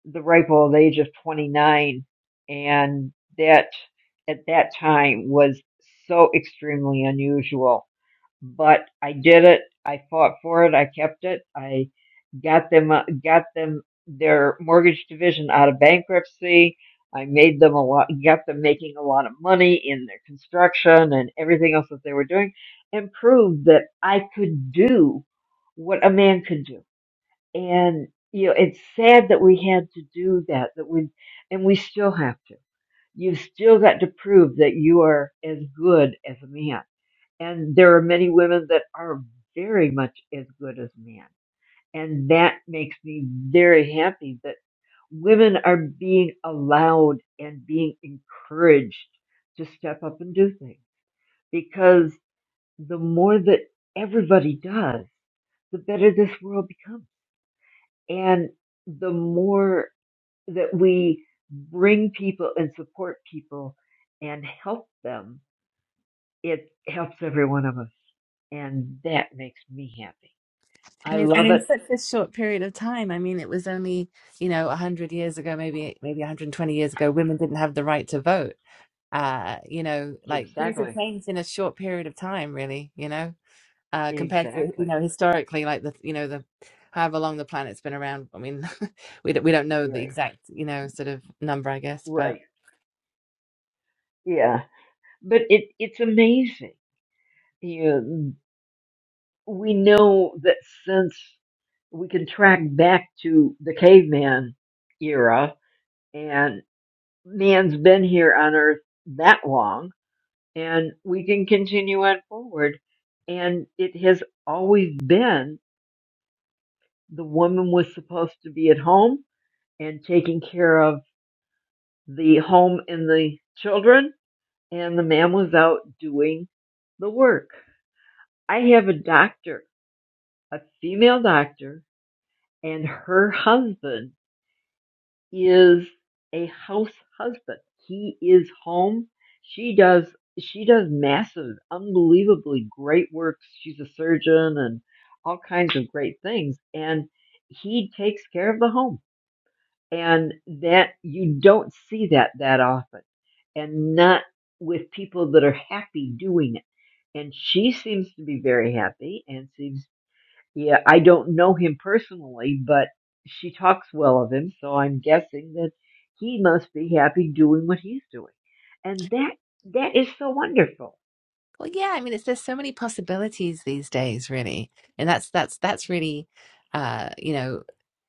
S26: the ripe old age of 29, and that at that time was so extremely unusual but I did it. I fought for it. I kept it. I got them, uh, got them their mortgage division out of bankruptcy. I made them a lot, got them making a lot of money in their construction and everything else that they were doing and proved that I could do what a man could do. And, you know, it's sad that we had to do that, that we, and we still have to. You've still got to prove that you are as good as a man and there are many women that are very much as good as men and that makes me very happy that women are being allowed and being encouraged to step up and do things because the more that everybody does the better this world becomes and the more that we bring people and support people and help them it helps every one of us and that makes me happy I
S5: and in, and
S26: love
S5: in
S26: it.
S5: such a short period of time. I mean, it was only you know a hundred years ago, maybe maybe 120 years ago, women didn't have the right to vote. Uh, you know, like things have
S26: Exactly.
S5: changed in a short period of time, really. You know. uh, compared to you
S26: Exactly.
S5: know historically, like the you know the however long the planet's been around. I mean, we don't, we don't know the
S26: Right.
S5: exact you know sort of number, I guess, but.
S26: Right. Yeah. But it it's amazing. You know, we know that since we can track back to the caveman era and man's been here on earth that long and we can continue on forward and it has always been the woman was supposed to be at home and taking care of the home and the children and the man was out doing the work. I have a doctor, a female doctor, and her husband is a house husband. He is home. She does she does massive, unbelievably great work. She's a surgeon and all kinds of great things. And he takes care of the home and that you don't see that that often and not with people that are happy doing it and she seems to be very happy and seems yeah i don't know him personally but she talks well of him so i'm guessing that he must be happy doing what he's doing and that that is so wonderful
S5: Well, yeah, I mean, it's there's so many possibilities these days, really, and that's that's that's really, uh, you know,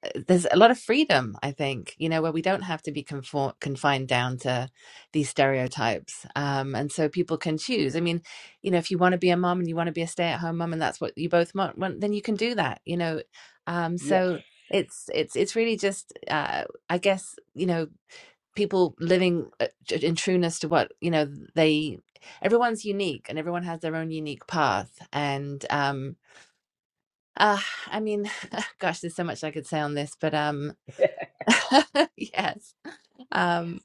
S5: uh, there's a lot of freedom, I think, you know, where we don't have to be conform confined down to these stereotypes, um, and so people can choose. I mean, you know, if you want to be a mom and you want to be a stay-at-home mom, and that's what you both want, want, then you can do that, you know, um,
S26: yes
S5: so it's it's it's really just, uh, I guess, you know people living uh, in trueness to what you know they everyone's unique and everyone has their own unique path and um uh i mean gosh there's so much i could say on this but um yes um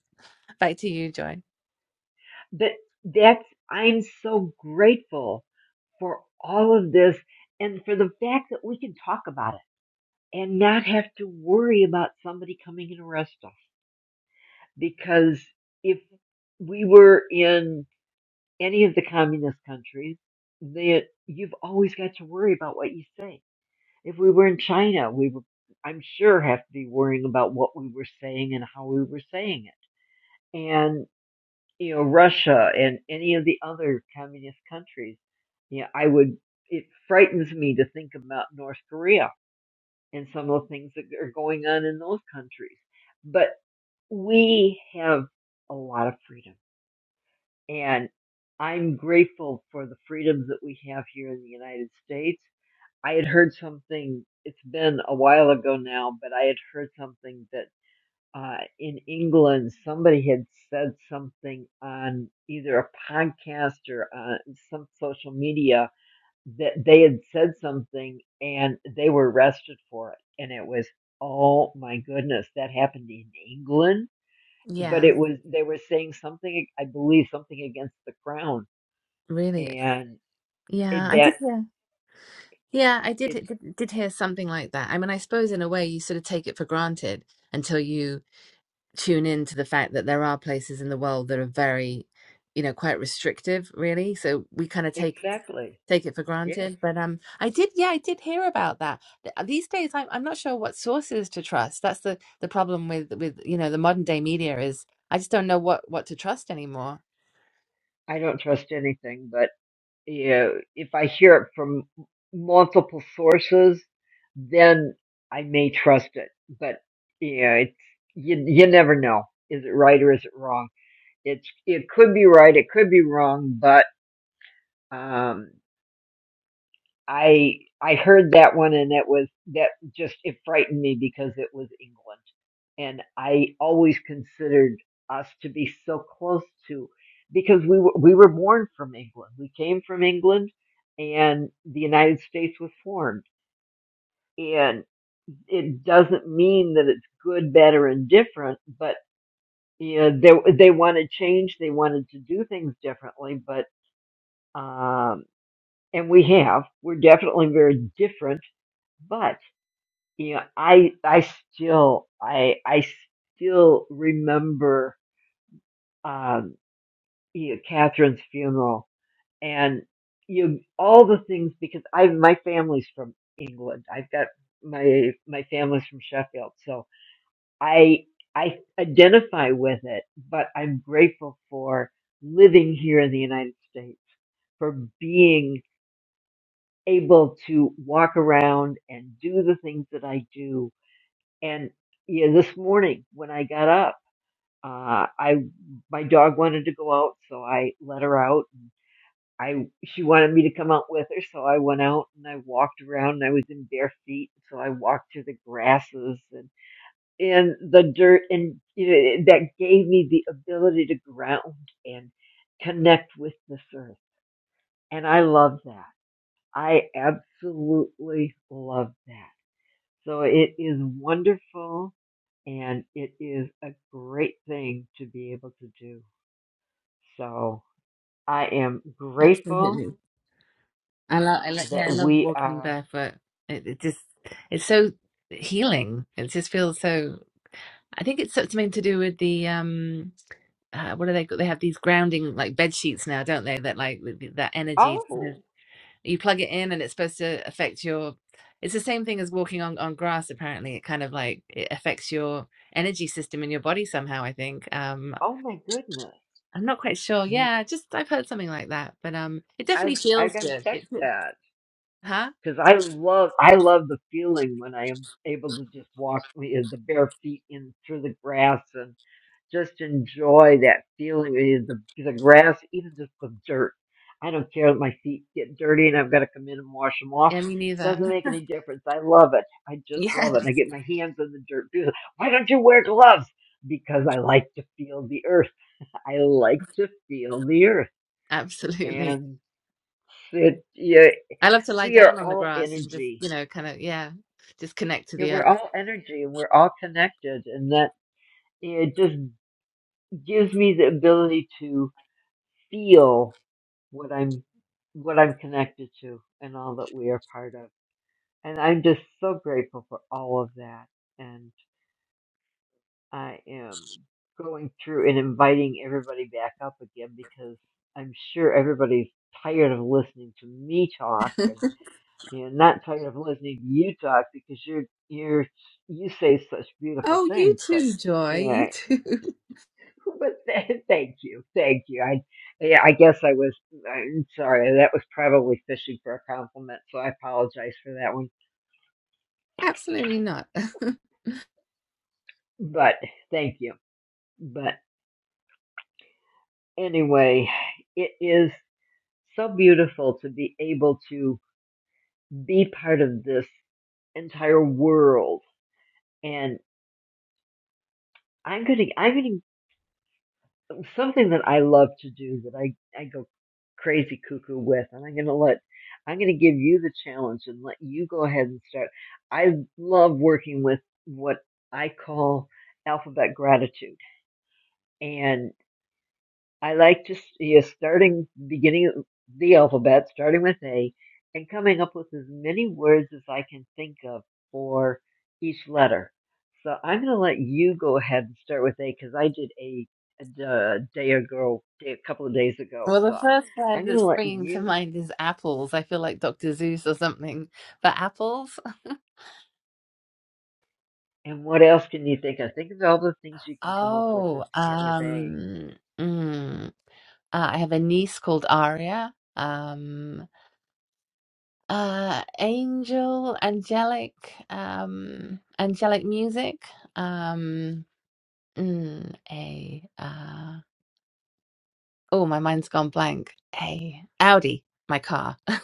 S5: back to you joy
S26: but that's i'm so grateful for all of this and for the fact that we can talk about it and not have to worry about somebody coming and arrest us. Because if we were in any of the communist countries, that you've always got to worry about what you say. If we were in China, we would, I'm sure, have to be worrying about what we were saying and how we were saying it. And you know, Russia and any of the other communist countries, yeah, I would. It frightens me to think about North Korea and some of the things that are going on in those countries. But we have a lot of freedom. And I'm grateful for the freedoms that we have here in the United States. I had heard something, it's been a while ago now, but I had heard something that uh, in England somebody had said something on either a podcast or uh, some social media that they had said something and they were arrested for it and it was oh my goodness that happened in england but
S5: Yeah,
S26: it was they were saying something i believe something against the crown
S5: really.
S26: and
S5: Yeah,
S26: it,
S5: I
S26: that
S5: did hear. Yeah, I did,
S26: it's
S5: did did hear something like that. I mean, I suppose in a way you sort of take it for granted until you tune in to the fact that there are places in the world that are very, you know, quite restrictive, really. So we kind of take
S26: exactly
S5: take it for
S26: yes
S5: granted. But um, I did, yeah, I did hear about that. These days, I'm I'm not sure what sources to trust. That's the the problem with with you know the modern day media is I just don't know what what to trust anymore.
S26: i don't trust anything but you know, if i hear it from multiple sources then i may trust it but you know it's you, you never know is it right or is it wrong It's it could be right, it could be wrong, but um, I I heard that one and it was that just it frightened me because it was England, and I always considered us to be so close to because we were, we were born from England, we came from England, and the United States was formed, and it doesn't mean that it's good, bad, or indifferent, but you know, they they want to change, they wanted to do things differently, but um, and we have we're definitely very different but you know i i still i i still remember um you know catherine's funeral and you know, all the things because i my family's from england i've got my my family's from sheffield so i i identify with it but i'm grateful for living here in the united states for being able to walk around and do the things that I do. And yeah, this morning when I got up, uh, I my dog wanted to go out, so I let her out. And I she wanted me to come out with her, so I went out and I walked around. And I was in bare feet, so I walked through the grasses and and the dirt, and you know, that gave me the ability to ground and connect with this earth, and I love that. I absolutely love that So it is wonderful and it is a great thing to be able to do. So I am grateful
S5: Absolutely, I love, I love, yeah,
S26: that
S5: I love
S26: we
S5: walking
S26: are.
S5: barefoot. It, it just it's so healing. It just feels so. I think it's something to do with the um, uh, what are they? They have these grounding like bed sheets now, don't they? That like with the- that energy.
S26: Oh,
S5: you plug it in and it's supposed to affect your it's the same thing as walking on, on grass apparently it kind of like it affects your energy system in your body somehow i think um
S26: oh my goodness!
S5: i'm not quite sure
S26: Mm,
S5: yeah just i've heard something like that but um it definitely
S26: I I
S5: feels
S26: gotta
S5: good
S26: check
S5: it
S26: that
S5: huh
S26: because I love I love the feeling when I am able to just walk with the bare feet in through the grass and. just enjoy that feeling of the, the grass, even just the dirt. I don't care that my feet get dirty and I've got to come in and wash them off.
S5: yeah me neither
S26: Doesn't make any difference. I love it. I just
S5: yeah
S26: love it. I get my hands in the dirt. too. Why don't you wear gloves? Because I like to feel the earth. I like to feel the earth.
S5: absolutely
S26: And it, yeah,
S5: i love to lie
S26: we are
S5: down on the
S26: all
S5: grass and just
S26: energy.
S5: you know kind of yeah just connect to
S26: Yeah,
S5: the
S26: we're
S5: earth
S26: all energy and we're all connected. And that it just gives me the ability to feel what I'm what I'm connected to and all that we are part of. And I'm just so grateful for all of that. And I am going through and inviting everybody back up again because I'm sure everybody's tired of listening to me talk and you know not tired of listening to you talk because you're you're you say such beautiful
S5: oh you
S26: things but
S5: too joy
S26: yeah,
S5: you too
S26: But th- thank you, thank you. I, yeah, I guess I was. I'm sorry. That was probably fishing for a compliment, so I apologize for that one.
S5: absolutely not
S26: But thank you. But anyway, it is so beautiful to be able to be part of this entire world, and I'm gonna, I'm gonna something that I love to do that I, I go crazy cuckoo with, and I'm going to let, I'm going to give you the challenge and let you go ahead and start. I love working with what I call alphabet gratitude. and. I like to see starting beginning of the alphabet, starting with A, and coming up with as many words as I can think of for each letter. So I'm going to let you go ahead and start with A because I did A a d- uh, day ago, day, a couple of days ago.
S5: Well, the
S26: So
S5: first
S26: I'm
S5: word
S26: going to
S5: that's
S26: let
S5: springing to
S26: you.
S5: mind is apples. I feel like Dr. Zeus or something. But apples?
S26: And what else can you think of? Think of all the things you can come up with that
S5: Oh,
S26: start with A.
S5: um, mm, uh, I have a niece called Aria. Um, uh, angel, angelic, um, angelic music. Um, mm, a, uh, oh, my mind's gone blank. A Audi, my car.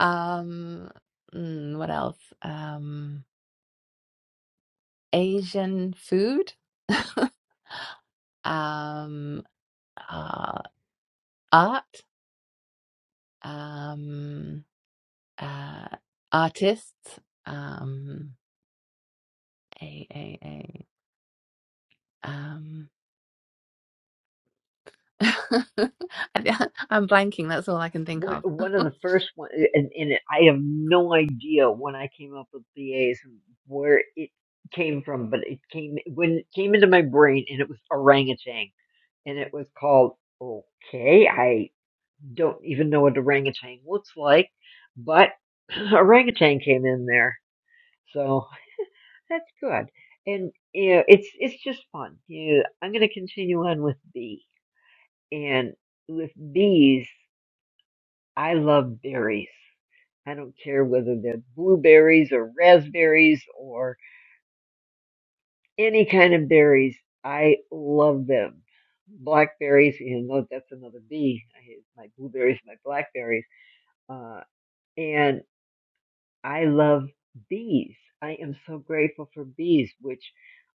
S5: Um, mm, what else? Um, Asian food, um, uh, art, um, uh, artists, um, a, a, a, um, I- I'm blanking. That's all I can think
S26: one
S5: of.
S26: one of the first one, and, and I have no idea when I came up with BAs and where it came from, but it came when it came into my brain, and it was orangutan, and it was called. Okay, I don't even know what orangutan looks like, but orangutan came in there, so that's good. And you know, it's it's just fun. You know, I'm going to continue on with B, and with bees, I love berries. I don't care whether they're blueberries or raspberries or any kind of berries. I love them. Blackberries, you know, that's another bee. I hate my blueberries, my blackberries. Uh, and I love bees. I am so grateful for bees, which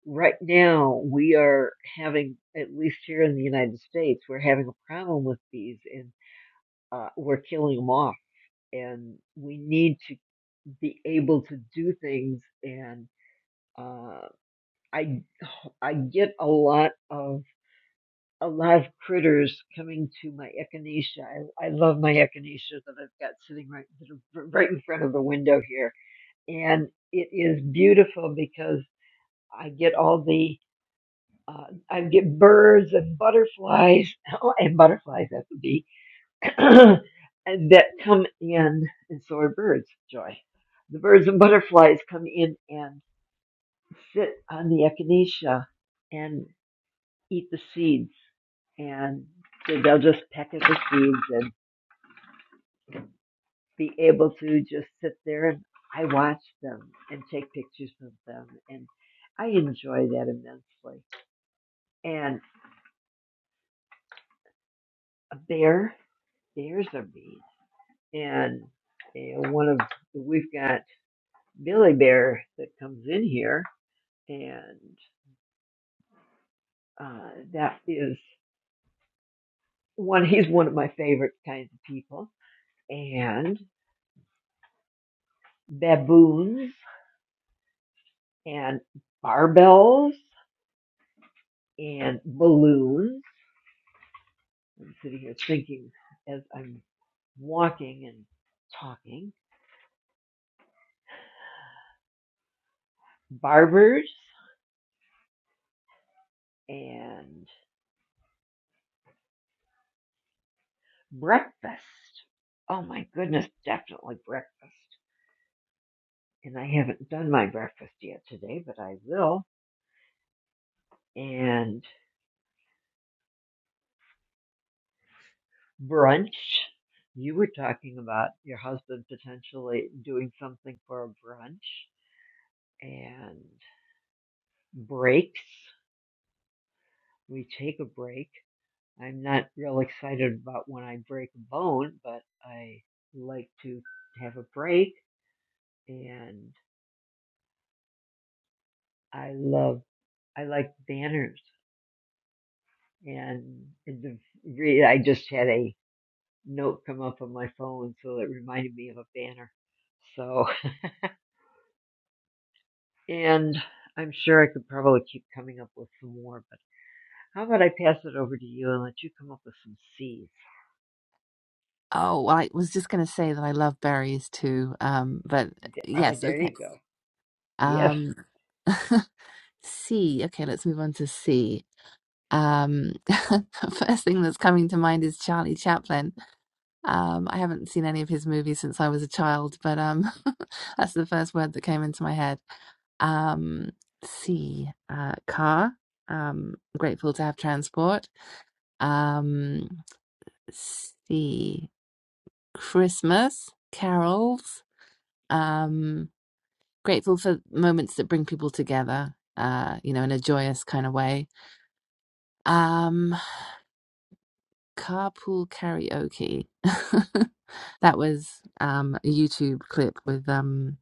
S26: right now we are having, at least here in the United States, we're having a problem with bees and uh, we're killing them off. And we need to be able to do things and. Uh, I I get a lot of a lot of critters coming to my echinacea. I, I love my echinacea that I've got sitting right right in front of the window here, and it is beautiful because I get all the uh, I get birds and butterflies oh, and butterflies that's a bee and that come in and so are birds. Joy, the birds and butterflies come in and sit on the echinacea, and. eat the seeds and so they'll just peck at the seeds and be able to just sit there and I watch them and take pictures of them and I enjoy that immensely. And a bear, bears are mean. And you know, one of we've got Billy Bear that comes in here and uh, that is one he's one of my favorite kinds of people. And baboons and barbells and balloons. I'm sitting here thinking as I'm walking and talking. Barbers and breakfast. Oh my goodness, definitely breakfast. And I haven't done my breakfast yet today, but I will. And brunch. You were talking about your husband potentially doing something for a brunch and breaks. We take a break I'm not real excited about when I break a bone, but I like to have a break and I love, I like banners and the, re- I just had a note come up on my phone so it reminded me of a banner. So, and I'm sure I could probably keep coming up with some more, but how about I pass it over to you and let you come up with some C's?
S5: Oh, well, I was just going to say that I love berries too. Um, but uh,
S26: Oh,
S5: yes,
S26: there
S5: okay.
S26: you go. Yes,
S5: Um, C. Okay, let's move on to C. Um, first thing that's coming to mind is Charlie Chaplin. Um, I haven't seen any of his movies since I was a child, but um, that's the first word that came into my head. Um, C, uh, car. Um, grateful to have transport. Um, C, Christmas, carols. Um, grateful for moments that bring people together, uh, you know, in a joyous kind of way. Um, carpool karaoke. that was um, a YouTube clip with. um,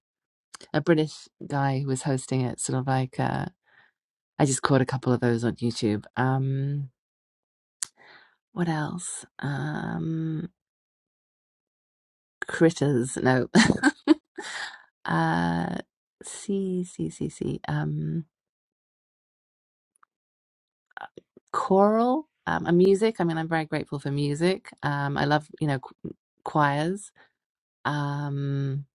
S5: a British guy who was hosting it, sort of like uh, I just caught a couple of those on YouTube. Um, what else? Um, critters, no. uh, see, see, see, see. Um, choral, um, and music. I mean, I'm very grateful for music. Um, I love, you know, qu- choirs. Um,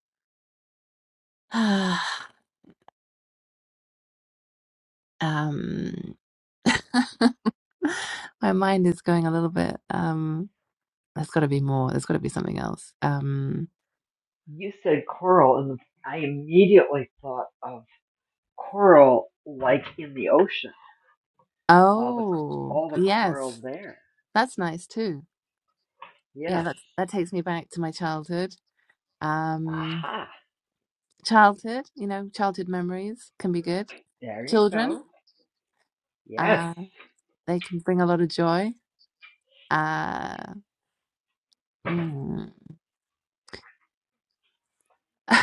S5: um, my mind is going a little bit. Um, there's got to be more. There's got to be something else. Um,
S26: you said coral and I immediately thought of Coral, like in the ocean. All the
S5: Oh,
S26: all the coral
S5: yes.
S26: there.
S5: That's nice too. Yeah,
S26: Yes.
S5: that that takes me back to my childhood. Um,
S26: Aha.
S5: childhood, you know, childhood memories can be good.
S26: There you
S5: Children,
S26: go. Yes.
S5: uh, they can bring a lot of joy. Uh, mm.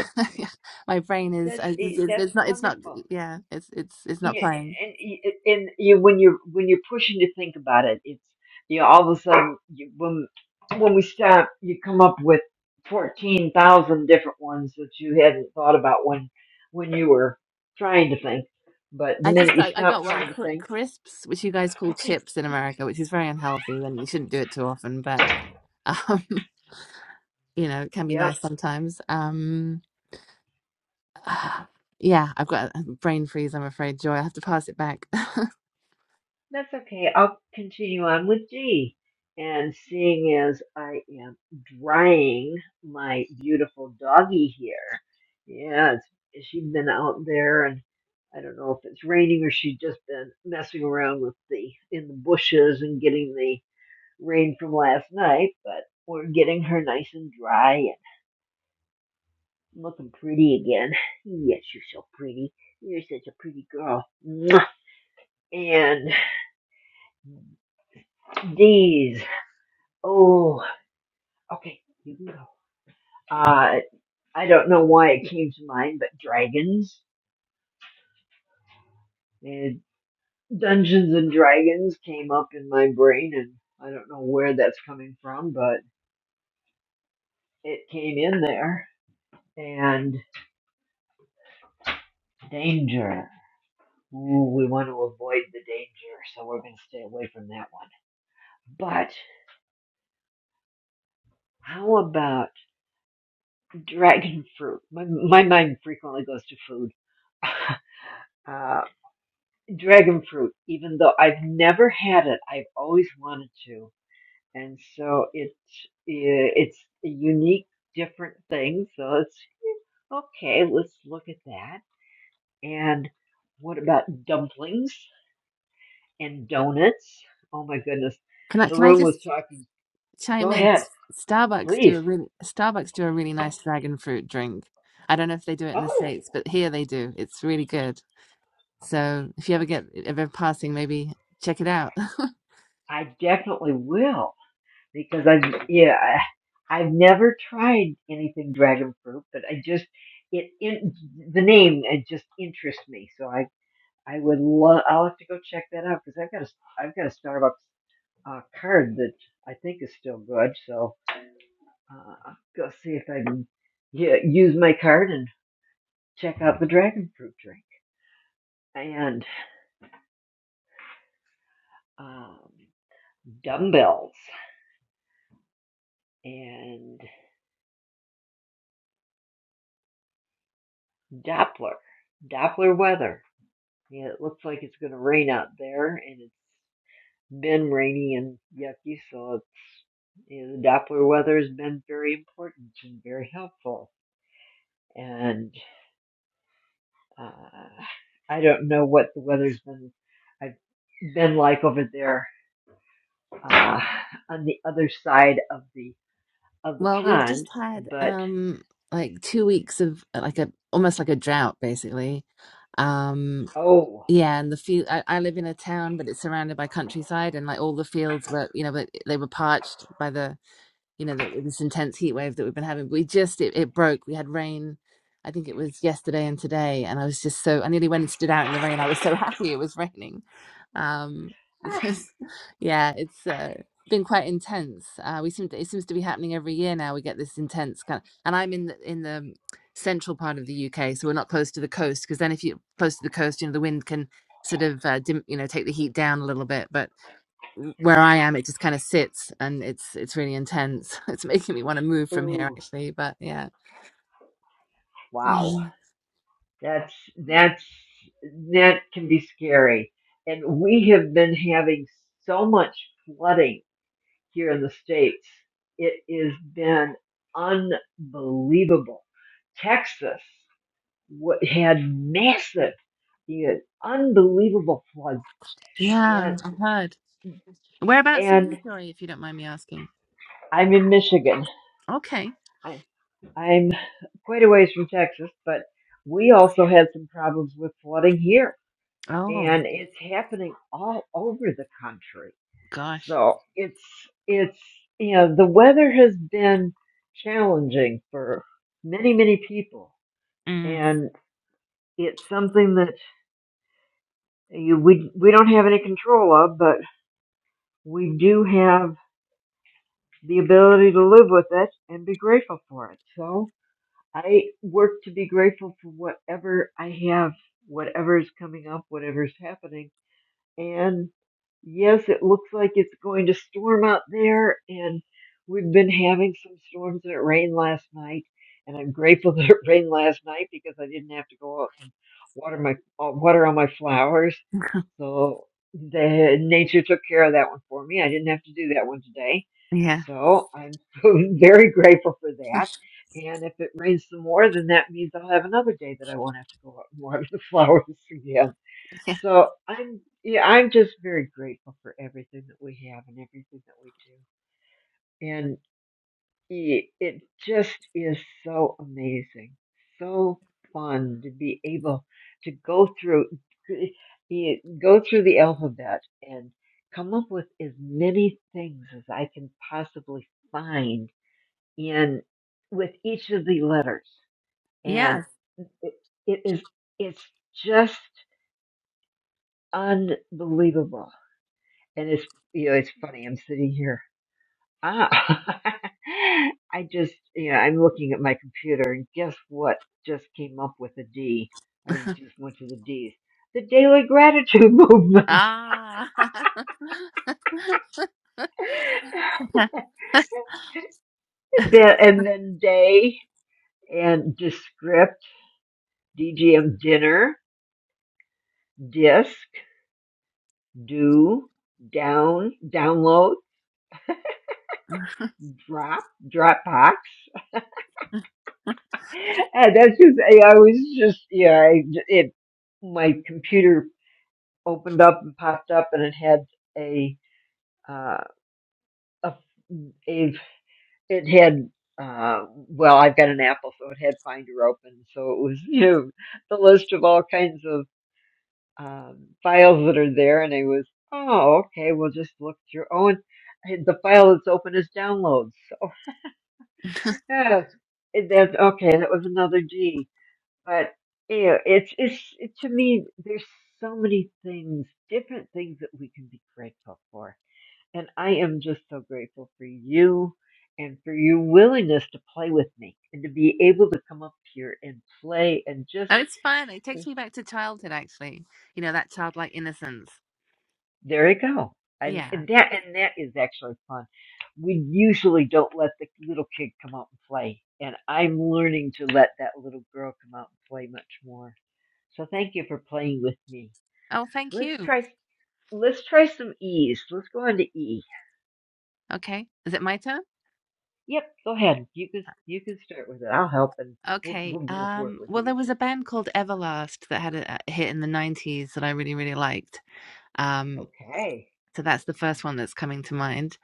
S5: My brain is,
S26: That's
S5: I just-
S26: eh,
S5: it's,
S26: that's
S5: it's not, it's not,
S26: wonderful.
S5: yeah, it's, it's, it's not
S26: Yeah,
S5: playing.
S26: and and you when you're when you're pushing to think about it, it's you know all of a sudden you, when when we stop, you come up with fourteen thousand different ones that you hadn't thought about when when you were trying to think. But the
S5: I just
S26: minute you
S5: got, I
S26: stop
S5: got one
S26: trying to
S5: cri-
S26: think,
S5: crisps, which you guys call
S26: okay,
S5: chips in
S26: yeah,
S5: America, which is very unhealthy and you shouldn't do it too often, but um, you know, it can be
S26: yep,
S5: nice sometimes. Um, Ah, yeah, I've got a brain freeze, I'm afraid, Joy. I have to pass it back.
S26: That's okay. I'll continue on with G. And seeing as I am drying my beautiful doggie here, yeah, it's, she's been out there and I don't know if it's raining or she's just been messing around with the in the bushes and getting the rain from last night, but we're getting her nice and dry and looking pretty again. Yes, you're so pretty. You're such a pretty girl. Mwah. And D's. Oh, Okay, you can go. Uh, I don't know why it came to mind, but dragons and Dungeons and Dragons came up in my brain, and I don't know where that's coming from, but it came in there. And danger. Ooh, we want to avoid the danger, so we're going to stay away from that one. But how about dragon fruit? My, my mind frequently goes to food. uh, dragon fruit, even though I've never had it, I've always wanted to and so it yeah, it's a unique, different thing. So it's okay. Let's look at that. And what about dumplings and donuts? Oh my goodness,
S5: Can I can I
S26: Haroon was
S5: just
S26: talking. Go
S5: chime in?
S26: ahead,
S5: S- Starbucks do
S26: please.
S5: a really Starbucks do a really nice dragon fruit drink. I don't know if they do it in the
S26: Oh,
S5: States, but here they do. It's really good. So if you ever get ever passing, maybe check it out.
S26: I definitely will because I've yeah I- I've never tried anything dragon fruit, but I just it, in the name it just interests me, so I. I would love. I'll have to go check that out because I've got a I've got a Starbucks uh, card that I think is still good. So uh, I'll go see if I can yeah, use my card and check out the dragon fruit drink and um, dumbbells and Doppler Doppler weather. Yeah, it looks like it's going to rain out there, and it's been rainy and yucky, so it's you know, the Doppler weather has been very important and very helpful. And Uh, I don't know what the weather's been I've been like over there uh, on the other side of the of the
S5: Well, we've just
S26: pond,
S5: had
S26: but
S5: um like two weeks of uh, like a almost like a drought basically. Um
S26: oh,
S5: Yeah, and the field. I, I live in a town, but it's surrounded by countryside, and like all the fields were, you know, but they were parched by the you know, the, this intense heat wave that we've been having. We just, it, it broke. We had rain, I think it was yesterday and today. And I was just so, I nearly went and stood out in the rain. I was so happy it was raining. Um,
S26: ah,
S5: because, yeah, it's uh, been quite intense. Uh, we seem to, it seems to be happening every year now. We get this intense kind of, and I'm in the, in the central part of the UK, so we're not close to the coast. Because then, if you're close to the coast, you know, the wind can sort of, uh, dim, you know, take the heat down a little bit. But where I am, it just kind of sits and it's it's really intense. It's making me want to move from here
S26: ooh,
S5: actually, but yeah.
S26: wow,
S5: Mhm.
S26: that's that's that can be scary. And we have been having so much flooding here in the states. It has been unbelievable. Texas. wa- had massive, he had unbelievable floods,
S5: Yeah,
S26: and
S5: I heard. Whereabouts are
S26: and
S5: you, Joy, if you don't mind me asking?
S26: I'm in Michigan.
S5: Okay.
S26: I, I'm quite a ways from Texas, but we also had some problems with flooding here,
S5: Oh
S26: and it's happening all over the country.
S5: gosh.
S26: So it's it's you know the weather has been challenging for many many people,
S5: Mm.
S26: and it's something that you, we we don't have any control of, but we do have. the ability to live with it and be grateful for it. So I work to be grateful for whatever I have, whatever is coming up, whatever is happening, and yes, it looks like it's going to storm out there. And we've been having some storms and it rained last night. And I'm grateful that it rained last night because I didn't have to go out and water my uh, water on my flowers. So the nature took care of that one for me. I didn't have to do that one today.
S5: Yeah.
S26: So I'm very grateful for that. And if it rains some more, then that means I'll have another day that I won't have to go out and water the flowers again.
S5: Yeah.
S26: So I'm yeah, I'm just very grateful for everything that we have and everything that we do. And i- it just is so amazing, so fun to be able to go through i- go through the alphabet and come up with as many things as I can possibly find in with each of the letters. And
S5: Yes.
S26: it, it is it's just unbelievable and it's you know it's funny i'm sitting here ah i just you know i'm looking at my computer and guess what just came up with a d i just went to the d's the daily gratitude movement
S5: Ah. oh,
S26: Then- and then day and descript dgm dinner disc do down download drop dropbox And that's just, I, I was just, yeah, I, it, my computer opened up and popped up and it had a, uh, a, a it had, uh, well, I've got an Apple, so it had Finder open. So it was, you know, the list of all kinds of, um, files that are there. And I was, oh, okay, we'll just look through. Oh, and the file that's open is downloads. So, yeah, that's, okay, that was another D. But you know, it's it's it, to me. There's so many things, different things that we can be grateful for, and I am just so grateful for you and for your willingness to play with me and to be able to come up here and play and just
S5: it's fun. It
S26: eh,
S5: takes me back to childhood actually. You know, that childlike innocence.
S26: there you go. And,
S5: Yeah.
S26: and that and that is actually fun. We usually don't let the little kid come out and play, and I'm learning to let that little girl come out and play much more. So thank you for playing with me.
S5: Oh, thank
S26: Let's
S5: you.
S26: try. Let's try some E's. Let's go into E.
S5: Okay. Is it my turn?
S26: Yep, go ahead. You can you can start with it. I'll help, and we'll
S5: Okay.
S26: we'll just work
S5: Um,
S26: with
S5: well,
S26: these.
S5: there was a band called Everlast that had a, a hit in the 90s that I really, really liked. Um,
S26: Okay.
S5: so that's the first one that's coming to mind.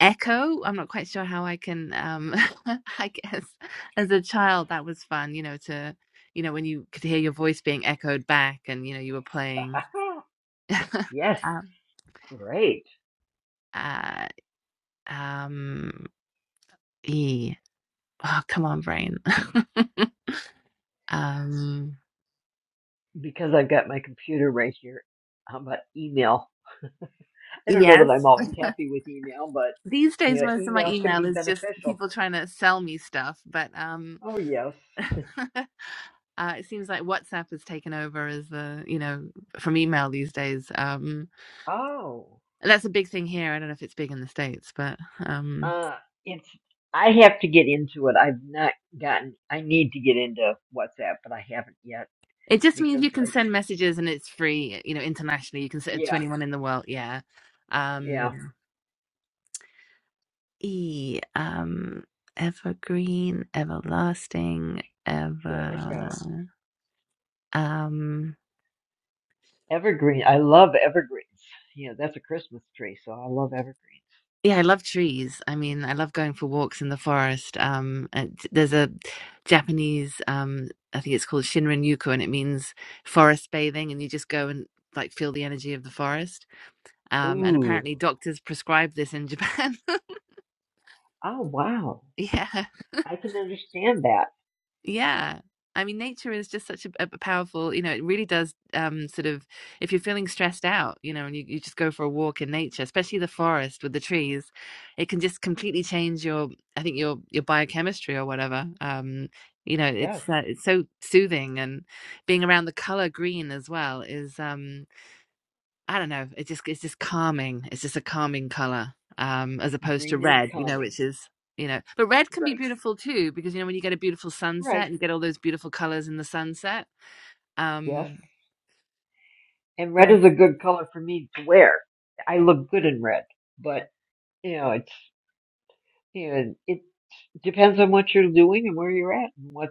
S5: Echo, I'm not quite sure how I can, um, I guess as a child, that was fun, you know, to, you know, when you could hear your voice being echoed back and, you know, you were playing.
S26: yes,
S5: um,
S26: great.
S5: uh, um, E. Oh, come on, brain. um,
S26: Because I've got my computer right here. How about email? I don't know that
S5: yes.
S26: I'm always happy with email, but
S5: These
S26: you
S5: days,
S26: know,
S5: most of my
S26: email can
S5: email
S26: be
S5: is just
S26: beneficial.
S5: people trying to sell me stuff, but um,
S26: Oh yes.
S5: uh, it seems like WhatsApp has taken over as the, you know, from email these days. Um,
S26: Oh,
S5: and that's a big thing here. I don't know if it's big in the States, but um,
S26: uh, it's. I have to get into it. I've not gotten. I need to get into WhatsApp, but I haven't yet
S5: it just means
S26: because
S5: you can
S26: I.
S5: send messages and it's free, you know, internationally. You can send it to
S26: Yeah,
S5: anyone in the world. Yeah.
S26: yeah.
S5: Um, e, um, evergreen, everlasting,
S26: There we
S5: ever.
S26: go.
S5: Um,
S26: Evergreen. I love evergreens. Yeah, that's a Christmas tree, so I love evergreen.
S5: Yeah, I love trees. I mean, I love going for walks in the forest. Um, and there's a Japanese, um, I think it's called Shinrin Yuko, and it means forest bathing, and you just go and like feel the energy of the forest. Um, and
S26: Ooh.
S5: apparently, doctors prescribe this in Japan.
S26: Oh, wow.
S5: yeah,
S26: I can understand that.
S5: Yeah. I mean, nature is just such a, a powerful, you know, it really does um, sort of, if you're feeling stressed out, you know, and you, you just go for a walk in nature, especially the forest with the trees, it can just completely change your, I think your, your biochemistry or whatever. Um, you know,
S26: Yes.
S5: it's, uh, it's so soothing and being around the color green as well is, um, I don't know. It's just it's just calming. It's just a calming color, um, as opposed to
S26: Green is
S5: red, you know,
S26: calming.
S5: which is you know, but red can be
S26: Right.
S5: beautiful too because you know when you get a beautiful sunset
S26: Right.
S5: and you get all those beautiful colors in the sunset.
S26: Yes.
S5: Um,
S26: And red
S5: Yes.
S26: is a good color for me to wear. I look good in red, but you know, it's you know, it depends on what you're doing and where you're at and what.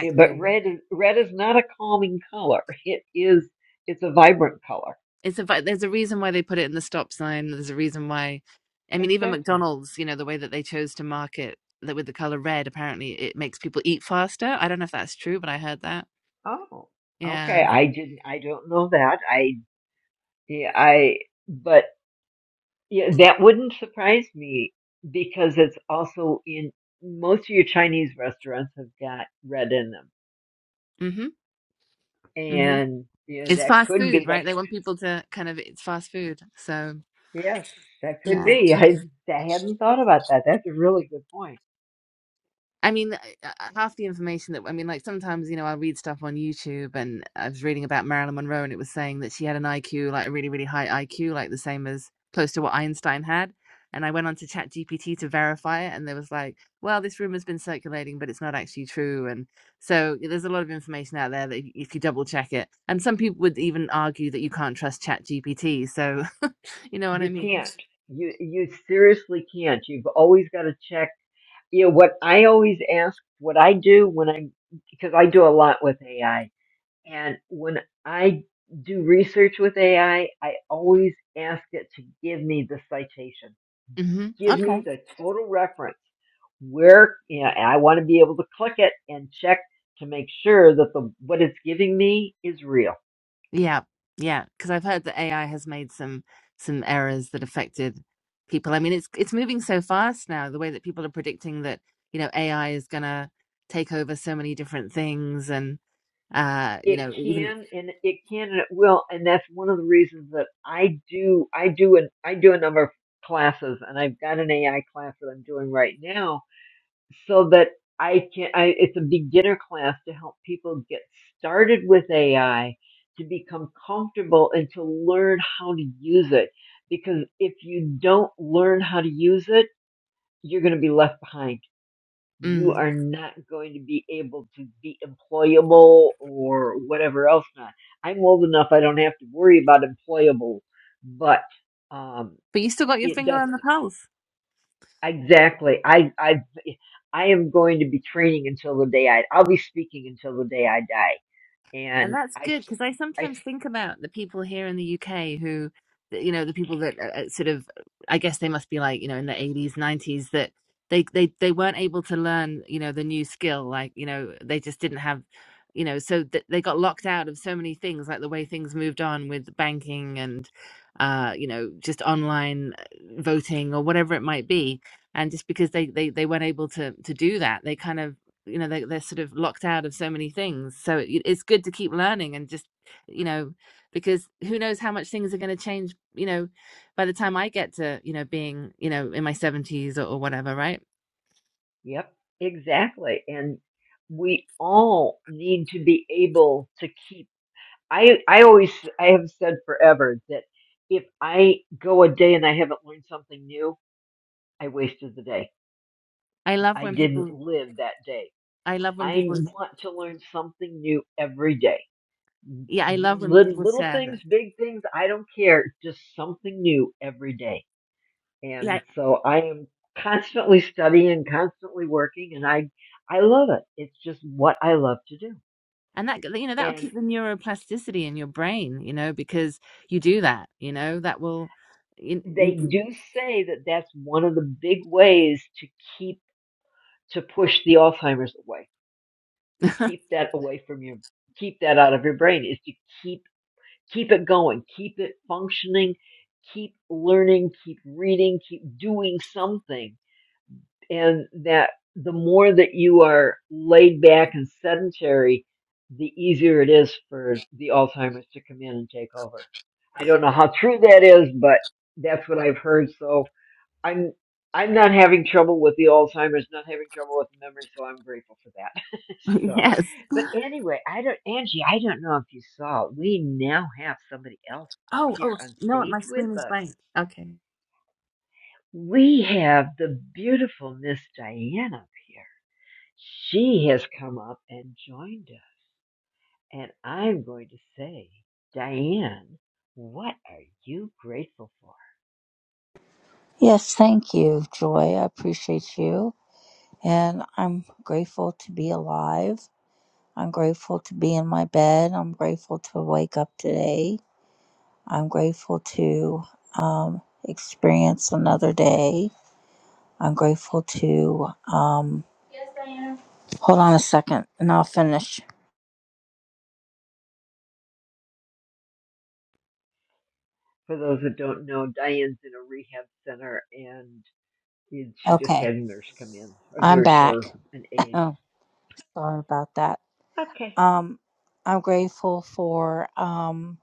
S26: yeah, But red is red is not a calming color. It is. It's a vibrant color.
S5: It's a vi- there's a reason why they put it in the stop sign. There's a reason why. I mean, even
S26: Exactly.
S5: McDonald's, you know, the way that they chose to market that with the color red, apparently it makes people eat faster. I don't know if that's true, but I heard that.
S26: Oh, okay.
S5: Yeah.
S26: I didn't. I don't know that. I. Yeah. I. But yeah, that wouldn't surprise me because it's also in most of your Chinese restaurants have got red in them,
S5: Mm-hmm. mm-hmm.
S26: and yeah,
S5: It's
S26: that
S5: fast
S26: could be.
S5: food,
S26: That
S5: right? They want people to kind of it's fast food. So
S26: yes, that could
S5: yeah,
S26: be. I, I hadn't thought about that. That's a really good point.
S5: I mean, I- half the information that I mean, like sometimes you know I read stuff on YouTube, and I was reading about Marilyn Monroe, and it was saying that she had an IQ like a really really high IQ, like the same as close to what Einstein had. And I went on to Chat GPT to verify it, and there was like, well, this rumor's been circulating, but it's not actually true. And so yeah, there's a lot of information out there that if if you double check it, and some people would even argue that you can't trust Chat GPT. So you know what I
S26: You
S5: mean?
S26: can't. You you seriously can't. You've always got to check. You know what I always ask. What I do when I'm because I do a lot with AI And when I do research with AI, I I always ask it to give me the citation,
S5: hmm
S26: give
S5: Okay.
S26: me the total reference. Where you know, I want to be able to click it and check to make sure that the what it's giving me is real.
S5: Yeah. Yeah. Because I've heard that AI has made some some errors that affected people. I mean, it's it's moving so fast now. The way that people are predicting that you know AI is gonna take over so many different things, and uh, you
S26: It
S5: know, even
S26: can and it can and it will, and that's one of the reasons that I do I do and I do a number of classes, and I've got an AI class that I'm doing right now so that I can. I, it's a beginner class to help people get started with AI, to become comfortable, and to learn how to use it. Because if you don't learn how to use it, you're going to be left behind. You
S5: mm.
S26: are not going to be able to be employable or whatever else. Not. I'm old enough; I don't have to worry about employable, but um,
S5: but you still got your
S26: it
S5: finger
S26: does.
S5: on
S26: not
S5: the pulse.
S26: Exactly. I I I am going to be training until the day I. I'll be speaking until the day I die.
S5: And
S26: And
S5: that's
S26: I
S5: good
S26: s-
S5: because I
S26: I
S5: sometimes
S26: s-
S5: think about the people here in the UK who, you know, the people that uh, uh, sort of, I guess they must be like, you know, in the 80s, 90s that they they they weren't able to learn, you know, the new skill. Like, you know, they just didn't have, you know, so th- they got locked out of so many things, like the way things moved on with banking and, uh, you know, just online uh, voting or whatever it might be. And just because they they they weren't able to to do that, they kind of you know they, they're sort of locked out of so many things so it, it's good to keep learning and just you know because who knows how much things are going to change you know by the time i get to you know being you know in my 70s or, or whatever right
S26: yep exactly. And we all need to be able to keep. I I always I have said forever that if I go a day and I haven't learned something new, I wasted the day.
S5: i love
S26: I
S5: when
S26: didn't
S5: people
S26: live that day.
S5: i love when
S26: I
S5: people
S26: want to learn something new every day
S5: yeah i love when
S26: little,
S5: people
S26: little
S5: share
S26: things,
S5: that
S26: big things, I don't care. Just something new every day.
S5: yeah
S26: And so I am constantly studying, constantly working, and I, I love it. It's just what I love to do.
S5: and that you know that'll
S26: And
S5: keep the neuroplasticity in your brain you know because you do that you know that will you,
S26: they
S5: you,
S26: do say that that's one of the big ways to keep, to push the Alzheimer's away, to keep that away from your, keep that out of your brain is to keep, keep it going, keep it functioning, keep learning, keep reading, keep doing something and that the more that you are laid back and sedentary, the easier it is for the Alzheimer's to come in and take over. I don't know how true that is, but that's what I've heard. So I'm I'm not having trouble with the Alzheimer's, not having trouble with memory, so I'm grateful for that. so,
S5: yes
S26: but anyway, I don't, Angie, I don't know if you saw, we now have somebody else up
S5: oh
S26: here
S5: oh
S26: on
S5: no
S26: stage
S5: my screen
S26: with
S5: is
S26: us.
S5: blank okay
S26: We have the beautiful Miss Diana up here she has come up and joined us, and I'm going to say, Diane, what are you grateful for?
S30: Yes, thank you, Joy. I appreciate you. And I'm grateful to be alive. I'm grateful to be in my bed. I'm grateful to wake up today. I'm grateful to um, experience another day. I'm grateful to. Um, hold on a second and I'll finish.
S26: For those that don't know, Diane's in a rehab center and she just
S30: Okay,
S26: had a nurse come in, a
S30: I'm
S26: nurse or
S30: back.
S26: an aide.
S30: oh, sorry about that.
S26: Okay,
S30: Um, I'm grateful for um,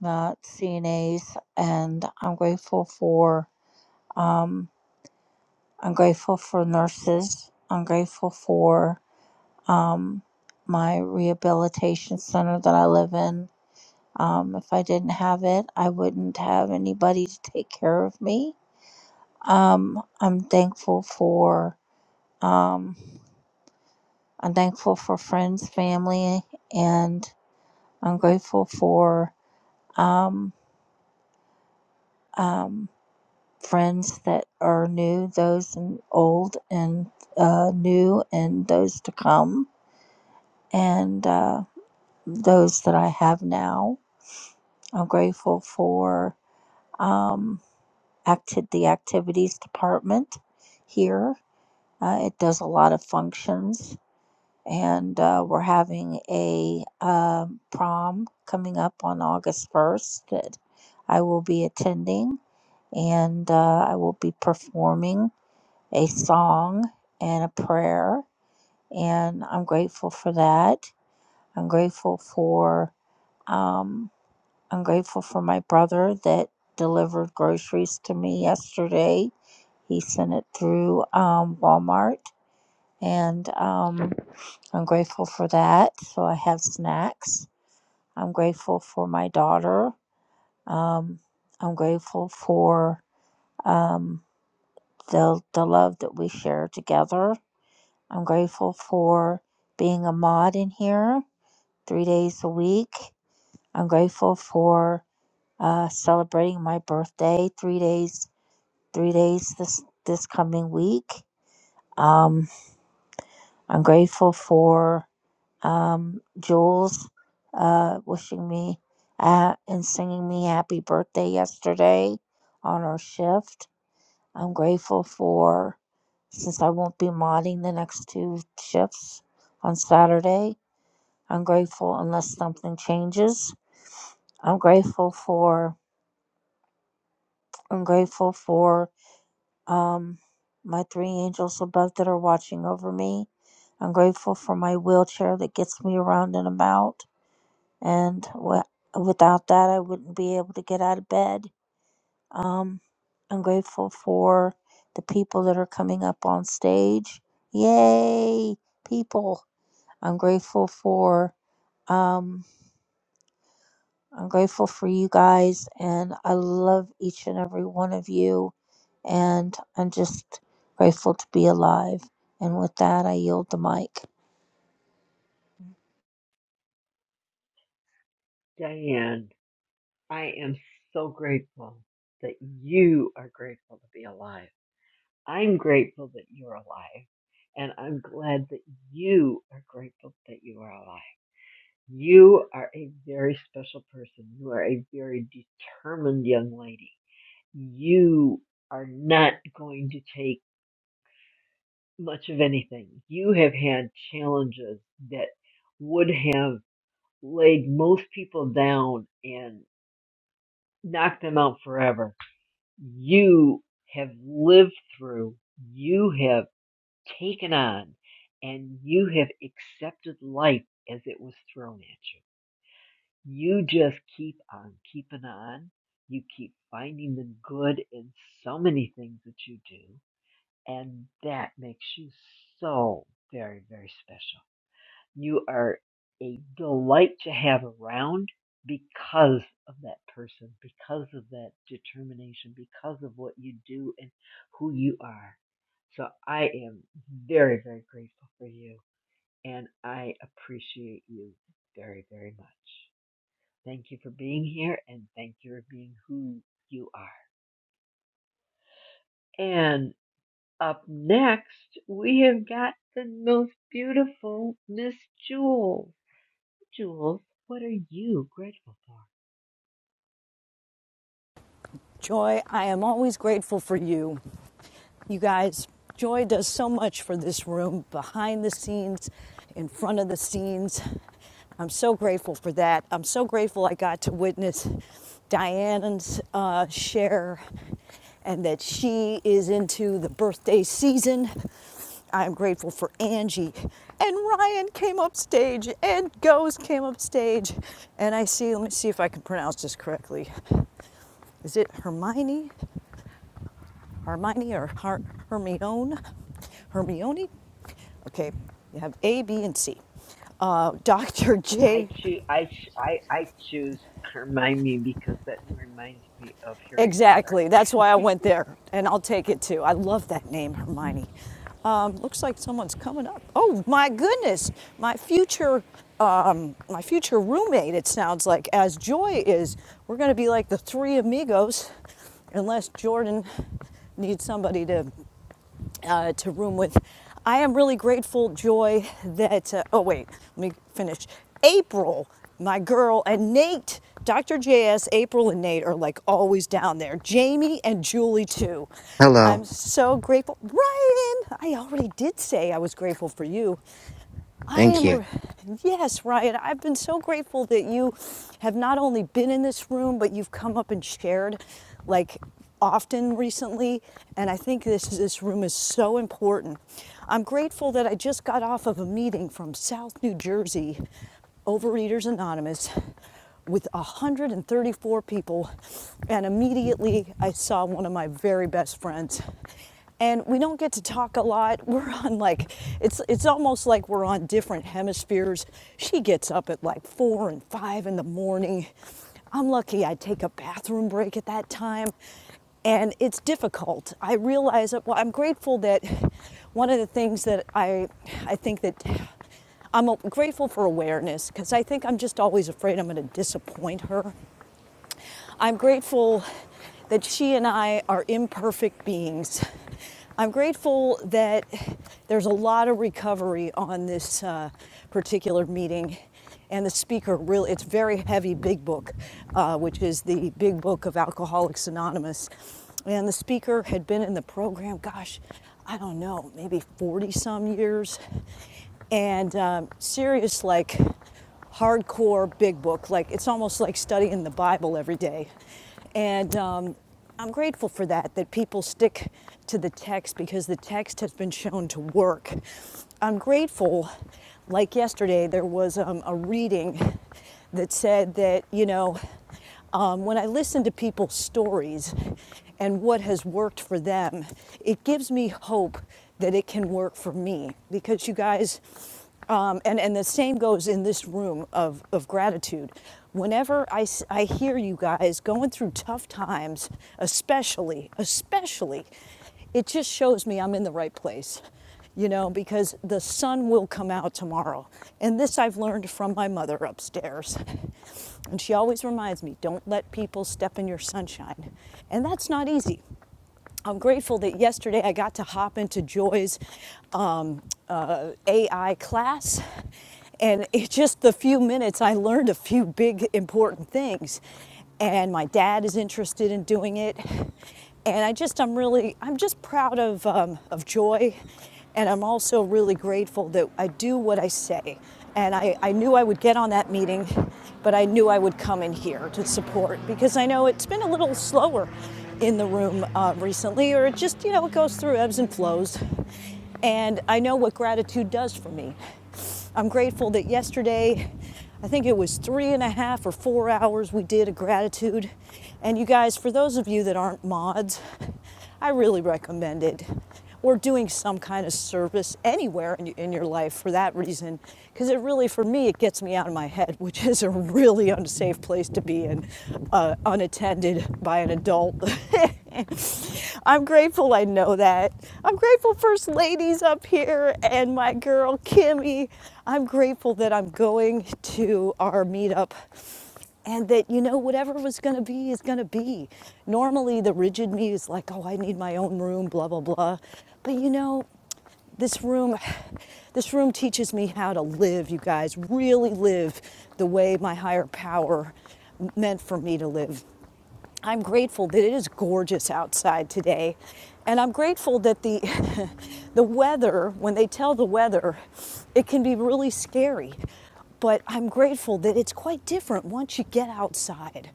S30: the CNAs and I'm grateful for Um, I'm grateful for nurses. I'm grateful for um, my rehabilitation center that I live in. Um, if I didn't have it, I wouldn't have anybody to take care of me. Um, I'm thankful for um, I'm thankful for friends, family, and I'm grateful for um, um, friends that are new, those and old, and uh, new, and those to come. and uh, those that I have now. I'm grateful for um, acti- the activities department here. Uh, it does a lot of functions, and uh, we're having a um prom coming up on August 1st that I will be attending, and uh, I will be performing a song and a prayer, and I'm grateful for that. I'm grateful for. Um, I'm grateful for my brother that delivered groceries to me yesterday. He sent it through um, Walmart, and um, I'm grateful for that. So I have snacks. I'm grateful for my daughter. Um, I'm grateful for um, the the love that we share together. I'm grateful for being a mod in here three days a week. I'm grateful for uh, celebrating my birthday three days three days this this coming week. Um, I'm grateful for um, Jules uh, wishing me uh, and singing me happy birthday yesterday on our shift. I'm grateful for since I won't be modding the next two shifts on Saturday. I'm grateful unless something changes. I'm grateful for I'm grateful for um, my three angels above that are watching over me. I'm grateful for my wheelchair that gets me around and about. And w- without that, I wouldn't be able to get out of bed. Um, I'm grateful for the people that are coming up on stage. Yay, people! I'm grateful for. um. I'm grateful for you guys and I love each and every one of you. And I'm just grateful to be alive. And with that, I yield the mic.
S26: Diane, I am so grateful that you are grateful to be alive. I'm grateful that you're alive, and I'm glad that you are grateful that you are alive. You are a very special person. You are a very determined young lady. You are not going to take much of anything. You have had challenges that would have laid most people down and knocked them out forever. You have lived through, you have taken on, and you have accepted life as it was thrown at you You just keep on keeping on. You keep finding the good in so many things that you do. And that makes you so very, very special. You are a delight to have around because of that person, because of that determination, because of what you do and who you are. So I am very, very grateful for you. And I appreciate you very, very much. Thank you for being here and thank you for being who you are. And up next, we have got the most beautiful Miss Jules. Jules, what are you grateful for?
S31: Joy, I am always grateful for you. You guys, Joy does so much for this room behind the scenes, in front of the scenes. I'm so grateful for that. I'm so grateful I got to witness Diane's uh, share and that she is into the birthday season. I'm grateful for Angie. And Ryan came up stage and Goes came up stage. And I see, let me see if I can pronounce this correctly. Is it Hermione? Hermione or Her- Hermione? Hermione? Okay, you have A, B, and C. Uh, Dr.
S26: I
S31: J,
S26: choose I, ch- I I choose Hermione because that reminds me of Harry Potter.
S31: exactly. That's why I went there, and I'll take it too. I love that name, Hermione. Um, looks like someone's coming up. Oh my goodness, my future, um, my future roommate. It sounds like as Joy is, we're going to be like the three amigos, unless Jordan needs somebody to uh, to room with. I am really grateful, Joy, that, uh, oh, wait, let me finish. April, my girl, and Nate, Dr. JS, April and Nate are like always down there. Jamie and Julie, too.
S32: Hello.
S31: I'm so grateful. Ryan, I already did say I was grateful for you. I
S32: Thank you.
S31: am, yes, Ryan, I've been so grateful that you have not only been in this room, but you've come up and shared like often recently. And I think this, this room is so important. I'm grateful that I just got off of a meeting from South New Jersey, Overeaters Anonymous, with 134 people. And immediately I saw one of my very best friends. And we don't get to talk a lot. We're on like, it's, it's almost like we're on different hemispheres. She gets up at like four and five in the morning. I'm lucky I take a bathroom break at that time and it's difficult. I realize that. Well, I'm grateful that one of the things that I, I think that I'm grateful for awareness because I think I'm just always afraid I'm going to disappoint her. I'm grateful that she and I are imperfect beings. I'm grateful that there's a lot of recovery on this uh, particular meeting. And the speaker really, it's very heavy big book, uh, which is the big book of Alcoholics Anonymous. And the speaker had been in the program, gosh, I don't know, maybe 40 some years. And um, serious, like hardcore big book. Like it's almost like studying the Bible every day. And um, I'm grateful for that, that people stick to the text because the text has been shown to work. I'm grateful, like yesterday, there was um, a reading that said that, you know, um, when I listen to people's stories and what has worked for them, it gives me hope that it can work for me because you guys, um, and, and the same goes in this room of, of gratitude. Whenever I I hear you guys going through tough times, especially, especially it just shows me I'm in the right place, you know, because the sun will come out tomorrow. And this I've learned from my mother upstairs. And she always reminds me don't let people step in your sunshine. And that's not easy I'm grateful that yesterday I got to hop into Joy's um, uh, AI class. And it just the few minutes I learned a few big important things. And my dad is interested in doing it. And I just, I'm really, I'm just proud of, um, of Joy. And I'm also really grateful that I do what I say. And I, I knew I would get on that meeting, but I knew I would come in here to support because I know it's been a little slower in the room uh, recently, or it just, you know, it goes through ebbs and flows. And I know what gratitude does for me. I'm grateful that yesterday, I think it was three and a half or four hours, we did a gratitude. And you guys, for those of you that aren't mods, I really recommend it. Or doing some kind of service anywhere in, in your life for that reason. Because it really, for me, it gets me out of my head, which is a really unsafe place to be in, uh, unattended by an adult. I'm grateful I know that. I'm grateful First Ladies up here and my girl Kimmy. I'm grateful that I'm going to our meetup and that you know whatever was going to be is going to be normally the rigid me is like oh i need my own room blah blah blah but you know this room this room teaches me how to live you guys really live the way my higher power meant for me to live I'm grateful that it is gorgeous outside today. And I'm grateful that the the weather, when they tell the weather, it can be really scary. But I'm grateful that it's quite different once you get outside.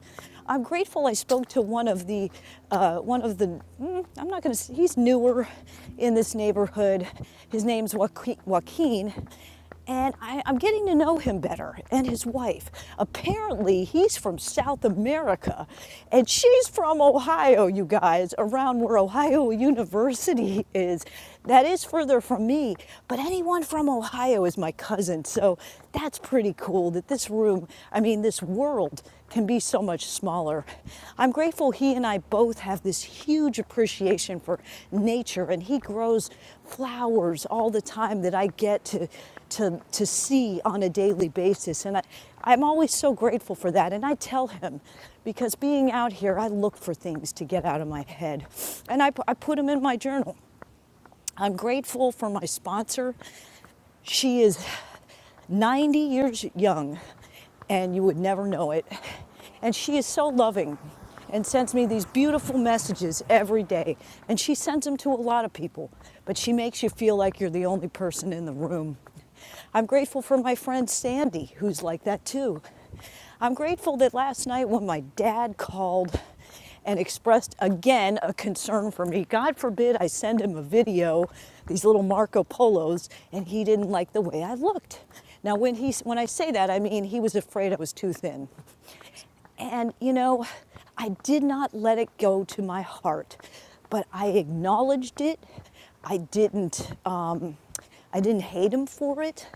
S31: I'm grateful I spoke to one of the uh, one of the mm, I'm not going to he's newer in this neighborhood. His name's Joaquin and I, I'm getting to know him better and his wife. Apparently, he's from South America, and she's from Ohio, you guys, around where Ohio University is. That is further from me, but anyone from Ohio is my cousin, so that's pretty cool that this room, I mean, this world, can be so much smaller. I'm grateful he and I both have this huge appreciation for nature and he grows flowers all the time that I get to to to see on a daily basis and I I'm always so grateful for that and I tell him because being out here I look for things to get out of my head and I I put them in my journal. I'm grateful for my sponsor she is 90 years young, and you would never know it. And she is so loving and sends me these beautiful messages every day. And she sends them to a lot of people, but she makes you feel like you're the only person in the room. I'm grateful for my friend Sandy, who's like that too. I'm grateful that last night when my dad called and expressed again a concern for me, God forbid I send him a video, these little Marco Polos, and he didn't like the way I looked. Now, when, he, when I say that, I mean he was afraid I was too thin. And, you know, I did not let it go to my heart, but I acknowledged it. I didn't, um, I didn't hate him for it.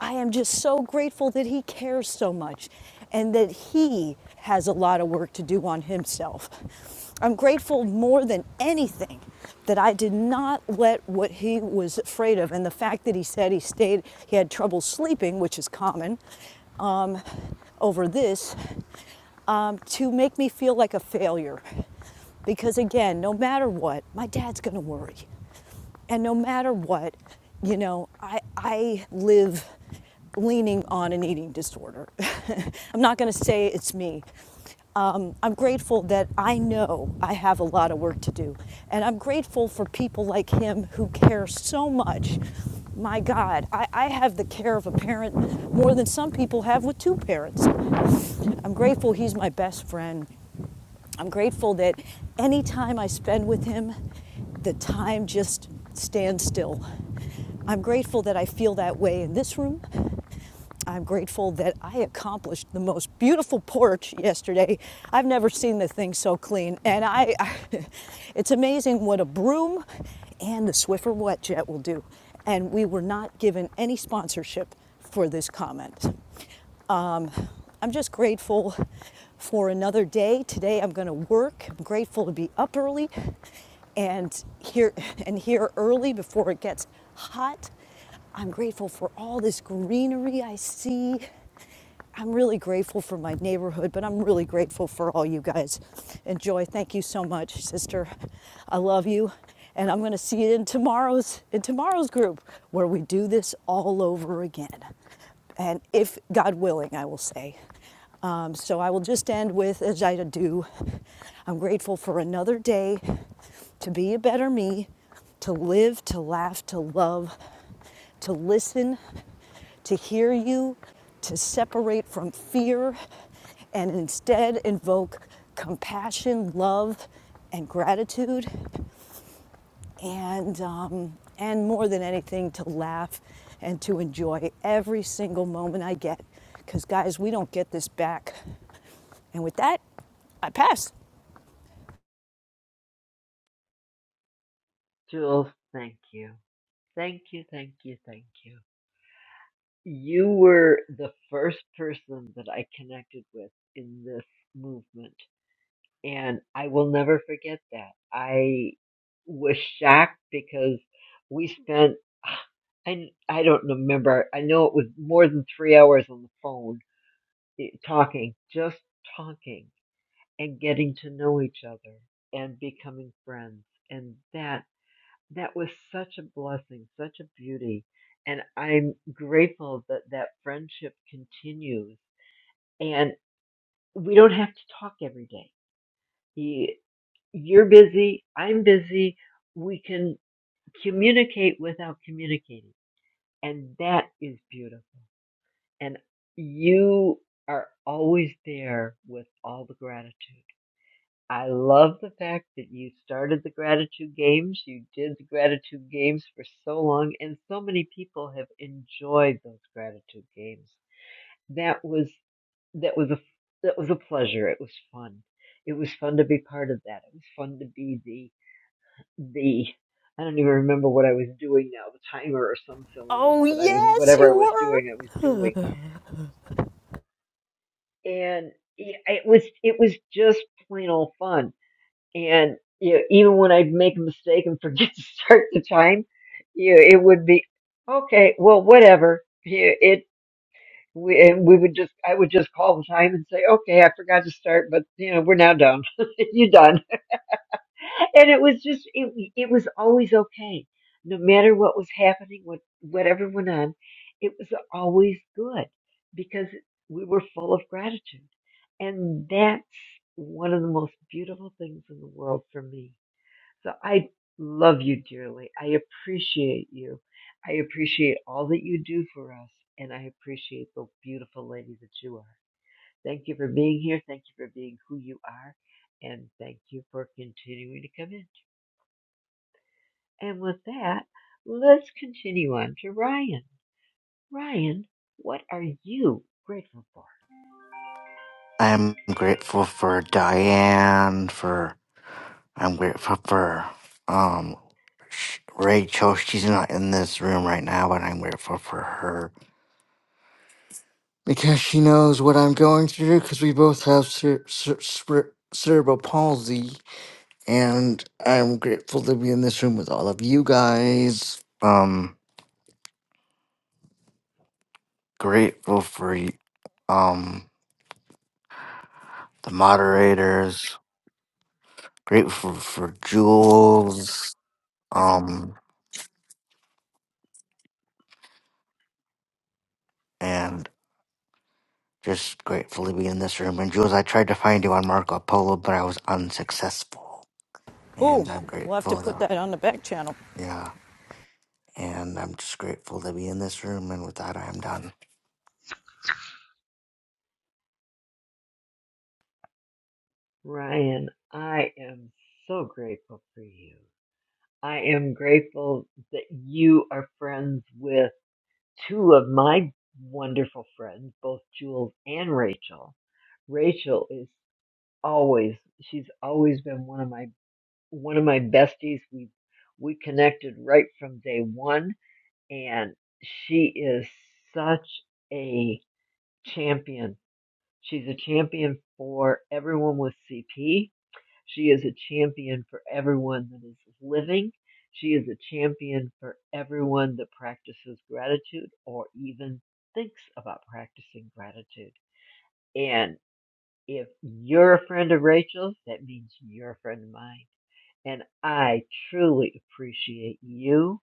S31: I am just so grateful that he cares so much and that he has a lot of work to do on himself. I'm grateful more than anything that I did not let what he was afraid of and the fact that he said he stayed, he had trouble sleeping, which is common, um, over this um, to make me feel like a failure. Because again, no matter what, my dad's gonna worry. And no matter what, you know, I, I live leaning on an eating disorder. I'm not gonna say it's me um, I'm grateful that I know I have a lot of work to do. And I'm grateful for people like him who care so much. My God, I, I have the care of a parent more than some people have with two parents. I'm grateful he's my best friend. I'm grateful that any time I spend with him, the time just stands still. I'm grateful that I feel that way in this room. I'm grateful that I accomplished the most beautiful porch yesterday. I've never seen the thing so clean. And I, I it's amazing what a broom and the Swiffer wet jet will do. And we were not given any sponsorship for this comment. Um, I'm just grateful for another day. Today I'm going to work. I'm grateful to be up early and here and here early before it gets hot I'm grateful for all this greenery I see. I'm really grateful for my neighborhood, but I'm really grateful for all you guys. Enjoy. Thank you so much, sister. I love you. And I'm going to see you in tomorrow's in tomorrow's group where we do this all over again. And if God willing, I will say. Um, so I will just end with, as I do, I'm grateful for another day to be a better me, to live, to laugh, to love to listen, to hear you, to separate from fear, and instead invoke compassion, love, and gratitude, and um, and more than anything, to laugh and to enjoy every single moment I get. Because guys, we don't get this back. And with that, I pass.
S26: Jules, thank you. Thank you, thank you, thank you. You were the first person that I connected with in this movement and I will never forget that. I was shocked because we spent I I don't remember. I know it was more than three hours on the phone eh, talking, just talking and getting to know each other and becoming friends. And that that was such a blessing, such a beauty. And I'm grateful that that friendship continues. And we don't have to talk every day. He, you're busy, I'm busy, we can communicate without communicating. And that is beautiful. And you are always there with all the gratitude. I love the fact that you started the gratitude games. You did the gratitude games for so long, and so many people have enjoyed those gratitude games. That was that was a that was a pleasure. It was fun. It was fun to be part of that. It was fun to be the the I don't even remember what I was doing now, the timer or some silliness
S31: Oh
S26: that I was
S31: yes,
S26: whatever
S31: you
S26: I was doing, I was doing.
S31: were.
S26: And yeah, it was it was just plain old fun. And you know, even when I'd make a mistake and forget to start the time, you know, it would be okay, well whatever. Yeah, it we, and we would just I would just call the time and say, "Okay, I forgot to start, but you know, we're now done. You're done." and it was just it, it was always okay no matter what was happening what whatever went on it was always good because we were full of gratitude and that's one of the most beautiful things in the world for me so i love you dearly i appreciate you i appreciate all that you do for us and i appreciate the beautiful lady that you are thank you for being here thank you for being who you are and thank you for continuing to come in and with that, let's continue on to Ryan. Ryan, what are you grateful for?
S32: I'm grateful for Diane, for I'm grateful for um Sh- Rachel. She's not in this room right now, but I'm grateful for her because she knows what I'm going through because we both have cer- cer- cer- cerebral palsy and I'm grateful to be in this room with all of you guys. Um grateful for y- um the moderators, grateful for Jules Um, and just grateful to be in this room. And Jules, I tried to find you on Marco Polo, but I was unsuccessful.
S31: Oh,
S32: And I'm
S31: we'll have to
S32: grateful
S31: put
S32: though.
S31: that on the back channel.
S32: Yeah. And I'm just grateful to be in this room. And with that, I am done.
S26: Ryan, I am so grateful for you. I am grateful that you are friends with two of my wonderful friends, both Jules and Rachel. Rachel is always she's always been one of my one of my besties. We we connected right from day 1 and she is such a champion. She's a champion for everyone with CP. She is a champion for everyone that is living. She is a champion for everyone that practices gratitude or even thinks about practicing gratitude. And if you're a friend of Rachel's, that means you're a friend of mine. And I truly appreciate you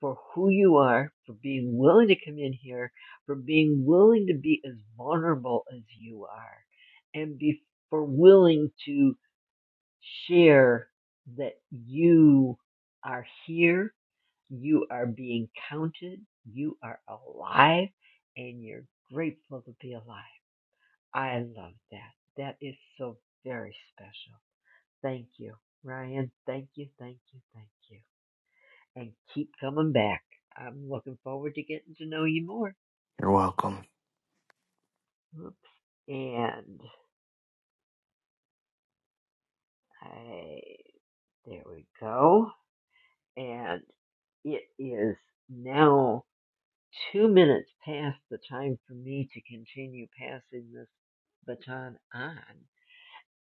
S26: for who you are, for being willing to come in here, for being willing to be as vulnerable as you are, and be for willing to share that you are here, you are being counted, you are alive, and you're grateful to be alive. I love that. That is so very special. Thank you, Ryan. Thank you, thank you, thank you and keep coming back. I'm looking forward to getting to know you more.
S32: You're welcome.
S26: And I, there we go. And it is now two minutes past the time for me to continue passing this baton on.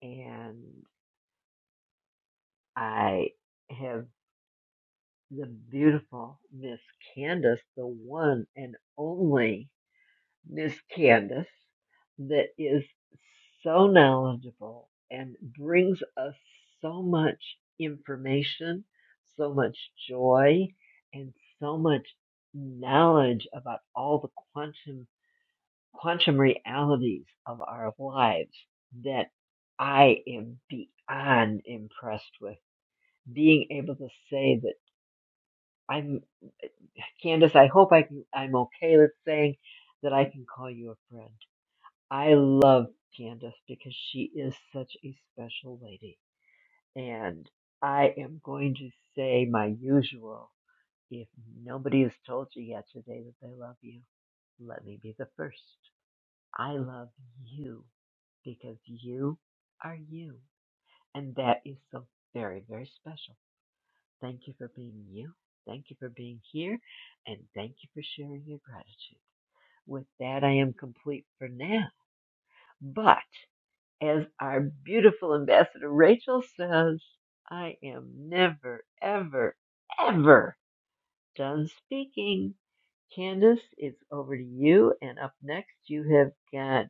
S26: And I have the beautiful Miss Candace, the one and only Miss Candace that is so knowledgeable and brings us so much information, so much joy, and so much knowledge about all the quantum quantum realities of our lives that I am beyond impressed with being able to say that I'm Candace. I hope I can, I'm okay with saying that I can call you a friend I love Candace because she is such a special lady. And I am going to say my usual if nobody has told you yet today that they love you, let me be the first. I love you because you are you. And that is so very, very special. Thank you for being you. Thank you for being here. And thank you for sharing your gratitude. With that, I am complete for now. But as our beautiful ambassador Rachel says, I am never, ever, ever done speaking. Candace, it's over to you. And up next, you have got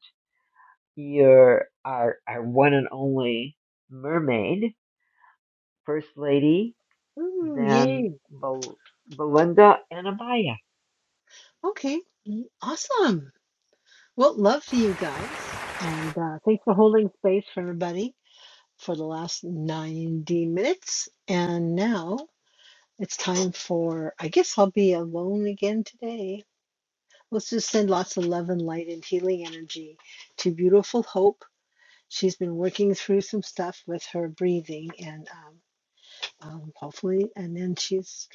S26: your our, our one and only mermaid, First Lady,
S33: Ooh,
S26: then
S33: yay.
S26: Bel- Belinda Anabaya.
S33: Okay. Mm, Awesome. Well, love for you guys. And uh, thanks for holding space for everybody for the last 90 minutes. And now it's time for, I guess I'll be alone again today. Let's just send lots of love and light and healing energy to beautiful Hope. She's been working through some stuff with her breathing and um, um, hopefully, and then she's,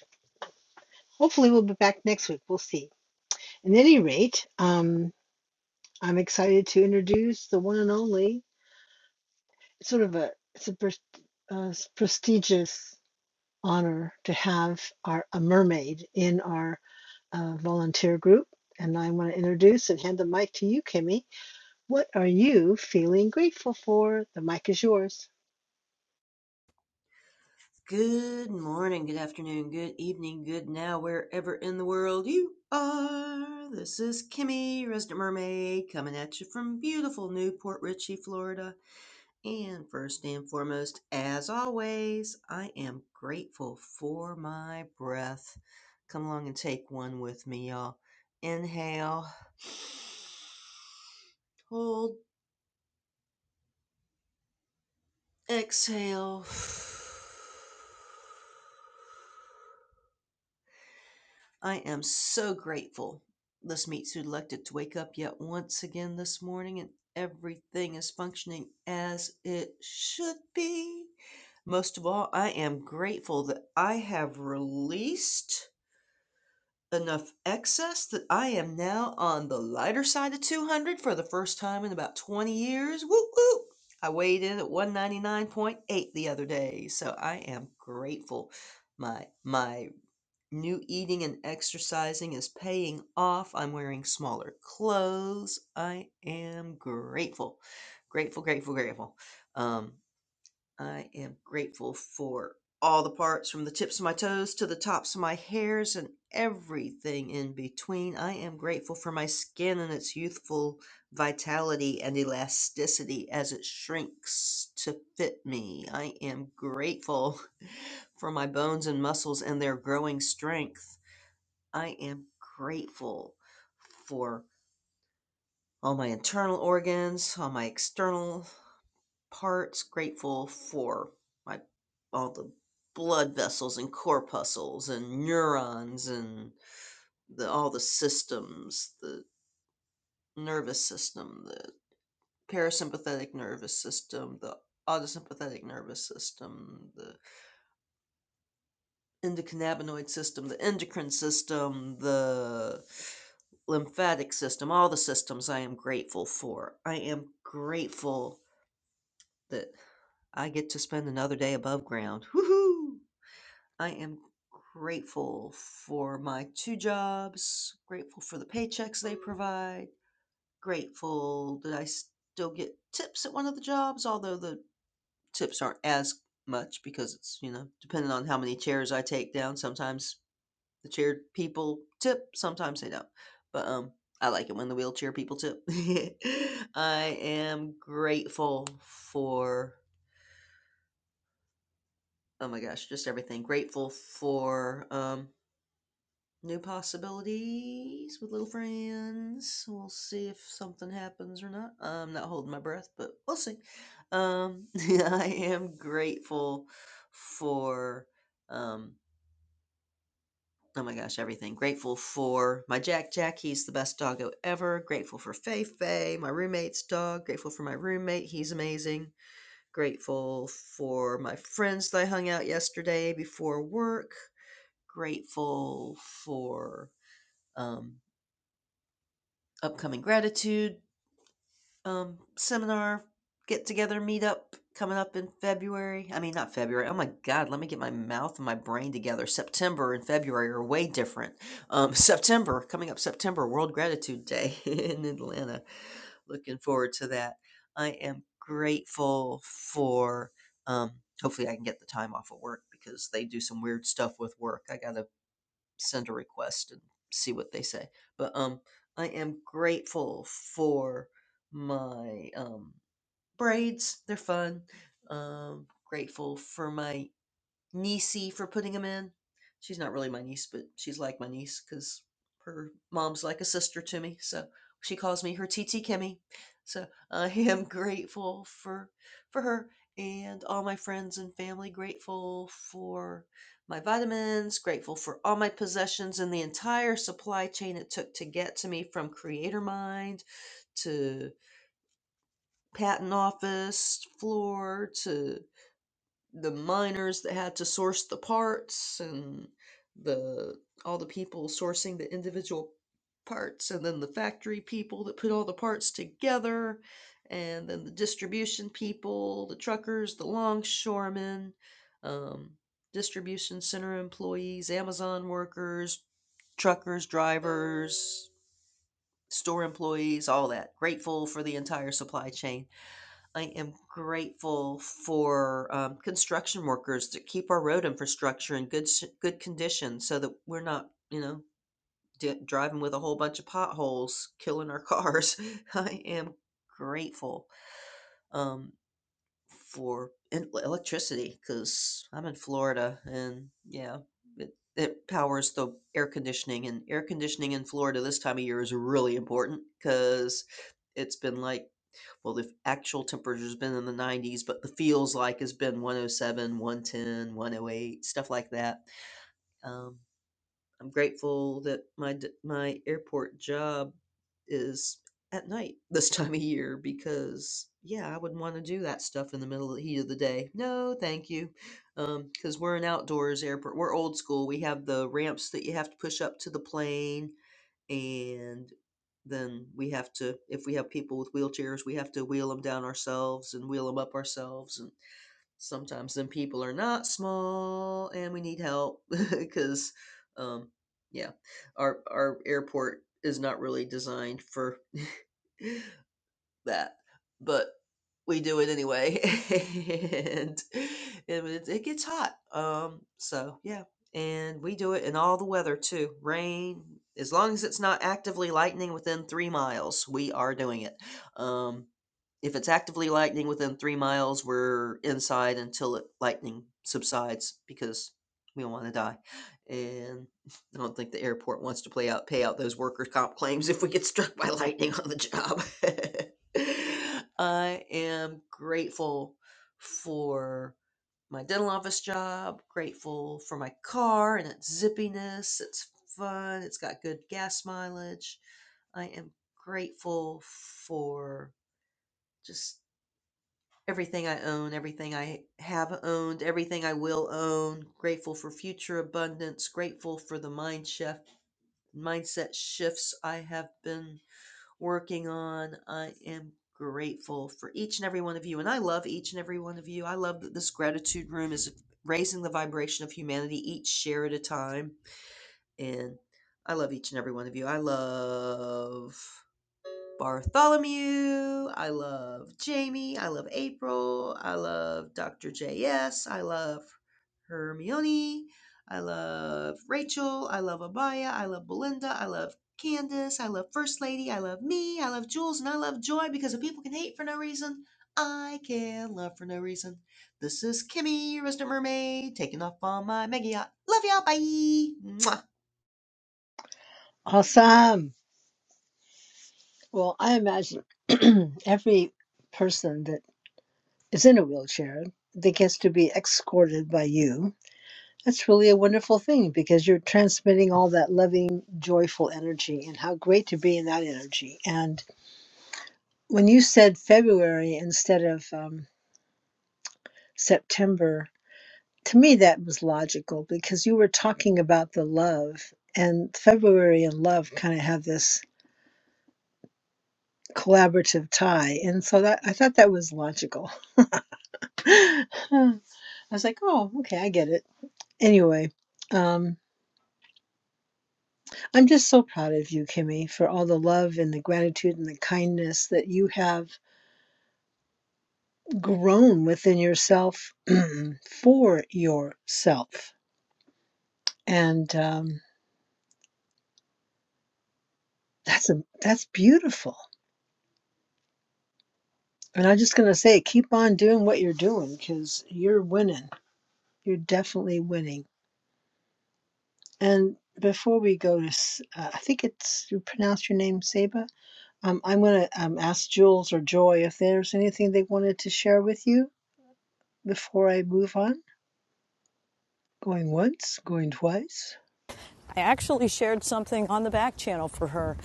S33: hopefully we'll be back next week. We'll see. At any rate, um. I'm excited to introduce the one and only. It's sort of a it's a, pres- a s- prestigious honor to have our a mermaid in our uh, volunteer group. And I want to introduce and hand the mic to you, Kimmy. What are you feeling grateful for? The mic is yours.
S34: Good morning, good afternoon, good evening, good now, wherever in the world you are. This is Kimmy, Resident Mermaid, coming at you from beautiful Newport Richey, Florida. And first and foremost, as always, I am grateful for my breath. Come along and take one with me, y'all. Inhale, hold, exhale. I am so grateful this meat suit elected to wake up yet once again this morning and everything is functioning as it should be. Most of all, I am grateful that I have released enough excess that I am now on the lighter side of 200 for the first time in about 20 years. Whoop whoop! I weighed in at 199.8 the other day, so I am grateful. My my New eating and exercising is paying off. I'm wearing smaller clothes. I am grateful. Grateful, grateful, grateful. Um, I am grateful for all the parts from the tips of my toes to the tops of my hairs and everything in between. I am grateful for my skin and its youthful vitality and elasticity as it shrinks to fit me. I am grateful for my bones and muscles and their growing strength. I am grateful for all my internal organs, all my external parts, grateful for my all the blood vessels and corpuscles and neurons and the all the systems, the nervous system, the parasympathetic nervous system, the autosympathetic nervous system, the endocannabinoid system, the endocrine system, the lymphatic system, all the systems I am grateful for. I am grateful that I get to spend another day above ground. Woohoo! I am grateful for my two jobs, grateful for the paychecks they provide, grateful that I still get tips at one of the jobs, although the tips aren't as much because it's, you know, depending on how many chairs I take down, sometimes the chair people tip, sometimes they don't. But um I like it when the wheelchair people tip. I am grateful for oh my gosh, just everything. Grateful for um New possibilities with little friends. We'll see if something happens or not. I'm not holding my breath, but we'll see. Um, I am grateful for, um, oh my gosh, everything. Grateful for my Jack Jack. He's the best doggo ever. Grateful for Fei Fei, my roommate's dog. Grateful for my roommate. He's amazing. Grateful for my friends that I hung out yesterday before work. Grateful for. Um, upcoming gratitude um, seminar get together meetup coming up in February. I mean, not February. Oh my God, let me get my mouth and my brain together. September and February are way different. Um, September, coming up September, World Gratitude Day in Atlanta. Looking forward to that. I am grateful for, um, hopefully, I can get the time off of work because they do some weird stuff with work. I got to send a request and see what they say. But um, I am grateful for my um braids. They're fun. Um, grateful for my niecey for putting them in. She's not really my niece, but she's like my niece because her mom's like a sister to me. So she calls me her TT Kimmy. So I am grateful for for her and all my friends and family. Grateful for my vitamins. Grateful for all my possessions and the entire supply chain it took to get to me from Creator Mind to patent office floor to the miners that had to source the parts and the all the people sourcing the individual parts and then the factory people that put all the parts together and then the distribution people the truckers the longshoremen um, distribution center employees amazon workers truckers drivers store employees all that grateful for the entire supply chain I am grateful for um, construction workers to keep our road infrastructure in good s- good condition, so that we're not, you know, d- driving with a whole bunch of potholes, killing our cars. I am grateful um, for en- electricity because I'm in Florida, and yeah, it it powers the air conditioning, and air conditioning in Florida this time of year is really important because it's been like well, the actual temperature's been in the 90s, but the feels like it's been 107, 110, stuff like that. Um, I'm grateful that my my airport job is at night this time of year because yeah, I wouldn't want to do that stuff in the middle of the heat of the day. No, thank you. Um, cuz we're an outdoors airport. We're old school. We have the ramps that you have to push up to the plane and then we have to if we have people with wheelchairs we have to wheel them down ourselves and wheel them up ourselves and sometimes then people are not small and we need help because um yeah our our airport is not really designed for that, but we do it anyway, and it, it gets hot. Um, so yeah, and we do it in all the weather too. Rain, as long as it's not actively lightning within three miles, we are doing it. Um, if it's actively lightning within three miles, we're inside until it, lightning subsides because we don't want to die. And I don't think the airport wants to play out pay out those workers' comp claims if we get struck by lightning on the job. I am grateful for my dental office job, grateful for my car and its zippiness. It's fun, it's got good gas mileage. I am grateful for just everything I own, everything I have owned, everything I will own. Grateful for future abundance, grateful for the mind shift, mindset shifts I have been working on. I am grateful for each and every one of you and I love each and every one of you. I love that this gratitude room is raising the vibration of humanity each share at a time and I love each and every one of you. I love Bartholomew. I love Jamie. I love April. I love Dr. J. S. I love Hermione. I love Rachel. I love Abaya. I love Belinda. I love Candace. I love First Lady. I love me. I love Jules. And I love Joy because if people can hate for no reason, I can love for no reason. This is Kimmy, your resident mermaid, taking off on my mega yacht. Love y'all. Bye. Mwah.
S33: Awesome. Well, I imagine every person that is in a wheelchair that gets to be escorted by you That's really a wonderful thing because you're transmitting all that loving, joyful energy, and how great to be in that energy. And when you said February instead of um, September, to me that was logical because you were talking about the love, and February and love kind of have this collaborative tie. And so that I thought that was logical. I was like, oh, okay, I get it. Anyway. um, I'm just so proud of you, Kimmy, for all the love and the gratitude and the kindness that you have grown within yourself for yourself. And um, that's a that's beautiful. And I'm just gonna say, keep on doing what you're doing because you're winning. You're definitely winning. And before we go to, S- uh, I think it's you pronounce your name Saba. Um, I'm gonna um, ask Jules or Joy if there's anything they wanted to share with you before I move on. Going once, going twice.
S31: I actually shared something on the back channel for her.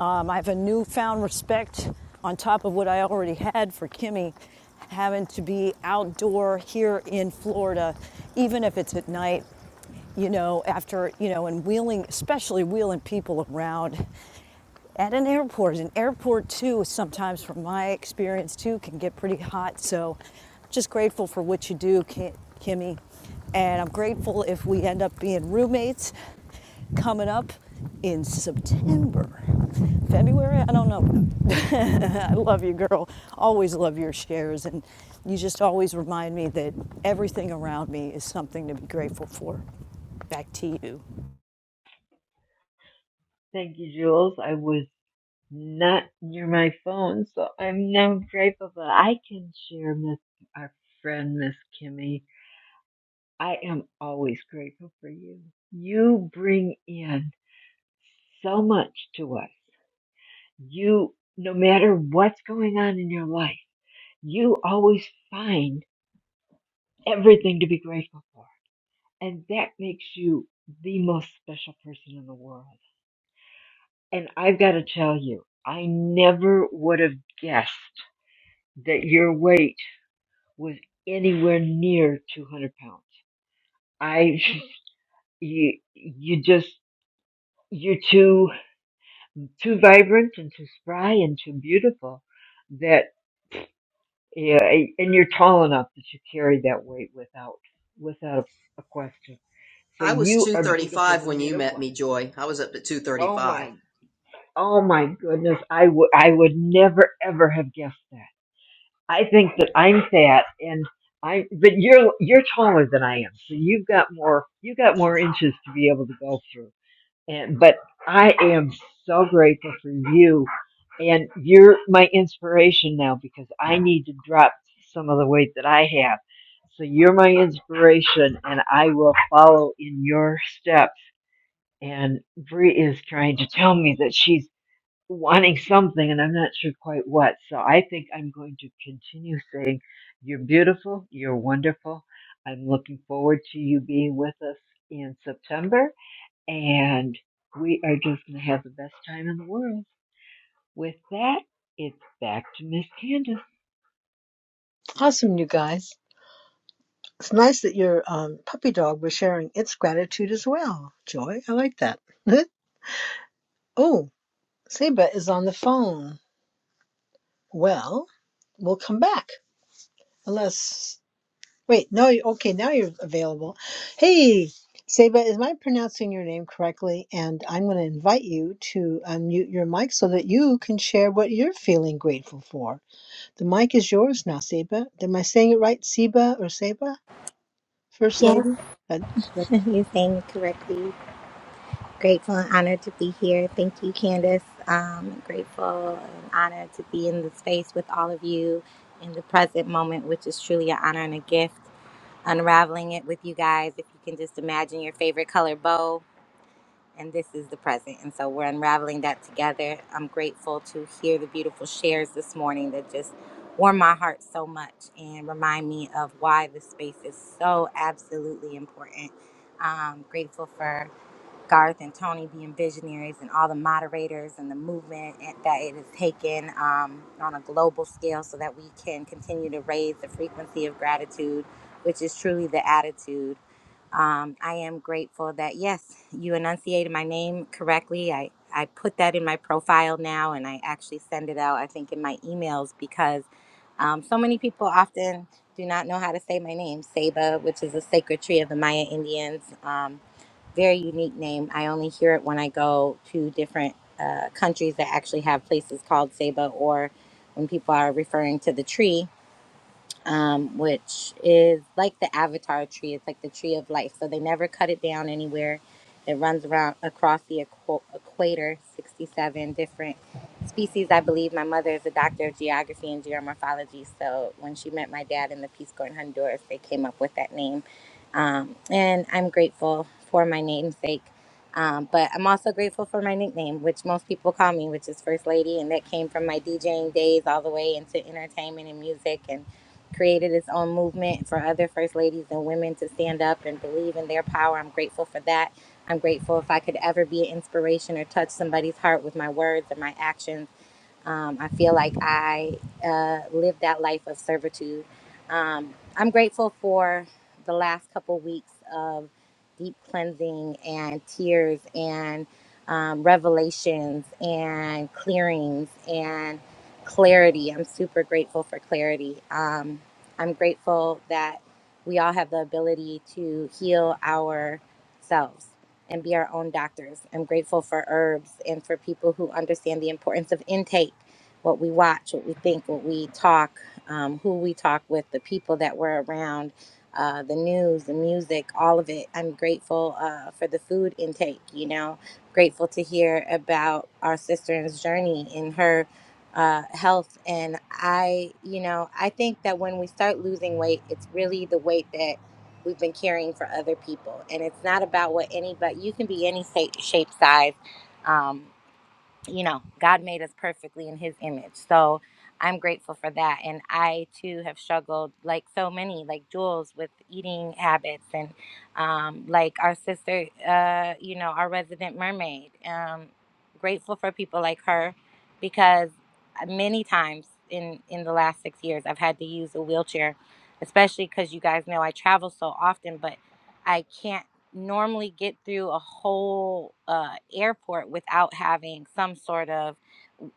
S31: Um, I have a newfound respect on top of what I already had for Kimmy having to be outdoor here in Florida, even if it's at night you know, after, you know, and wheeling, especially wheeling people around at an airport. An airport, too, sometimes from my experience, too, can get pretty hot. So just grateful for what you do, Ki- Kimmy. And I'm grateful if we end up being roommates coming up in September. February? I don't know. I love you, girl. Always love your shares. And you just always remind me that everything around me is something to be grateful for. Back to you.
S26: Thank you, Jules. I was not near my phone, so I'm now grateful that I can share with our friend Miss Kimmy I am always grateful for you. You bring in so much to us. You, no matter what's going on in your life, you always find everything to be grateful for. And that makes you the most special person in the world. And I've got to tell you, I never would have guessed that your weight was anywhere near 200 pounds. I, you, you just, you're too. too vibrant and too spry and too beautiful that yeah, and you're tall enough that you carry that weight without without a question. So
S34: I was
S26: you are beautiful
S34: 235
S26: no
S34: when you
S26: matter
S34: met
S26: what.
S34: me, Joy. I was up to
S26: Oh
S34: 235.
S26: my, oh my goodness, I would I would never ever have guessed that. I think that I'm fat and I, but you're you're taller than I am, so you've got more you have got more inches to be able to go through. And, but I am so grateful for you. And you're my inspiration now because I need to drop some of the weight that I have. So you're my inspiration and I will follow in your steps. And Bree is trying to tell me that she's wanting something and I'm not sure quite what. So I think I'm going to continue saying, you're beautiful. You're wonderful. I'm looking forward to you being with us in September and we are just going to have the best time in the world. With that, it's back to Miss Candace.
S33: Awesome, you guys. It's nice that your um, puppy dog was sharing its gratitude as well. Joy, I like that. oh, Seba is on the phone. Well, we'll come back. Unless. Wait, no, okay, now you're available. Hey, Seba, is my pronouncing your name correctly? And I'm going to invite you to unmute your mic so that you can share what you're feeling grateful for. The mic is yours now, Seba. Am I saying it right, Seba or Seba? First
S35: Yes,
S33: Lady? That, that,
S35: you're saying it correctly. Grateful and honored to be here. Thank you, Candace. Um, grateful and honored to be in the space with all of you in the present moment, which is truly an honor and a gift. Unraveling it with you guys. If you can just imagine your favorite color bow and this is the present. And so we're unraveling that together. I'm grateful to hear the beautiful shares this morning that just warm my heart so much and remind me of why this space is so absolutely important. Um, grateful for Garth and Tony being visionaries and all the moderators and the movement it- that it has taken um, on a global scale so that we can continue to raise the frequency of gratitude, which is truly the attitude. Um, I am grateful that, yes, you enunciated my name correctly. I, I put that in my profile now and I actually send it out, I think, in my emails because um, so many people often do not know how to say my name, Saba, which is a sacred tree of the Maya Indians. Um, very unique name. I only hear it when I go to different uh, countries that actually have places called Saba or when people are referring to the tree um, which is like the avatar tree. It's like the tree of life. So they never cut it down anywhere. It runs around across the equ- equator, 67 different species, I believe. My mother is a doctor of geography and geomorphology. So when she met my dad in the Peace Corps in Honduras, they came up with that name. Um, and I'm grateful for my namesake. Um, but I'm also grateful for my nickname, which most people call me, which is First Lady. And that came from my DJing days all the way into entertainment and music. And created its own movement for other first ladies and women to stand up and believe in their power. I'm grateful for that. I'm grateful if I could ever be an inspiration or touch somebody's heart with my words and my actions. Um, I feel like I uh, lived that life of servitude. Um, I'm grateful for the last couple weeks of deep cleansing and tears and um, revelations and clearings and clarity. I'm super grateful for clarity. Um, I'm grateful that we all have the ability to heal ourselves and be our own doctors. I'm grateful for herbs and for people who understand the importance of intake, what we watch, what we think, what we talk, um, who we talk with, the people that we're around, uh, the news, the music, all of it. I'm grateful uh, for the food intake, you know, grateful to hear about our sister's journey in her. Uh, health and I, you know, I think that when we start losing weight, it's really the weight that we've been caring for other people and it's not about what any but you can be any shape size um, you know, God made us perfectly in his image. So I'm grateful for that. And I too have struggled, like so many, like Jules, with eating habits and um, like our sister, uh, you know, our resident mermaid. Um, grateful for people like her because many times in, in the last six years, I've had to use a wheelchair, especially because you guys know I travel so often, but. I can't normally get through a whole uh, airport without having some sort of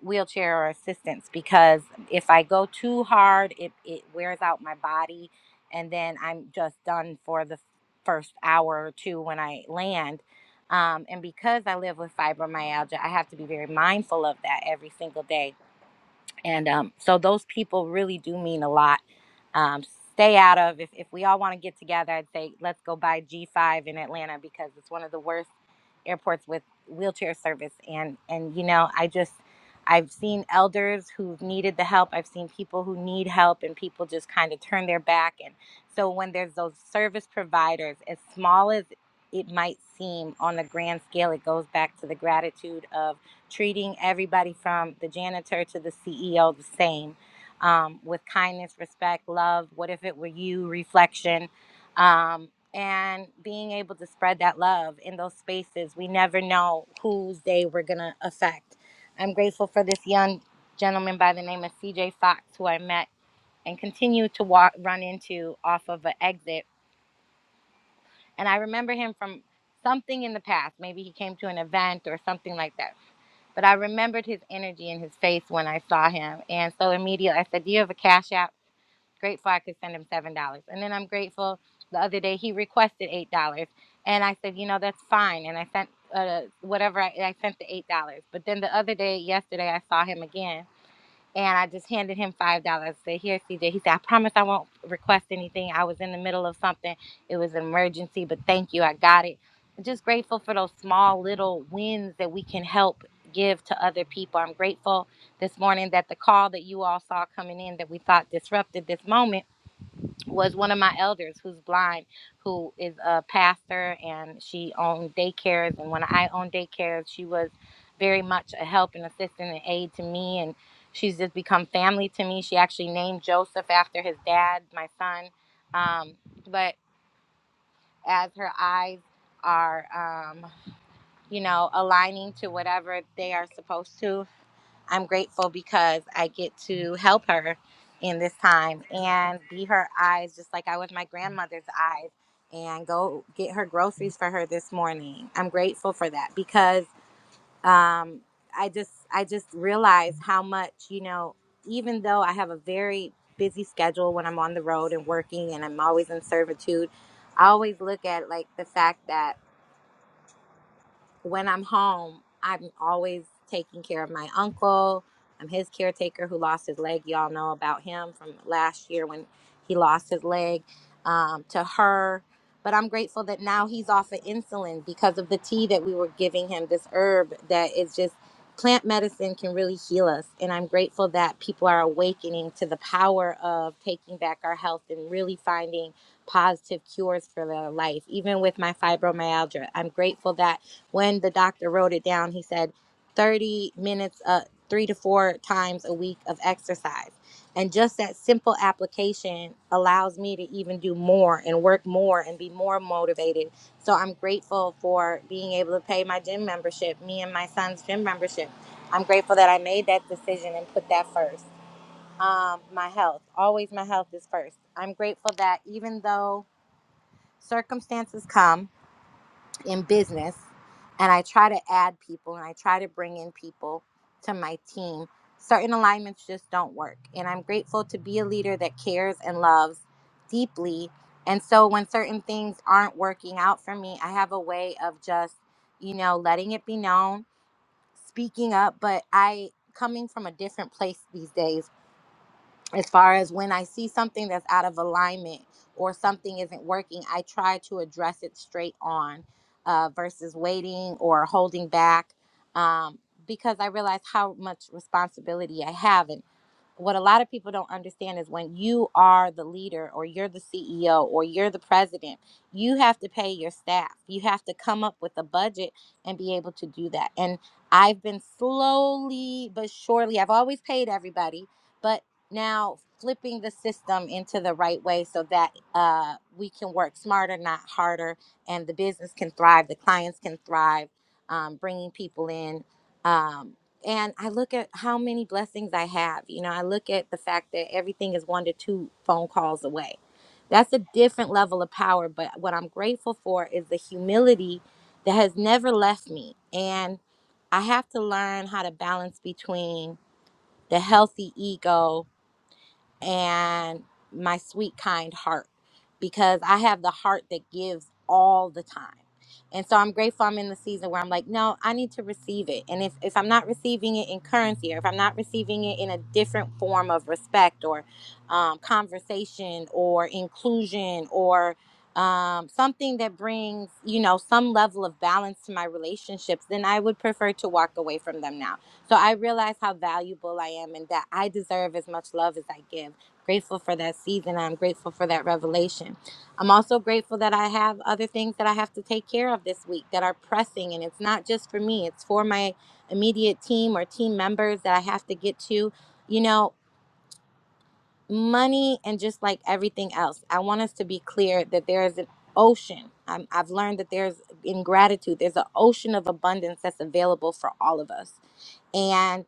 S35: wheelchair or assistance because if I go too hard, it, it wears out my body and then I'm just done for the first hour or two when I land. Um, and because I live with fibromyalgia, I have to be very mindful of that every single day and um, so those people really do mean a lot. Um, stay out of if, if we all want to get together, I'd say let's go by G5 in Atlanta because it's one of the worst airports with wheelchair service. And and you know, I just I've seen elders who've needed the help. I've seen people who need help, and people just kind of turn their back. And so when there's those service providers, as small as it might seem on the grand scale, it goes back to the gratitude of treating everybody from the janitor to the CEO the same um, with kindness, respect, love. What if it were you? Reflection. Um, and being able to spread that love in those spaces. We never know whose day we're going to affect. I'm grateful for this young gentleman by the name of CJ Fox, who I met and continue to walk, run into off of an exit. And I remember him from something in the past. Maybe he came to an event or something like that but I remembered his energy in his face when I saw him. And so immediately I said, Do you have a cash app? Grateful I could send him $7. And then I'm grateful the other day he requested $8. And I said, You know, that's fine. And I sent uh, whatever I, I sent the $8. But then the other day, yesterday, I saw him again and I just handed him five dollars. I Said, "Here, CJ." He said, "I promise I won't request anything. I was in the middle of something. It was an emergency, but thank you. I got it." I'm just grateful for those small little wins that we can help give to other people. I'm grateful this morning that the call that you all saw coming in that we thought disrupted this moment was one of my elders who's blind, who is a pastor, and she owned daycares. And when I owned daycares, she was very much a help and assistant and aid to me. And she's just become family to me. She actually named Joseph after his dad, my son. Um, but as her eyes are um, you know, aligning to whatever they are supposed to. I'm grateful because I get to help her in this time and be her eyes just like I was my grandmother's eyes and go get her groceries for her this morning. I'm grateful for that because um I just I just realize how much, you know, even though I have a very busy schedule when I'm on the road and working and I'm always in servitude, I always look at like the fact that when I'm home, I'm always taking care of my uncle. I'm his caretaker who lost his leg. Y'all know about him from last year when he lost his leg um, to her. But I'm grateful that now he's off of insulin because of the tea that we were giving him, this herb that is just plant medicine can really heal us. And I'm grateful that people are awakening to the power of taking back our health and really finding positive cures for their life, even with my fibromyalgia. I'm grateful that when the doctor wrote it down, he said 30 minutes, uh, three to four times a week of exercise. And just that simple application allows me to even do more and work more and be more motivated. So I'm grateful for being able to pay my gym membership, me and my son's gym membership. I'm grateful that I made that decision and put that first. Um, my health, always my health is first. I'm grateful that even though circumstances come, in business and I try to add people and I try to bring in people to my team, certain alignments just don't work. And I'm grateful to be a leader that cares and loves deeply. And so when certain things aren't working out for me, I have a way of just, you know, letting it be known, speaking up, but I coming from a different place these days as far as when I see something that's out of alignment or something isn't working, I try to address it straight on uh, versus waiting or holding back um, because I realize how much responsibility I have. And what a lot of people don't understand is when you are the leader or you're the CEO or you're the president, you have to pay your staff. You have to come up with a budget and be able to do that. And I've been slowly but surely, I've always paid everybody but now flipping the system into the right way so that uh, we can work smarter not harder and the business can thrive the clients can thrive um, bringing people in um, and i look at how many blessings i have you know i look at the fact that everything is one to two phone calls away that's a different level of power but what i'm grateful for is the humility that has never left me and i have to learn how to balance between the healthy ego and my sweet, kind heart because I have the heart that gives all the time. And so I'm grateful I'm in the season where I'm like, no, I need to receive it. And if, if I'm not receiving it in currency or if I'm not receiving it in a different form of respect or um, conversation or inclusion or um, something that brings, you know, some level of balance to my relationships, then I would prefer to walk away from them now so I realize how valuable I am and that I deserve as much love as I give. Grateful for that season. I'm grateful for that revelation. I'm also grateful that I have other things that I have to take care of this week that are pressing. And it's not just for me, it's for my immediate team or team members that I have to get to. You know, money and just like everything else, I want us to be clear that there is an ocean. i I've learned that there's, in gratitude, there's an ocean of abundance that's available for all of us. and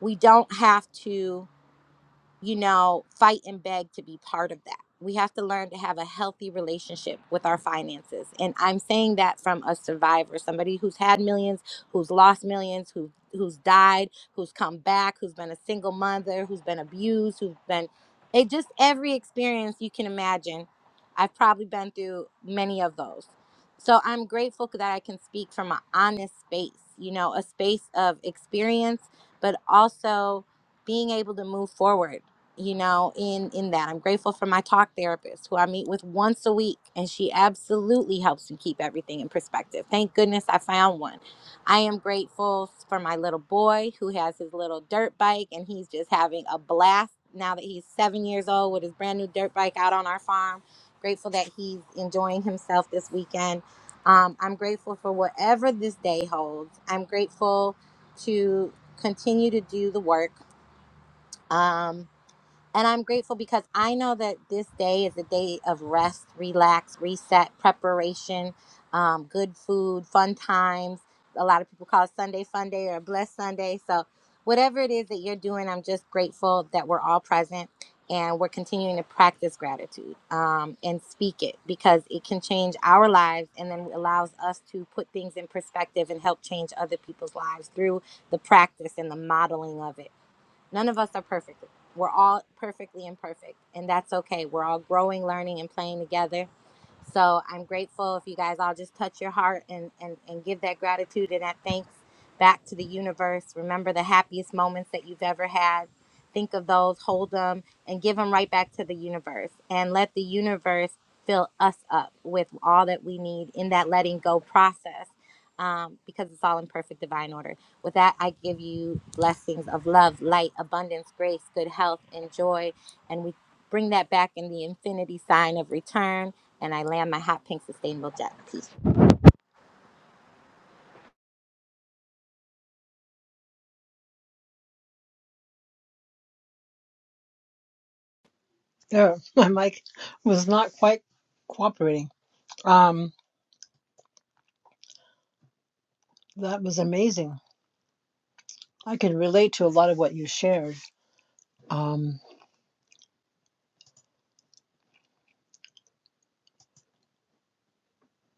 S35: we don't have to you know, fight and beg to be part of that. We have to learn to have a healthy relationship with our finances. And I'm saying that from a survivor, somebody who's had millions, who's lost millions, who who's died, who's come back, who's been a single mother, who's been abused, who's been it just every experience you can imagine. I've probably been through many of those. So I'm grateful that I can speak from an honest space, you know, a space of experience, but also being able to move forward you know in in that i'm grateful for my talk therapist who i meet with once a week and she absolutely helps me keep everything in perspective thank goodness i found one i am grateful for my little boy who has his little dirt bike and he's just having a blast now that he's seven years old with his brand new dirt bike out on our farm grateful that he's enjoying himself this weekend um, i'm grateful for whatever this day holds i'm grateful to continue to do the work Um. And I'm grateful because I know that this day is a day of rest, relax, reset, preparation, um, good food, fun times. A lot of people call it Sunday fun day or blessed Sunday. So, whatever it is that you're doing, I'm just grateful that we're all present and we're continuing to practice gratitude um, and speak it because it can change our lives and then allows us to put things in perspective and help change other people's lives through the practice and the modeling of it. None of us are perfect. We're all perfectly imperfect, and that's okay. We're all growing, learning, and playing together. So I'm grateful if you guys all just touch your heart and, and, and give that gratitude and that thanks back to the universe. Remember the happiest moments that you've ever had. Think of those, hold them, and give them right back to the universe. And let the universe fill us up with all that we need in that letting go process um, because it's all in perfect divine order. With that, I give you blessings of love, light, abundance, grace, good health, and joy. And we bring that back in the infinity sign of return. And I land my hot pink sustainable jet. Peace.
S33: oh, my mic was not quite cooperating. Um, that was amazing. I can relate to a lot of what you shared. Um,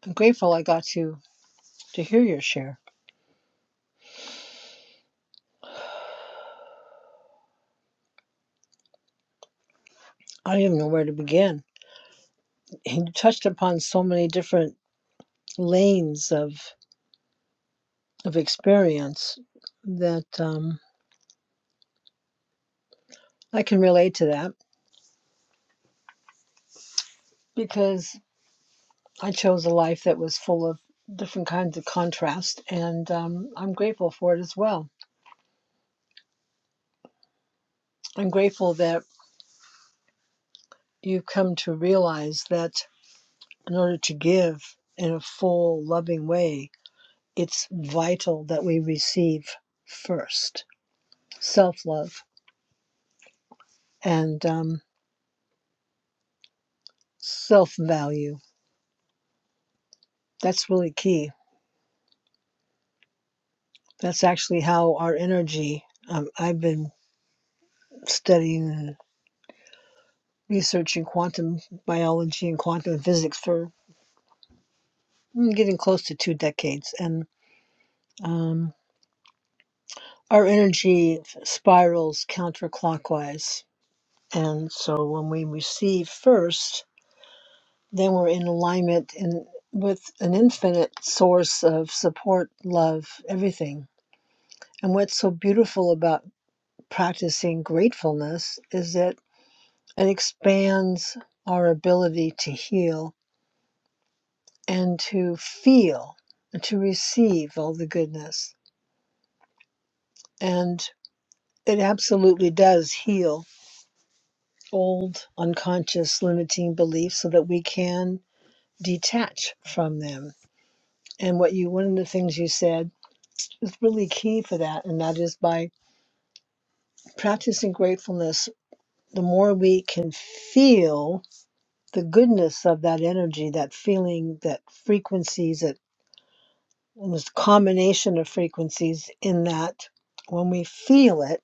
S33: I'm grateful I got to, to hear your share. I don't even know where to begin. You touched upon so many different lanes of, of experience that um, I can relate to that because I chose a life that was full of different kinds of contrast, and um, I'm grateful for it as well. I'm grateful that you come to realize that in order to give in a full, loving way, it's vital that we receive first self love and um, self value. That's really key. That's actually how our energy. Um, I've been studying and researching quantum biology and quantum physics for mm, getting close to two decades, and um, our energy spirals counterclockwise And so when we receive first, then we're in alignment and with an infinite source of support, love, everything. And what's so beautiful about practicing gratefulness is that it expands our ability to heal and to feel and to receive all the goodness. And it absolutely does heal old unconscious limiting beliefs so that we can detach from them And what you, one of the things you said is really key for that, and that is by practicing gratefulness, the more we can feel the goodness of that energy, that feeling, that frequencies, that and this combination of frequencies in that when we feel it,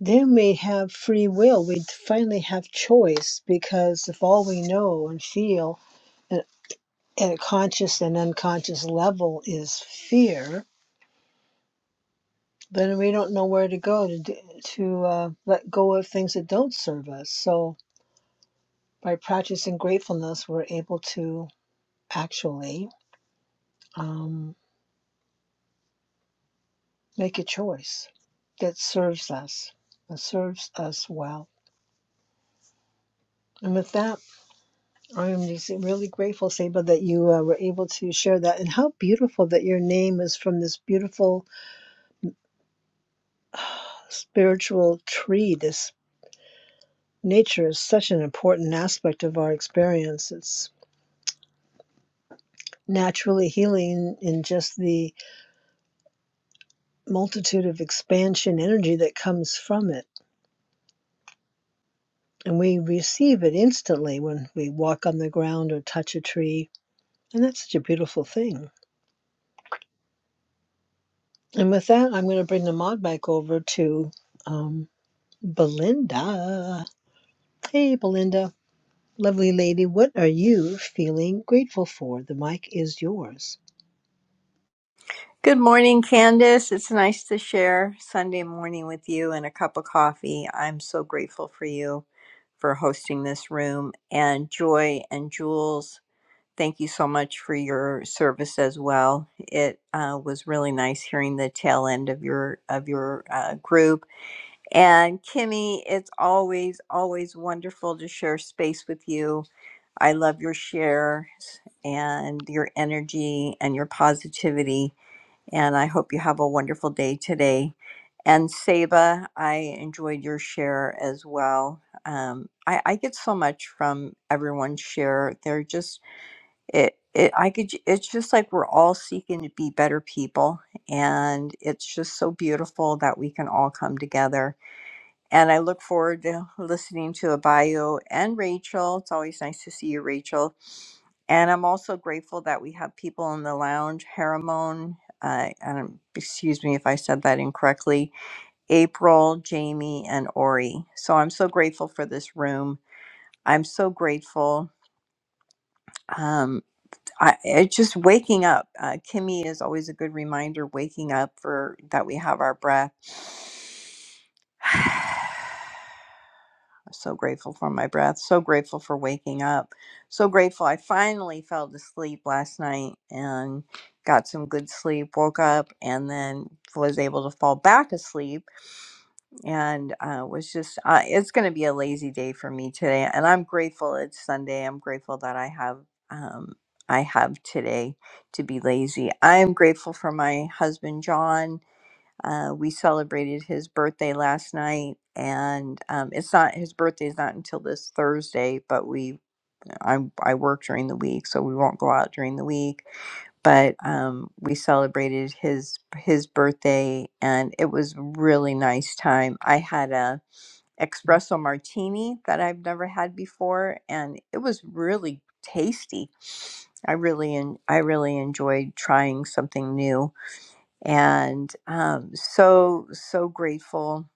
S33: then we have free will. We finally have choice because if all we know and feel at at a conscious and unconscious level is fear, then we don't know where to go to do, to uh, let go of things that don't serve us. So by practicing gratefulness, we're able to actually um, make a choice that serves us, that serves us well. And with that, I am just really grateful, Saba, that you uh, were able to share that. And how beautiful that your name is from this beautiful spiritual tree. This nature is such an important aspect of our experience. It's naturally healing in just the multitude of expansion energy that comes from it. And we receive it instantly when we walk on the ground or touch a tree. And that's such a beautiful thing. And with that, I'm going to bring the mod back over to um, Belinda. Hey, Belinda, lovely lady, what are you feeling grateful for? The mic is yours.
S36: Good morning, Candace. It's nice to share Sunday morning with you and a cup of coffee. I'm so grateful for you for hosting this room. And Joy and Jules, thank you so much for your service as well. It uh, was really nice hearing the tail end of your of your uh, group. And Kimmy, it's always always wonderful to share space with you. I love your shares and your energy and your positivity and I hope you have a wonderful day today. And Saba, I enjoyed your share as well. Um, I, I get so much from everyone's share. They're just it. It, I could. j- It's just like we're all seeking to be better people, and it's just so beautiful that we can all come together. And I look forward to listening to Abayo and Rachel. It's always nice to see you, Rachel and I'm also grateful that we have people in the lounge. Haramon, uh, and excuse me if I said that incorrectly, April, Jamie, and Ori. So I'm so grateful for this room. I'm so grateful. Um, I, it's just waking up. Uh, Kimmy is always a good reminder. Waking up for that we have our breath. So grateful for my breath. So grateful for waking up. So grateful I finally fell to sleep last night and got some good sleep. Woke up and then was able to fall back asleep and uh, was just, uh, it's going to be a lazy day for me today. And I'm grateful it's Sunday. I'm grateful that I have. Um, I have today to be lazy. I am grateful for my husband, John uh, we celebrated his birthday last night, and um, it's not his birthday is not until this Thursday. But we, I, I work during the week, so we won't go out during the week. But um, we celebrated his his birthday, and it was really nice time. I had a espresso martini that I've never had before, and it was really tasty. I really, en- I really enjoyed trying something new and um, so so grateful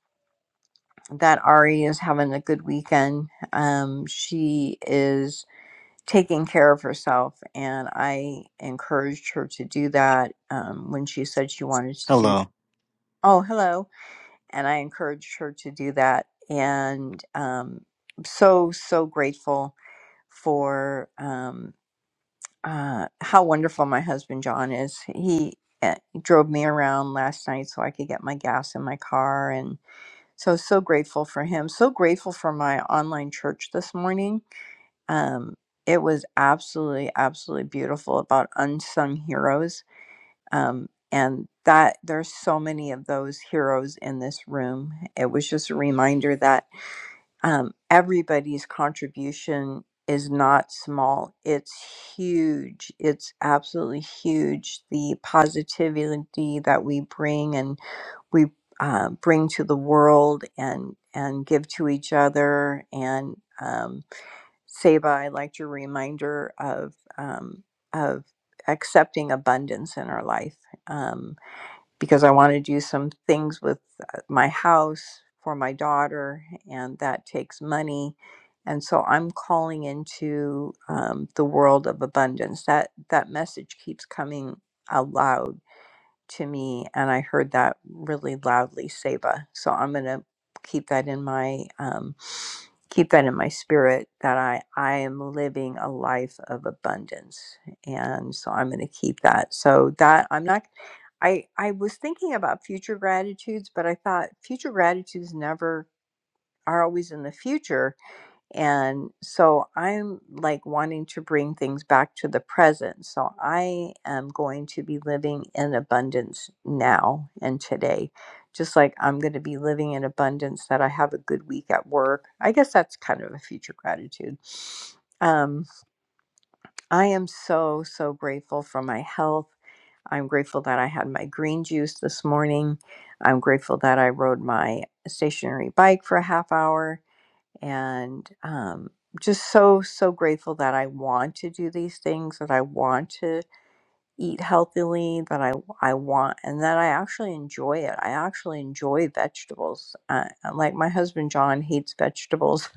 S36: that Ari is having a good weekend. Um, she is taking care of herself, and I encouraged her to do that um, when she said she wanted to do.
S32: Hello.
S36: Oh, hello! And I encouraged her to do that, and um, so so grateful for. um, uh, how wonderful my husband John is. He uh, drove me around last night so I could get my gas in my car, and so so grateful for him. So grateful for my online church this morning. Um, it was absolutely absolutely beautiful about unsung heroes. Um, and that there's so many of those heroes in this room. It was just a reminder that um, everybody's contribution is not small. It's huge. It's absolutely huge. The positivity that we bring and we uh, bring to the world and and give to each other and um, Seba, I liked your reminder of um, of accepting abundance in our life. Um, because I want to do some things with uh, my house for my daughter, and that takes money. And so I'm calling into um, the world of abundance. That that message keeps coming aloud to me and i heard that really loudly seba so i'm going to keep that in my um, keep that in my spirit that i i am living a life of abundance and so i'm going to keep that so that i'm not i i was thinking about future gratitudes but i thought future gratitudes never are always in the future and so I'm like wanting to bring things back to the present. So I am going to be living in abundance now and today. Just like I'm going to be living in abundance that I have a good week at work. I guess that's kind of a future gratitude. Um, I am so, so grateful for my health. I'm grateful that I had my green juice this morning. I'm grateful that I rode my stationary bike for a half hour and um, just so so grateful that I want to do these things that I want to eat healthily that I I want and that I actually enjoy it. I actually enjoy vegetables. Uh, like my husband John hates vegetables.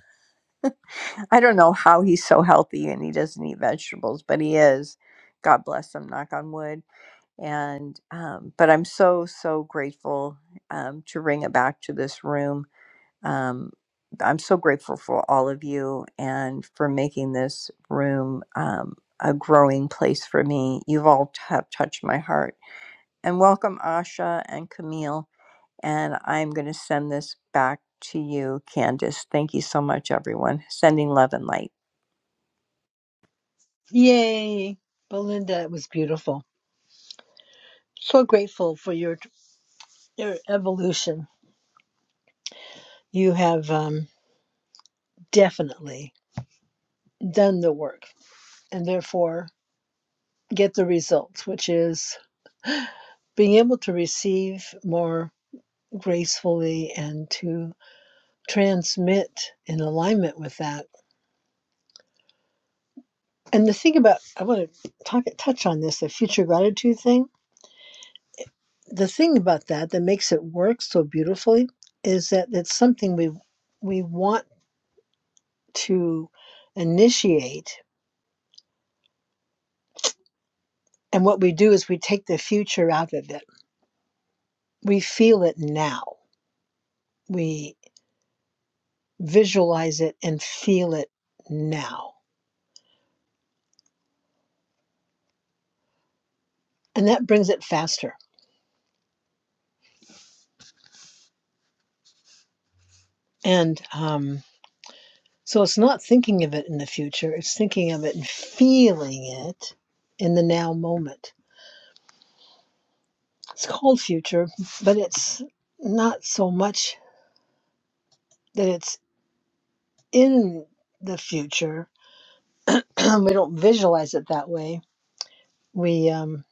S36: I don't know how he's so healthy and he doesn't eat vegetables, but he is. God bless him. Knock on wood. And um, but I'm so so grateful um, to bring it back to this room um, I'm so grateful for all of you and for making this room um, a growing place for me. You've all t- have touched my heart. And welcome, Asha and Camille. And I'm going to send this back to you, Candace. Thank you so much, everyone. Sending love and light.
S33: Yay, Belinda, it was beautiful. So grateful for your your evolution. You have um, definitely done the work and therefore get the results, which is being able to receive more gracefully and to transmit in alignment with that. And the thing about, I want to talk, touch on this, the future gratitude thing. The thing about that that makes it work so beautifully is that it's something we we want to initiate. And what we do is we take the future out of it. We feel it now. We. visualize it and feel it now. And that brings it faster. And um, so it's not thinking of it in the future, it's thinking of it and feeling it in the now moment. It's called future, but it's not so much that it's in the future. we don't visualize it that way. We um,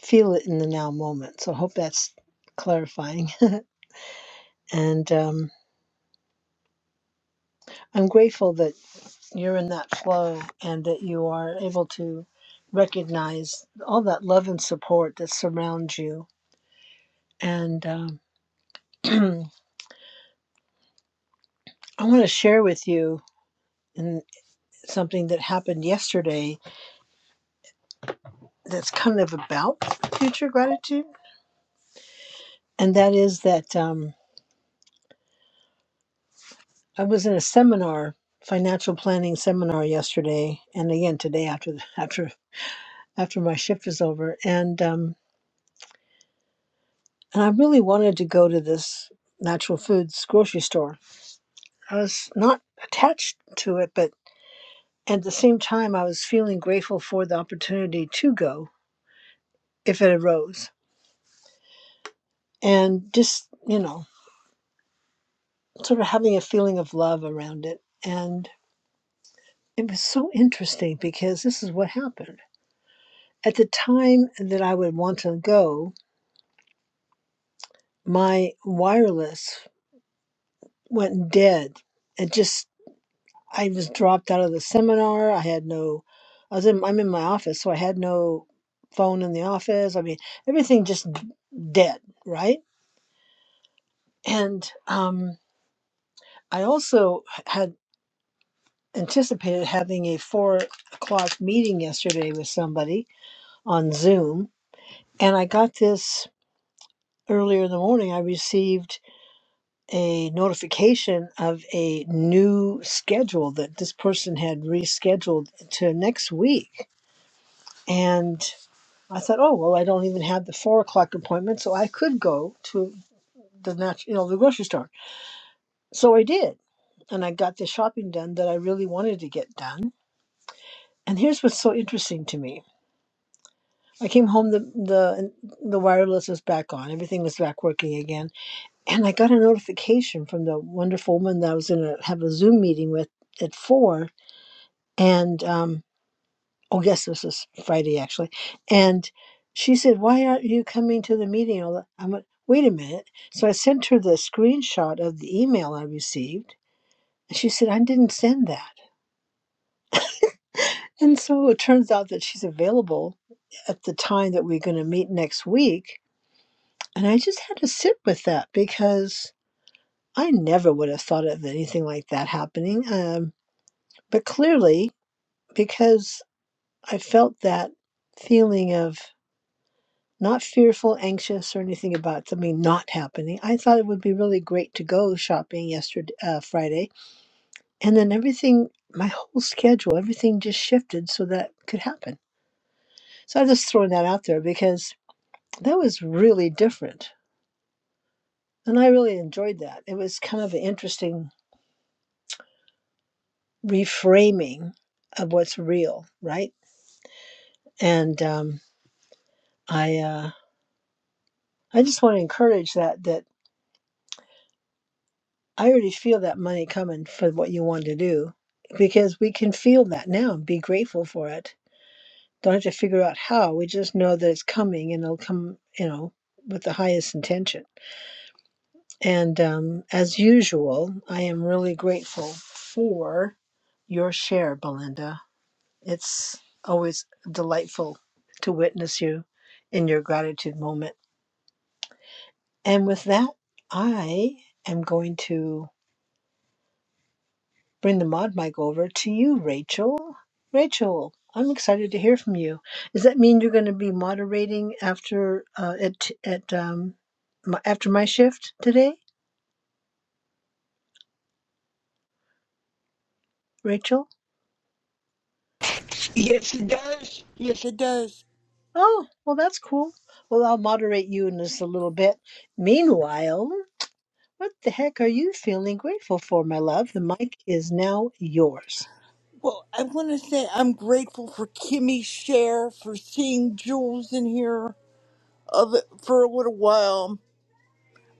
S33: feel it in the now moment. So I hope that's clarifying. And um, I'm grateful that. you're in that flow and that you are able to recognize all that love and support that surrounds you. And um, I want to share with you in something that happened yesterday that's kind of about future gratitude. And that is that um, I was in a seminar, financial planning seminar yesterday, and again today after after after my shift is over. And um, and I really wanted to go to this natural foods grocery store I was not attached to it, but at the same time, I was feeling grateful for the opportunity to go if it arose. And just, you know, sort of having a feeling of love around it. And it was so interesting because this is what happened. At the time that I would want to go, my wireless went dead. It just I was dropped out of the seminar. I had no, I was in, I'm in my office, so I had no phone in the office. I mean, everything just dead, right? And um, I also had anticipated having a four o'clock meeting yesterday with somebody on Zoom. And I got this earlier in the morning. I received a notification of a new schedule that this person had rescheduled to next week. And I thought, oh well, I don't even have the four o'clock appointment, so I could go to the nat- you know the grocery store. So I did, and I got the shopping done that I really wanted to get done. And here's what's so interesting to me: I came home, the the the wireless was back on, everything was back working again, and I got a notification from the wonderful woman that I was going to have a Zoom meeting with at four, and um, oh yes this is friday actually and she said why aren't you coming to the meeting all the-" i went wait a minute so i sent her the screenshot of the email i received and she said i didn't send that and so it turns out that she's available at the time that we're going to meet next week and i just had to sit with that because i never would have thought of anything like that happening um, but clearly because i felt that feeling of Not fearful, anxious, or anything about something not happening. I thought it would be really great to go shopping yesterday, uh, Friday, and then everything, my whole schedule, everything just shifted so that could happen. So I'm just throwing that out there because that was really different. And I really enjoyed that. It was kind of an interesting reframing of what's real, right? And um, I, uh, I just want to encourage that that I already feel that money coming for what you want to do because we can feel that now and be grateful for it. Don't have to figure out how. We just know that it's coming and it'll come, you know, with the highest intention. And um, as usual, I am really grateful for your share, Belinda. It's always delightful to witness you in your gratitude moment. And with that, I am going to. bring the mod mic over to you, Rachel. Rachel, I'm excited to hear from you. Does that mean you're going to be moderating after uh, at at um, my, after my shift today, Rachel?
S27: Yes, it does. Yes, it does.
S33: Oh, well, that's cool. Well, I'll moderate you in just a little bit. Meanwhile, what the heck are you feeling grateful for, my love? The mic is now yours.
S27: Well, I want to say I'm grateful for Kimmy share for seeing Jules in here of for a little while.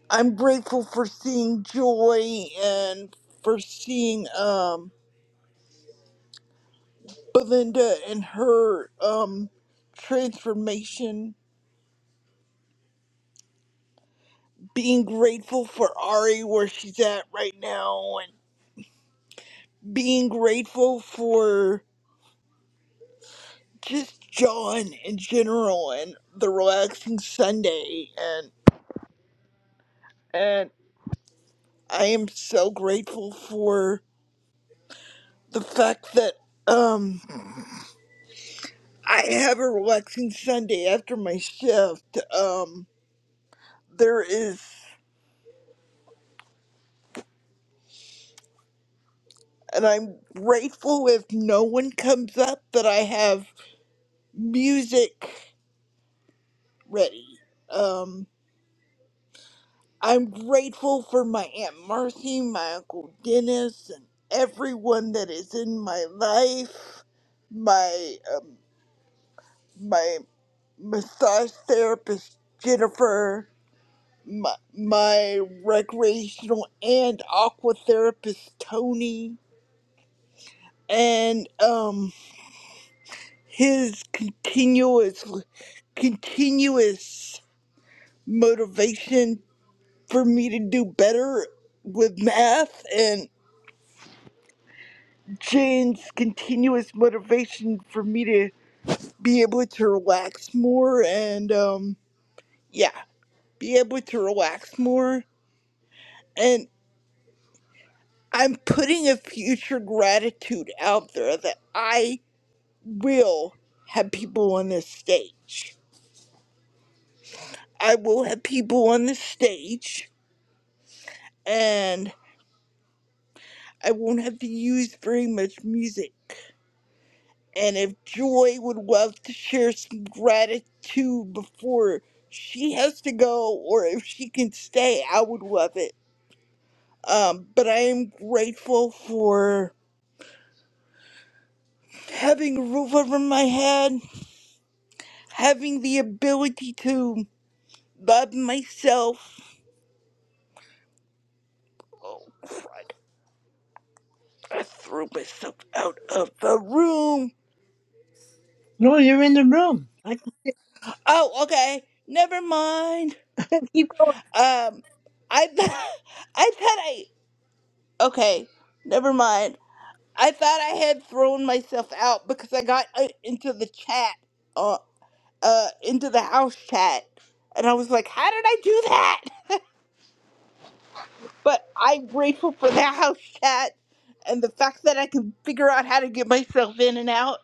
S27: I'm grateful for seeing Joy and for seeing um Belinda and her um transformation. Being grateful for Ari where she's at right now, and being grateful for just John in general and the relaxing Sunday and. I am so grateful for the fact that um I have a relaxing Sunday after my shift. Um there is and I'm grateful if no one comes up that I have music ready. Um I'm grateful for my Aunt Marcy, my Uncle Dennis, and everyone that is in my life. My um, my massage therapist Jennifer my, my recreational and aqua therapist Tony and um his continuous continuous motivation for me to do better with math and Jane's continuous motivation for me to be able to relax more and um yeah be able to relax more and I'm putting a future gratitude out there that I will have people on the stage. I will have people on the stage and I won't have to use very much music. And if Joy would love to share some gratitude before she has to go or if she can stay, I would love it. Um, but I am grateful for having a roof over my head, having the ability to love myself I threw myself out of the room.
S33: No, you're in the room. I
S27: Oh, okay. Never mind.
S33: keep going.
S27: Um, I th- I thought I okay. Never mind. I thought I had thrown myself out because I got uh, into the chat, uh, uh, into the house chat, and I was like, "How did I do that?" But I'm grateful for the house chat and the fact that I can figure out how to get myself in and out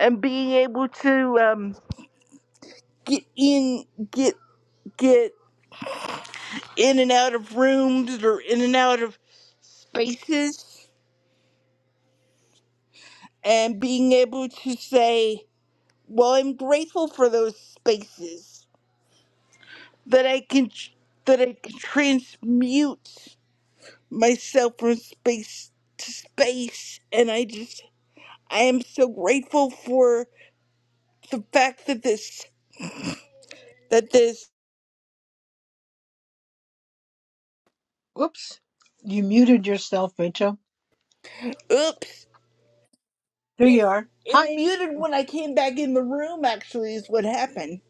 S27: and being able to um get in, get get in and out of rooms or in and out of spaces and being able to say, well, I'm grateful for those spaces that I can that I can transmute myself from space to space and I just I am so grateful for the fact that this that this
S33: Whoops, you muted yourself, Rachel.
S27: oops
S33: Here
S27: it,
S33: you are.
S27: it
S33: Hi.
S27: muted when I came back in the room actually is what happened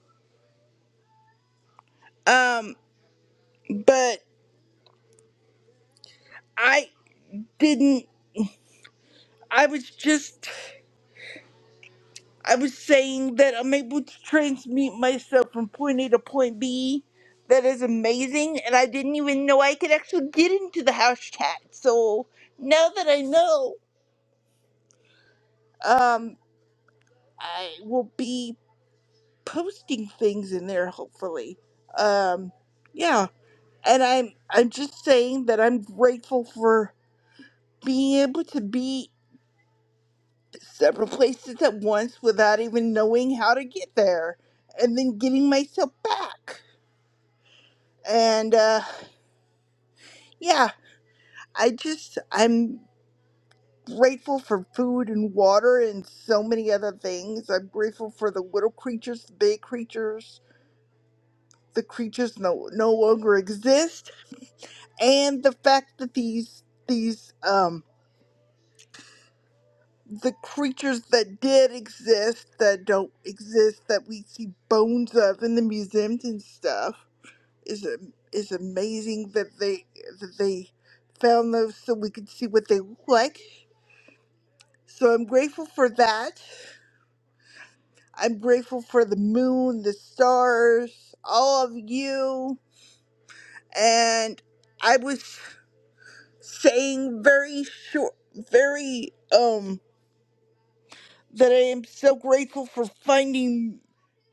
S27: um but I didn't I was just, I was saying that I'm able to transmute myself from point A to point B. That is amazing, and I didn't even know I could actually get into the house chat. So now that I know, um, I will be posting things in there hopefully. Um, yeah, and I'm, I'm just saying that I'm grateful for being able to be several places at once without even knowing how to get there and then getting myself back. And uh, yeah, I just, I'm grateful for food and water and so many other things. I'm grateful for the little creatures, the big creatures, the creatures no, no longer exist, and the fact that these, these, um, the creatures that did exist that don't exist that we see bones of in the museums and stuff is is amazing that they that they found those so we could see what they look like. So I'm grateful for that. I'm grateful for the moon, the stars, all of you. And I was saying very short, very um that I am so grateful for finding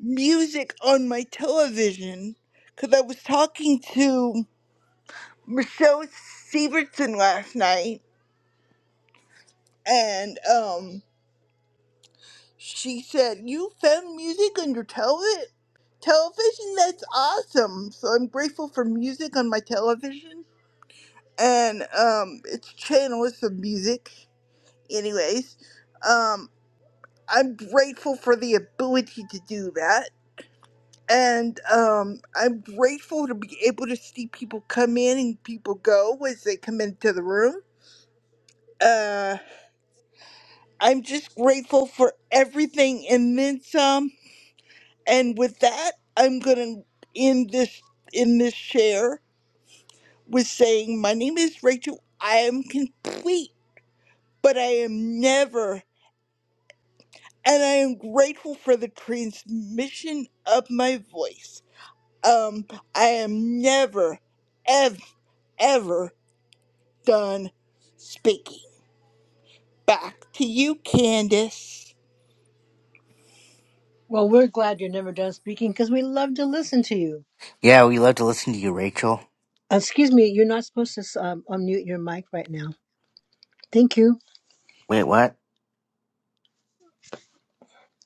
S27: music on my television because I was talking to Michelle Severson last night and um, she said, "You found music on your television. Television, that's awesome. So I'm grateful for music on my television, and um, its channel is some music. Anyways, um, I'm grateful for the ability to do that." And um, I'm grateful to be able to see people come in and people go as they come into the room. Uh, I'm just grateful for everything and then some. And with that, I'm gonna end this in this share with saying, my name is Rachel. I am complete, but I am never, and I am grateful for the transmission of my voice. Um, I am never, ever, ever done speaking. Back to you, Candace.
S33: Well, we're glad you're never done speaking because we love to listen to you.
S32: Yeah, we love to listen to you, Rachel.
S33: Excuse me, you're not supposed to um, unmute your mic right now. Thank you.
S32: Wait, what?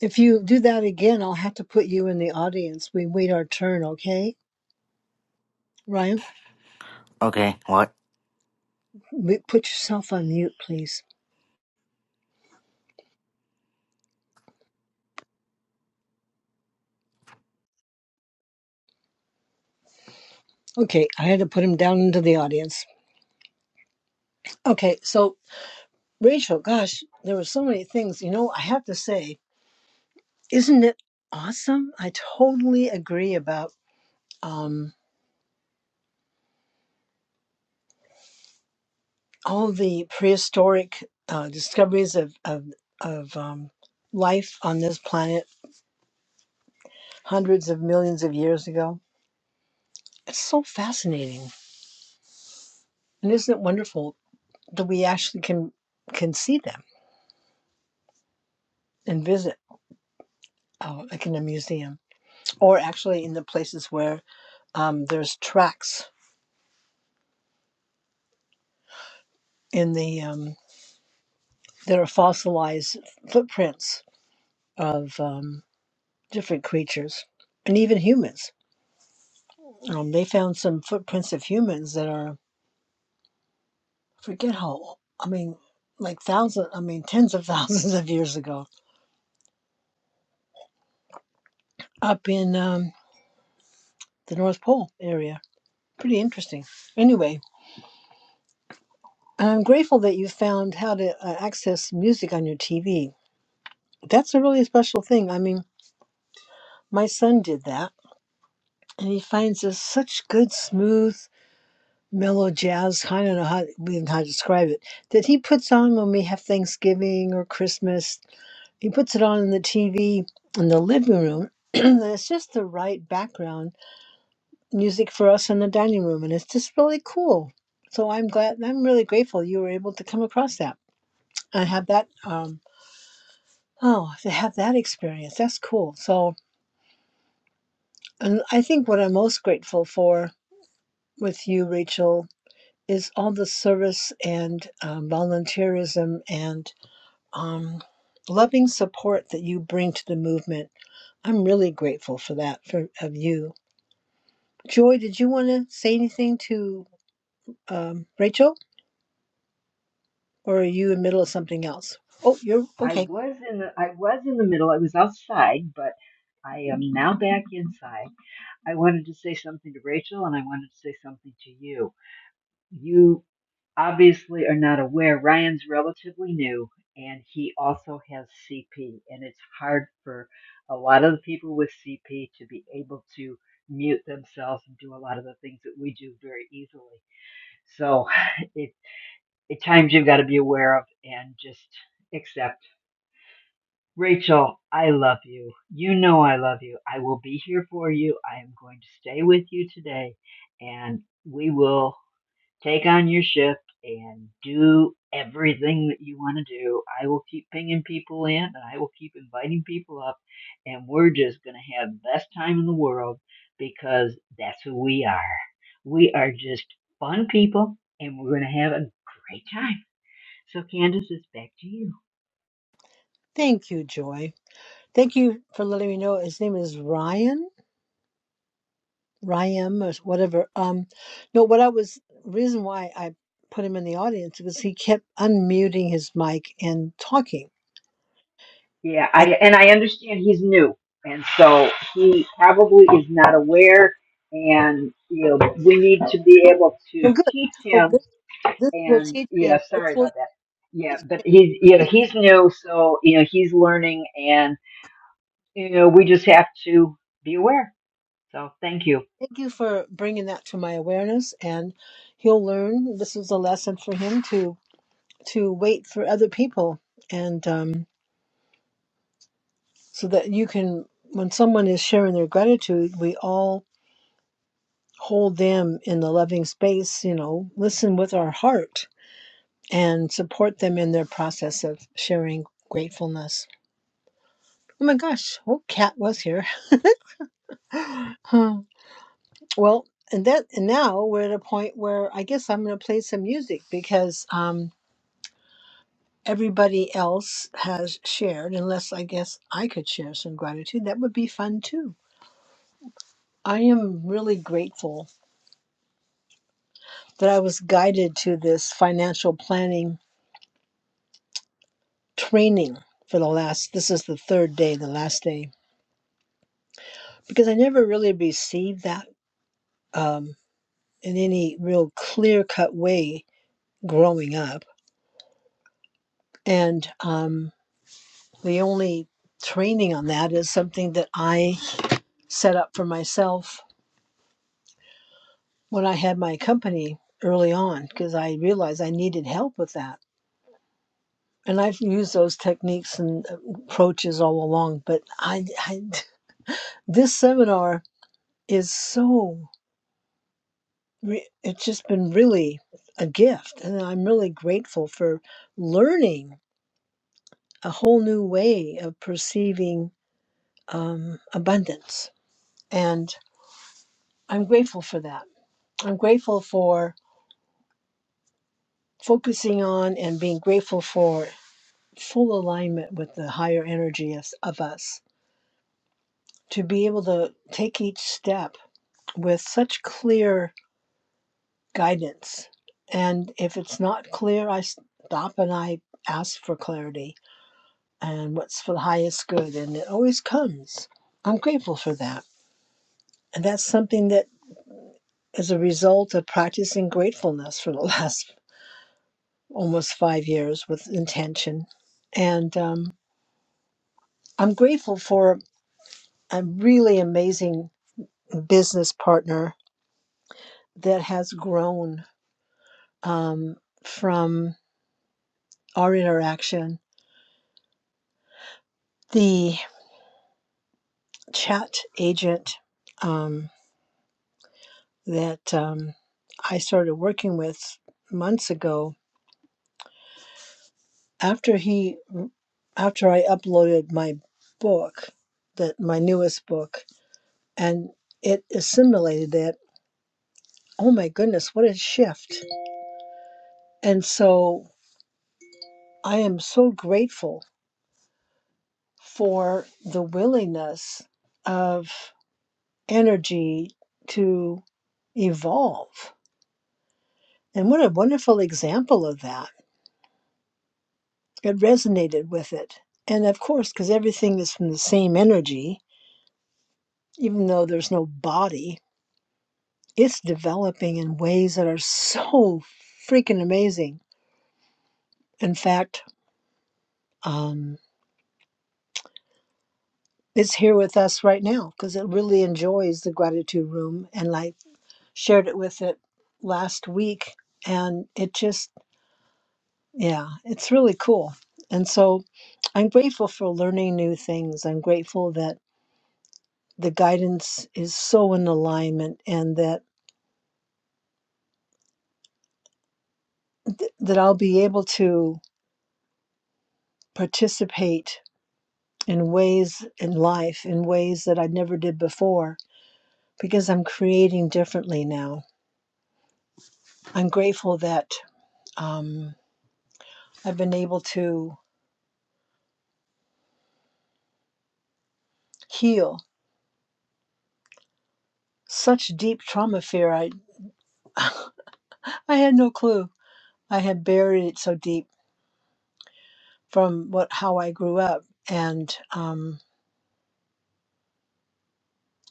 S33: If you do that again, I'll have to put you in the audience. We wait our turn, okay? Ryan,
S32: Okay, what?
S33: we- put yourself on mute, please. Okay, I had to put him down into the audience. Okay, so Rachel, gosh, there were so many things. You know, I have to say, isn't it awesome? I totally agree about. Um, all the prehistoric uh, discoveries of of, of um, life on this planet hundreds of millions of years ago. It's so fascinating, and isn't it wonderful that we actually can can see them and visit, uh, like in a museum, or actually in the places where um, there's tracks in the um, there are fossilized footprints of um, different creatures and even humans. Um, they found some footprints of humans that are forget how I mean, like thousands, I mean, tens of thousands of years ago, up in um, the North Pole area. Pretty interesting. Anyway, I'm grateful that you found how to uh, access music on your TV. That's a really special thing. I mean, my son did that, and he finds this such good, smooth, mellow jazz. I don't know how even how to describe it. That he puts on when we have Thanksgiving or Christmas He puts it on in the TV in the living room, and it's just the right background music for us in the dining room, and it's just really cool. So I'm glad, I'm really grateful you were able to come across that and have that. Um, oh, to have that experience, that's cool. So, and I think what I'm most grateful for with you, Rachel, is all the service and um, volunteerism and um, loving support that you bring to the movement. I'm really grateful for that for of you Joy, did you want to say anything to um, Rachel, or are you in the middle of something else? Oh, you're
S26: I
S33: okay.
S26: was in the I was in the middle. I was outside, but I am now back inside. I wanted to say something to Rachel, and I wanted to say something to you. You obviously are not aware. Ryan's relatively new, and he also has CP, and it's hard for a lot of the people with CP to be able to mute themselves and do a lot of the things that we do very easily So it it times you've got to be aware of and just accept. Rachel, I love you. You know I love you. I will be here for you. I am going to stay with you today and we will Take on your shift and do everything that you want to do. I will keep pinging people in and I will keep inviting people up, and we're just going to have the best time in the world because that's who we are. We are just fun people and we're going to have a great time. So, Candace, it's back to you.
S33: Thank you, Joy. Thank you for letting me know. His name is Ryan, Ryan or whatever. Um, no, what I was reason why I put him in the audience because he kept unmuting his mic and talking.
S26: Yeah,
S33: And
S26: I and I understand he's new, and so he probably is not aware. And you know, we need to be able
S33: We're
S26: to
S33: good.
S26: teach
S33: Well,
S26: him
S33: this, this will
S26: and
S33: teach
S26: yeah,
S33: him. This
S26: sorry
S33: will
S26: about that. Yeah,
S33: that's
S26: but
S33: okay.
S26: he's you know
S33: Teach him.
S26: he's new, so you know he's learning, and you know we just have to be aware. So thank you.
S33: Thank you for bringing that to my awareness, and he'll learn. This is a lesson for him to to wait for other people and um, so that you can when someone is sharing their gratitude we all hold them in the loving space you know listen with our heart and support them in their process of sharing gratefulness oh my gosh oh cat was here Huh. well and that and now we're at a point where i guess i'm going to play some music because um everybody else has shared unless i guess i could share some gratitude that would be fun too I am really grateful that I was guided to this financial planning training for the last, this is the third day, the last day, because I never really received that um, in any real clear cut way growing up. And um, the only training on that is something that I set up for myself when I had my company early on, because I realized I needed help with that and I've used those techniques and uh, approaches all along. But I, I this seminar is so re- it's just been really a gift, and I'm really grateful for learning a whole new way of perceiving um, abundance, and I'm grateful for that. I'm grateful for focusing on and being grateful for full alignment with the higher energy of, of us to be able to take each step with such clear guidance. And if it's not clear, I stop and I ask for clarity and what's for the highest good. And it always comes. I'm grateful for that. And that's something that is a result of practicing gratefulness for the last almost five years with intention. And um, I'm grateful for a really amazing business partner that has grown um, from our interaction. The chat agent um, that um, I started working with months ago. After he, after I uploaded my book, that my newest book, and it assimilated that. Oh my goodness, what a shift! And so I am so grateful for the willingness of energy to evolve. And what a wonderful example of that it resonated with it. And of course, because everything is from the same energy, even though there's no body, it's developing in ways that are so freaking amazing. In fact, um, it's here with us right now because it really enjoys the gratitude room. And I shared it with it last week, and it just, yeah, it's really cool. And so I'm grateful for learning new things. I'm grateful that the guidance is so in alignment and that th- that I'll be able to participate in ways in life in ways that I never did before because I'm creating differently now. I'm grateful that um, I've been able to heal such deep trauma fear. I I had no clue. I had buried it so deep from what how I grew up and um,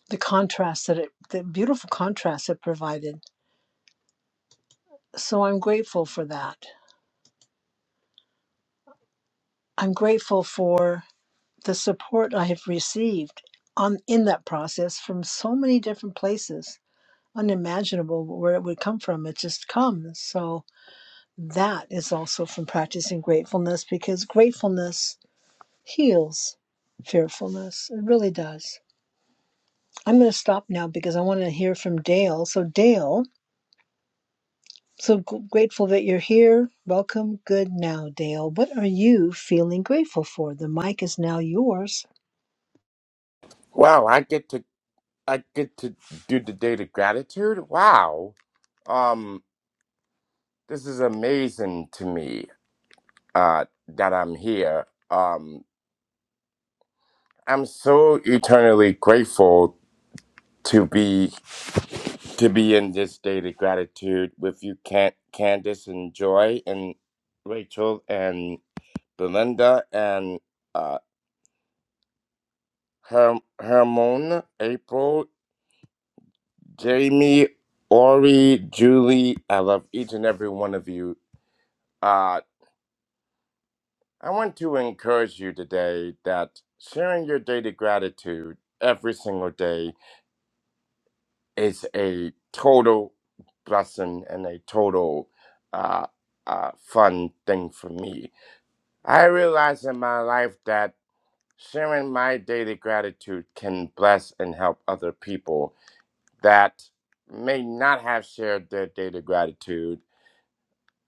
S33: the contrast that it the beautiful contrast it provided. So I'm grateful for that. I'm grateful for the support I have received on in that process from so many different places, unimaginable where it would come from. It just comes. So that is also from practicing gratefulness because gratefulness heals fearfulness. It really does. I'm going to stop now because I want to hear from Dale. So Dale, so g- grateful that you're here. Welcome. Good now, Dale. What are you feeling grateful for? The mic is now yours.
S37: Wow, I get to I get to do the date of gratitude. Wow. Um this is amazing to me uh that I'm here. Um I'm so eternally grateful to be to be in this date of gratitude with you Can- Candace and Joy and Rachel and Belinda and uh Her- Hermon, April, Jamie, Ori, Julie. I love each and every one of you Uh, I want to encourage you today that sharing your daily gratitude every single day is a total blessing and a total uh, uh, fun thing for me. I realize in my life that sharing my daily gratitude can bless and help other people that may not have shared their daily gratitude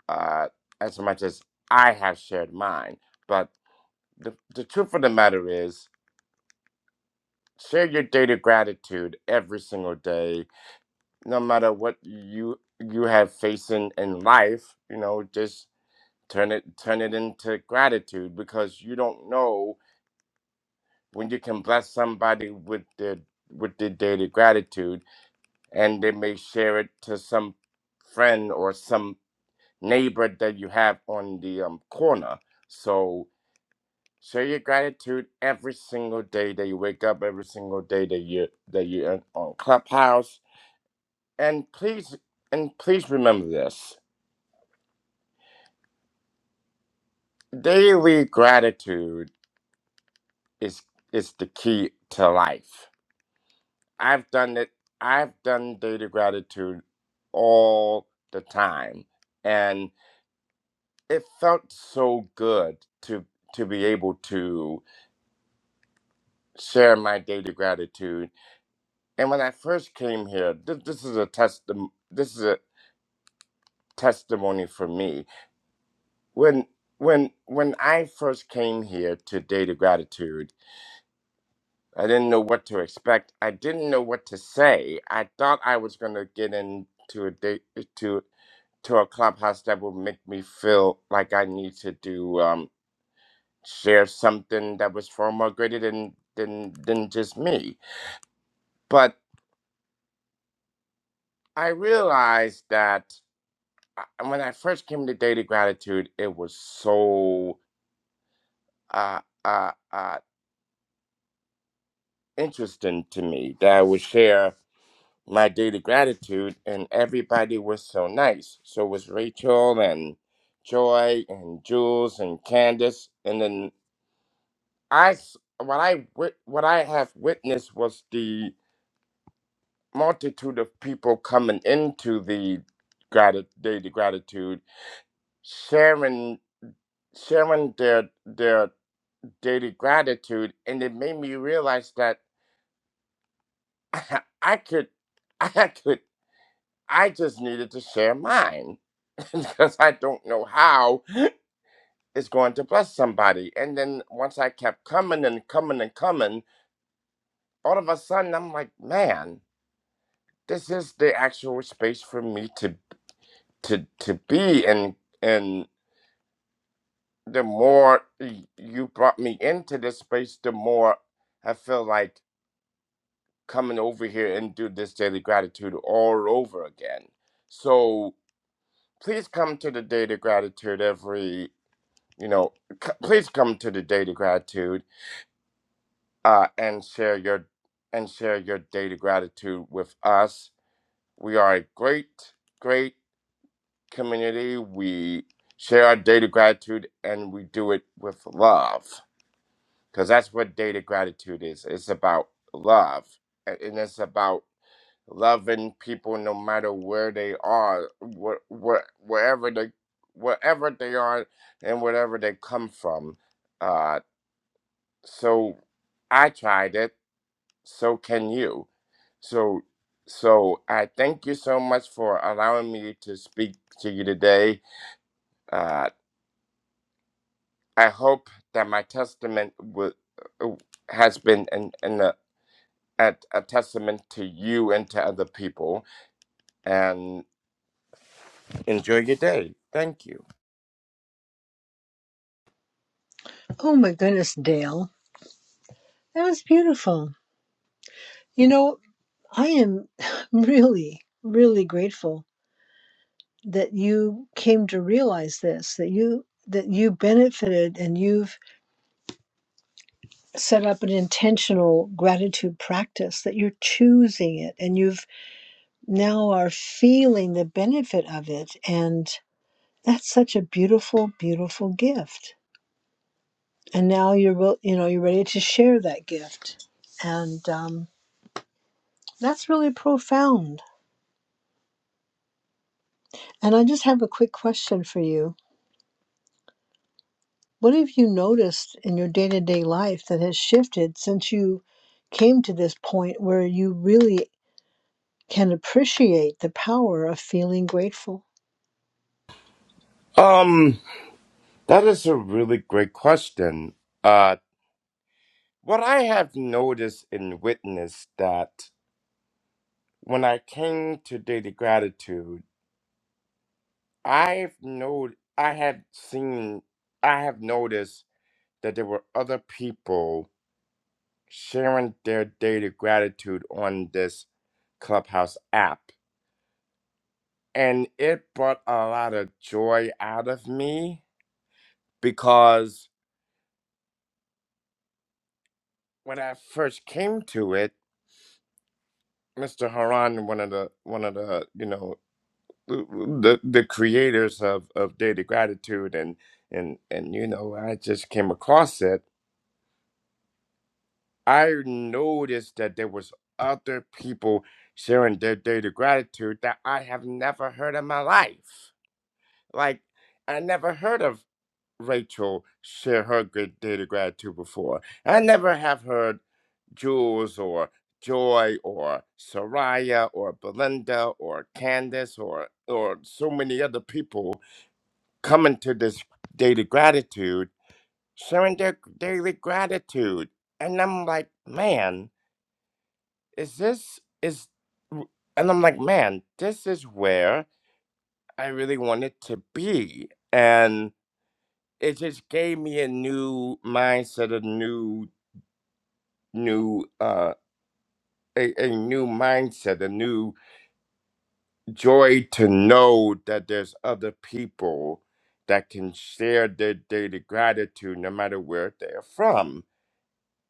S37: uh, as much as I have shared mine. But the, the truth of the matter is, share your daily gratitude every single day no matter what you you have facing in life you know just turn it turn it into gratitude because you don't know when you can bless somebody with their with their daily gratitude and they may share it to some friend or some neighbor that you have on the um, corner so share your gratitude every single day that you wake up every single day that you that you're on clubhouse And please and please remember this. Daily gratitude is is the key to life. I've done it. I've done daily gratitude all the time. And it felt so good to to be able to share my daily gratitude. And when I first came here, this, this is a testim this is a testimony for me. When when when I first came here to daily Gratitude, I didn't know what to expect. I didn't know what to say. I thought I was going to get into a date uh, to to a clubhouse that would make me feel like I need to do um, share something that was far more greater than than than just me. But I realized that I- when I first came to Daily Gratitude, it was so uh, uh, uh, interesting to me that I would share. my daily gratitude, and everybody was so nice. So was Rachel and Joy and Jules and Candace, and then I s- what I wit- what I have witnessed was the multitude of people coming into the grati- daily gratitude, sharing sharing their their daily gratitude, and it made me realize that I could I could I just needed to share mine because I don't know how it's going to bless somebody. And then once I kept coming and coming and coming, all of a sudden I'm like, man, this is the actual space for me to to to be and and the more y- you brought me into this space, the more I feel like coming over here and do this daily gratitude all over again. So please come to the daily gratitude every, you know, c- please come to the daily gratitude uh, and share your and share your daily gratitude with us. We are a great, great community. We share our daily gratitude and we do it with love because that's what daily gratitude is. It's about love a- and it's about loving people no matter where they are, where, where, wherever they wherever they are and wherever they come from. Uh, so I tried it. So can you So, so I thank you so much for allowing me to speak to you today. Uh, I hope that my testament w- uh, has been an, an, a, a a testament to you and to other people. And enjoy your day. Thank you.
S33: Oh my goodness, Dale. That was beautiful. You know, I am really, really grateful that you came to realize this, that you that you benefited and you've set up an intentional gratitude practice, that you're choosing it and you've now are feeling the benefit of it. And that's such a beautiful, beautiful gift. And now you're wil- you know, you're ready to share that gift. And um, that's really profound. And I just have a quick question for you What have you noticed in your day to day life that has shifted since you came to this point where you really can appreciate the power of feeling grateful?
S37: Um, that is a really great question. Uh, what I have noticed and witnessed that when I came to Daily Gratitude. I've know I had seen I have noticed that there were other people sharing their daily gratitude on this Clubhouse app. And it brought a lot of joy out of me because when I first came to it, Mr. Haran, one of the one of the, you know, the the creators of, of daily gratitude and and and you know, I just came across it I noticed that there was other people sharing their daily gratitude that I have never heard in my life. Like I never heard of Rachel share her good daily gratitude before. I never have heard Jules or Joy or Soraya or Belinda or Candace or or so many other people coming to this daily gratitude, sharing their daily gratitude. And I'm like, man, is this is and i'm like man this is where i really wanted to be and it just gave me a new mindset a new new uh a, a new mindset a new joy to know that there's other people that can share their daily gratitude no matter where they're from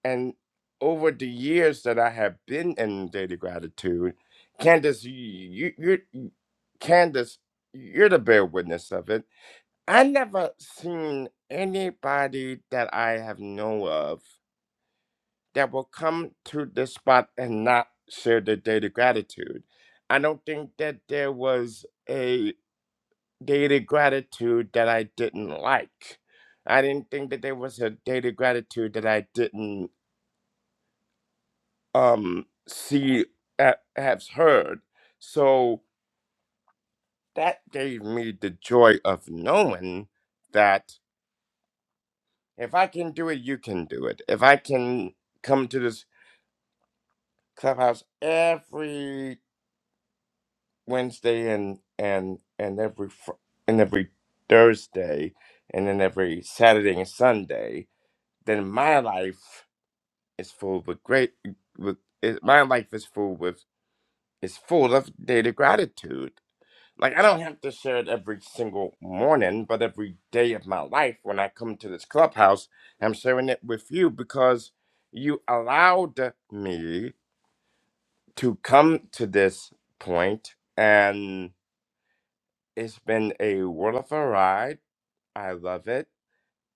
S37: And over the years that I have been in daily gratitude, Candace, you, you, you Candace, you're the bear witness of it. I never seen anybody that I have know of that will come to this spot and not share their daily gratitude. I don't think that there was a daily gratitude that I didn't like. I didn't think that there was a daily gratitude that I didn't um she ha- has heard so that gave me the joy of knowing that if i can do it you can do it if i can come to this clubhouse every wednesday and and and every fr- and every thursday and then every saturday and sunday then my life is full with great with it, my life is full with is full of daily gratitude Like, I don't have to share it every single morning, but every day of my life when I come to this clubhouse, I'm sharing it with you because you allowed me to come to this point, and it's been a world of a ride. I love it.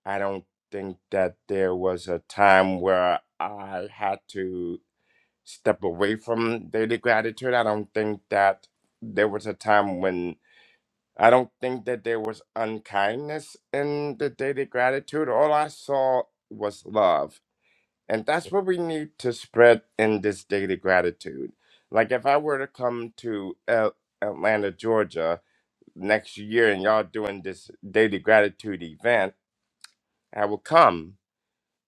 S37: I don't think that there was a time where I had to step away from daily gratitude. I don't think that there was a time when. I don't think that there was unkindness in the daily gratitude. All I saw was love. And that's what we need to spread in this daily gratitude. Like if I were to come to Al- Atlanta, Georgia next year and y'all doing this daily gratitude event, I will come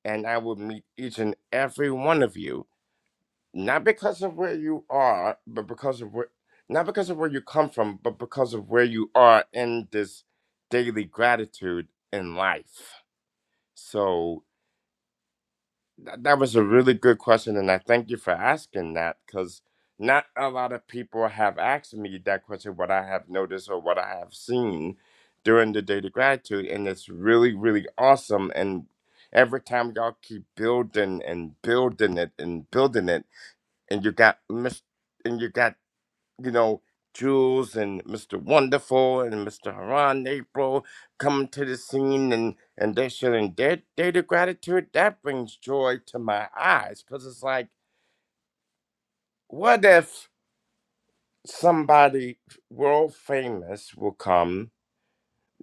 S37: and I will meet each and every one of you not because of where you are, but because of where not because of where you come from, but because of where you are in this daily gratitude in life. So tha- that was a really good question, and I thank you for asking that because not a lot of people have asked me that question, what I have noticed or what I have seen during the daily gratitude, and it's really, really awesome. And every time y'all keep building and building it and building it and you got Mr. and you got you know Jules and Mr. Wonderful and Mr. Haran April coming to the scene and and they're showing their data gratitude. That brings joy to my eyes because it's like, what if somebody world famous will come?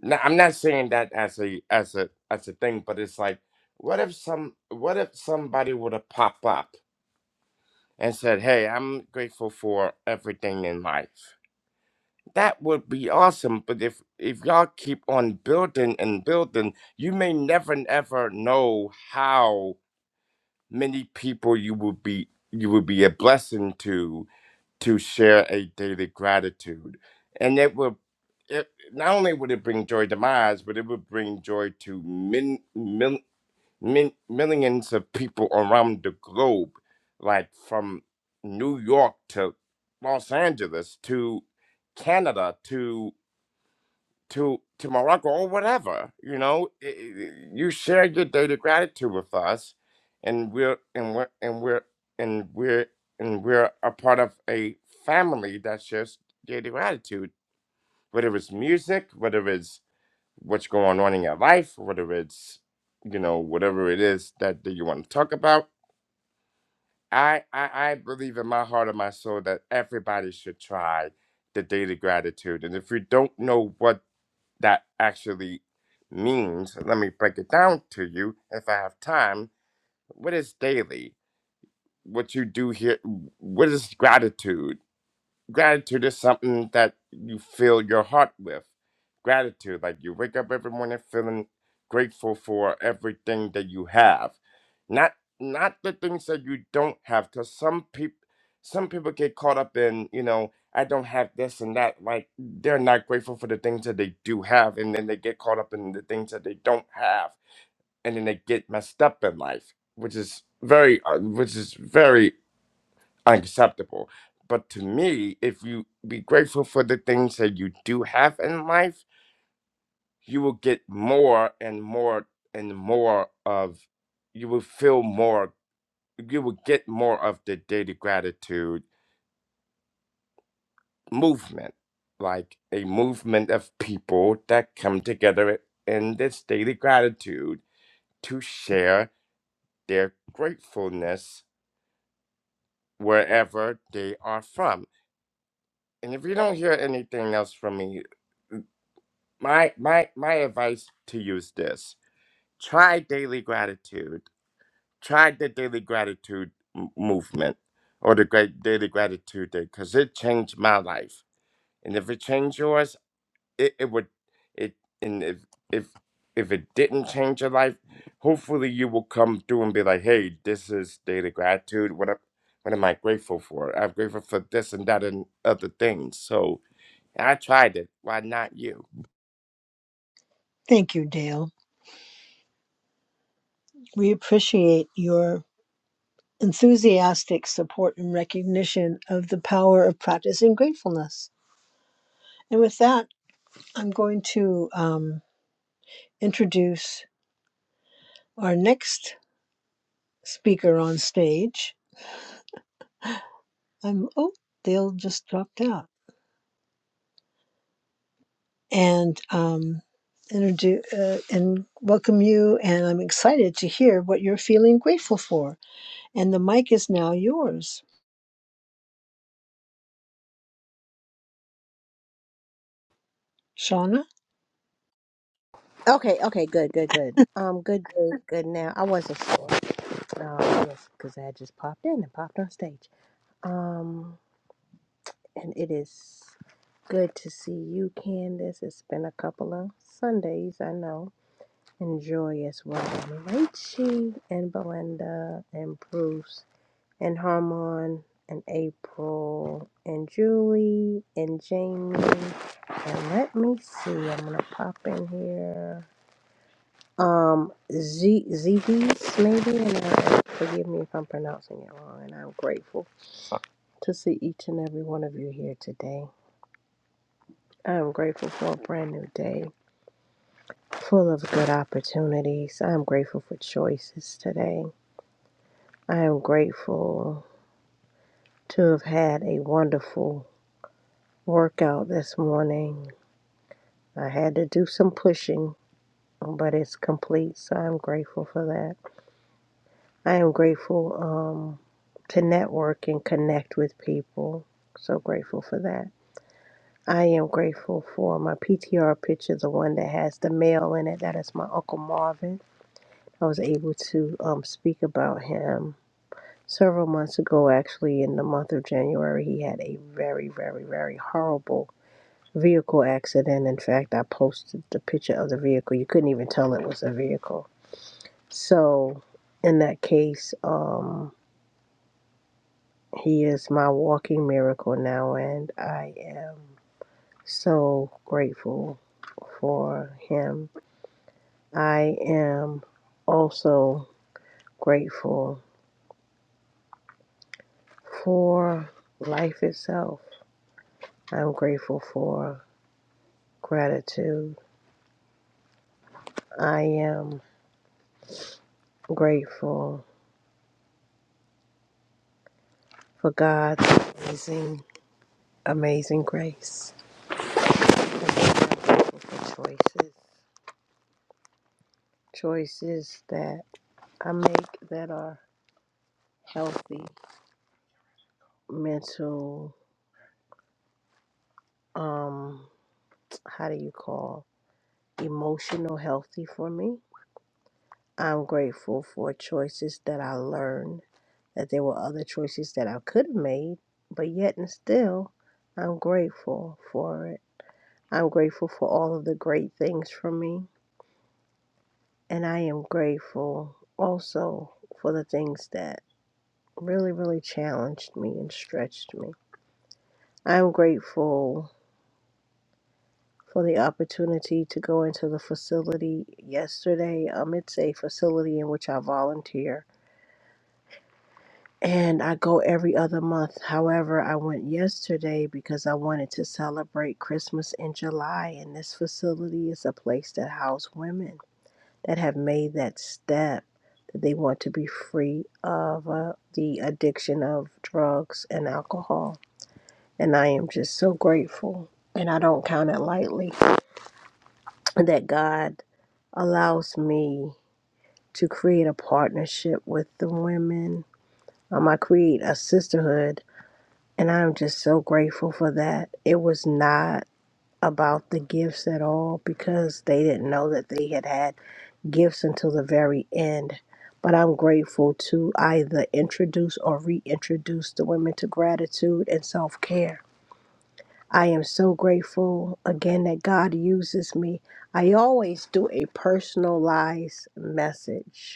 S37: Now I'm not saying that as a as a as a thing, but it's like, what if some what if somebody would have popped up and said, "Hey, I'm grateful for everything in life." that would be awesome. But if if y'all keep on building and building, you may never never know how many people you will be you will be a blessing to to share a daily gratitude, and it will. It, not only would it bring joy to my eyes, but it would bring joy to min, mil, min, millions of people around the globe, like from New York to Los Angeles to Canada to to to Morocco or whatever. You know, I- I- you share your daily gratitude with us, and we're and we're and we're and we're and we're a part of a family that shares daily gratitude. Whether it's music, whether it's what's going on in your life, whether it's you know whatever it is that, that you want to talk about. I, I I believe in my heart and my soul that everybody should try the daily gratitude, and if you don't know what that actually means. Let me break it down to you if I have time. What is daily? What you do here? What is gratitude? Gratitude is something that you fill your heart with. Gratitude, like you wake up every morning feeling grateful for everything that you have, not not the things that you don't have. Because some people, some people get caught up in, you know, I don't have this and that. Like they're not grateful for the things that they do have, and then they get caught up in the things that they don't have, and then they get messed up in life, which is very, uh, which is very unacceptable. But to me, if you be grateful for the things that you do have in life, you will get more and more and more of, you will feel more, you will get more of the daily gratitude movement, like a movement of people that come together in this daily gratitude to share their gratefulness wherever they are from. And if you don't hear anything else from me, my my my advice to you is this try daily gratitude try the daily gratitude m- movement or the great daily gratitude day because it changed my life and if it changed yours it, it would it and if if if it didn't change your life hopefully you will come through and be like hey this is daily gratitude what am, what am i grateful for i'm grateful for this and that and other things so i tried it why not you
S33: Thank you, Dale. We appreciate your enthusiastic support and recognition of the power of practicing gratefulness. And with that, I'm going to um, introduce our next speaker on stage. I'm oh, Dale just dropped out. and um, introduce uh, and welcome you. And I'm excited to hear what you're feeling grateful for. And the mic is now yours, Shauna.
S38: Okay, okay, good, good, good. Um, good, good, good. Now, I wasn't sure Um, because I just popped in and popped on stage. Um, and it is good to see you, Candace. It's been a couple of Sundays, I know. Enjoy as well. And Rachie and Belinda and Bruce and Harmon and April and Julie and Jamie. And let me see, I'm gonna pop in here. Um, Z Ziggy's maybe, and I, forgive me if I'm pronouncing it wrong. And I'm grateful to see each and every one of you here today. I'm grateful for a brand new day full of good opportunities. I'm grateful for choices today. I am grateful to have had a wonderful workout this morning. I had to do some pushing, but it's complete, so I'm grateful for that. I am grateful um, to network and connect with people. So grateful for that. I am grateful for my PTR picture, the one that has the mail in it. That is my Uncle Marvin. I was able to um, speak about him several months ago, actually, in the month of January. He had a very, very, very horrible vehicle accident. In fact, I posted the picture of the vehicle. You couldn't even tell it was a vehicle. So, in that case, um, He is my walking miracle now, and I am so grateful for him. I am also grateful for life itself. I'm grateful for gratitude. I am grateful for God's amazing, amazing grace. I'm grateful for choices, choices that I make that are healthy, mental um how do you call emotional healthy for me i'm grateful for choices that i learned that there were other choices that i could have made but yet and still i'm grateful for it i'm grateful for all of the great things for me and i am grateful also for the things that really really challenged me and stretched me i'm grateful for the opportunity to go into the facility yesterday. Um, it's a facility in which I volunteer, and I go every other month. However, I went yesterday because I wanted to celebrate Christmas in July, and this facility is a place that houses women that have made that step. that They want to be free of uh, the addiction of drugs and alcohol. And I am just so grateful. And I don't count it lightly that God allows me to create a partnership with the women. Um, I create a sisterhood, and I'm just so grateful for that. It was not about the gifts at all because they didn't know that they had had gifts until the very end. But I'm grateful to either introduce or reintroduce the women to gratitude and self care. I am so grateful again that God uses me. I always do a personalized message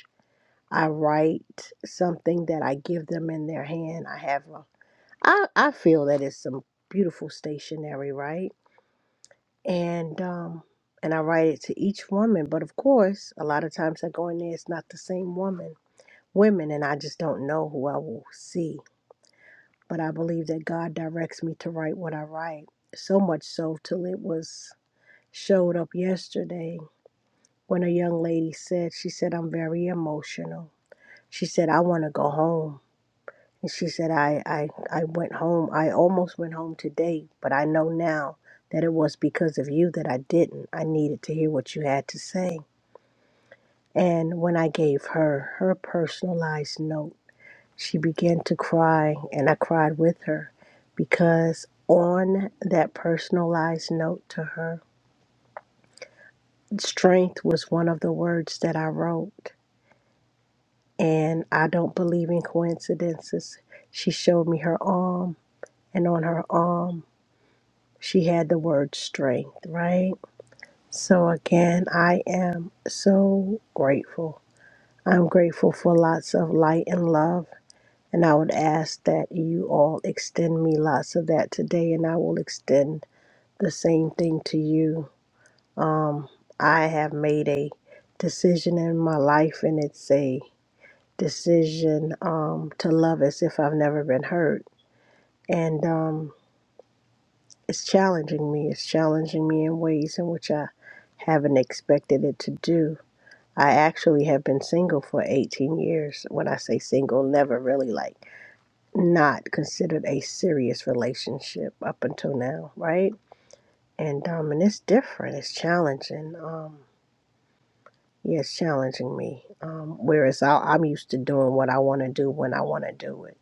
S38: I write something that I give them in their hand. I have a, I, I feel that it's some beautiful stationery, right? And um, and I write it to each woman. But of course, a lot of times I go in there, it's not the same woman, women, and I just don't know who I will see. But I believe that God directs me to write what I write. So much so till it was showed up yesterday when a young lady said, she said, I'm very emotional. She said, I want to go home. And she said, I, I, I went home. I almost went home today, but I know now that it was because of you that I didn't. I needed to hear what you had to say. And when I gave her her personalized note, she began to cry, and I cried with her because on that personalized note to her, strength was one of the words that I wrote. And I don't believe in coincidences. She showed me her arm, and on her arm, She had the word strength, right? So, again, I am so grateful. I'm grateful for lots of light and love. And I would ask that you all extend me lots of that today, and I will extend the same thing to you. Um, I have made a decision in my life, and it's a decision um, to love as if I've never been hurt. And um, it's challenging me. It's challenging me in ways in which I haven't expected it to do. I actually have been single for 18 years. When I say single, never really like not considered a serious relationship up until now, right? And um, and it's different. It's challenging. Um, yeah, it's challenging me. Um, whereas I, I'm used to doing what I want to do when I want to do it,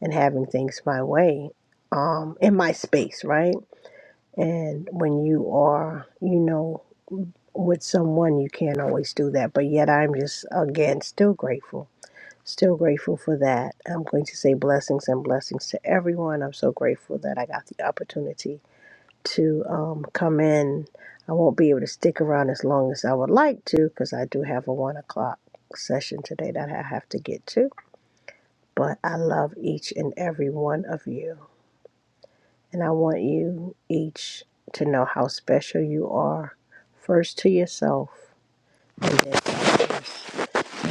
S38: and having things my way, um, in my space, right? And when you are, you know, with someone, you can't always do that. But yet, I'm just, again, still grateful. Still grateful for that. I'm going to say blessings and blessings to everyone. I'm so grateful that I got the opportunity to um, come in. I won't be able to stick around as long as I would like to because I do have a one o'clock session today that I have to get to. But I love each and every one of you. And I want you each to know how special you are, first to yourself and then to others.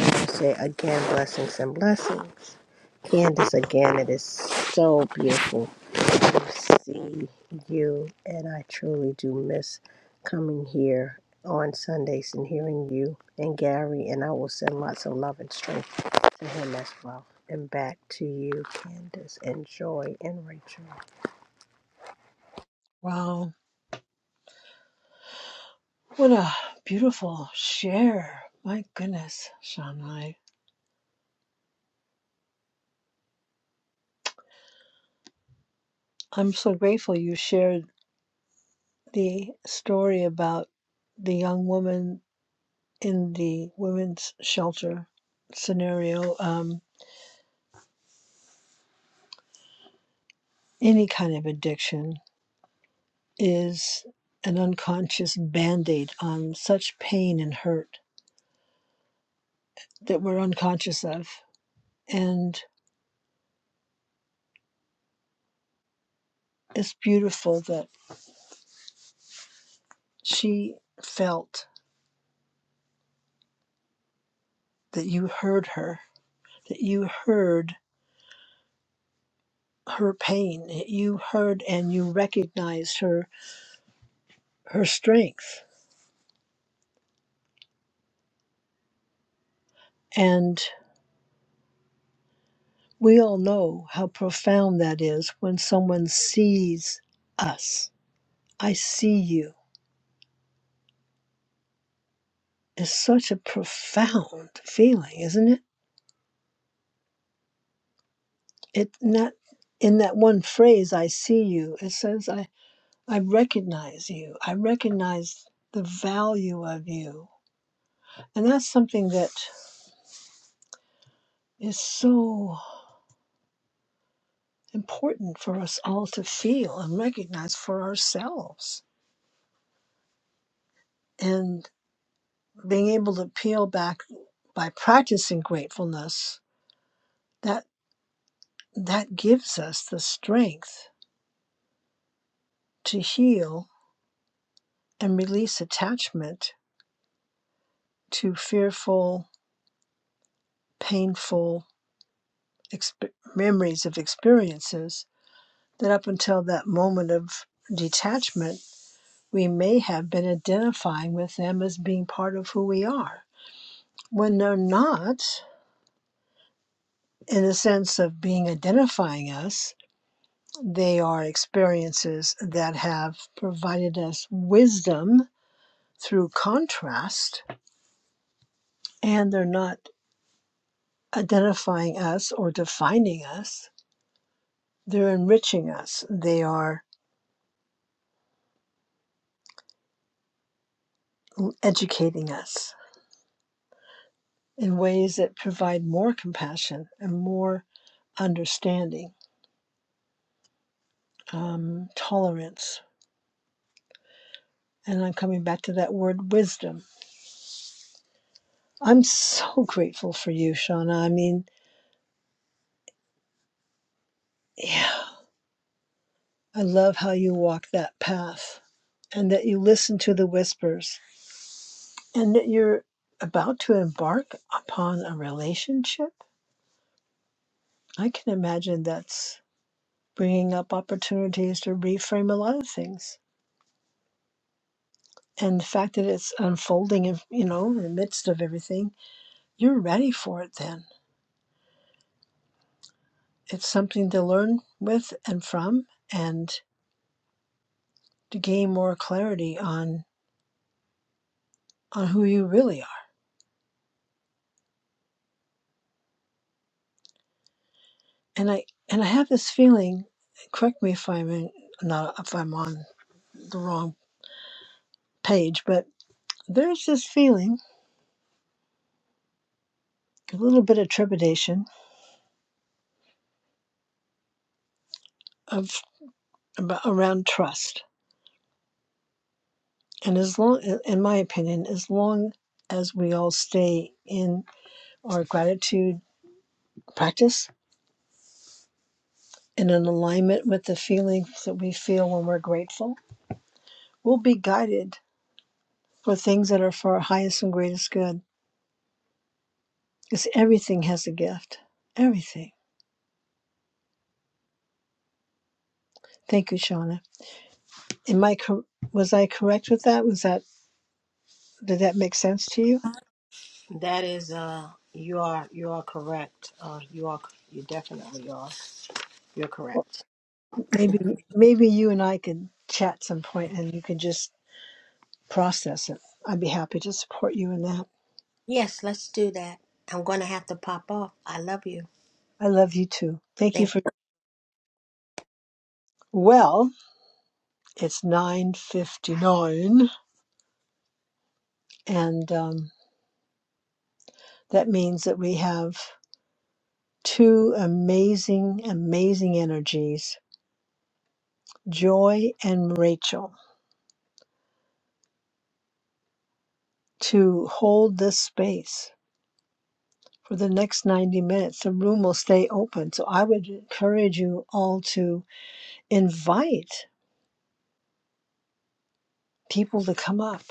S38: I say again, blessings and blessings. Candace, again, it is so beautiful to see you, and I truly do miss coming here on Sundays and hearing you and Gary, and I will send lots of love and strength to him as well. And back to you, Candace, and Joy, and Rachel.
S33: Wow, what a beautiful share! My goodness, Shauna, I, I'm so grateful you shared the story about the young woman in the women's shelter scenario. Um, any kind of addiction is an unconscious band aid on such pain and hurt that we're unconscious of. And it's beautiful that she felt that you heard her, that you heard her pain, that you heard and you recognized her, her strength. And we all know how profound that is when someone sees us. I see you. It's such a profound feeling, isn't it? it not in that one phrase i see you it says i i recognize you i recognize the value of you and that's something that is so important for us all to feel and recognize for ourselves and being able to peel back by practicing gratefulness that that gives us the strength to heal and release attachment to fearful painful exp- memories of experiences that up until that moment of detachment, we may have been identifying with them as being part of who we are. When they're not, in the sense of being identifying us, they are experiences that have provided us wisdom through contrast, and they're not identifying us or defining us. They're enriching us, they are educating us in ways that provide more compassion and more understanding, um, tolerance. And I'm coming back to that word wisdom. I'm so grateful for you, Shauna. I mean, yeah, I love how you walk that path and that you listen to the whispers and that you're about to embark upon a relationship. I can imagine that's bringing up opportunities to reframe a lot of things. And the fact that it's unfolding, in- you know, in the midst of everything You're ready for it then. It's something to learn with and from and to gain more clarity on on who you really are. And I and I have this feeling, correct me if I'm in, not if I'm on the wrong page, but there's this feeling, a little bit of trepidation of about, around trust. And as long in my opinion, as long as we all stay in our gratitude practice and in alignment with the feelings that we feel when we're grateful, we'll be guided for things that are for our highest and greatest good. Because everything has a gift. Everything. Thank you, Shauna. Am I cor- was I correct with that? Was that did that make sense to you?
S38: That is, uh, you are you are correct. Uh, you are you definitely are. You're
S33: Or
S38: correct.
S33: maybe maybe you and I could chat some point, and you can just process it. I'd be happy to support you in that.
S38: Yes, let's do that. I'm gonna have to pop off. I love you.
S33: I love you too. Thank
S38: Thank.
S33: you for. Well, it's nine fifty nine, and um, that means that we have two amazing, amazing energies, Joy and Rachel, to hold this space for the next 90 minutes. The room will stay open. So I would encourage you all to invite people to come up,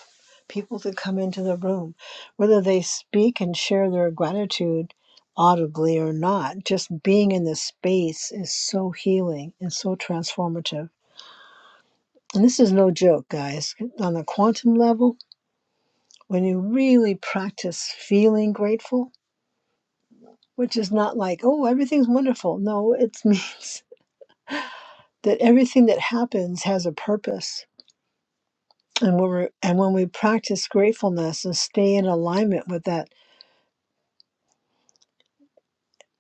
S33: people to come into the room, whether they speak and share their gratitude audibly or not. Just being in this space is so healing and so transformative. And this is no joke, guys. On the quantum level, When you really practice feeling grateful, which is not like, oh, everything's wonderful. No, it means that everything that happens has a purpose. And when, we're, and when we practice gratefulness and stay in alignment with that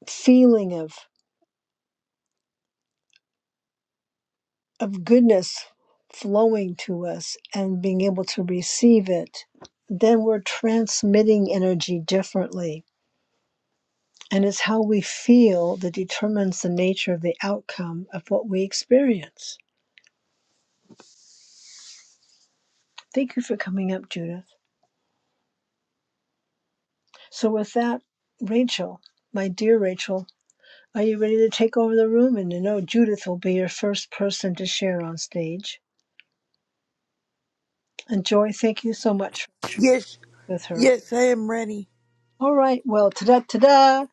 S33: feeling of, of goodness flowing to us and being able to receive it, then we're transmitting energy differently. And it's how we feel that determines the nature of the outcome of what we experience. Thank you for coming up, Judith. So, with that, Rachel, my dear Rachel, are you ready to take over the room? And I know Judith will be your first person to share on stage. And Joy, thank you so much
S27: Yes,
S33: with her.
S27: yes, I am ready.
S33: All right, well, ta da ta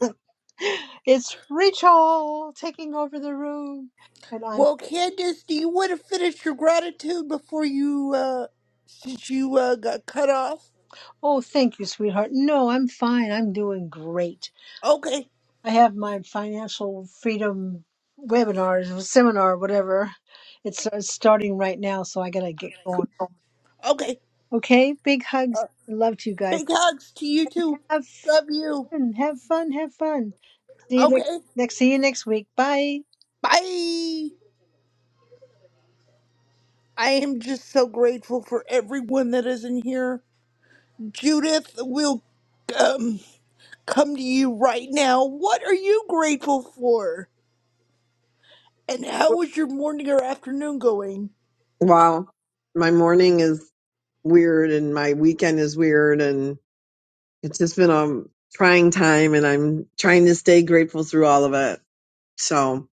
S33: da! It's Rachel taking over the room. And I'm,
S27: Well, Candace, do you want to finish your gratitude before you, uh, since you uh, got cut off?
S33: oh, thank you, sweetheart. No, I'm fine. I'm doing great.
S27: Okay,
S33: I have my financial freedom webinars or seminar, whatever. It's, it's starting right now, so I gotta get going.
S27: okay.
S33: Okay, big hugs.
S27: Uh,
S33: Love to you guys.
S27: big hugs to you too.
S33: Have
S27: Love you.
S33: fun. Have fun. Have fun. See you next.
S27: Okay,
S33: Next. See you next week. Bye.
S27: bye. I am just so grateful for everyone that is in here. Judith, we'll um, come to you right now. What are you grateful for? And how is your morning or afternoon going?
S39: Wow. My morning is weird and my weekend is weird and it's just been a trying time and I'm trying to stay grateful through all of it. So,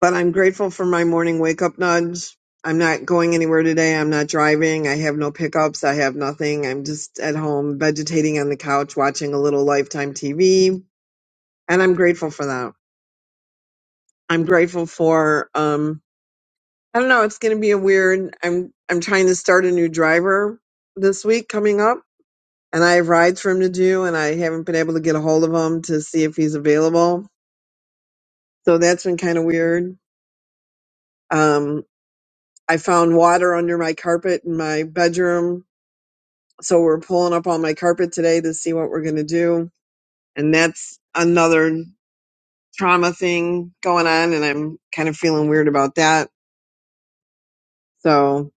S39: but I'm grateful for my morning wake up nudge. I'm not going anywhere today. I'm not driving. I have no pickups. I have nothing. I'm just at home vegetating on the couch watching a little lifetime TV and I'm grateful for that. I'm grateful for um I don't know. It's going to be a weird. I'm I'm trying to start a new driver this week coming up, and I have rides for him to do, and I haven't been able to get a hold of him to see if he's available. So that's been kind of weird. Um, I found water under my carpet in my bedroom, so we're pulling up all my carpet today to see what we're going to do, and that's another trauma thing going on, and I'm kind of feeling weird about that. So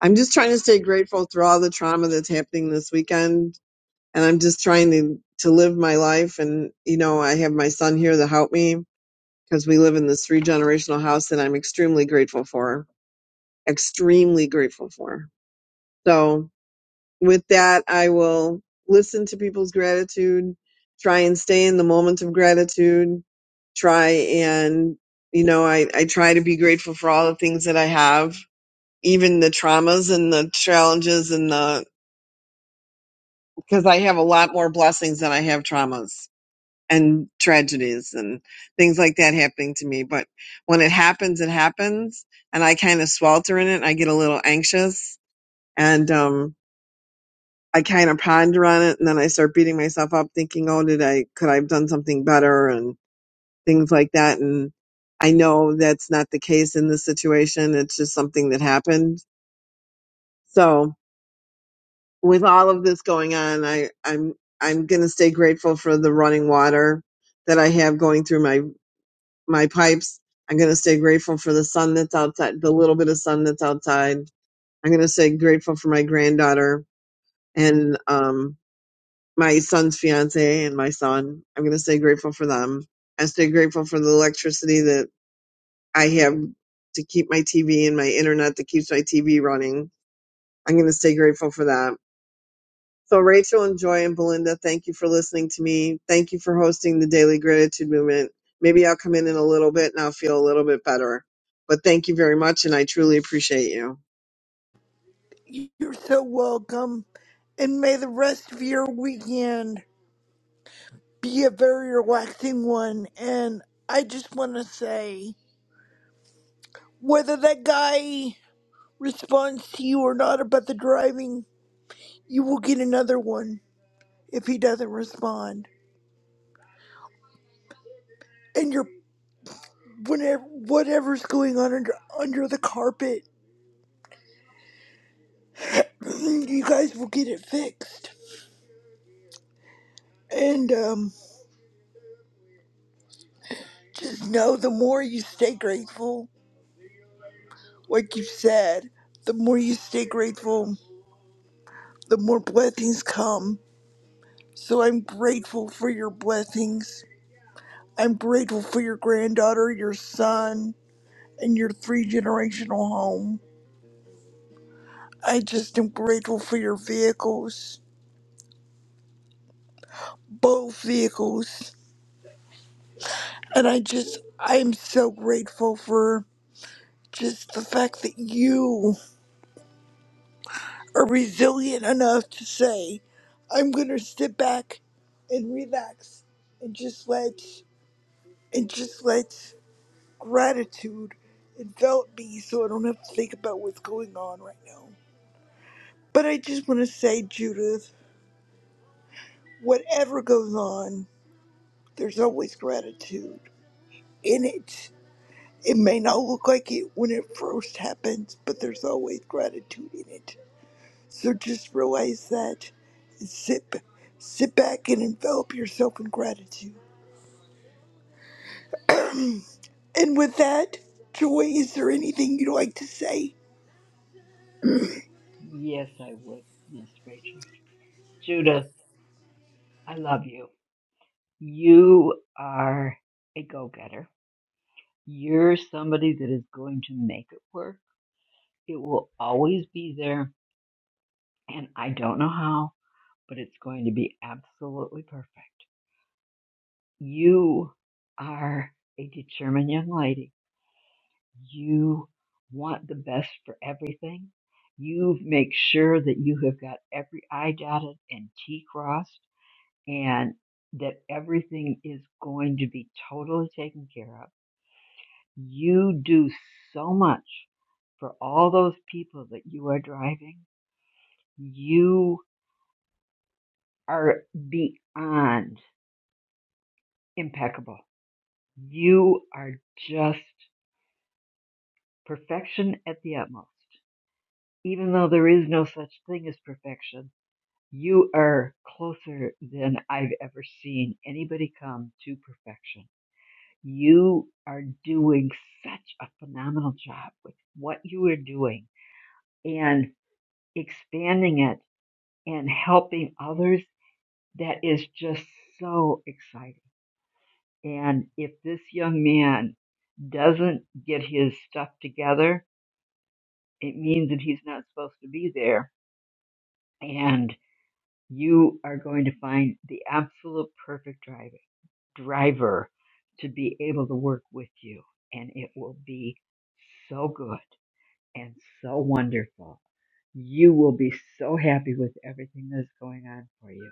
S39: I'm just trying to stay grateful through all the trauma that's happening this weekend and I'm just trying to to live my life. And you know, I have my son here to help me because we live in this three generational house that I'm extremely grateful for. Extremely grateful for. So with that, I will listen to people's gratitude, try and stay in the moment of gratitude, try and you know, I, I try to be grateful for all the things that I have, even the traumas and the challenges and the because I have a lot more blessings than I have traumas and tragedies and things like that happening to me. But when it happens, it happens, and I kind of swelter in it. I get a little anxious, and um, I kind of ponder on it, and then I start beating myself up, thinking, "Oh, did I? Could I have done something better?" and things like that. And I know that's not the case in this situation. It's just something that happened. So with all of this going on, I I'm I'm gonna stay grateful for the running water that I have going through my my pipes. I'm going to stay grateful for the sun that's outside, the little bit of sun that's outside. I'm going to stay grateful for my granddaughter and um, my son's fiance and my son. I'm going to stay grateful for them. I stay grateful for the electricity that I have to keep my TV and my internet that keeps my TV running. I'm going to stay grateful for that. So, Rachel and Joy and Belinda, thank you for listening to me. Thank you for hosting the Daily Gratitude Movement. Maybe I'll come in in a little bit and I'll feel a little bit better. But thank you very much, and I truly appreciate you.
S27: You're so welcome. And may the rest of your weekend be a very relaxing one. And I just want to say whether that guy responds to you or not about the driving, you will get another one if he doesn't respond. And you're whenever whatever's going on under under the carpet, you guys will get it fixed. And um, just know the more you stay grateful, like you said, the more you stay grateful, the more blessings come. So I'm grateful for your blessings I'm grateful for your granddaughter, your son, and your three generational home. I just am grateful for your vehicles, both vehicles. And I just, I am so grateful for just the fact that you are resilient enough to say, I'm going to sit back and relax and just let, and just let gratitude envelop me so I don't have to think about what's going on right now. But I just want to say, Judith. whatever goes on, there's always gratitude in it. It may not look like it when it first happens, but there's always gratitude in it. So just realize that. and Sit, sit back and envelop yourself in gratitude. And with that, Joy, is there anything you'd like to say?
S26: Yes, I would, Miss Rachel. Judith, I love you. You are a go-getter. You're somebody that is going to make it work. It will always be there, and I don't know how, but it's going to be absolutely perfect. You are a determined young lady You want the best for everything. You make sure that you have got every I dotted and T crossed and that everything is going to be totally taken care of. You do so much for all those people that you are driving. You are beyond impeccable. You are just perfection at the utmost. Even though there is no such thing as perfection, You are closer than I've ever seen anybody come to perfection. You are doing such a phenomenal job with what you are doing and expanding it and helping others. That is just so exciting. And if this young man doesn't get his stuff together, it means that he's not supposed to be there And you are going to find the absolute perfect driver, driver to be able to work with you. And it will be so good and so wonderful. You will be so happy with everything that's going on for you.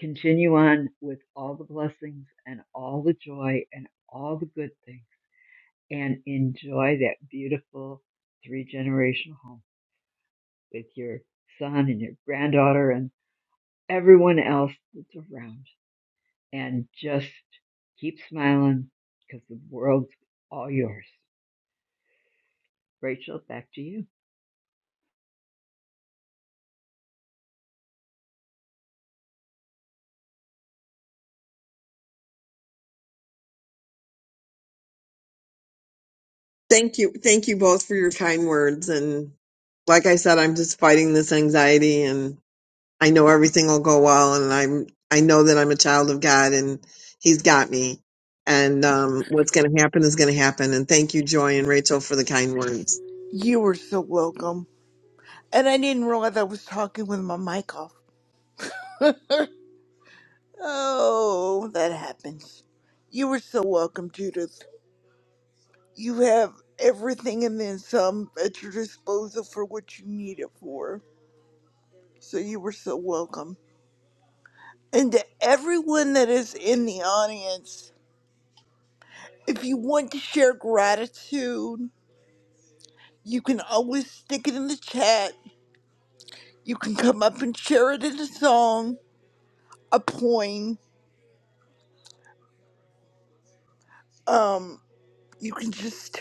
S26: Continue on with all the blessings and all the joy and all the good things and enjoy that beautiful three generational home with your son and your granddaughter and everyone else that's around and just keep smiling because the world's all yours. Rachel, back to you.
S39: Thank you. Thank you both for your kind words. And like I said, I'm just fighting this anxiety, and I know everything will go well. And I'm, I know that I'm a child of God, and He's got me. And um, what's going to happen is going to happen. And thank you, Joy and Rachel, for the kind words.
S27: You are so welcome. And I didn't realize I was talking with my mic off. Oh, that happens. You were so welcome, Judith. You have everything and then some at your disposal for what you need it for. So you were so welcome. And to everyone that is in the audience, if you want to share gratitude, you can always stick it in the chat. You can come up and share it in a song, a poem. Um, you can just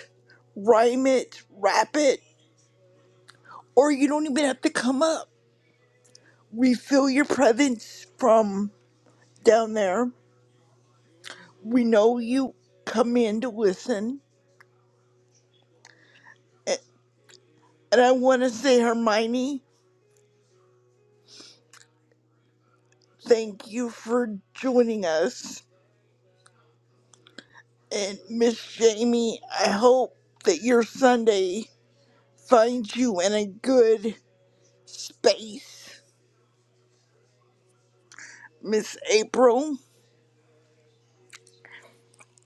S27: rhyme it, rap it, or you don't even have to come up. We feel your presence from down there We know you come in to listen. A- And I want to say, Hermione, thank you for joining us. And Miss Jamie, I hope that your Sunday finds you in a good space. Miss April,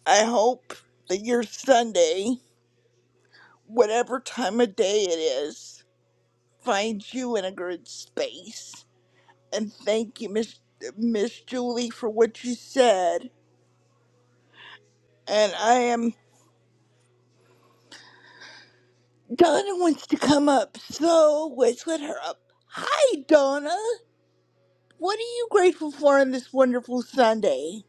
S27: I hope that your Sunday, whatever time of day it is, finds you in a good space. And thank you, Miss Miss Julie, for what you said. And I am Donna wants to come up, so let's let her up. Hi, Donna. What are you grateful for on this wonderful Sunday?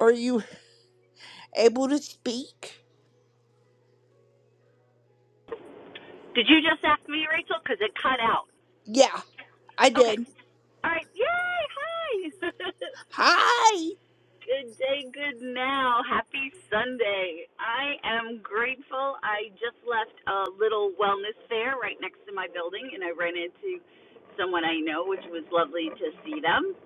S27: Are you able to speak?
S40: Did you just ask me, Rachel? Because it cut out.
S27: Yeah, I
S40: Okay.
S27: did.
S40: All right. Yay! Hi.
S27: Hi,
S40: good day. Good now. Happy Sunday. I am grateful. I just left a little wellness fair right next to my building, and I ran into someone I know, which was lovely to see them.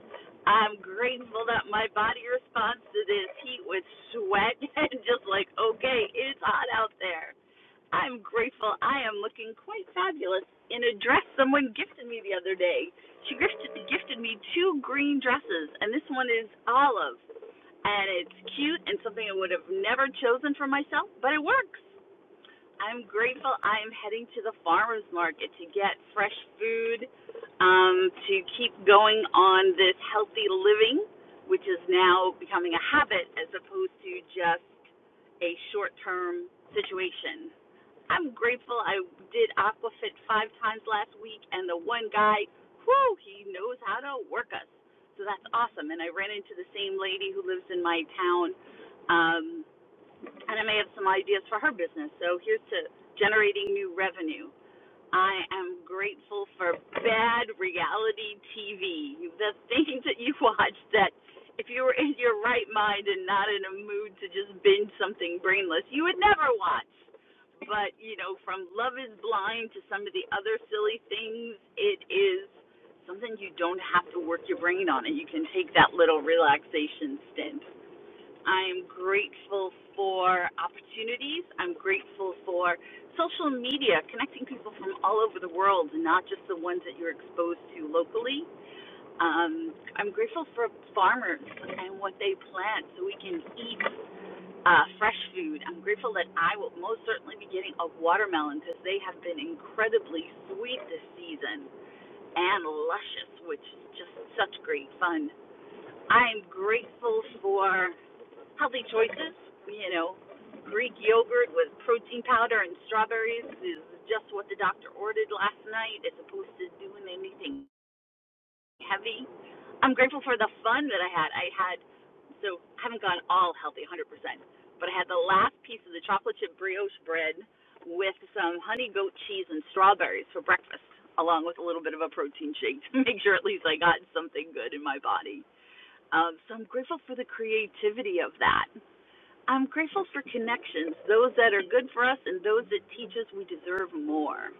S40: I'm grateful that my body responds to this heat with sweat and just like, okay, it's hot out there. I'm grateful. I am looking quite fabulous in a dress someone gifted me the other day. She gifted gifted me two green dresses, and this one is olive, and it's cute and something I would have never chosen for myself, but it works. I'm grateful. I am heading to the farmers market to get fresh food, um, to keep going on this healthy living, which is now becoming a habit as opposed to just a short term situation. I'm grateful I did Aquafit five times last week, and the one guy, whoo, he knows how to work us. So that's awesome. And I ran into the same lady who lives in my town, um, and I may have some ideas for her business. So here's to generating new revenue. I am grateful for bad reality TV. The things that you watch that if you were in your right mind and not in a mood to just binge something brainless, you would never watch. But, you know, from Love is Blind to some of the other silly things, it is something you don't have to work your brain on and you can take that little relaxation stint. I'm grateful for opportunities. I'm grateful for social media, connecting people from all over the world, and not just the ones that you're exposed to locally. Um, I'm grateful for farmers and what they plant so we can eat uh, fresh food. I'm grateful that I will most certainly be getting a watermelon because they have been incredibly sweet this season and luscious, which is just such great fun. I'm grateful for healthy choices. You know, Greek yogurt with protein powder and strawberries is just what the doctor ordered last night, as opposed to doing anything heavy. I'm grateful for the fun that I had. I had, so I haven't gone all healthy 100%, but I had the last piece of the chocolate chip brioche bread with some honey goat cheese and strawberries for breakfast, along with a little bit of a protein shake to make sure at least I got something good in my body. Um, so I'm grateful for the creativity of that I'm grateful for connections, those that are good for us and those that teach us we deserve more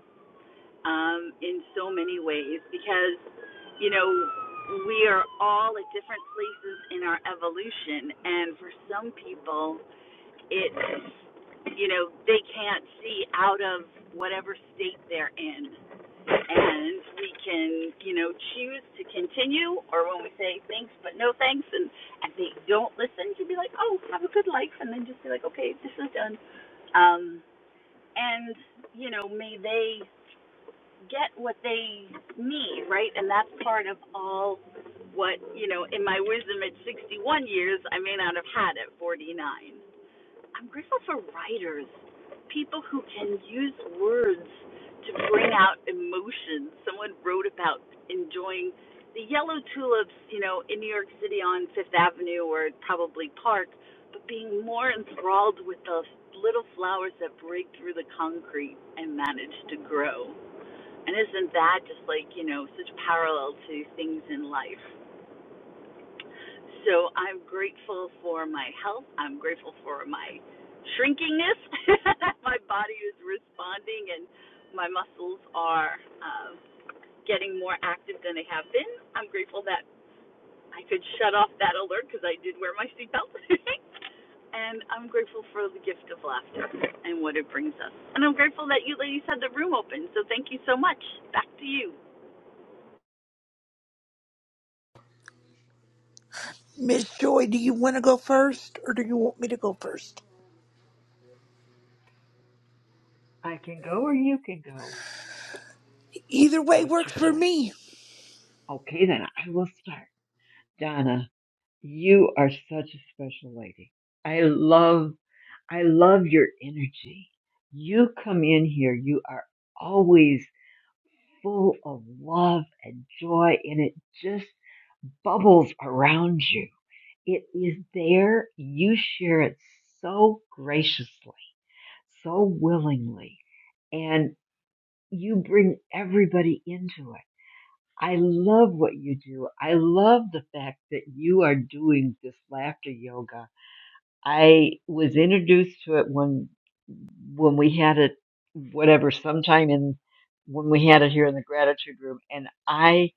S40: um, in so many ways because, you know, we are all at different places in our evolution. And for some people, it's, you know, they can't see out of whatever state they're in and we can, you know, choose to continue, or when we say thanks but no thanks, and, and they don't listen, to be like, oh, have a good life, and then just be like, okay, this is done. Um, and you know, may they get what they need, right? And that's part of all what you know. In my wisdom at 61 years, I may not have had at 49. I'm grateful for writers, people who can use words to bring out emotions. Someone wrote about enjoying the yellow tulips, you know, in New York City on Fifth Avenue or probably Park, but being more enthralled with the little flowers that break through the concrete and manage to grow. And isn't that just like, you know, such parallel to things in life? So I'm grateful for my health. I'm grateful for my shrinkingness. my body is responding and my muscles are uh, getting more active than they have been. I'm grateful that I could shut off that alert because I did wear my seatbelt. and I'm grateful for the gift of laughter and what it brings us. And I'm grateful that you ladies had the room open. So thank you so much. Back to you.
S27: Miss Joy. Do you want to go first, or do you want me to go first?
S26: I can go or you can go.
S27: Either way
S26: What's
S27: works
S26: your
S27: for
S26: choice?
S27: me,
S26: Okay, then I will start. Donna, you are such a special lady. I love, I love your energy. You come in here, you are always full of love and joy, and it just bubbles around you. It is there. You share it so graciously. so willingly and you bring everybody into it. I love what you do. I love the fact that you are doing this laughter yoga. I was introduced to it when when we had it whatever sometime in when we had it here in the gratitude room and I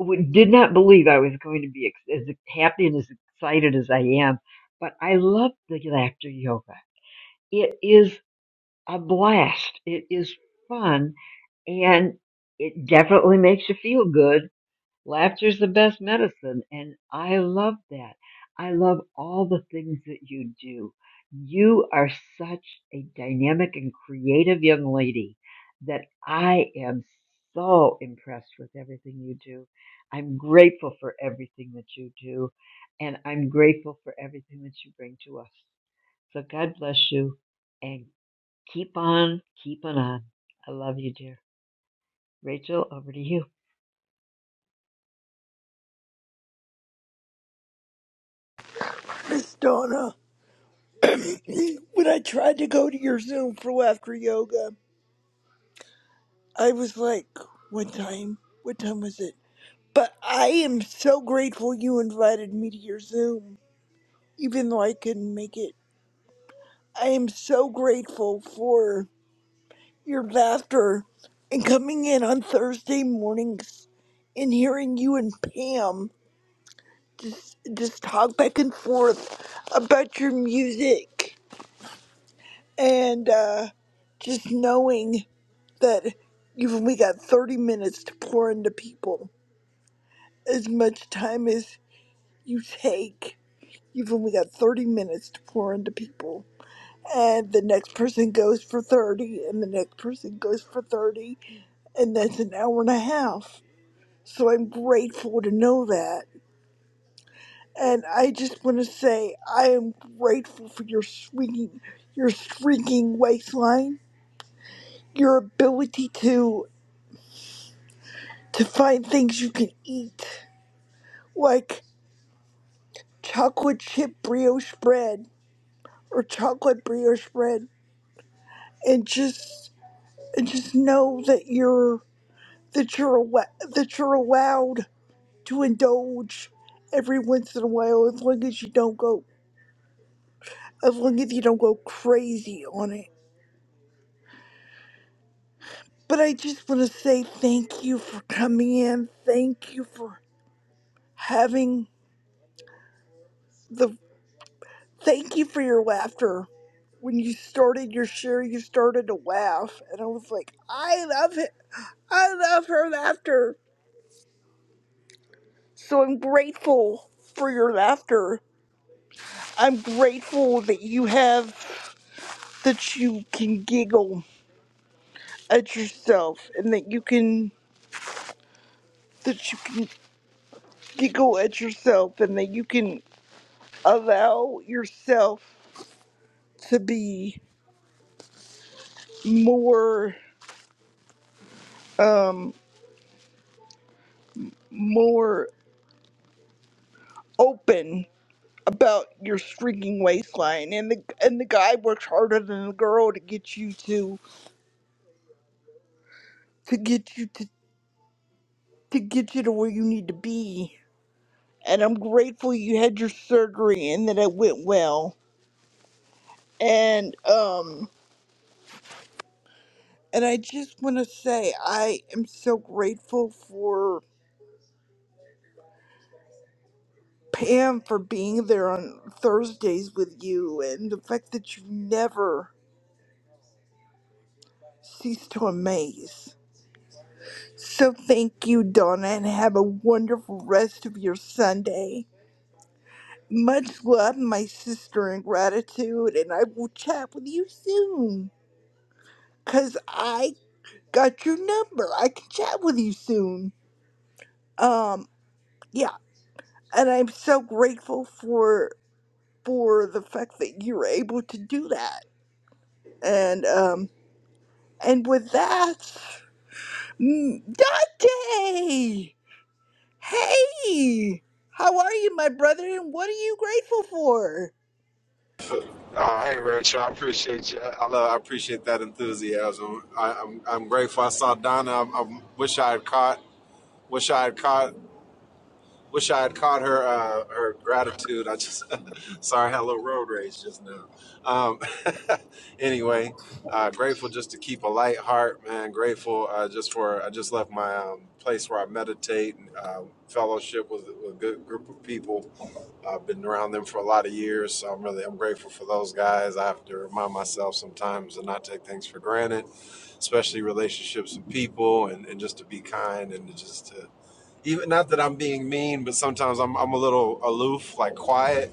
S26: w- did not believe I was going to be ex- as happy and as excited as I am, but I love the laughter yoga. It is. a blast. It is fun and it definitely makes you feel good Laughter's the best medicine, and I love that. I love all the things that you do. You are such a dynamic and creative young lady that I am so impressed with everything you do. I'm grateful for everything that you do, and I'm grateful for everything that you bring to us. So God bless you, and keep on keeping on. I love you, dear. Rachel, over to you.
S27: Miss Donna. When I tried to go to your Zoom for laughter yoga, I was like, what time? What time was it? But I am so grateful you invited me to your Zoom even though I couldn't make it. I am so grateful for your laughter and coming in on Thursday mornings and hearing you and Pam just just talk back and forth about your music and uh, just knowing that you've only got 30 minutes to pour into people. As much time as you take, you've only got 30 minutes to pour into people and the next person goes for 30 and the next person goes for 30 and that's an hour and a half so i'm grateful to know that and i just want to say i am grateful for your swinging your streaking waistline your ability to to find things you can eat like chocolate chip brioche bread or chocolate brioche bread and just and just know that you're that you're allo- that you're allowed to indulge every once in a while as long as you don't go as long as you don't go crazy on it. But I just want to say thank you for coming in. Thank you for having the thank you for your laughter. When you started your share, you started to laugh, and I was like, I love it. I love her laughter. So I'm grateful for your laughter. I'm grateful that you have that you can giggle at yourself and that you can that you can giggle at yourself and that you can allow yourself to be more um more open about your streaking waistline and the and the guy works harder than the girl to get you to to get you to to get you to where you need to be and I'm grateful you had your surgery and that it went well and um. And I just want to say I am so grateful for Pam for being there on Thursdays with you and the fact that you never cease to amaze. So thank you, Donna, and have a wonderful rest of your Sunday. Much love, my sister, and gratitude, and I will chat with you soon. Cause I got your number. I can chat with you soon. Um, yeah, and I'm so grateful for for the fact that you were able to do that. And um, and with that, mm, Dante, hey, how are you, my brother? And what are you grateful for?
S41: Oh, hey, Rachel, I appreciate you. I love, I appreciate that enthusiasm. I, I'm, I'm grateful. I saw Donna. I, I wish I had caught. Wish I had caught. Wish I had caught her uh, her gratitude. I just sorry, I had a little road rage just now. Um, anyway, uh, grateful just to keep a light heart, man. Grateful uh, just for I just left my um, place where I meditate and uh, fellowship with, with a good group of people. I've been around them for a lot of years, so I'm really I'm grateful for those guys. I have to remind myself sometimes to not take things for granted, especially relationships with people, and, and just to be kind and to just to even not that I'm being mean, but sometimes I'm I'm a little aloof, like quiet,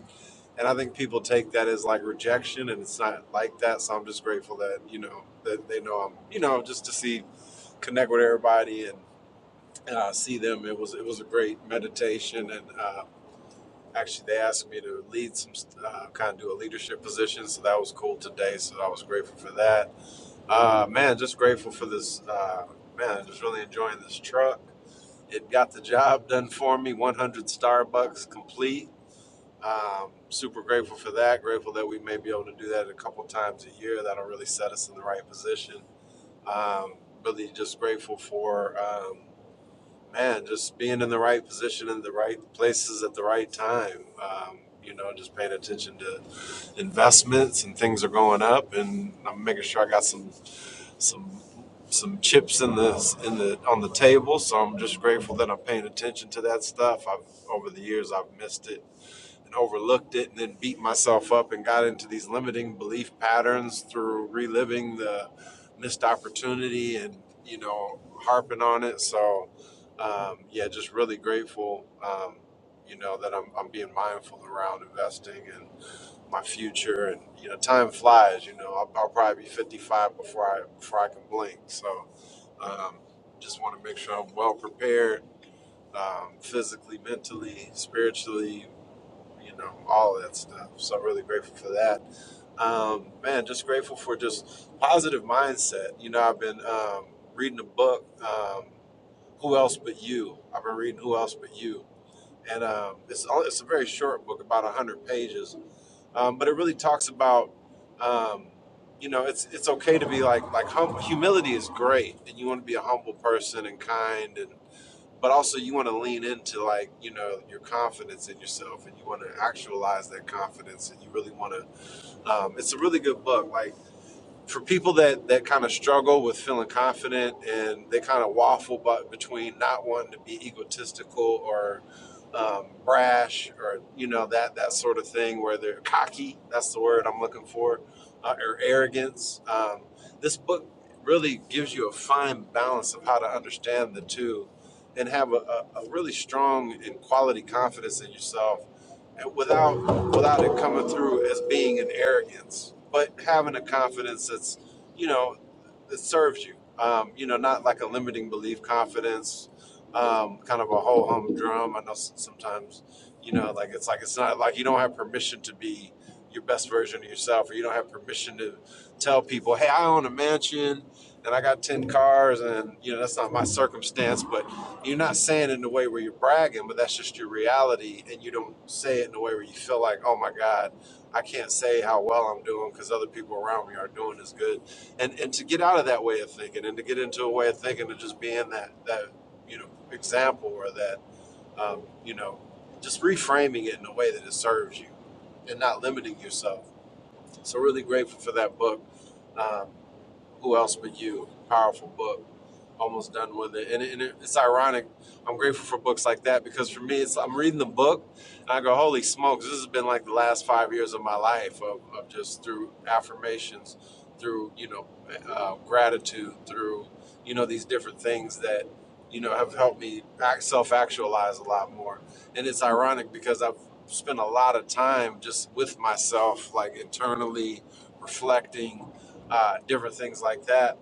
S41: and I think people take that as like rejection, and it's not like that. So I'm just grateful that you know that they know I'm you know just to see connect with everybody and uh, see them. It was it was a great meditation, and uh, actually they asked me to lead some uh, kind of do a leadership position, so that was cool today. So I was grateful for that. Uh, man, just grateful for this. Uh, man, just really enjoying this truck it got the job done for me. 100 Starbucks complete. Um, super grateful for that. Grateful that we may be able to do that a couple times a year. That'll really set us in the right position. Um, really just grateful for, um, man, just being in the right position in the right places at the right time. Um, you know, just paying attention to investments and things are going up, and I'm making sure I got some some some chips in the in the on the table. So I'm just grateful that I'm paying attention to that stuff. I've over the years I've missed it and overlooked it, and then beat myself up and got into these limiting belief patterns through reliving the missed opportunity and you know harping on it. So um, yeah, just really grateful. Um, you know that I'm, I'm being mindful around investing and my future, and you know, time flies. You know, I'll, I'll probably be 55 before I before I can blink. So, um, just want to make sure I'm well prepared, um, physically, mentally, spiritually, you know, all of that stuff. So, I'm really grateful for that. Um, man, just grateful for just positive mindset. You know, I've been um, reading a book, um, Who Else But You. I've been reading Who Else But You, and um, it's it's a very short book, about hundred pages um, but it really talks about um, you know it's it's okay to be like like hum- humility is great and you want to be a humble person and kind and but also you want to lean into like you know your confidence in yourself and you want to actualize that confidence and you really want to um, it's a really good book like for people that that kind of struggle with feeling confident and they kind of waffle but between not wanting to be egotistical or um, brash or you know that that sort of thing where they're cocky that's the word i'm looking for uh, or arrogance um, this book really gives you a fine balance of how to understand the two and have a, a, a really strong and quality confidence in yourself without without it coming through as being an arrogance, but having a confidence that's, you know, that serves you. Um, you know, not like a limiting belief confidence, um, kind of a ho hum drum. I know s- sometimes, you know, like it's like it's not like you don't have permission to be your best version of yourself, or you don't have permission to tell people, hey, I own a mansion and I got 10 cars, and, you know, that's not my circumstance, but you're not saying it in a way where you're bragging, but that's just your reality, and you don't say it in a way where you feel like, oh my God, I can't say how well I'm doing because other people around me are doing as good. And and to get out of that way of thinking and to get into a way of thinking of just being that that you know example or that um, you know just reframing it in a way that it serves you and not limiting yourself. So really grateful for that book. Um, who else but you? Powerful book. Almost done with it. And, it, and it, it's ironic. I'm grateful for books like that because for me, it's I'm reading the book and I go, holy smokes, this has been like the last five years of my life of, of just through affirmations, through, you know, uh, gratitude, through, you know, these different things that, you know, have helped me self actualize a lot more. And it's ironic because I've spent a lot of time just with myself, like internally reflecting uh, different things like that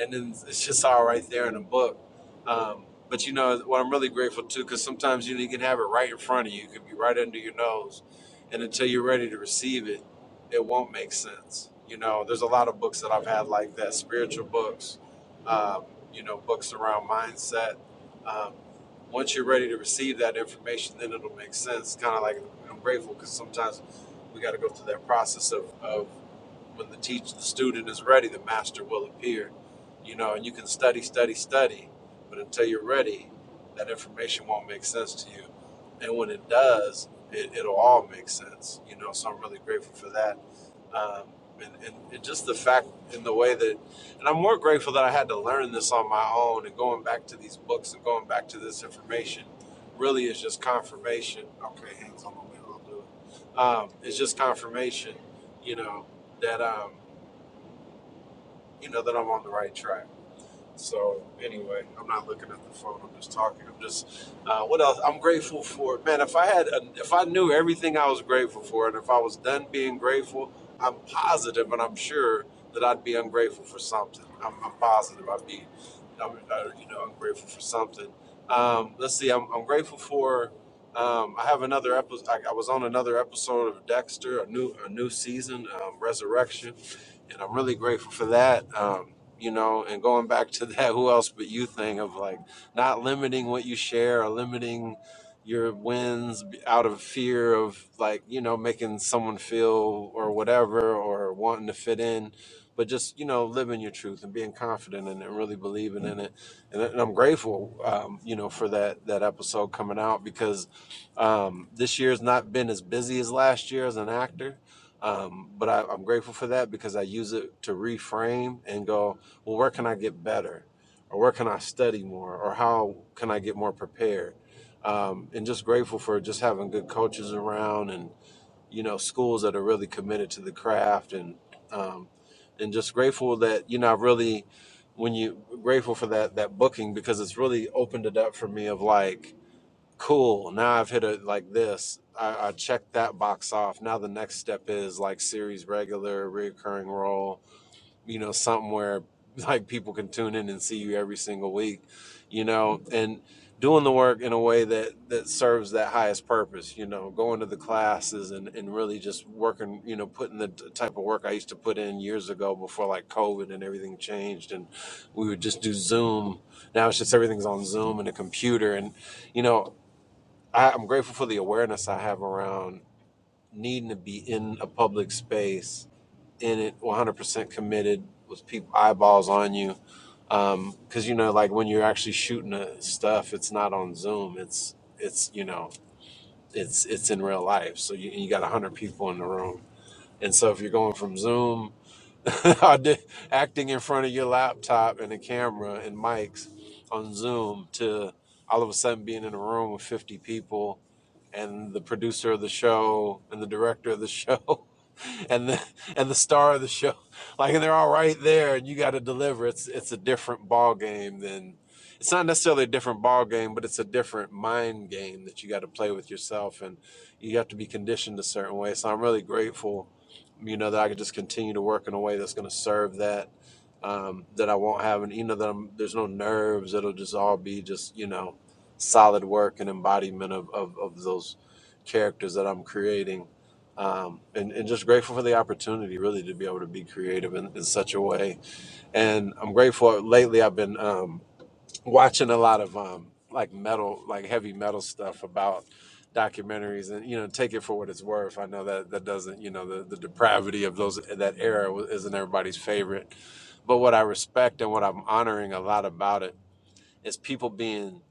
S41: and then it's just all right there in the book. Um, but you know what I'm really grateful to, because sometimes you, know, you can have it right in front of you, it could be right under your nose, and until you're ready to receive it, it won't make sense. You know, there's a lot of books that I've had like that, spiritual books, um, you know, books around mindset. Um, once you're ready to receive that information, then it'll make sense. Kind of like I'm grateful because sometimes we got to go through that process of, of when the teach the student is ready, the master will appear you know, and you can study, study, study, but until you're ready, that information won't make sense to you. And when it does, it, it'll all make sense, you know. So I'm really grateful for that. Um, and, and, and just the fact in the way that, and I'm more grateful that I had to learn this on my own and going back to these books and going back to this information really is just confirmation. Okay, hands on the way, I'll do it. Um, it's just confirmation, you know, that, um, you know, that I'm on the right track so anyway, I'm not looking at the phone. I'm just talking. I'm just uh, what else? I'm grateful for man. If I had, a, if I knew everything I was grateful for, and if I was done being grateful, I'm positive and I'm sure that I'd be ungrateful for something. I'm, I'm positive I'd be, I'm, uh, you know, ungrateful for something. Um, let's see. I'm, I'm grateful for. Um, I have another episode. I, I was on another episode of Dexter, a new a new season, um, Resurrection and I'm really grateful for that. Um, you know, and going back to that who else but you thing of like not limiting what you share or limiting your wins out of fear of like, you know, making someone feel or whatever or wanting to fit in, but just, you know, living your truth and being confident in it and really believing in it. And, and I'm grateful, um, you know, for that, that episode coming out because um, this year's not been as busy as last year as an actor um, but I, I'm grateful for that because I use it to reframe and go, well, where can I get better? Or where can I study more? Or how can I get more prepared? Um, and just grateful for just having good coaches around and, you know, schools that are really committed to the craft and, um, and just grateful that, you know, I really, when you grateful for that, that booking because it's really opened it up for me of like, cool now i've hit it like this I, I checked that box off now the next step is like series regular reoccurring role you know something where like people can tune in and see you every single week you know and doing the work in a way that that serves that highest purpose you know going to the classes and and really just working you know putting the t- type of work i used to put in years ago before like covid and everything changed and we would just do zoom now it's just everything's on zoom and a computer and you know I, I'm grateful for the awareness I have around needing to be in a public space, in it 100% committed with people eyeballs on you. Because you know, like when you're actually shooting uh, stuff, it's not on Zoom. It's it's you know, it's it's in real life. So you, you got 100 people in the room, and so if you're going from Zoom I did acting in front of your laptop and a camera and mics on Zoom to all of a sudden being in a room with 50 people and the producer of the show and the director of the show and the and the star of the show like and they're all right there and you got to deliver it's it's a different ball game than it's not necessarily a different ball game but it's a different mind game that you got to play with yourself and you have to be conditioned a certain way so i'm really grateful you know that i could just continue to work in a way that's going to serve that um, that I won't have, and you know that I'm, there's no nerves. It'll just all be just you know, solid work and embodiment of of, of those characters that I'm creating, um, and and just grateful for the opportunity really to be able to be creative in, in such a way. And I'm grateful. Lately, I've been. um, watching a lot of um like metal like heavy metal stuff about documentaries and you know take it for what it's worth i know that that doesn't you know the, the depravity of those that era wa- isn't everybody's favorite but what i respect and what i'm honoring a lot about it is people being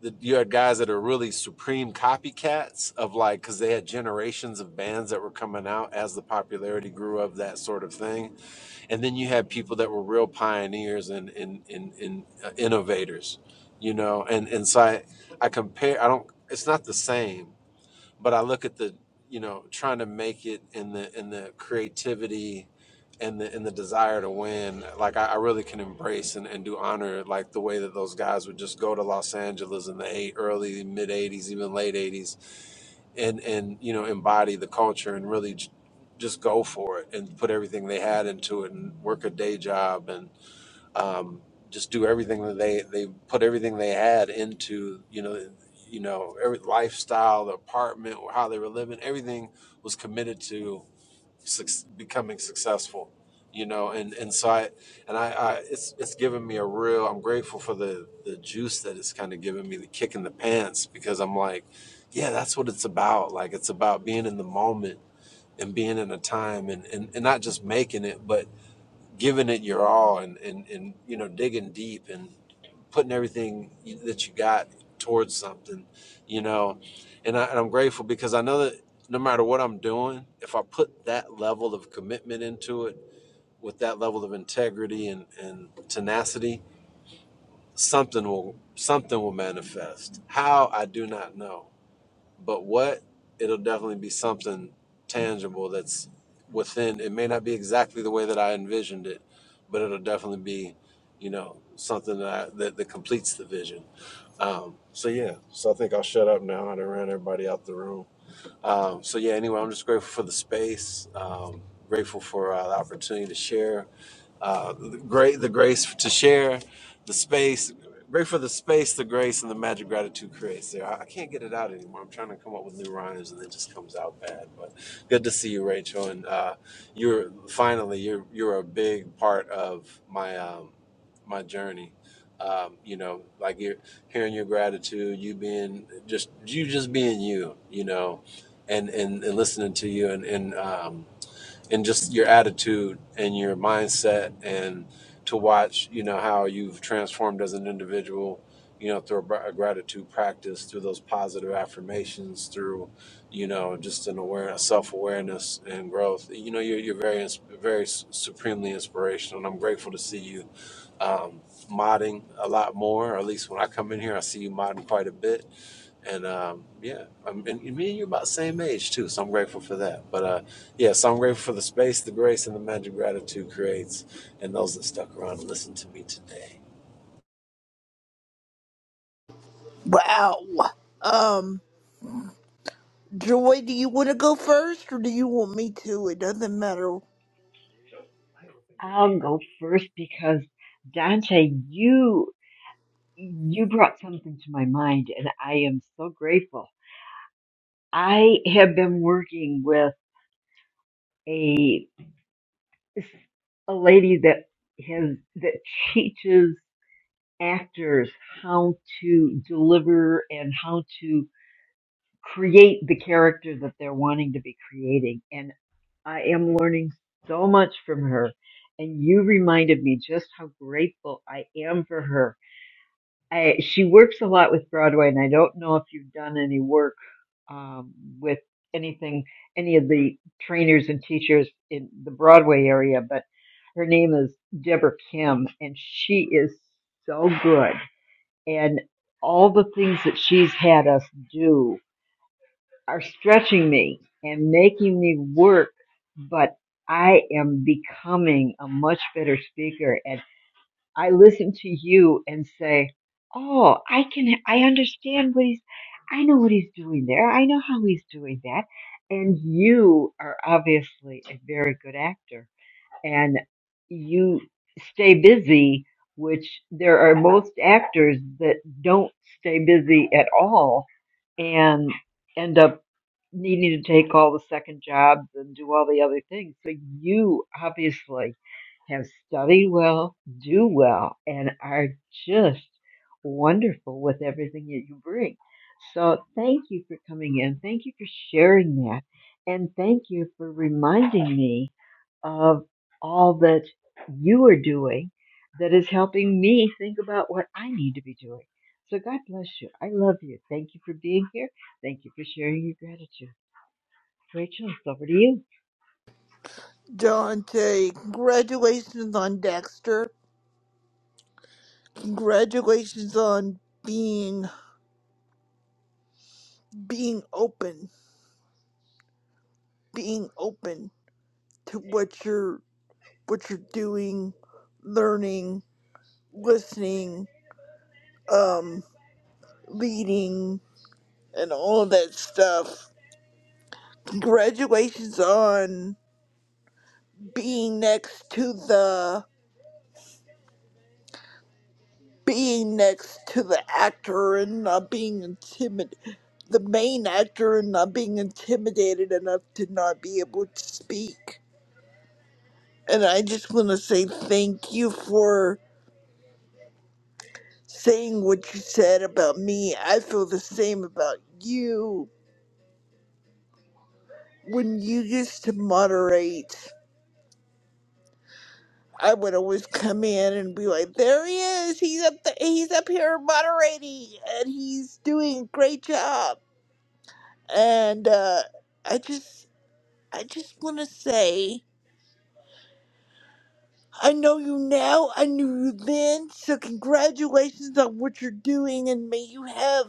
S41: the, you had guys that are really supreme copycats of like because they had generations of bands that were coming out as the popularity grew of that sort of thing and then you had people that were real pioneers and and and, and uh, innovators you know and and so I, I compare i don't it's not the same but i look at the you know trying to make it in the in the creativity and the and the desire to win like i, I really can embrace and, and do honor like the way that those guys would just go to los angeles in the eight, early mid 80s even late 80s and and you know embody the culture and really j- just go for it and put everything they had into it and work a day job and um, just do everything that they they put everything they had into you know you know every lifestyle the apartment how they were living everything was committed to suc- becoming successful you know and and so i and i, I it's it's given me a real i'm grateful for the the juice that it's kind of given me the kick in the pants because i'm like yeah that's what it's about like it's about being in the moment and being in a time and and, and not just making it but giving it your all and and, and you know digging deep and putting everything you- that you got towards something, you know. And, I, and I'm grateful because I know that no matter what I'm doing, if I put that level of commitment into it with that level of integrity and, and tenacity, something will something will manifest. How I do not know, but what it'll definitely be something tangible that's within it may not be exactly the way that i envisioned it but it'll definitely be you know something that I, that, that completes the vision um, so yeah so i think i'll shut up now and ran everybody out the room um, so yeah anyway i'm just grateful for the space um, grateful for uh, the opportunity to share uh, the great the grace to share the space great for the space the grace and the magic gratitude creates there I, I can't get it out anymore i'm trying to come up with new rhymes and it just comes out bad but good to see you rachel and uh, you're finally you're you're a big part of my um, my journey um, you know like you're hearing your gratitude you being just you just being you you know and and, and listening to you and and um, and just your attitude and your mindset and to watch you know how you've transformed as an individual you know through a gr- a gratitude practice through those positive affirmations through you know just an awareness self-awareness and growth you know you're, you're very ins- very s- supremely inspirational and i'm grateful to see you um, modding a lot more or at least when i come in here i see you modding quite a bit and um, yeah, I mean, and me and you're about the same age too, so I'm grateful for that. But uh, yeah, so I'm grateful for the space, the grace, and the magic gratitude creates, and those that stuck around and listened to me today.
S27: Wow. Um, Joy, do you want to go first, or do you want me to? It doesn't matter.
S26: I'll go first because Dante, you you brought something to my mind, and I am so grateful. I have been working with a a lady that has that teaches actors how to deliver and how to create the character that they're wanting to be creating. And I am learning so much from her. And you reminded me just how grateful I am for her. I, she works a lot with Broadway, and I don't know if you've done any work um, with anything, any of the trainers and teachers in the Broadway area, but her name is Deborah Kim, and she is so good. And all the things that she's had us do are stretching me and making me work, but I am becoming a much better speaker. And I listen to you and say, Oh, I can, I understand what he's, I know what he's doing there. I know how he's doing that. And you are obviously a very good actor and you stay busy, which there are most actors that don't stay busy at all and end up needing to take all the second jobs and do all the other things. So you obviously have studied well, do well, and are just wonderful with everything that you bring. So thank you for coming in. Thank you for sharing that. And thank you for reminding me of all that you are doing that is helping me think about what I need to be doing. So God bless you. I love you. Thank you for being here. Thank you for sharing your gratitude. Rachel, it's over to you.
S27: Dante, congratulations on Dexter. Congratulations on being being open, being open to what you're what you're doing, learning, listening, um, leading, and all that stuff. Congratulations on being next to the being next to the actor and not being intimidated, the main actor and not being intimidated enough to not be able to speak. And I just want to say thank you for saying what you said about me. I feel the same about you when you used to moderate, I would always come in and be like, "There he is. He's up. The, he's up here moderating, and he's doing a great job." And uh, I just, I just want to say, I know you now. I knew you then. So congratulations on what you're doing, and may you have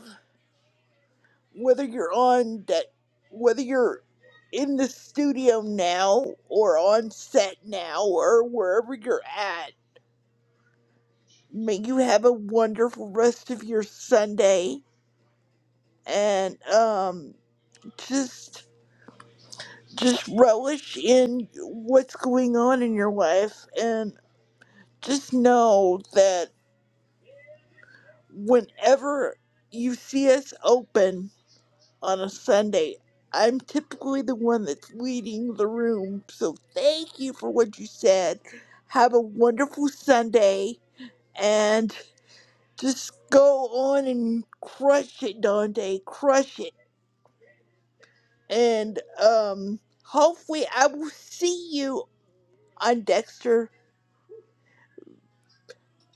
S27: whether you're on that, whether you're in the studio now or on set now or wherever you're at May you have a wonderful rest of your Sunday and um just just relish in what's going on in your life and just know that whenever you see us open on a Sunday, I'm typically the one that's leading the room. So thank you for what you said. Have a wonderful Sunday and just go on and crush it, Dante. Crush it. and um, hopefully I will see you on Dexter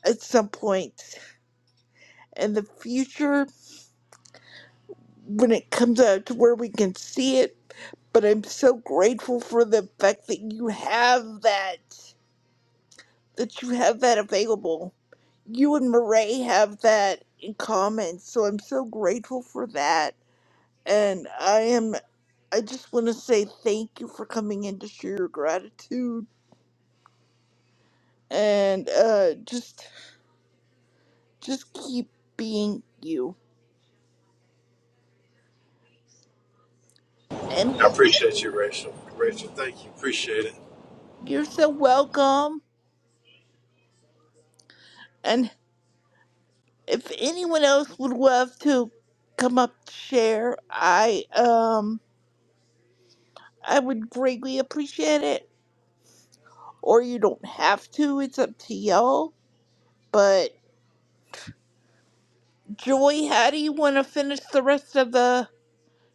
S27: at some point in the future when it comes out to where we can see it. But I'm so grateful for the fact that you have that, that you have that available. You and Marae have that in common, so I'm so grateful for that. And I am, I just want to say thank you for coming in to share your gratitude and uh, just Just keep being you. And
S41: I appreciate you, Rachel. Rachel, thank you. Appreciate it.
S27: you're so welcome. And if anyone else would love to come up to share, I um I would greatly appreciate it. Or you don't have to, it's up to y'all. But Joy, how do you wanna finish the rest of the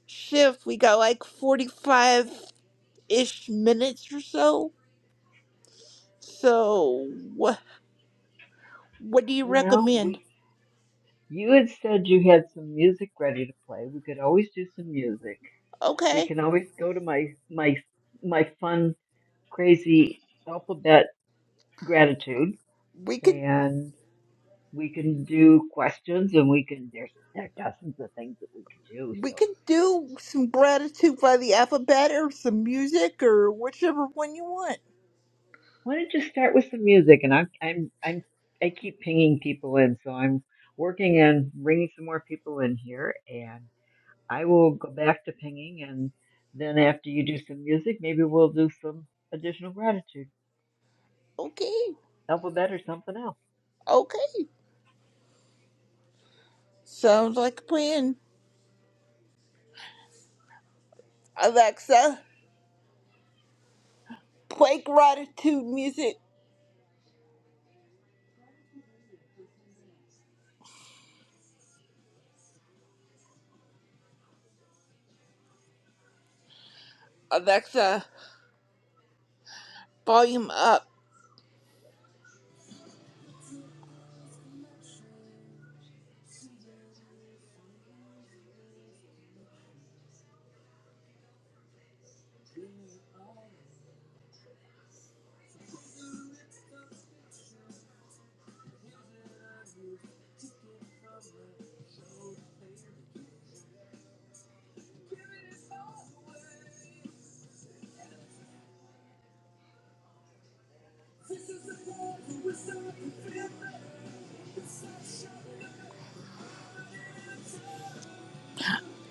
S27: shift? We got like forty five ish minutes or so. So what what do you
S26: Well,
S27: recommend?
S26: we you had said you had some music ready to play. We could always do some music. We
S27: Okay.
S26: can always go to my my my fun crazy alphabet gratitude
S27: We could.
S26: and we can do questions and we can there's there are dozens of things that we could do.
S27: We
S26: So
S27: can do some gratitude by the alphabet or some music or whichever one you want.
S26: why don't you start with some music and I'm I'm I'm I keep pinging people in, so I'm working on bringing some more people in here and. I will go back to pinging, and then after you do some music, maybe we'll do some additional gratitude
S27: Okay,
S26: alphabet or something else.
S27: okay. Sounds like a plan. Alexa, play gratitude music. Alexa, volume up.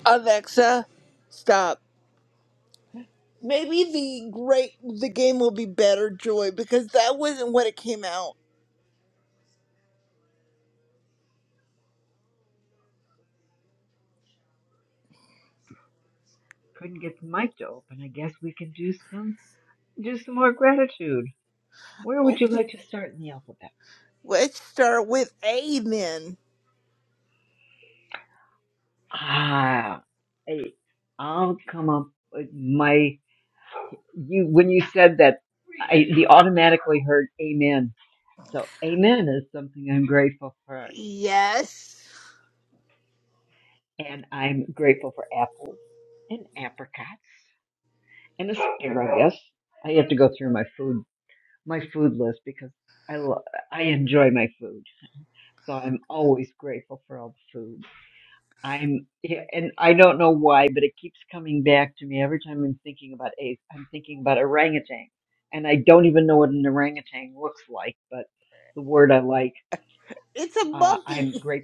S27: Alexa, stop. Maybe the great the game will be better, Joy, because that wasn't what it came out.
S26: Couldn't get the mic to open. I guess we can do some do some more gratitude. Where would you
S27: Okay,
S26: like to start in the alphabet?
S27: let's start with A then.
S26: Ah, I, I'll come up. with My you when you said that, I the automatically heard amen. So amen is something I'm grateful for,
S27: Yes,
S26: and I'm grateful for apples and apricots and a singer, I guess. I have to go through my food my food list because I lo- I enjoy my food, so I'm always grateful for all the food. I'm yeah, and I don't know why, but it keeps coming back to me every time I'm thinking about ace. I'm thinking about orangutan, and I don't even know what an orangutan looks like, but the word I like.
S27: it's a
S26: Uh, I'm
S27: monkey.
S26: great.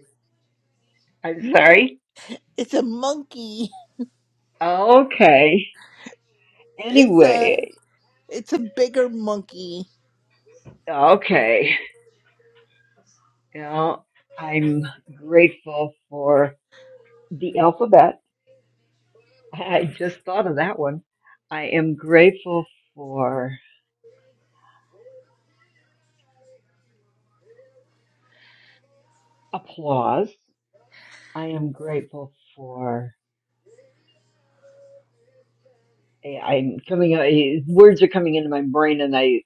S26: I'm sorry.
S27: It's a monkey.
S26: Okay.
S27: It's a
S26: Anyway.
S27: It's a bigger monkey.
S26: Okay. You know, I'm grateful for. the alphabet. I just thought of that one. I am grateful for applause. I am grateful for. I- I'm coming. I- Words are coming into my brain, and I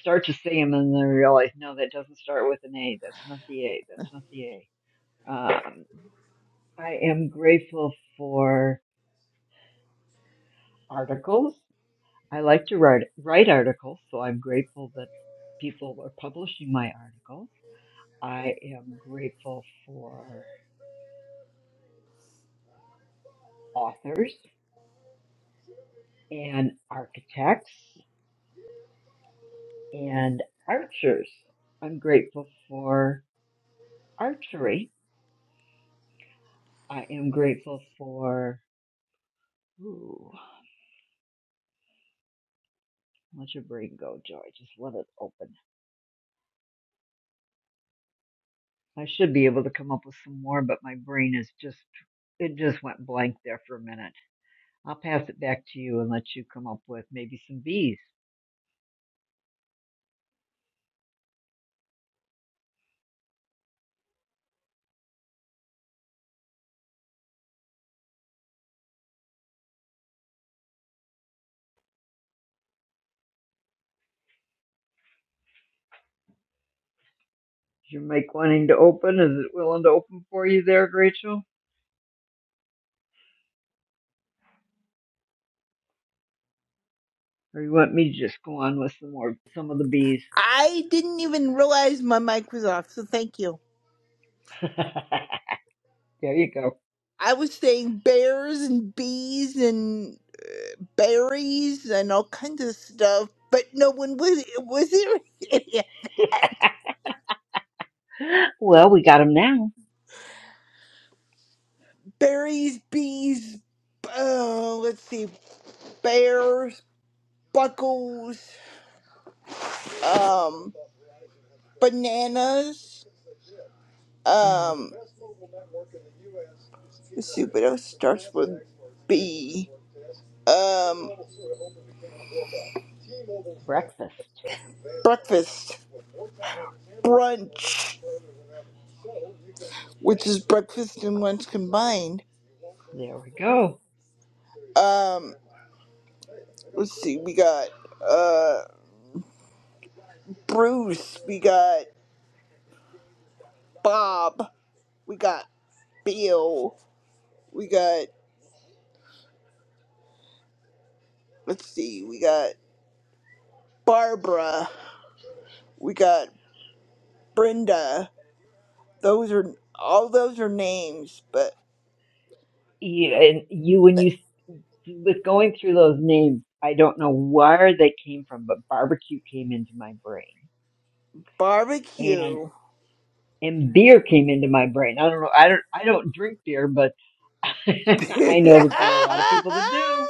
S26: start to say them, and then I realize, no, that doesn't start with an A. That's not the A. That's not the A. Um, I am grateful for articles. I like to write write articles, so I'm grateful that people are publishing my articles. I am grateful for. authors and architects and archers. I'm grateful for archery. I am grateful for. Ooh, let your brain go, Joy. Just let it open. I should be able to come up with some more, but my brain is just. It just went blank there for a minute. I'll pass it back to you and let you come up with maybe some bees. Is your mic wanting to open? Is it willing to open for you there, Rachel? Or you want me to just go on with some more, some of the bees?
S27: I didn't even realize my mic was off, so thank you.
S26: There you go.
S27: I was saying bears and bees and berries and all kinds of stuff, but no one was was there any of that.
S26: well, we got them now.
S27: Berries, bees, uh, let's see, bears, buckles, um, bananas.
S26: Ooh,
S27: Um, let's see what else starts with B. Um,
S26: breakfast.
S27: breakfast, brunch. which is breakfast and lunch combined.
S26: There we go.
S27: Um, let's see, we got uh Bruce, we got Bob, we got Bill, we got let's see, we got Barbara, we got Brenda. Those are all those are names, but
S26: You and you when
S27: th-
S26: you with going through those names, I don't know where they came from, but barbecue came into my brain, and
S27: barbecue.
S26: and beer came into my brain. I don't know. I don't. I don't drink beer, but I know that there are a lot of people that do.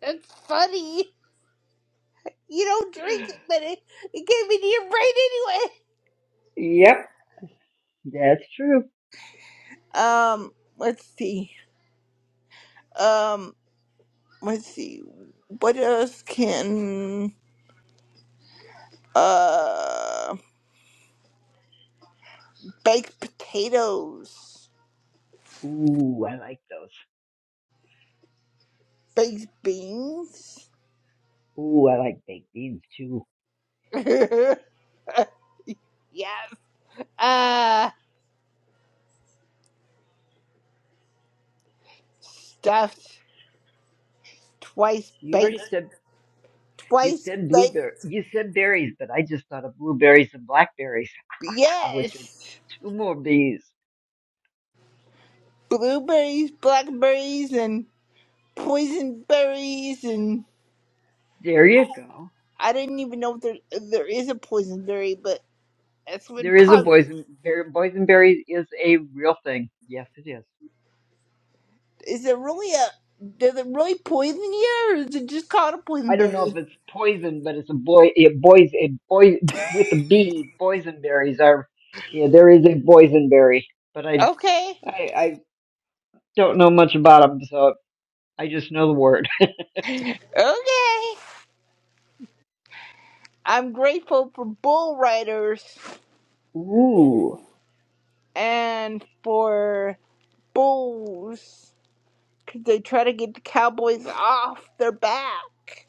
S27: That's funny. You don't drink it, but it, it came into your brain
S26: Yep, that's true.
S27: anyway. Um, let's see. Um, let's see what else can uh baked potatoes
S26: Ooh, I like those.
S27: baked beans
S26: Ooh, I like baked beans too.
S27: uh stuffed twice
S26: You
S27: baked
S26: already said You
S27: twice
S26: said
S27: baked
S26: blueberry. You said berries, but I just thought of blueberries and blackberries, which are
S27: yes
S26: two more bees.
S27: blueberries blackberries and poison berries and
S26: There you go.
S27: i didn't even know if there, there is a poison berry but that's
S26: There
S27: what
S26: is a
S27: pop
S26: boysenberry. Boysenberry is a real thing. Yes, it is.
S27: is it really a does it really poison you or is it just called a poison
S26: I don't know if
S27: berry
S26: it's poison, but it's a boy. A boys. A boy with a bee. Boysenberries are. Yeah, there is a boysenberry, but I,
S27: Okay,
S26: I I don't know much about them, so I just know the word.
S27: okay. I'm grateful for bull riders
S26: Ooh,
S27: and for bulls because they try to get the cowboys off their back.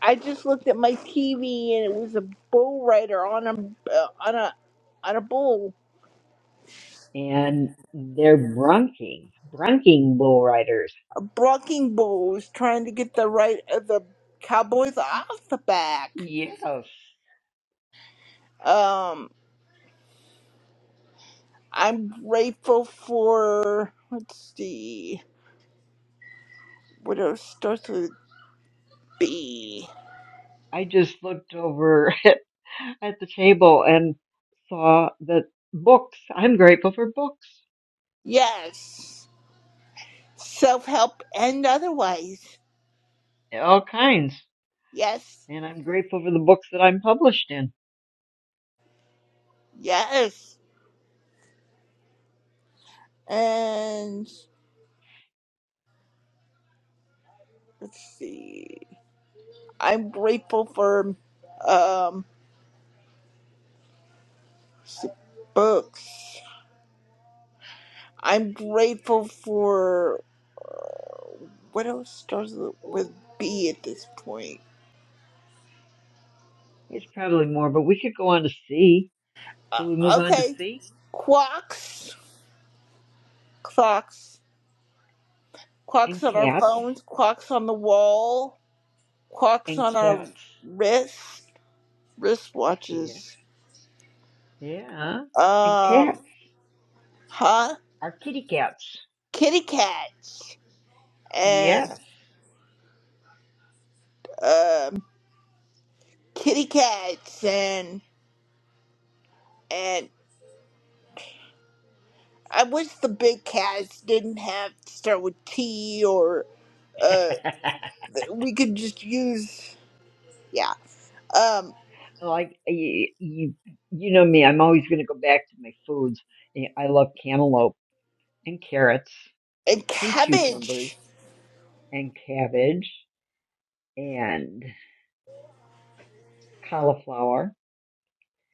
S27: I just looked at my TV and it was a bull rider on a uh, on a on a bull
S26: and they're brunking, brunking bull riders.
S27: blocking bulls trying to get the right of the cowboys off the back.
S26: Yes.
S27: Um, I'm grateful for let's see what else starts with B.
S26: I just looked over at, at the table and saw that books, I'm grateful for books,
S27: Yes. Self help and otherwise.
S26: all kinds.
S27: Yes.
S26: And I'm grateful for the books that I'm published in.
S27: Yes. And let's see. I'm grateful for um books. I'm grateful for uh, what else starts with B at this point?
S26: There's probably more, but we could go on to C.
S27: Uh,
S26: Should we move on to
S27: okay.
S26: C?
S27: Clocks. Clocks. Clocks
S26: And
S27: on our
S26: cats.
S27: phones, clocks on the wall, clocks
S26: And
S27: on our
S26: cats.
S27: wrists,
S26: Yeah.
S27: wristwatches.
S26: Yeah. And
S27: um,
S26: cats.
S27: huh?
S26: Our kitty cats.
S27: Kitty cats and
S26: Yes.
S27: um, kitty cats and and I wish the big cats didn't have to start with T or uh, th- we could just use yeah um
S26: So, Like you you you know me. I'm always going to go back to my foods. Yeah, I love cantaloupe and carrots
S27: and
S26: and cucumbers
S27: cabbage
S26: and cabbage and cauliflower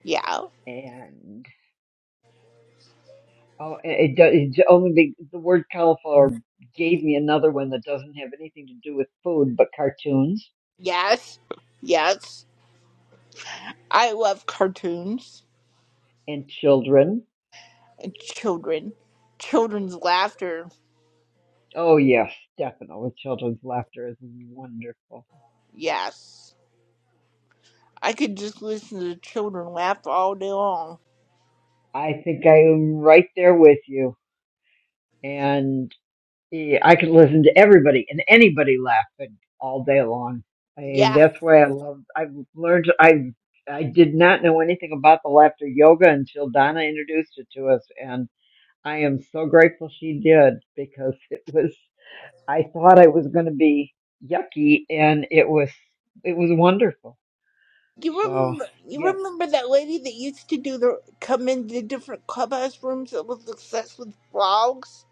S27: yeah
S26: and oh, it, it, do- it's only the, the word cauliflower gave me another one that doesn't have anything to do with food but cartoons
S27: yes yes I love cartoons
S26: and children.
S27: and children children's laughter
S26: Oh yes, definitely children's laughter is wonderful.
S27: yes I could just listen to children laugh all day long.
S26: I think I am right there with you. and. Yeah, I could listen to everybody and anybody laughing all day long. I,
S27: Yeah.
S26: that's why I love. I've learned. I I did not know anything about the laughter yoga until Donna introduced it to us, and I am so grateful she did because it was. I thought I was going to be yucky, and it was. It was wonderful.
S27: You
S26: So,
S27: remember, you
S26: yeah.
S27: remember that lady that used to do the come into different clubhouse rooms that was obsessed with frogs?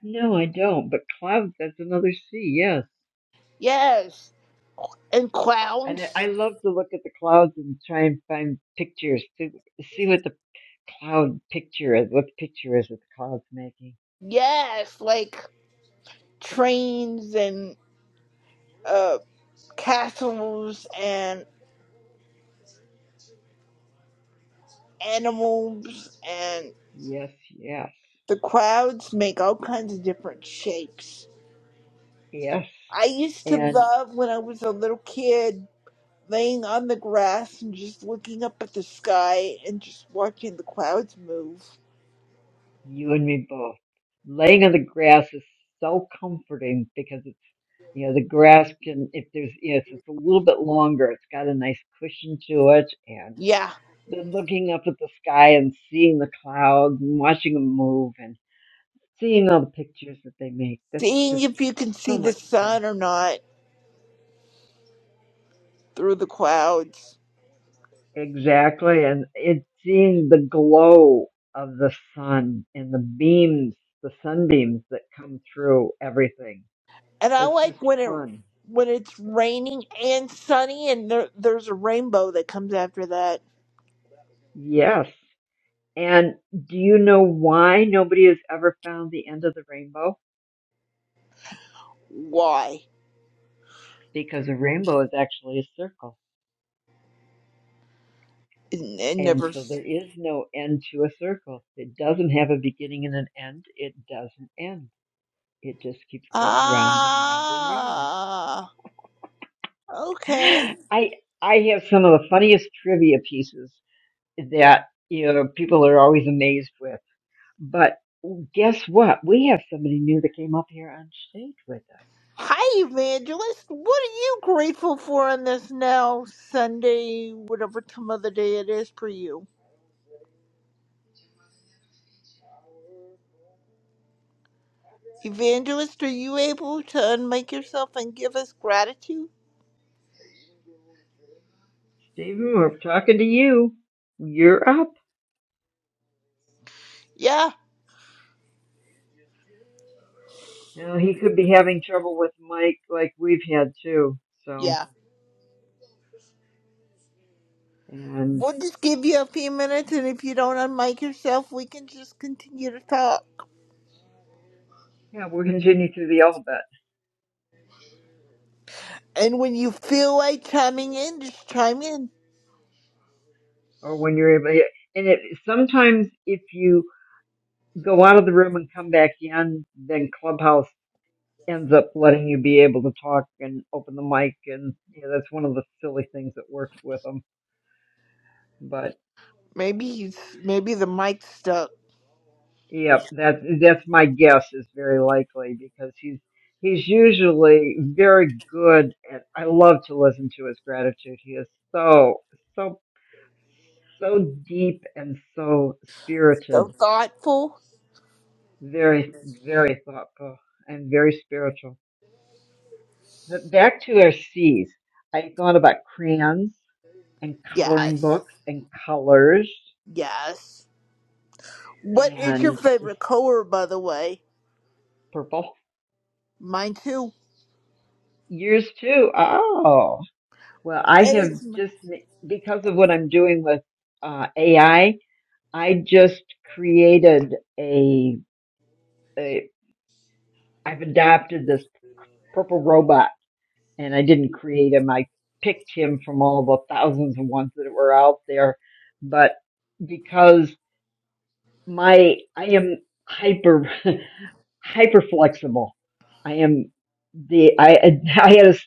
S26: No, I don't. But clouds. That's another C. Yes.
S27: Yes, and
S26: And I I
S27: clowns.
S26: love to look at the clouds and try and find pictures to see what the cloud picture is what the picture is with the clouds making.
S27: Yes, like trains and uh, castles and animals and
S26: Yes, yes,
S27: the crowds make all kinds of different shapes.
S26: yes.
S27: I used to
S26: And
S27: love when I was a little kid laying on the grass and just looking up at the sky and just watching the clouds move.
S26: you and me both. Laying on the grass is so comforting because it's you know the grass can if there's you know if it's a little bit longer it's got a nice cushion to it and
S27: Yeah,
S26: then looking up at the sky and seeing the clouds and watching them move and seeing all the pictures that they make that's
S27: seeing
S26: just
S27: if you can see
S26: so
S27: the
S26: much fun
S27: sun or not through the clouds.
S26: Exactly. And it's seeing the glow of the sun and the beams, the sunbeams that come through everything.
S27: And I
S26: It's just
S27: like when it
S26: fun.
S27: when it's raining and sunny, and there, there's a rainbow that comes after that.
S26: Yes. And do you know why nobody has ever found the end of the rainbow?
S27: Why?
S26: Because a rainbow is actually a circle.
S27: It, it
S26: And
S27: never.
S26: so there is no end to a circle. It doesn't have a beginning and an end. It doesn't end. It just keeps going round and round and round.
S27: Ah, okay.
S26: I I have some of the funniest trivia pieces that you know people are always amazed with. But guess what? We have somebody new that came up here on stage with us.
S27: Hi, Evangelist. What are you grateful for on this now Sunday, whatever time of the day it is for you? Evangelist, are you able to unmake yourself and give us gratitude?
S26: Stephen, we're talking to you. You're up.
S27: Yeah.
S26: Now he could be having trouble with Mike like we've had too. So
S27: Yeah.
S26: and
S27: We'll just give you a few minutes, and if you don't unmic yourself, we can just continue to talk.
S26: yeah, we'll continue through the alphabet
S27: And when you feel like chiming in, just chime in.
S26: or when you're able. yeah. And it, sometimes if you go out of the room and come back in, then Clubhouse ends up letting you be able to talk and open the mic and yeah, that's one of the silly things that works with him but
S27: Maybe he's maybe the mic's stuck.
S26: yeah, that that's my guess is very likely because he's he's usually very good at i love to listen to his gratitude he is so so so deep and so spirited
S27: So thoughtful.
S26: very very thoughtful and very spiritual but back to our c's i thought about crayons and coloring
S27: Yes.
S26: books and colors
S27: Yes. What is your
S26: and this
S27: favorite color, by the way?
S26: purple.
S27: Mine too.
S26: Yours too. Oh, well, I
S27: And
S26: have
S27: it's m-
S26: just because of what I'm doing with uh, AI, I I just created a, a. I've adopted this purple robot, and I didn't create him. I picked him from all the thousands of ones that were out there, but because my I am hyper hyper flexible. I am the I I had a, s-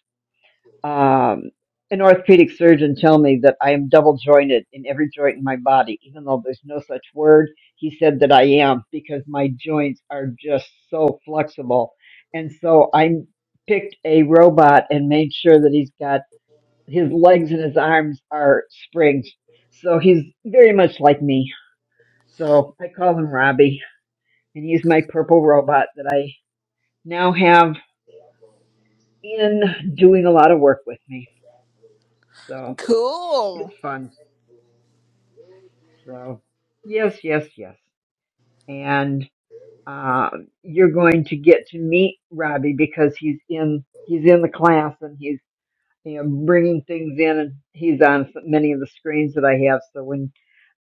S26: um, an orthopedic surgeon tell me that I am double jointed in every joint in my body, even though there's no such word. He said that I am because my joints are just so flexible, and so I picked a robot and made sure that he's got his legs and his arms are springs, so he's very much like me. So I call him Robbie and he's my purple robot that I now have in doing a lot of work with me. So it's
S27: cool.
S26: fun. So yes, yes, yes. And uh, you're going to get to meet Robbie because he's in he's in the class and he's you know bringing things in and he's on s- many of the screens that I have. So when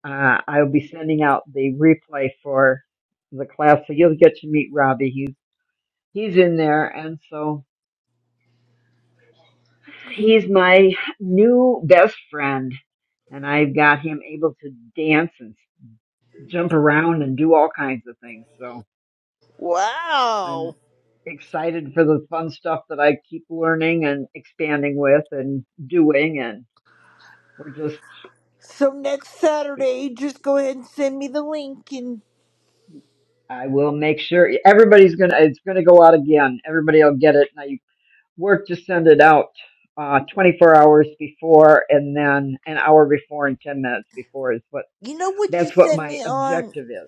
S26: uh, I'll be sending out the replay for the class, so you'll get to meet Robbie. He's he's in there, and so He's my new best friend, and I've got him able to dance and jump around and do all kinds of things. So
S27: Wow.
S26: I'm excited for the fun stuff that I keep learning and expanding with and doing. And we're just,
S27: So next Saturday, just go ahead and send me the link. And
S26: I will make sure everybody's going to, it's going to go out again. Everybody will get it. And I work to send it out. Uh, 24 hours before and then an hour before and 10 minutes before is what
S27: you know what you
S26: that's what
S27: sent
S26: my
S27: me on?
S26: objective is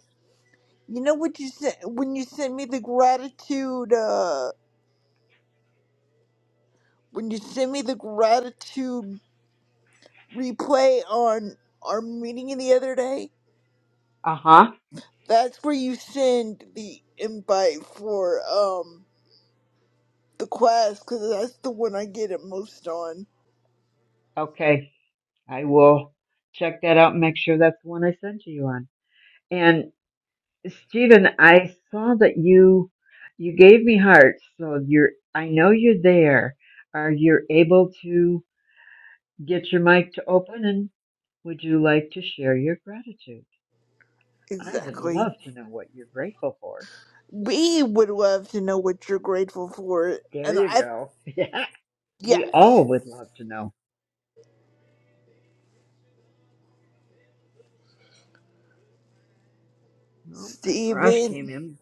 S27: You know what you sent when you sent me the gratitude uh when you sent me the gratitude replay on our meeting the other day?
S26: Uh huh.
S27: That's where you send the invite for um the quest cuz that's the one I get it most on.
S26: Okay. I will check that out and make sure that's the one I sent to you on. And Stephen, I saw that you you gave me hearts, so you're I know you're there. Are you able to get your mic to open and would you like to share your gratitude? I would
S27: Exactly.
S26: love to know what you're grateful for.
S27: We would love to know what you're grateful for
S26: There
S27: and
S26: you
S27: I
S26: go. Yeah. We
S27: yes.
S26: all would love to know. Oh, and Raj came
S27: Stephen.
S26: in.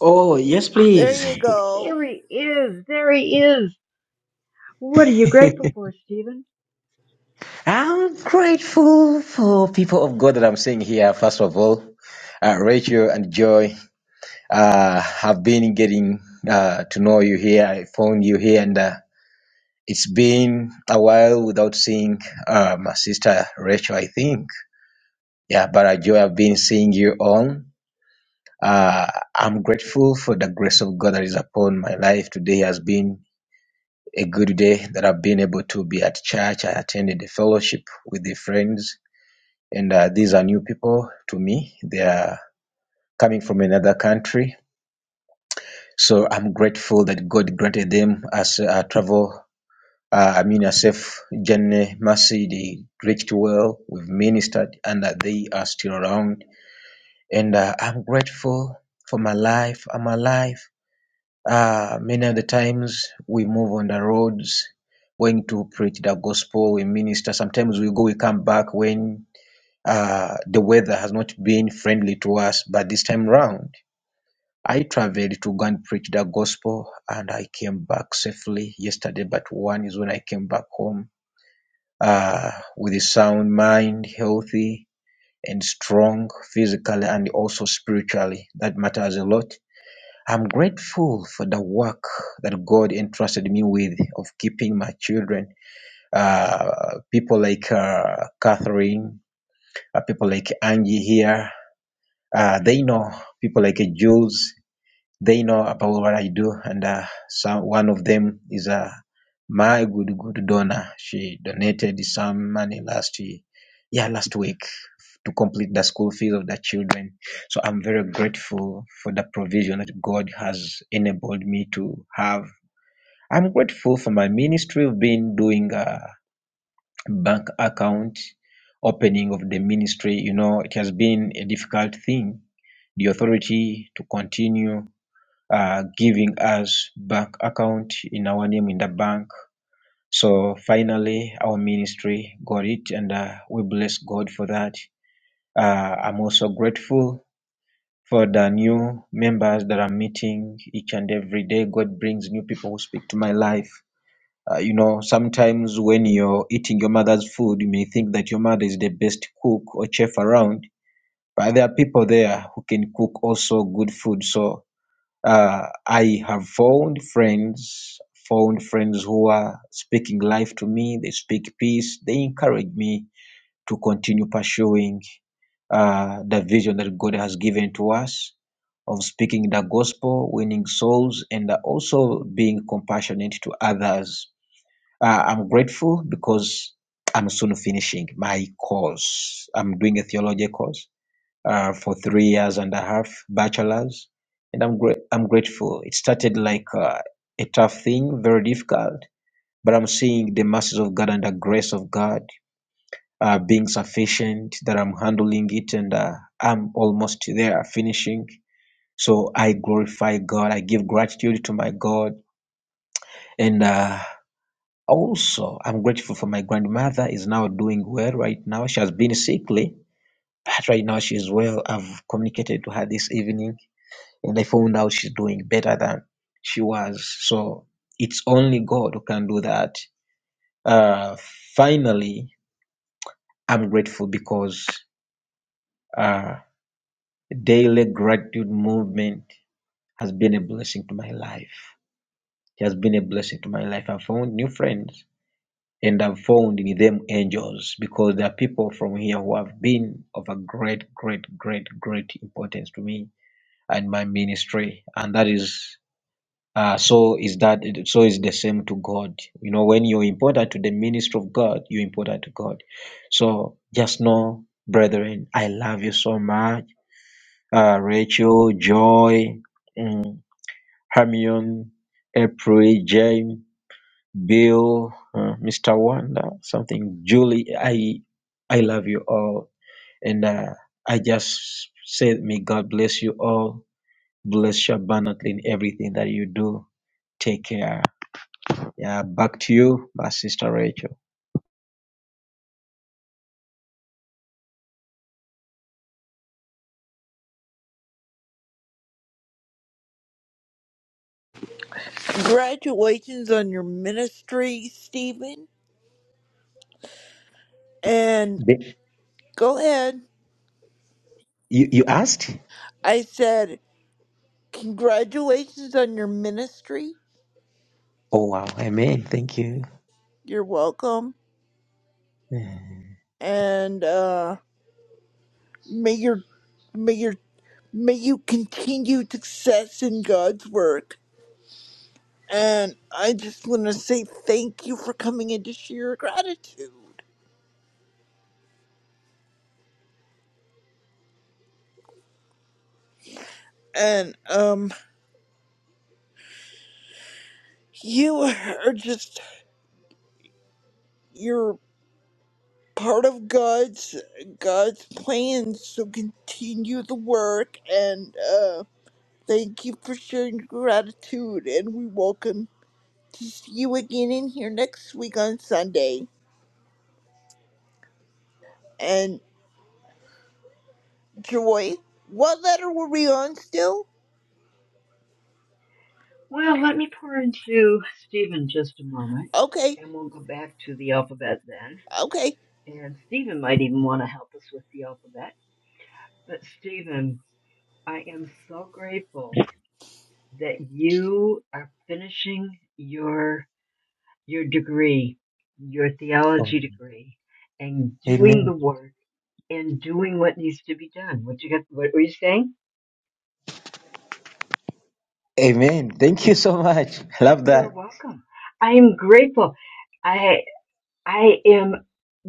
S4: Oh,
S26: But,
S4: yes,
S26: ah,
S27: there
S4: please.
S27: you go.
S26: here he is. There he is. What are you grateful for, Stephen?
S4: I'm grateful for people of God that I'm seeing here. First of all, uh, Rachel and Joy, uh, have been getting uh, to know you here. I found you here, and uh, It's been a while without seeing uh, my sister Rachel, I think. Yeah, but I joy have been seeing you all. Uh, I'm grateful for the grace of God that is upon my life. Today has been a good day that I've been able to be at church. I attended a fellowship with the friends, and uh, these are new people to me. They are coming from another country. So I'm grateful that God granted them as uh, travel uh, Amina Saif, Janneh Mercy, they reached well. We've ministered, and that they are still around. And uh, I'm grateful for my life. I'm alive. Uh, many of the times we move on the roads, going to preach the gospel, we minister. Sometimes we go, we come back when uh, the weather has not been friendly to us. But this time round, I traveled to go and preach the gospel, and I came back safely yesterday. But one is when I came back home uh, with a sound mind, healthy and strong physically and also spiritually. That matters a lot. I'm grateful for the work that God entrusted me with of keeping my children. Uh, people like uh, Catherine, uh, people like Angie here, uh, they know people like uh, Jules they know about what I do, and uh, some one of them is a uh, my good good donor. She donated some money last year, yeah, last week to complete the school fees of the children. So I'm very grateful for the provision that God has enabled me to have. I'm grateful for my ministry of being doing a bank account opening of the ministry. You know, it has been a difficult thing. The authority to continue uh, giving us bank account in our name in the bank. So finally, our ministry got it, and uh, we bless God for that. Uh, I'm also grateful for the new members that I'm meeting each and every day. God brings new people who speak to my life. Uh, you know, sometimes when you're eating your mother's food, you may think that your mother is the best cook or chef around, but there are people there who can cook also good food. So uh, I have found friends, found friends who are speaking life to me. They speak peace. They encourage me to continue pursuing uh, the vision that God has given to us of speaking the gospel, winning souls, and also being compassionate to others. Uh, I'm grateful because I'm soon finishing my course. I'm doing a theology course uh, for three years and a half, bachelor's, and I'm gra- I'm grateful. It started like uh, a tough thing, very difficult, but I'm seeing the mercies of God and the grace of God uh, being sufficient. That I'm handling it, and uh, I'm almost there, finishing. So I glorify God. I give gratitude to my God, and. Uh, also, I'm grateful for my grandmother is now doing well right now. She has been sickly, but right now she's well. I've communicated to her this evening When they found out she's doing better than she was. So it's only God who can do that. Uh, finally, I'm grateful because uh, daily gratitude movement has been a blessing to my life. It has been a blessing to my life. I've found new friends and I've found in them angels because there are people from here who have been of a great, great, great, great importance to me and my ministry. And that is Uh, so is that so is the same to God. You know, when you're important to the ministry of God, you're important to God. So just know, brethren, I love you so much. Uh, Rachel, Joy, mm, Hermione, April, James, Bill, uh, Mr. Wanda, something, Julie, I I love you all. And uh, I just say may God bless you all. Bless you abundantly in everything that you do. Take care. Yeah, back to you, my sister Rachel.
S27: Congratulations on your ministry, Stephen, and.
S4: The-
S27: Go ahead.
S4: You, you asked?
S27: I said, Congratulations on your ministry.
S4: Oh, wow. Amen. Thank you.
S27: You're welcome.
S4: Yeah.
S27: And uh may your may your may you continue success in God's work. And I just wanna say thank you for coming in to share your gratitude. And um you are just you're part of God's God's plans, so continue the work and uh. Thank you for sharing your gratitude, and we welcome to see you again in here next week on Sunday. And Joy, what letter were we on still?
S26: Well, let me pour into Stephen just a moment,
S27: Okay,
S26: and we'll go back to the alphabet then.
S27: okay.
S26: And Stephen might even want to help us with the alphabet. But Stephen, I am so grateful that you are finishing your your degree, your theology degree, and doing the
S4: Amen.
S26: work and doing what needs to be done. What you got? What were you saying?
S4: Amen. Thank you so much. Love
S26: You're
S4: that.
S26: welcome. I am grateful. I I am.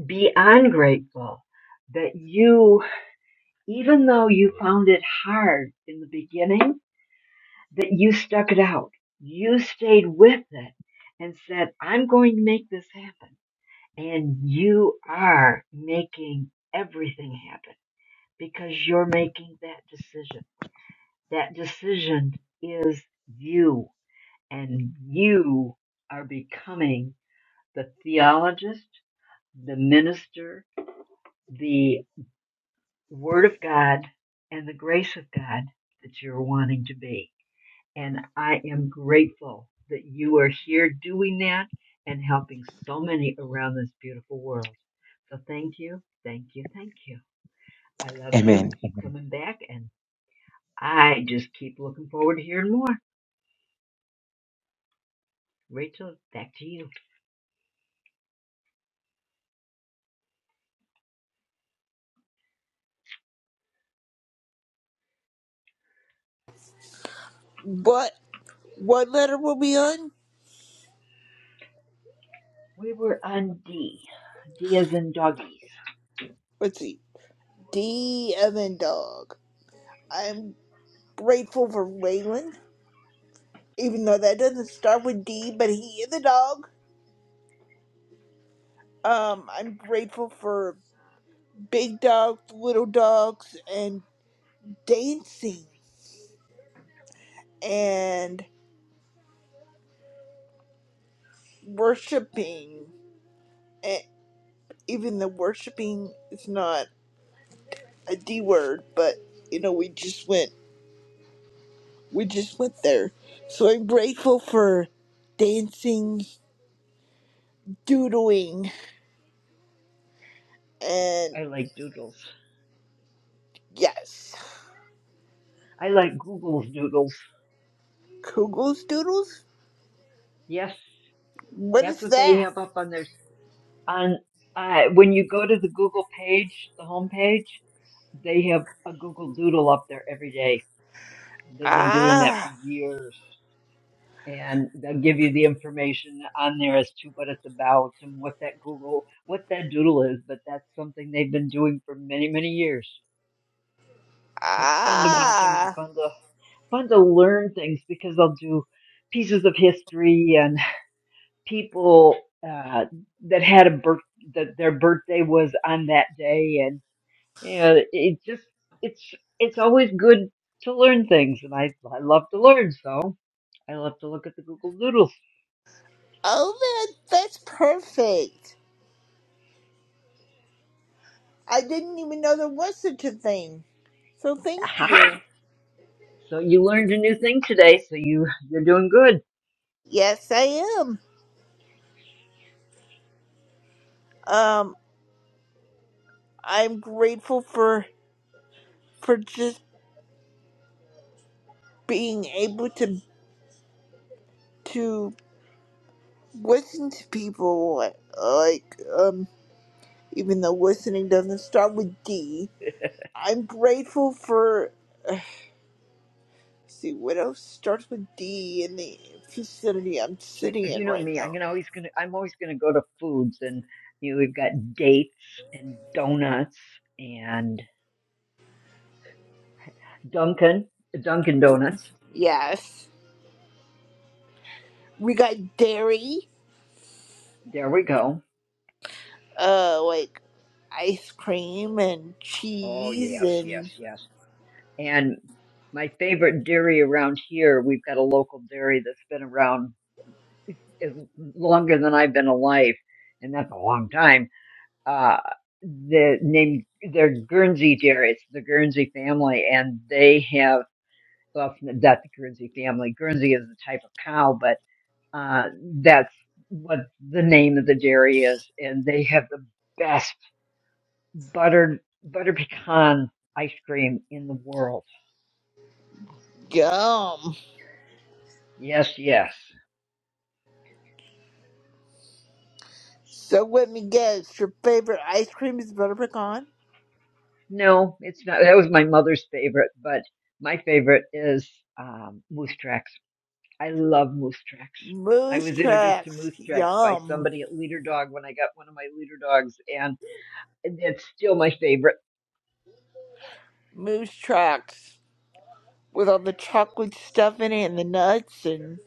S26: be ungrateful that you, even though you found it hard in the beginning, that you stuck it out. You stayed with it and said, I'm going to make this happen. And you are making everything happen because you're making that decision. That decision is you and you are becoming the theologist, the minister, the the Word of God and the grace of God that you're wanting to be. And I am grateful that you are here doing that and helping so many around this beautiful world. So thank you, thank you, thank you. I love you.
S4: Amen.
S26: Keep coming back. And I just keep looking forward to hearing more. Rachel, back to you.
S27: What what letter were we on?
S26: We were on D. D as in doggies.
S27: Let's see. D Evan Dog. I'm grateful for Waylon, even though that doesn't start with D, but he is a dog. Um, I'm grateful for big dogs, little dogs, and dancing. and. worshiping, and even the worshiping is not a D word, but you know, we just went, we just went there. So I'm grateful for dancing, doodling, and
S26: I like doodles.
S27: yes,
S26: I like Google's doodles.
S27: Kugels doodles.
S26: Yes,
S27: What
S26: that's
S27: is
S26: what they
S27: that?
S26: have up on their on uh, when you go to the Google page, the home page, they have a Google Doodle up there every day. They've been doing that for
S27: Ah,
S26: years, and they'll give you the information on there as to what it's about and what that Google, what that Doodle is. But that's something they've been doing for many, many years. So it's fun to watch them and
S27: ah.
S26: fun to fun to learn things because they'll do pieces of history and people uh, that had a birth that their birthday was on that day and Yeah, it just it's it's always good to learn things, and I I love to learn, so I love to look at the Google Doodles.
S27: Oh, that that's perfect. I didn't even know there was such a thing. So thank
S26: Aha!
S27: you.
S26: So you learned a new thing today, so you you're doing good.
S27: Yes, I am. Um, I'm grateful for for just being able to to listen to people like, like um even though listening doesn't start with D. I'm grateful for uh, see what else starts with D in the vicinity I'm
S26: Uh,
S27: sitting
S26: You
S27: in
S26: know
S27: right
S26: me, I'm
S27: now.
S26: gonna always gonna I'm always gonna go to foods, and you know, we've got dates and donuts and Dunkin' Dunkin' Donuts.
S27: Yes. We got dairy,
S26: There we go.
S27: uh like ice cream and
S26: Oh
S27: cheese
S26: yes, yes,
S27: and
S26: yes. And my favorite dairy around here, we've got a local dairy that's been around is longer than I've been alive, and that's a long time. Uh, the name they're Guernsey dear. It's the Guernsey family, and they have well, it's not the Guernsey family. Guernsey is the type of cow, but uh, that's what the name of the dairy is, and they have the best buttered butter pecan ice cream in the world.
S27: gum.
S26: Yes, yes.
S27: So let me guess, your favorite ice cream is butter pecan?
S26: No, it's not. That was my mother's favorite, but my favorite is um, Moose Trax. I love moose tracks. I
S27: Moose
S26: was introduced to
S27: tracks.
S26: moose tracks by
S27: Yum.
S26: somebody at Leader Dog when I got one of my Leader Dogs, and it's still my favorite.
S27: Moose tracks. With all the chocolate stuff in it and the nuts and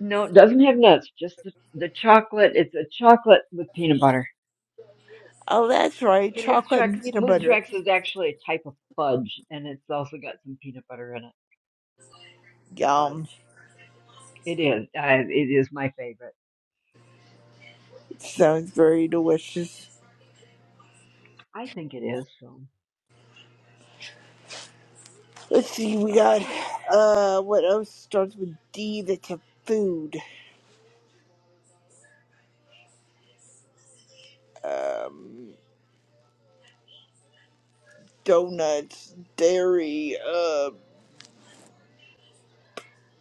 S26: No, it doesn't have nuts, just the, the chocolate. It's a chocolate with peanut butter.
S27: oh that's right,
S26: Okay, moose
S27: chocolate
S26: tracks.
S27: and peanut
S26: Moose
S27: butter.
S26: tracks is actually a type of fudge, and it's also got some peanut butter in it. But
S27: Yum.
S26: it is, I, it is my favorite.
S27: Sounds very delicious.
S26: I think it is. So,
S27: Let's see, we got
S26: but
S27: uh what else starts with D that's a food. Um donuts, dairy, uh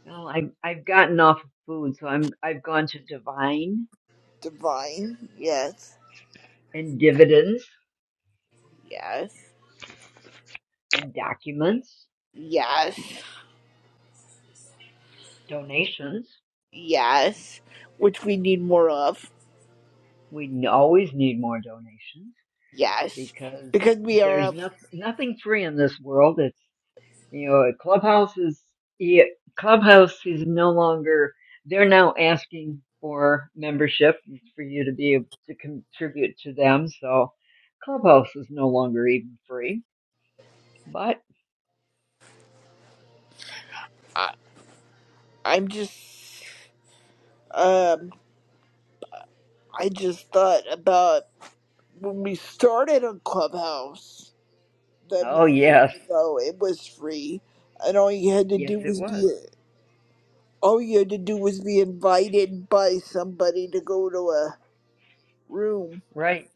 S26: well, I have I've gotten off of food, so I'm I've gone to divine
S27: divine, yes,
S26: and dividends
S27: yes,
S26: and documents
S27: yes,
S26: donations.
S27: yes. Which we need more of.
S26: We always need more donations
S27: Yes,
S26: because
S27: because we are.
S26: there's
S27: up-
S26: no, nothing free in this world. It's you know Clubhouse is yeah, Clubhouse is no longer. They're now asking for membership for you to be able to contribute to them. So Clubhouse is no longer even free. But
S27: I, I'm just. Um, I just thought about when we started on Clubhouse that
S26: oh
S27: many
S26: yes,
S27: years ago. It was free, and all you had to
S26: yes
S27: do
S26: it
S27: was
S26: was
S27: be. All you had to do was be invited by somebody to go to a room.
S26: right.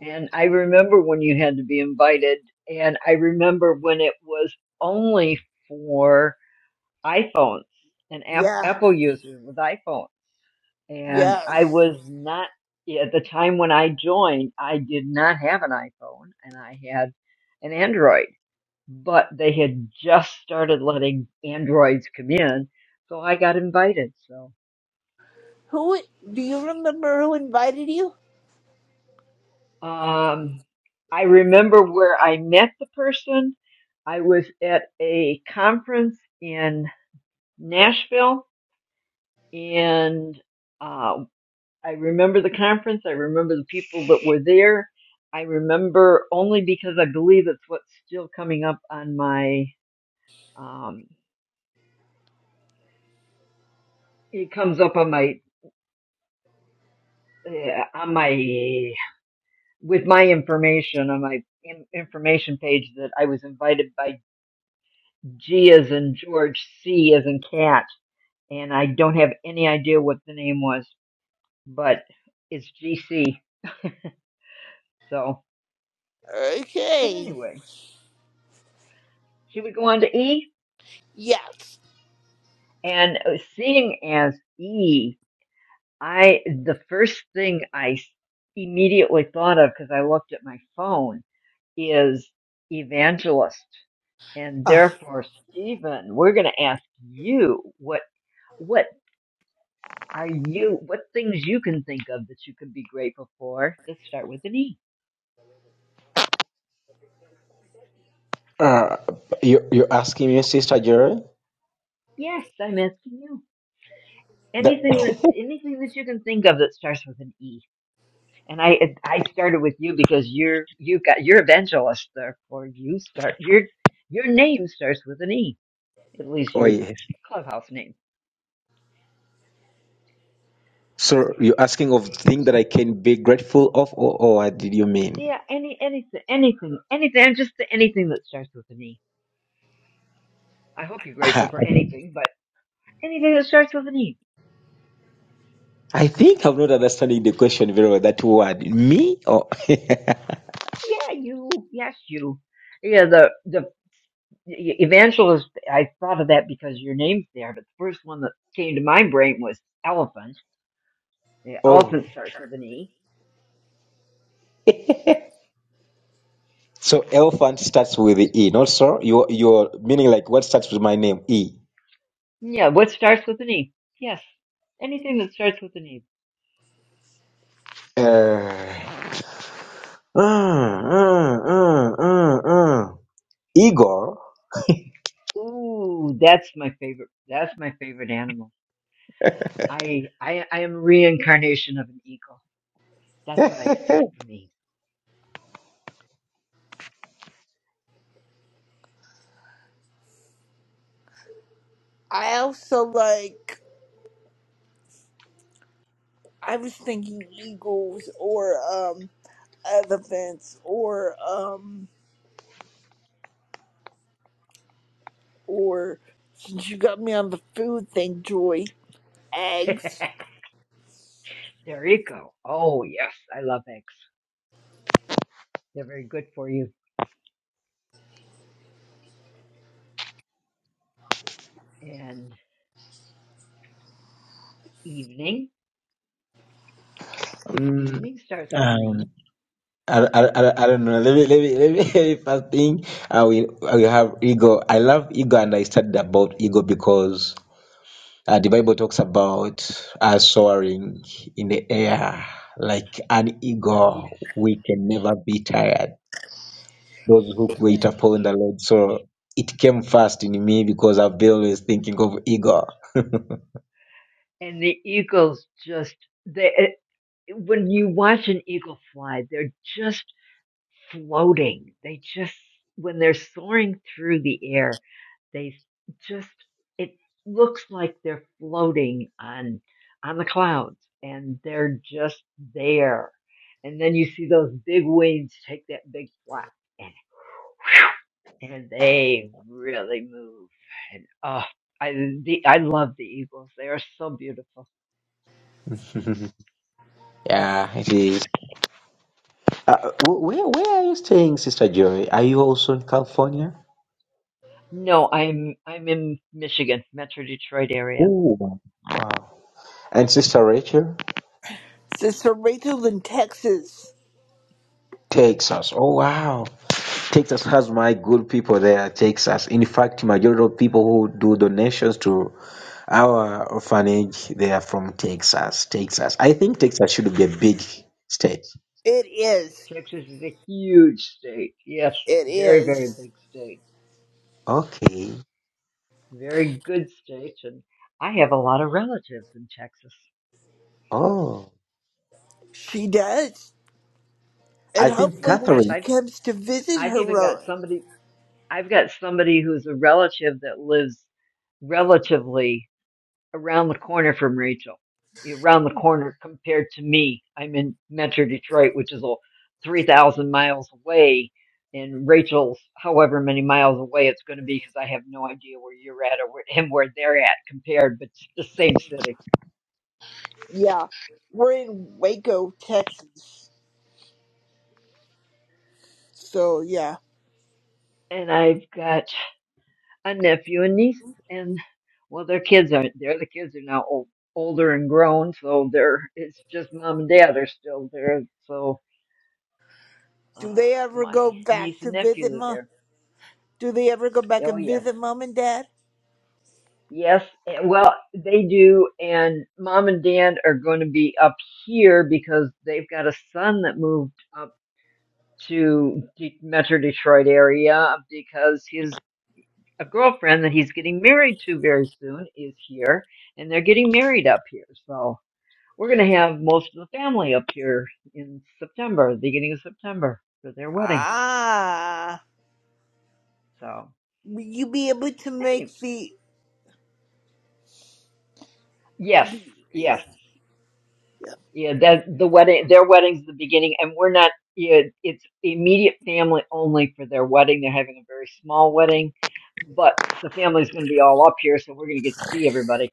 S26: And I remember when you had to be invited, and I remember when it was only for iPhones and Ap-
S27: Yeah.
S26: Apple users with iPhone. And I
S27: Yes.
S26: was not, at the time when I joined, I did not have an iPhone and I had an Android, but they had just started letting Androids come in. So I got invited. So.
S27: Who do you remember who invited you?
S26: Um, I remember where I met the person. I was at a conference in Nashville, and uh, I remember the conference. I remember the people that were there. I remember only because I believe it's what's still coming up on my. Um, it comes up on my eh, on my with my information on my in- information page that I was invited by G as in George, C as in cat, and I don't have any idea what the name was, but it's GC. So, but
S27: Okay.
S26: anyway, should we go on to E?
S27: Yes.
S26: And uh, seeing as E, I the first thing I s- immediately thought of because I looked at my phone is evangelist, and
S27: Uh,
S26: therefore Stephen, we're going to ask you what what Are you, what things you can think of that you can be grateful for? Let's start with an E.
S4: Uh, you, you're asking me, Sister Jerry?
S26: Yes, I'm asking you.
S4: That,
S26: Anything that, anything that you can think of that starts with an E. And I, I started with you because you're, you've got, you're evangelist, therefore you start, your, your name starts with an E. At least
S4: oh,
S26: your
S4: yes.
S26: clubhouse name.
S4: So you're asking of things that I can be grateful of, or, or what did you mean?
S26: Yeah, any, anything, anything, anything, just anything that starts with an E. I hope you're grateful
S4: Ah,
S26: for
S4: I
S26: anything, but anything that starts with an E.
S4: I think I'm not understanding the question very well. That word, me? Or,
S26: Yeah, you. Yes, you. Yeah, the the e- evangelist i thought of that because your name's there but the first one that came to my brain was elephant the
S4: oh.
S26: elephant starts with an e
S4: So elephant starts with the E, not so. Your your meaning like what starts with my name E.
S26: yeah what starts with an e yes anything that starts with an e
S4: Uh, uh, uh, uh, uh. Igor.
S26: ooh that's my favorite that's my favorite animal i i, I am reincarnation of an eagle that's what i see for me
S27: I also like. I was thinking eagles or um elephants or um or since you got me on the food thing, Joy, eggs.
S26: they're eco oh yes i love eggs they're very good for you and evening
S4: Mm,
S26: evening starts with an
S4: um,
S26: e
S4: I, I, I, I don't know. Let me let me let me, let me first thing. I will I will have ego. I love ego, and I studied about ego because uh, the Bible talks about uh, soaring in the air like an eagle.
S26: yes
S4: We can never be tired. those who wait
S26: That's
S4: upon the
S26: true.
S4: Lord. So it came first in me because I've been always thinking of Igor.
S26: And the eagles just they it- when you watch an eagle fly, they're just floating. They just when they're soaring through the air, they just it looks like they're floating on on the clouds and they're just there. And then you see those big wings take that big flap and and they really move. And oh, I the, I love the Eagles. They are so beautiful.
S4: Yeah, it is. Uh, wh- where where are you staying, Sister Joy? Are you also in California?
S26: No, I'm I'm in Michigan, Metro Detroit area.
S4: Oh, wow. And Sister Rachel?
S27: The Cerritos in Texas.
S4: Texas. Oh, wow. Texas has my good people there, Texas. In fact, majority of people who do donations to our orphanage, they are from Texas. Texas. I think Texas should be a big state.
S27: It is.
S26: Texas is a huge state. Yes,
S27: It
S26: very very
S27: is.
S26: big state.
S4: Okay.
S26: Very good state, and I have a lot of relatives in Texas.
S4: Oh.
S27: She does. And
S4: I think
S27: hopefully when
S26: Yes,
S4: Catherine
S27: she
S26: I've
S27: comes to visit
S26: I've
S27: her
S26: even got
S27: run.
S26: somebody. I've got somebody who's a relative that lives relatively around the corner from Rachel, around the corner compared to me. I'm in Metro Detroit, which is a 3,000 miles away, and Rachel's however many miles away it's going to be because I have no idea where you're at or where, and where they're at compared, but it's the same city.
S27: Yeah. We're in Waco, Texas. So yeah.
S26: And I've got a nephew and niece, and well, their kids aren't there. The kids are now old, older and grown, so they're it's just mom and dad are still there. So
S27: Do
S26: uh,
S27: they ever
S26: my
S27: go back
S26: niece
S27: to
S26: and
S27: visit
S26: nephew are
S27: mom?
S26: there.
S27: Do they ever go back
S26: Oh
S27: and
S26: yes.
S27: visit mom and dad?
S26: Yes, and- well, they do, and mom and dad are going to be up here because they've got a son that moved up to the Metro Detroit area because his a girlfriend that he's getting married to very soon is here, and they're getting married up here. So we're going to have most of the family up here in September, the beginning of September, for their wedding.
S27: Ah.
S26: So,
S27: Will you be able to make
S26: anyway,
S27: the?
S26: yes, yes. Yeah, that the wedding, their wedding's the beginning, and we're not. Yeah, it's immediate family only for their wedding. They're having a very small wedding, but the family's going to be all up here, so we're going to get to see everybody.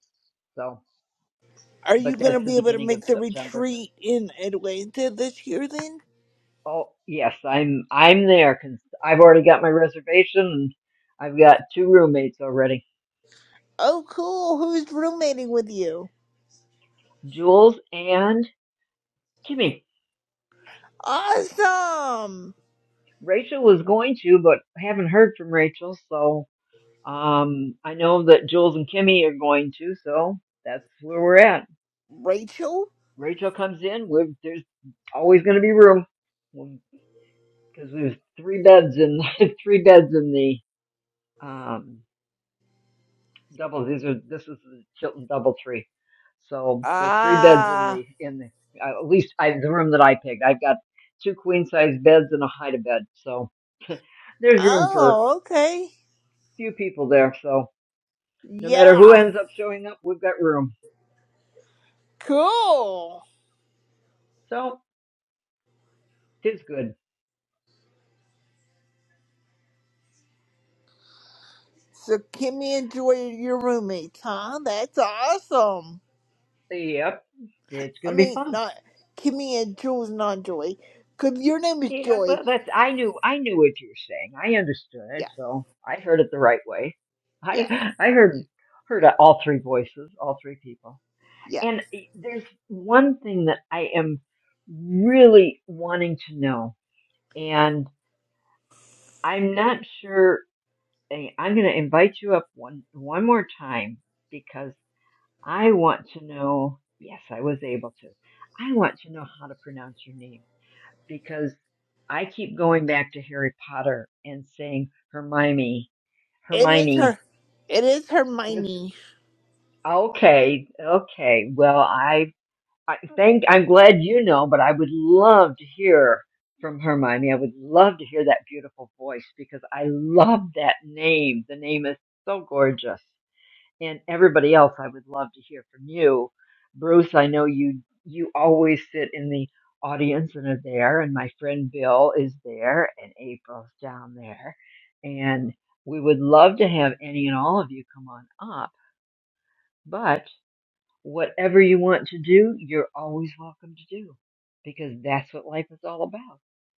S26: So,
S27: Are you
S26: but
S27: going to
S26: that's the
S27: be able to
S26: beginning of
S27: make the
S26: September.
S27: retreat in Atlanta this year? Then?
S26: Oh, yes, I'm I'm there because I've already got my reservation, and I've got two roommates already,
S27: Oh, cool. Who's roommating with you?
S26: Jules and Kimmy.
S27: Awesome.
S26: Rachel was going to, but I haven't heard from Rachel, so Um, I know that Jules and Kimmy are going to, so that's where we're at.
S27: Rachel.
S26: Rachel comes in. We're, there's always going to be room because there's three beds in three beds in the um, double. These are this is the Chilton double tree, so there are three beds in
S27: Ah.
S26: the in the uh, at least I, the room that I picked. I've got two queen size beds and a hide a bed, so there's room for a
S27: Oh, okay.
S26: few people there. So no matter who
S27: Yeah.
S26: ends up showing up, we've got room.
S27: Cool.
S26: So it's good.
S27: So Kimmy and Joy are your roommates, huh? That's awesome.
S26: Yep. It's
S27: I
S26: going to be
S27: mean,
S26: fun.
S27: not Kimmy and Jules, not Joy, because your name is
S26: Yeah,
S27: Joy.
S26: well, that's I knew I knew what you were saying. I understood it,
S27: Yeah,
S26: so I heard it the right way.
S27: yeah,
S26: I I heard heard all three voices, all three people.
S27: yeah.
S26: And eh, there's one thing that I am really wanting to know, and I'm not sure. I- I'm going to invite you up one one more time because I want to know. Yes, I was able to. I want to know how to pronounce your name because I keep going back to Harry Potter and saying Hermione,
S27: It is
S26: Hermione.
S27: her. It is
S26: Is,
S27: Hermione.
S26: okay, okay. Well, I, I think I'm glad you know, but I would love to hear from Hermione. I would love to hear that beautiful voice because I love that name. The name is so gorgeous and everybody else i would love to hear from you bruce i know you you always sit in the audience and are there and my friend bill is there and april's down there and we would love to have any and all of you come on up but whatever you want to do you're always welcome to do because that's what life is all about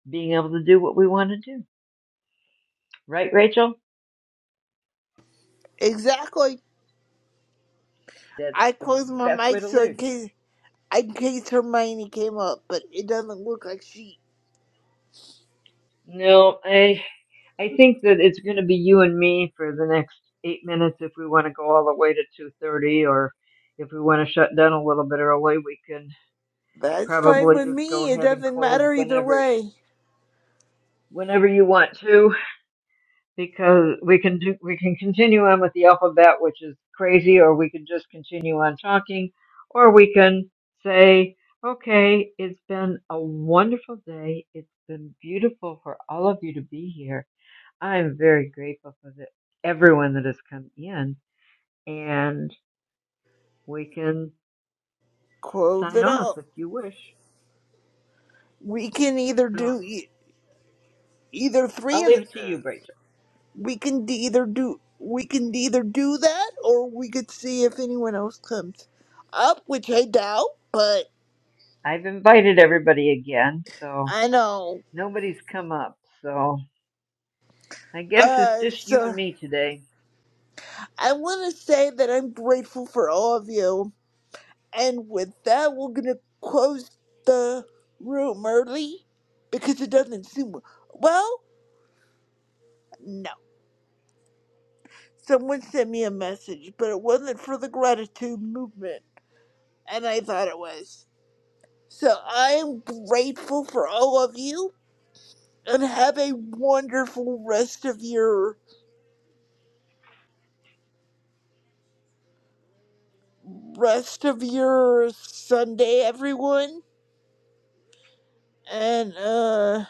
S26: being able to do what we want to do right rachel
S27: Exactly.
S26: that's
S27: I
S26: the
S27: closed my
S26: best way
S27: mic
S26: to
S27: so in
S26: live
S27: case in case Hermione came up, but it doesn't look like she.
S26: no, I I think that it's going to be you and me for the next eight minutes if we want to go all the way to 2:30, or if we want to shut down a little bit early, we can
S27: That's fine
S26: probably
S27: with
S26: just go
S27: me. It
S26: ahead and
S27: doesn't
S26: close
S27: matter either
S26: whenever
S27: way.
S26: whenever you want to, because we can do we can continue on with the alphabet, which is crazy, or we can just continue on talking, or we can say. Okay, it's been a wonderful day. It's been beautiful for all of you to be here I'm very grateful for the, everyone that has come in, and we can
S27: Close
S26: sign
S27: it
S26: off
S27: out.
S26: if you wish.
S27: We can either
S26: So
S27: do e- either three
S26: I'll
S27: of.
S26: leave it to you, Rachel.
S27: We can d- either do. We can either do that, or we could see if anyone else comes up, which I doubt. But
S26: I've invited everybody again, so
S27: I know.
S26: nobody's come up. So I guess it's
S27: Uh,
S26: just you
S27: so.
S26: and me today.
S27: I want to say that I'm grateful for all of you. And with that, we're going to close the room early because it doesn't seem. Well, no. Someone sent me a message, but it wasn't for the gratitude movement, and I thought it was. So I am grateful for all of you, and have a wonderful rest of your rest of your Sunday, everyone. And uh.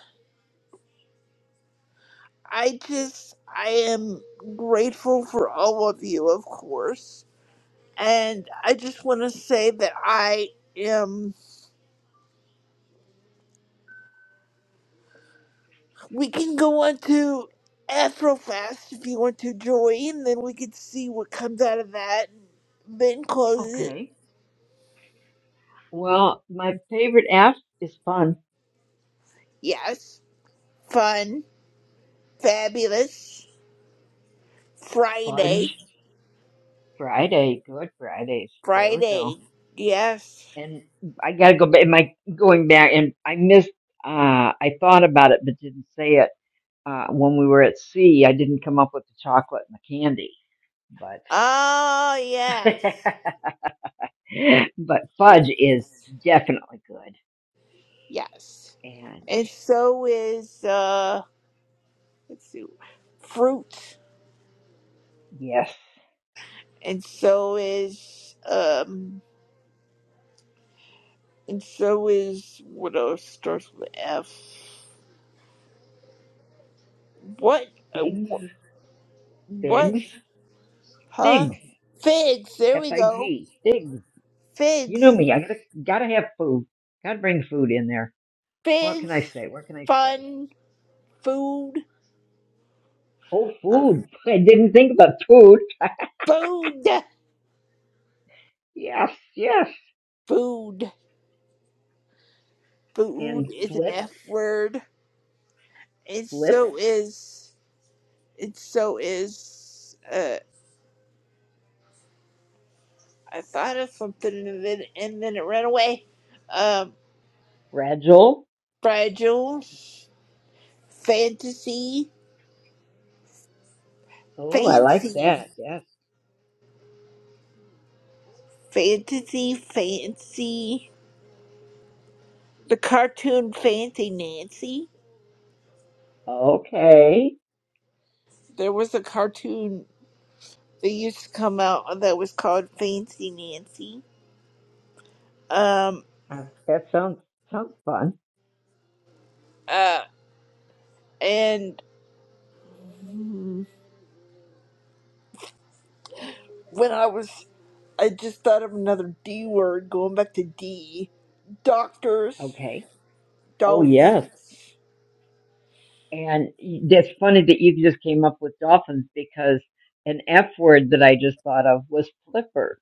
S27: I just, I am grateful for all of you, of course. And I just want to say that I am, we can go on to Afrofast if you want to join, then we can see what comes out of that. Then close it.
S26: Okay. Well, my favorite app is fun.
S27: Yes. Fun. Fabulous. Friday.
S26: Fudge Friday. Good Fridays. There we go.
S27: Friday. Yes.
S26: And I gotta go back. Am I going back? And I missed. Uh, I thought about it, but didn't say it Uh, when we were at sea, I didn't come up with the chocolate and the candy, but
S27: Oh, yes.
S26: but
S27: Yeah.
S26: fudge is definitely good.
S27: Yes.
S26: And
S27: And so is, uh, let's see, fruit,
S26: yes,
S27: and so is um, and so is what else starts with F? What? uh,
S26: figs,
S27: wh- What?
S26: figs,
S27: Huh?
S26: figs,
S27: Figs. There we
S26: F I
S27: go.
S26: G, figs. You know
S27: Figs.
S26: me. I gotta gotta have food. Gotta bring food in there. What can I
S27: Figs.
S26: say? What can I say?
S27: Fun. Food.
S26: Oh, food. I didn't think about food.
S27: Food.
S26: Yes, yes.
S27: Food. Food
S26: And
S27: is an
S26: flips,
S27: F word, and
S26: flips,
S27: so is and so is uh. I thought of something and then and then it ran away. Um.
S26: fragile.
S27: fragile, fantasy,
S26: Oh, I like
S27: fancy,
S26: that. Yes.
S27: fantasy, fancy. The cartoon Fancy Nancy.
S26: Okay.
S27: There was a cartoon that used to come out that was called Fancy Nancy. Um,
S26: Uh, That sounds sounds fun.
S27: uh, and hmm, when I was, I just thought of another D word, going back to D. Doctors,
S26: Okay. Oh yes.
S27: dolphins,
S26: And y- that's funny that you just came up with dolphins because an F word that I just thought of was flipper.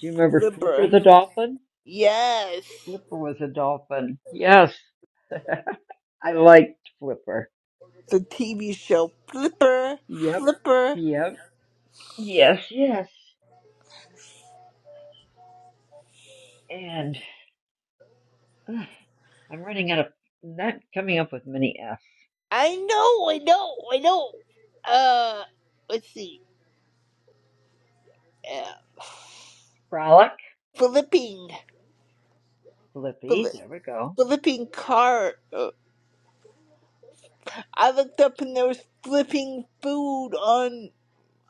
S26: Do you remember Flipper
S27: Libra.
S26: the dolphin?
S27: Yes.
S26: Flipper was a dolphin. Yes. I liked Flipper.
S27: the TV show Flipper,
S26: Yep.
S27: Flipper.
S26: Yep. Yes, yes. And ugh, I'm running out of not coming up with many F's.
S27: I know, I know, I know. Uh, let's see. Uh,
S26: Frolic,
S27: flipping,
S26: Flippy,
S27: fli-
S26: there we go.
S27: flipping car. Uh, I looked up and there was flipping food on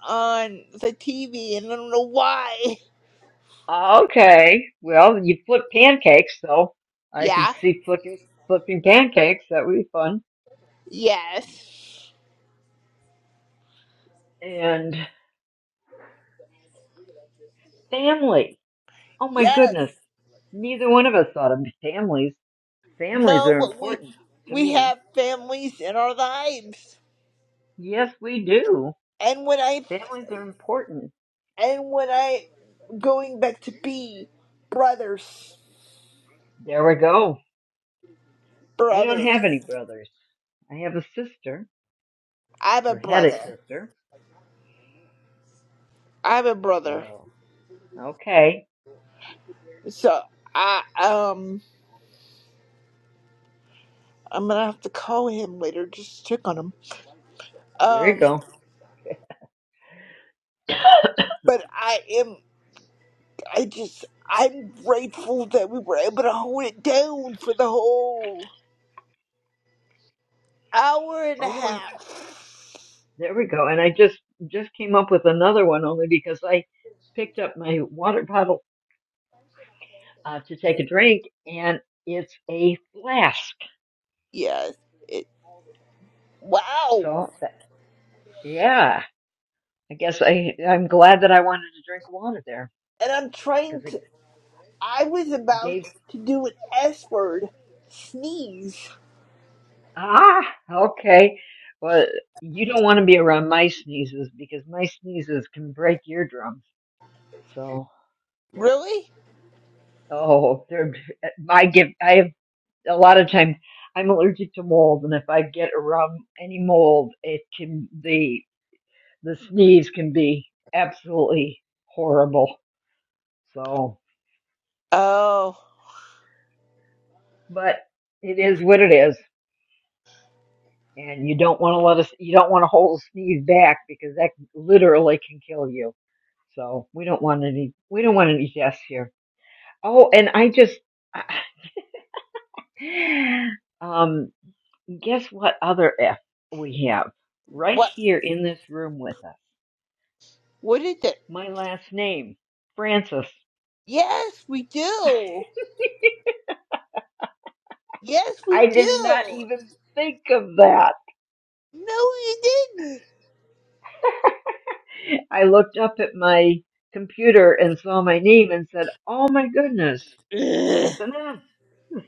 S27: on the TV, and I don't know why.
S26: Okay. Well, you flip pancakes, though. I could
S27: Yeah.
S26: see flipping, flipping pancakes. That would be fun.
S27: Yes.
S26: And family. Oh my
S27: Yes.
S26: goodness. Neither one of us thought of families. Families
S27: No,
S26: are
S27: but we
S26: important to
S27: we
S26: me.
S27: have families in our lives.
S26: Yes, we do.
S27: And when I
S26: Families are important.
S27: And when I going back to be brothers,
S26: There we go. I don't
S27: brothers.
S26: have any brothers. I have a sister,
S27: I have a
S26: or had a
S27: brother.
S26: sister.
S27: I have a brother.
S26: So, okay.
S27: So I um I'm gonna have to call him later just to check on him.
S26: There you
S27: Um,
S26: go.
S27: but I am I just I'm grateful that we were able to hold it down for the whole hour and a
S26: Oh, and.
S27: half.
S26: There we go. And I just just came up with another one only because I picked up my water bottle uh, to take a drink, and it's a flask.
S27: Yes. It, wow.
S26: So that, yeah, I guess I I'm glad that I wanted to drink water there
S27: And I'm trying
S26: because
S27: to.
S26: it
S27: I was about
S26: gave
S27: to do an S word sneeze
S26: ah okay. Well, you don't want to be around my sneezes because my sneezes can break eardrums. So
S27: Really?
S26: oh, they're I give I have a lot of times I'm allergic to mold, and if I get around any mold, it can the the sneeze can be absolutely horrible. So,
S27: Oh,
S26: but it is what it is, and you don't want to let us you don't want to hold a sneeze back because that literally can kill you. So we don't want any we don't want any deaths here. Oh, and I just um guess what other F we have right
S27: what?
S26: here in this room with us.
S27: What is it?
S26: My last name, Francis.
S27: Yes, we do. Yes,
S26: I
S27: we
S26: did not
S27: do.
S26: even think of that.
S27: No, you didn't.
S26: I looked up at my computer and saw my name and said, Oh my goodness,
S27: Ugh,
S26: that's an F.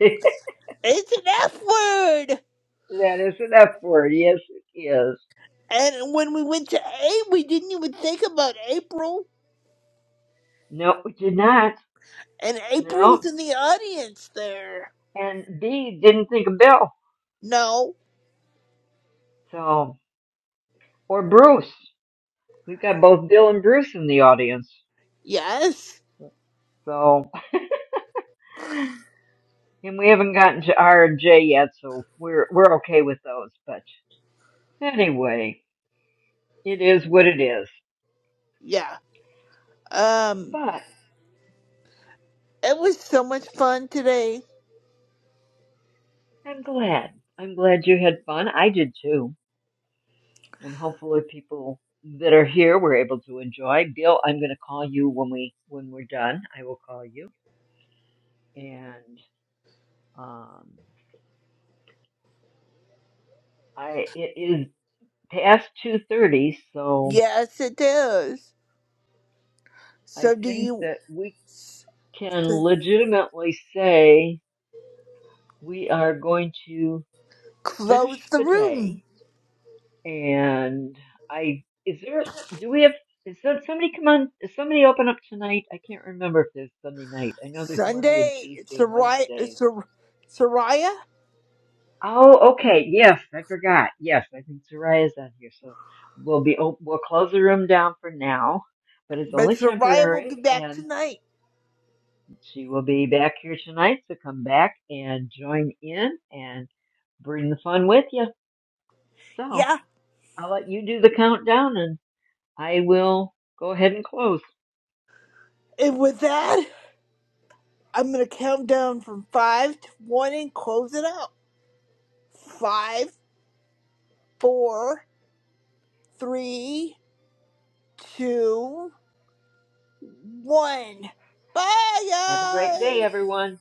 S27: It's an F word.
S26: that is an F word. Yes, it is.
S27: And when we went to A, we didn't even think about April.
S26: No, it did not.
S27: And April
S26: No.
S27: was in the audience there.
S26: And B didn't think of Bill.
S27: No.
S26: So, or Bruce. We've got both Bill and Bruce in the audience.
S27: Yes.
S26: So, and we haven't gotten to R and J yet, so we're, we're okay with those, but. Anyway, it is what it is.
S27: Yeah. Um.
S26: But
S27: It was so much fun today.
S26: I'm glad. I'm glad you had fun. I did too. And hopefully people that are here were able to enjoy. Bill, I'm going to call you when we when we're done. I will call you. And um I it is past 2:30, so
S27: Yes, it is.
S26: I
S27: So do
S26: think
S27: you
S26: that we
S27: s-
S26: can
S27: s-
S26: legitimately say we are going to finish
S27: close the
S26: the
S27: room?
S26: day And I is there do we have is there, somebody come on is somebody open up tonight? I can't remember if there's Sunday night. I know there's Monday and
S27: Sunday,
S26: Tuesday and
S27: Soraya,
S26: Wednesdays.
S27: Sor- Soraya,
S26: Oh, okay. Yes, I forgot. Yes, I think Soraya's on here, so we'll be op- we'll close the room down for now, but it's
S27: but
S26: only
S27: Soraya will be
S26: temporary,
S27: back
S26: and
S27: tonight.
S26: she will be back here tonight. So come back and join in and bring the fun with you. So
S27: Yeah.
S26: I'll let you do the countdown, and I will go ahead and close.
S27: And with that, I'm going to count down from five to one and close it out. Five, four, three, two, one. Bye,
S26: Have a great
S27: guys.
S26: day, everyone.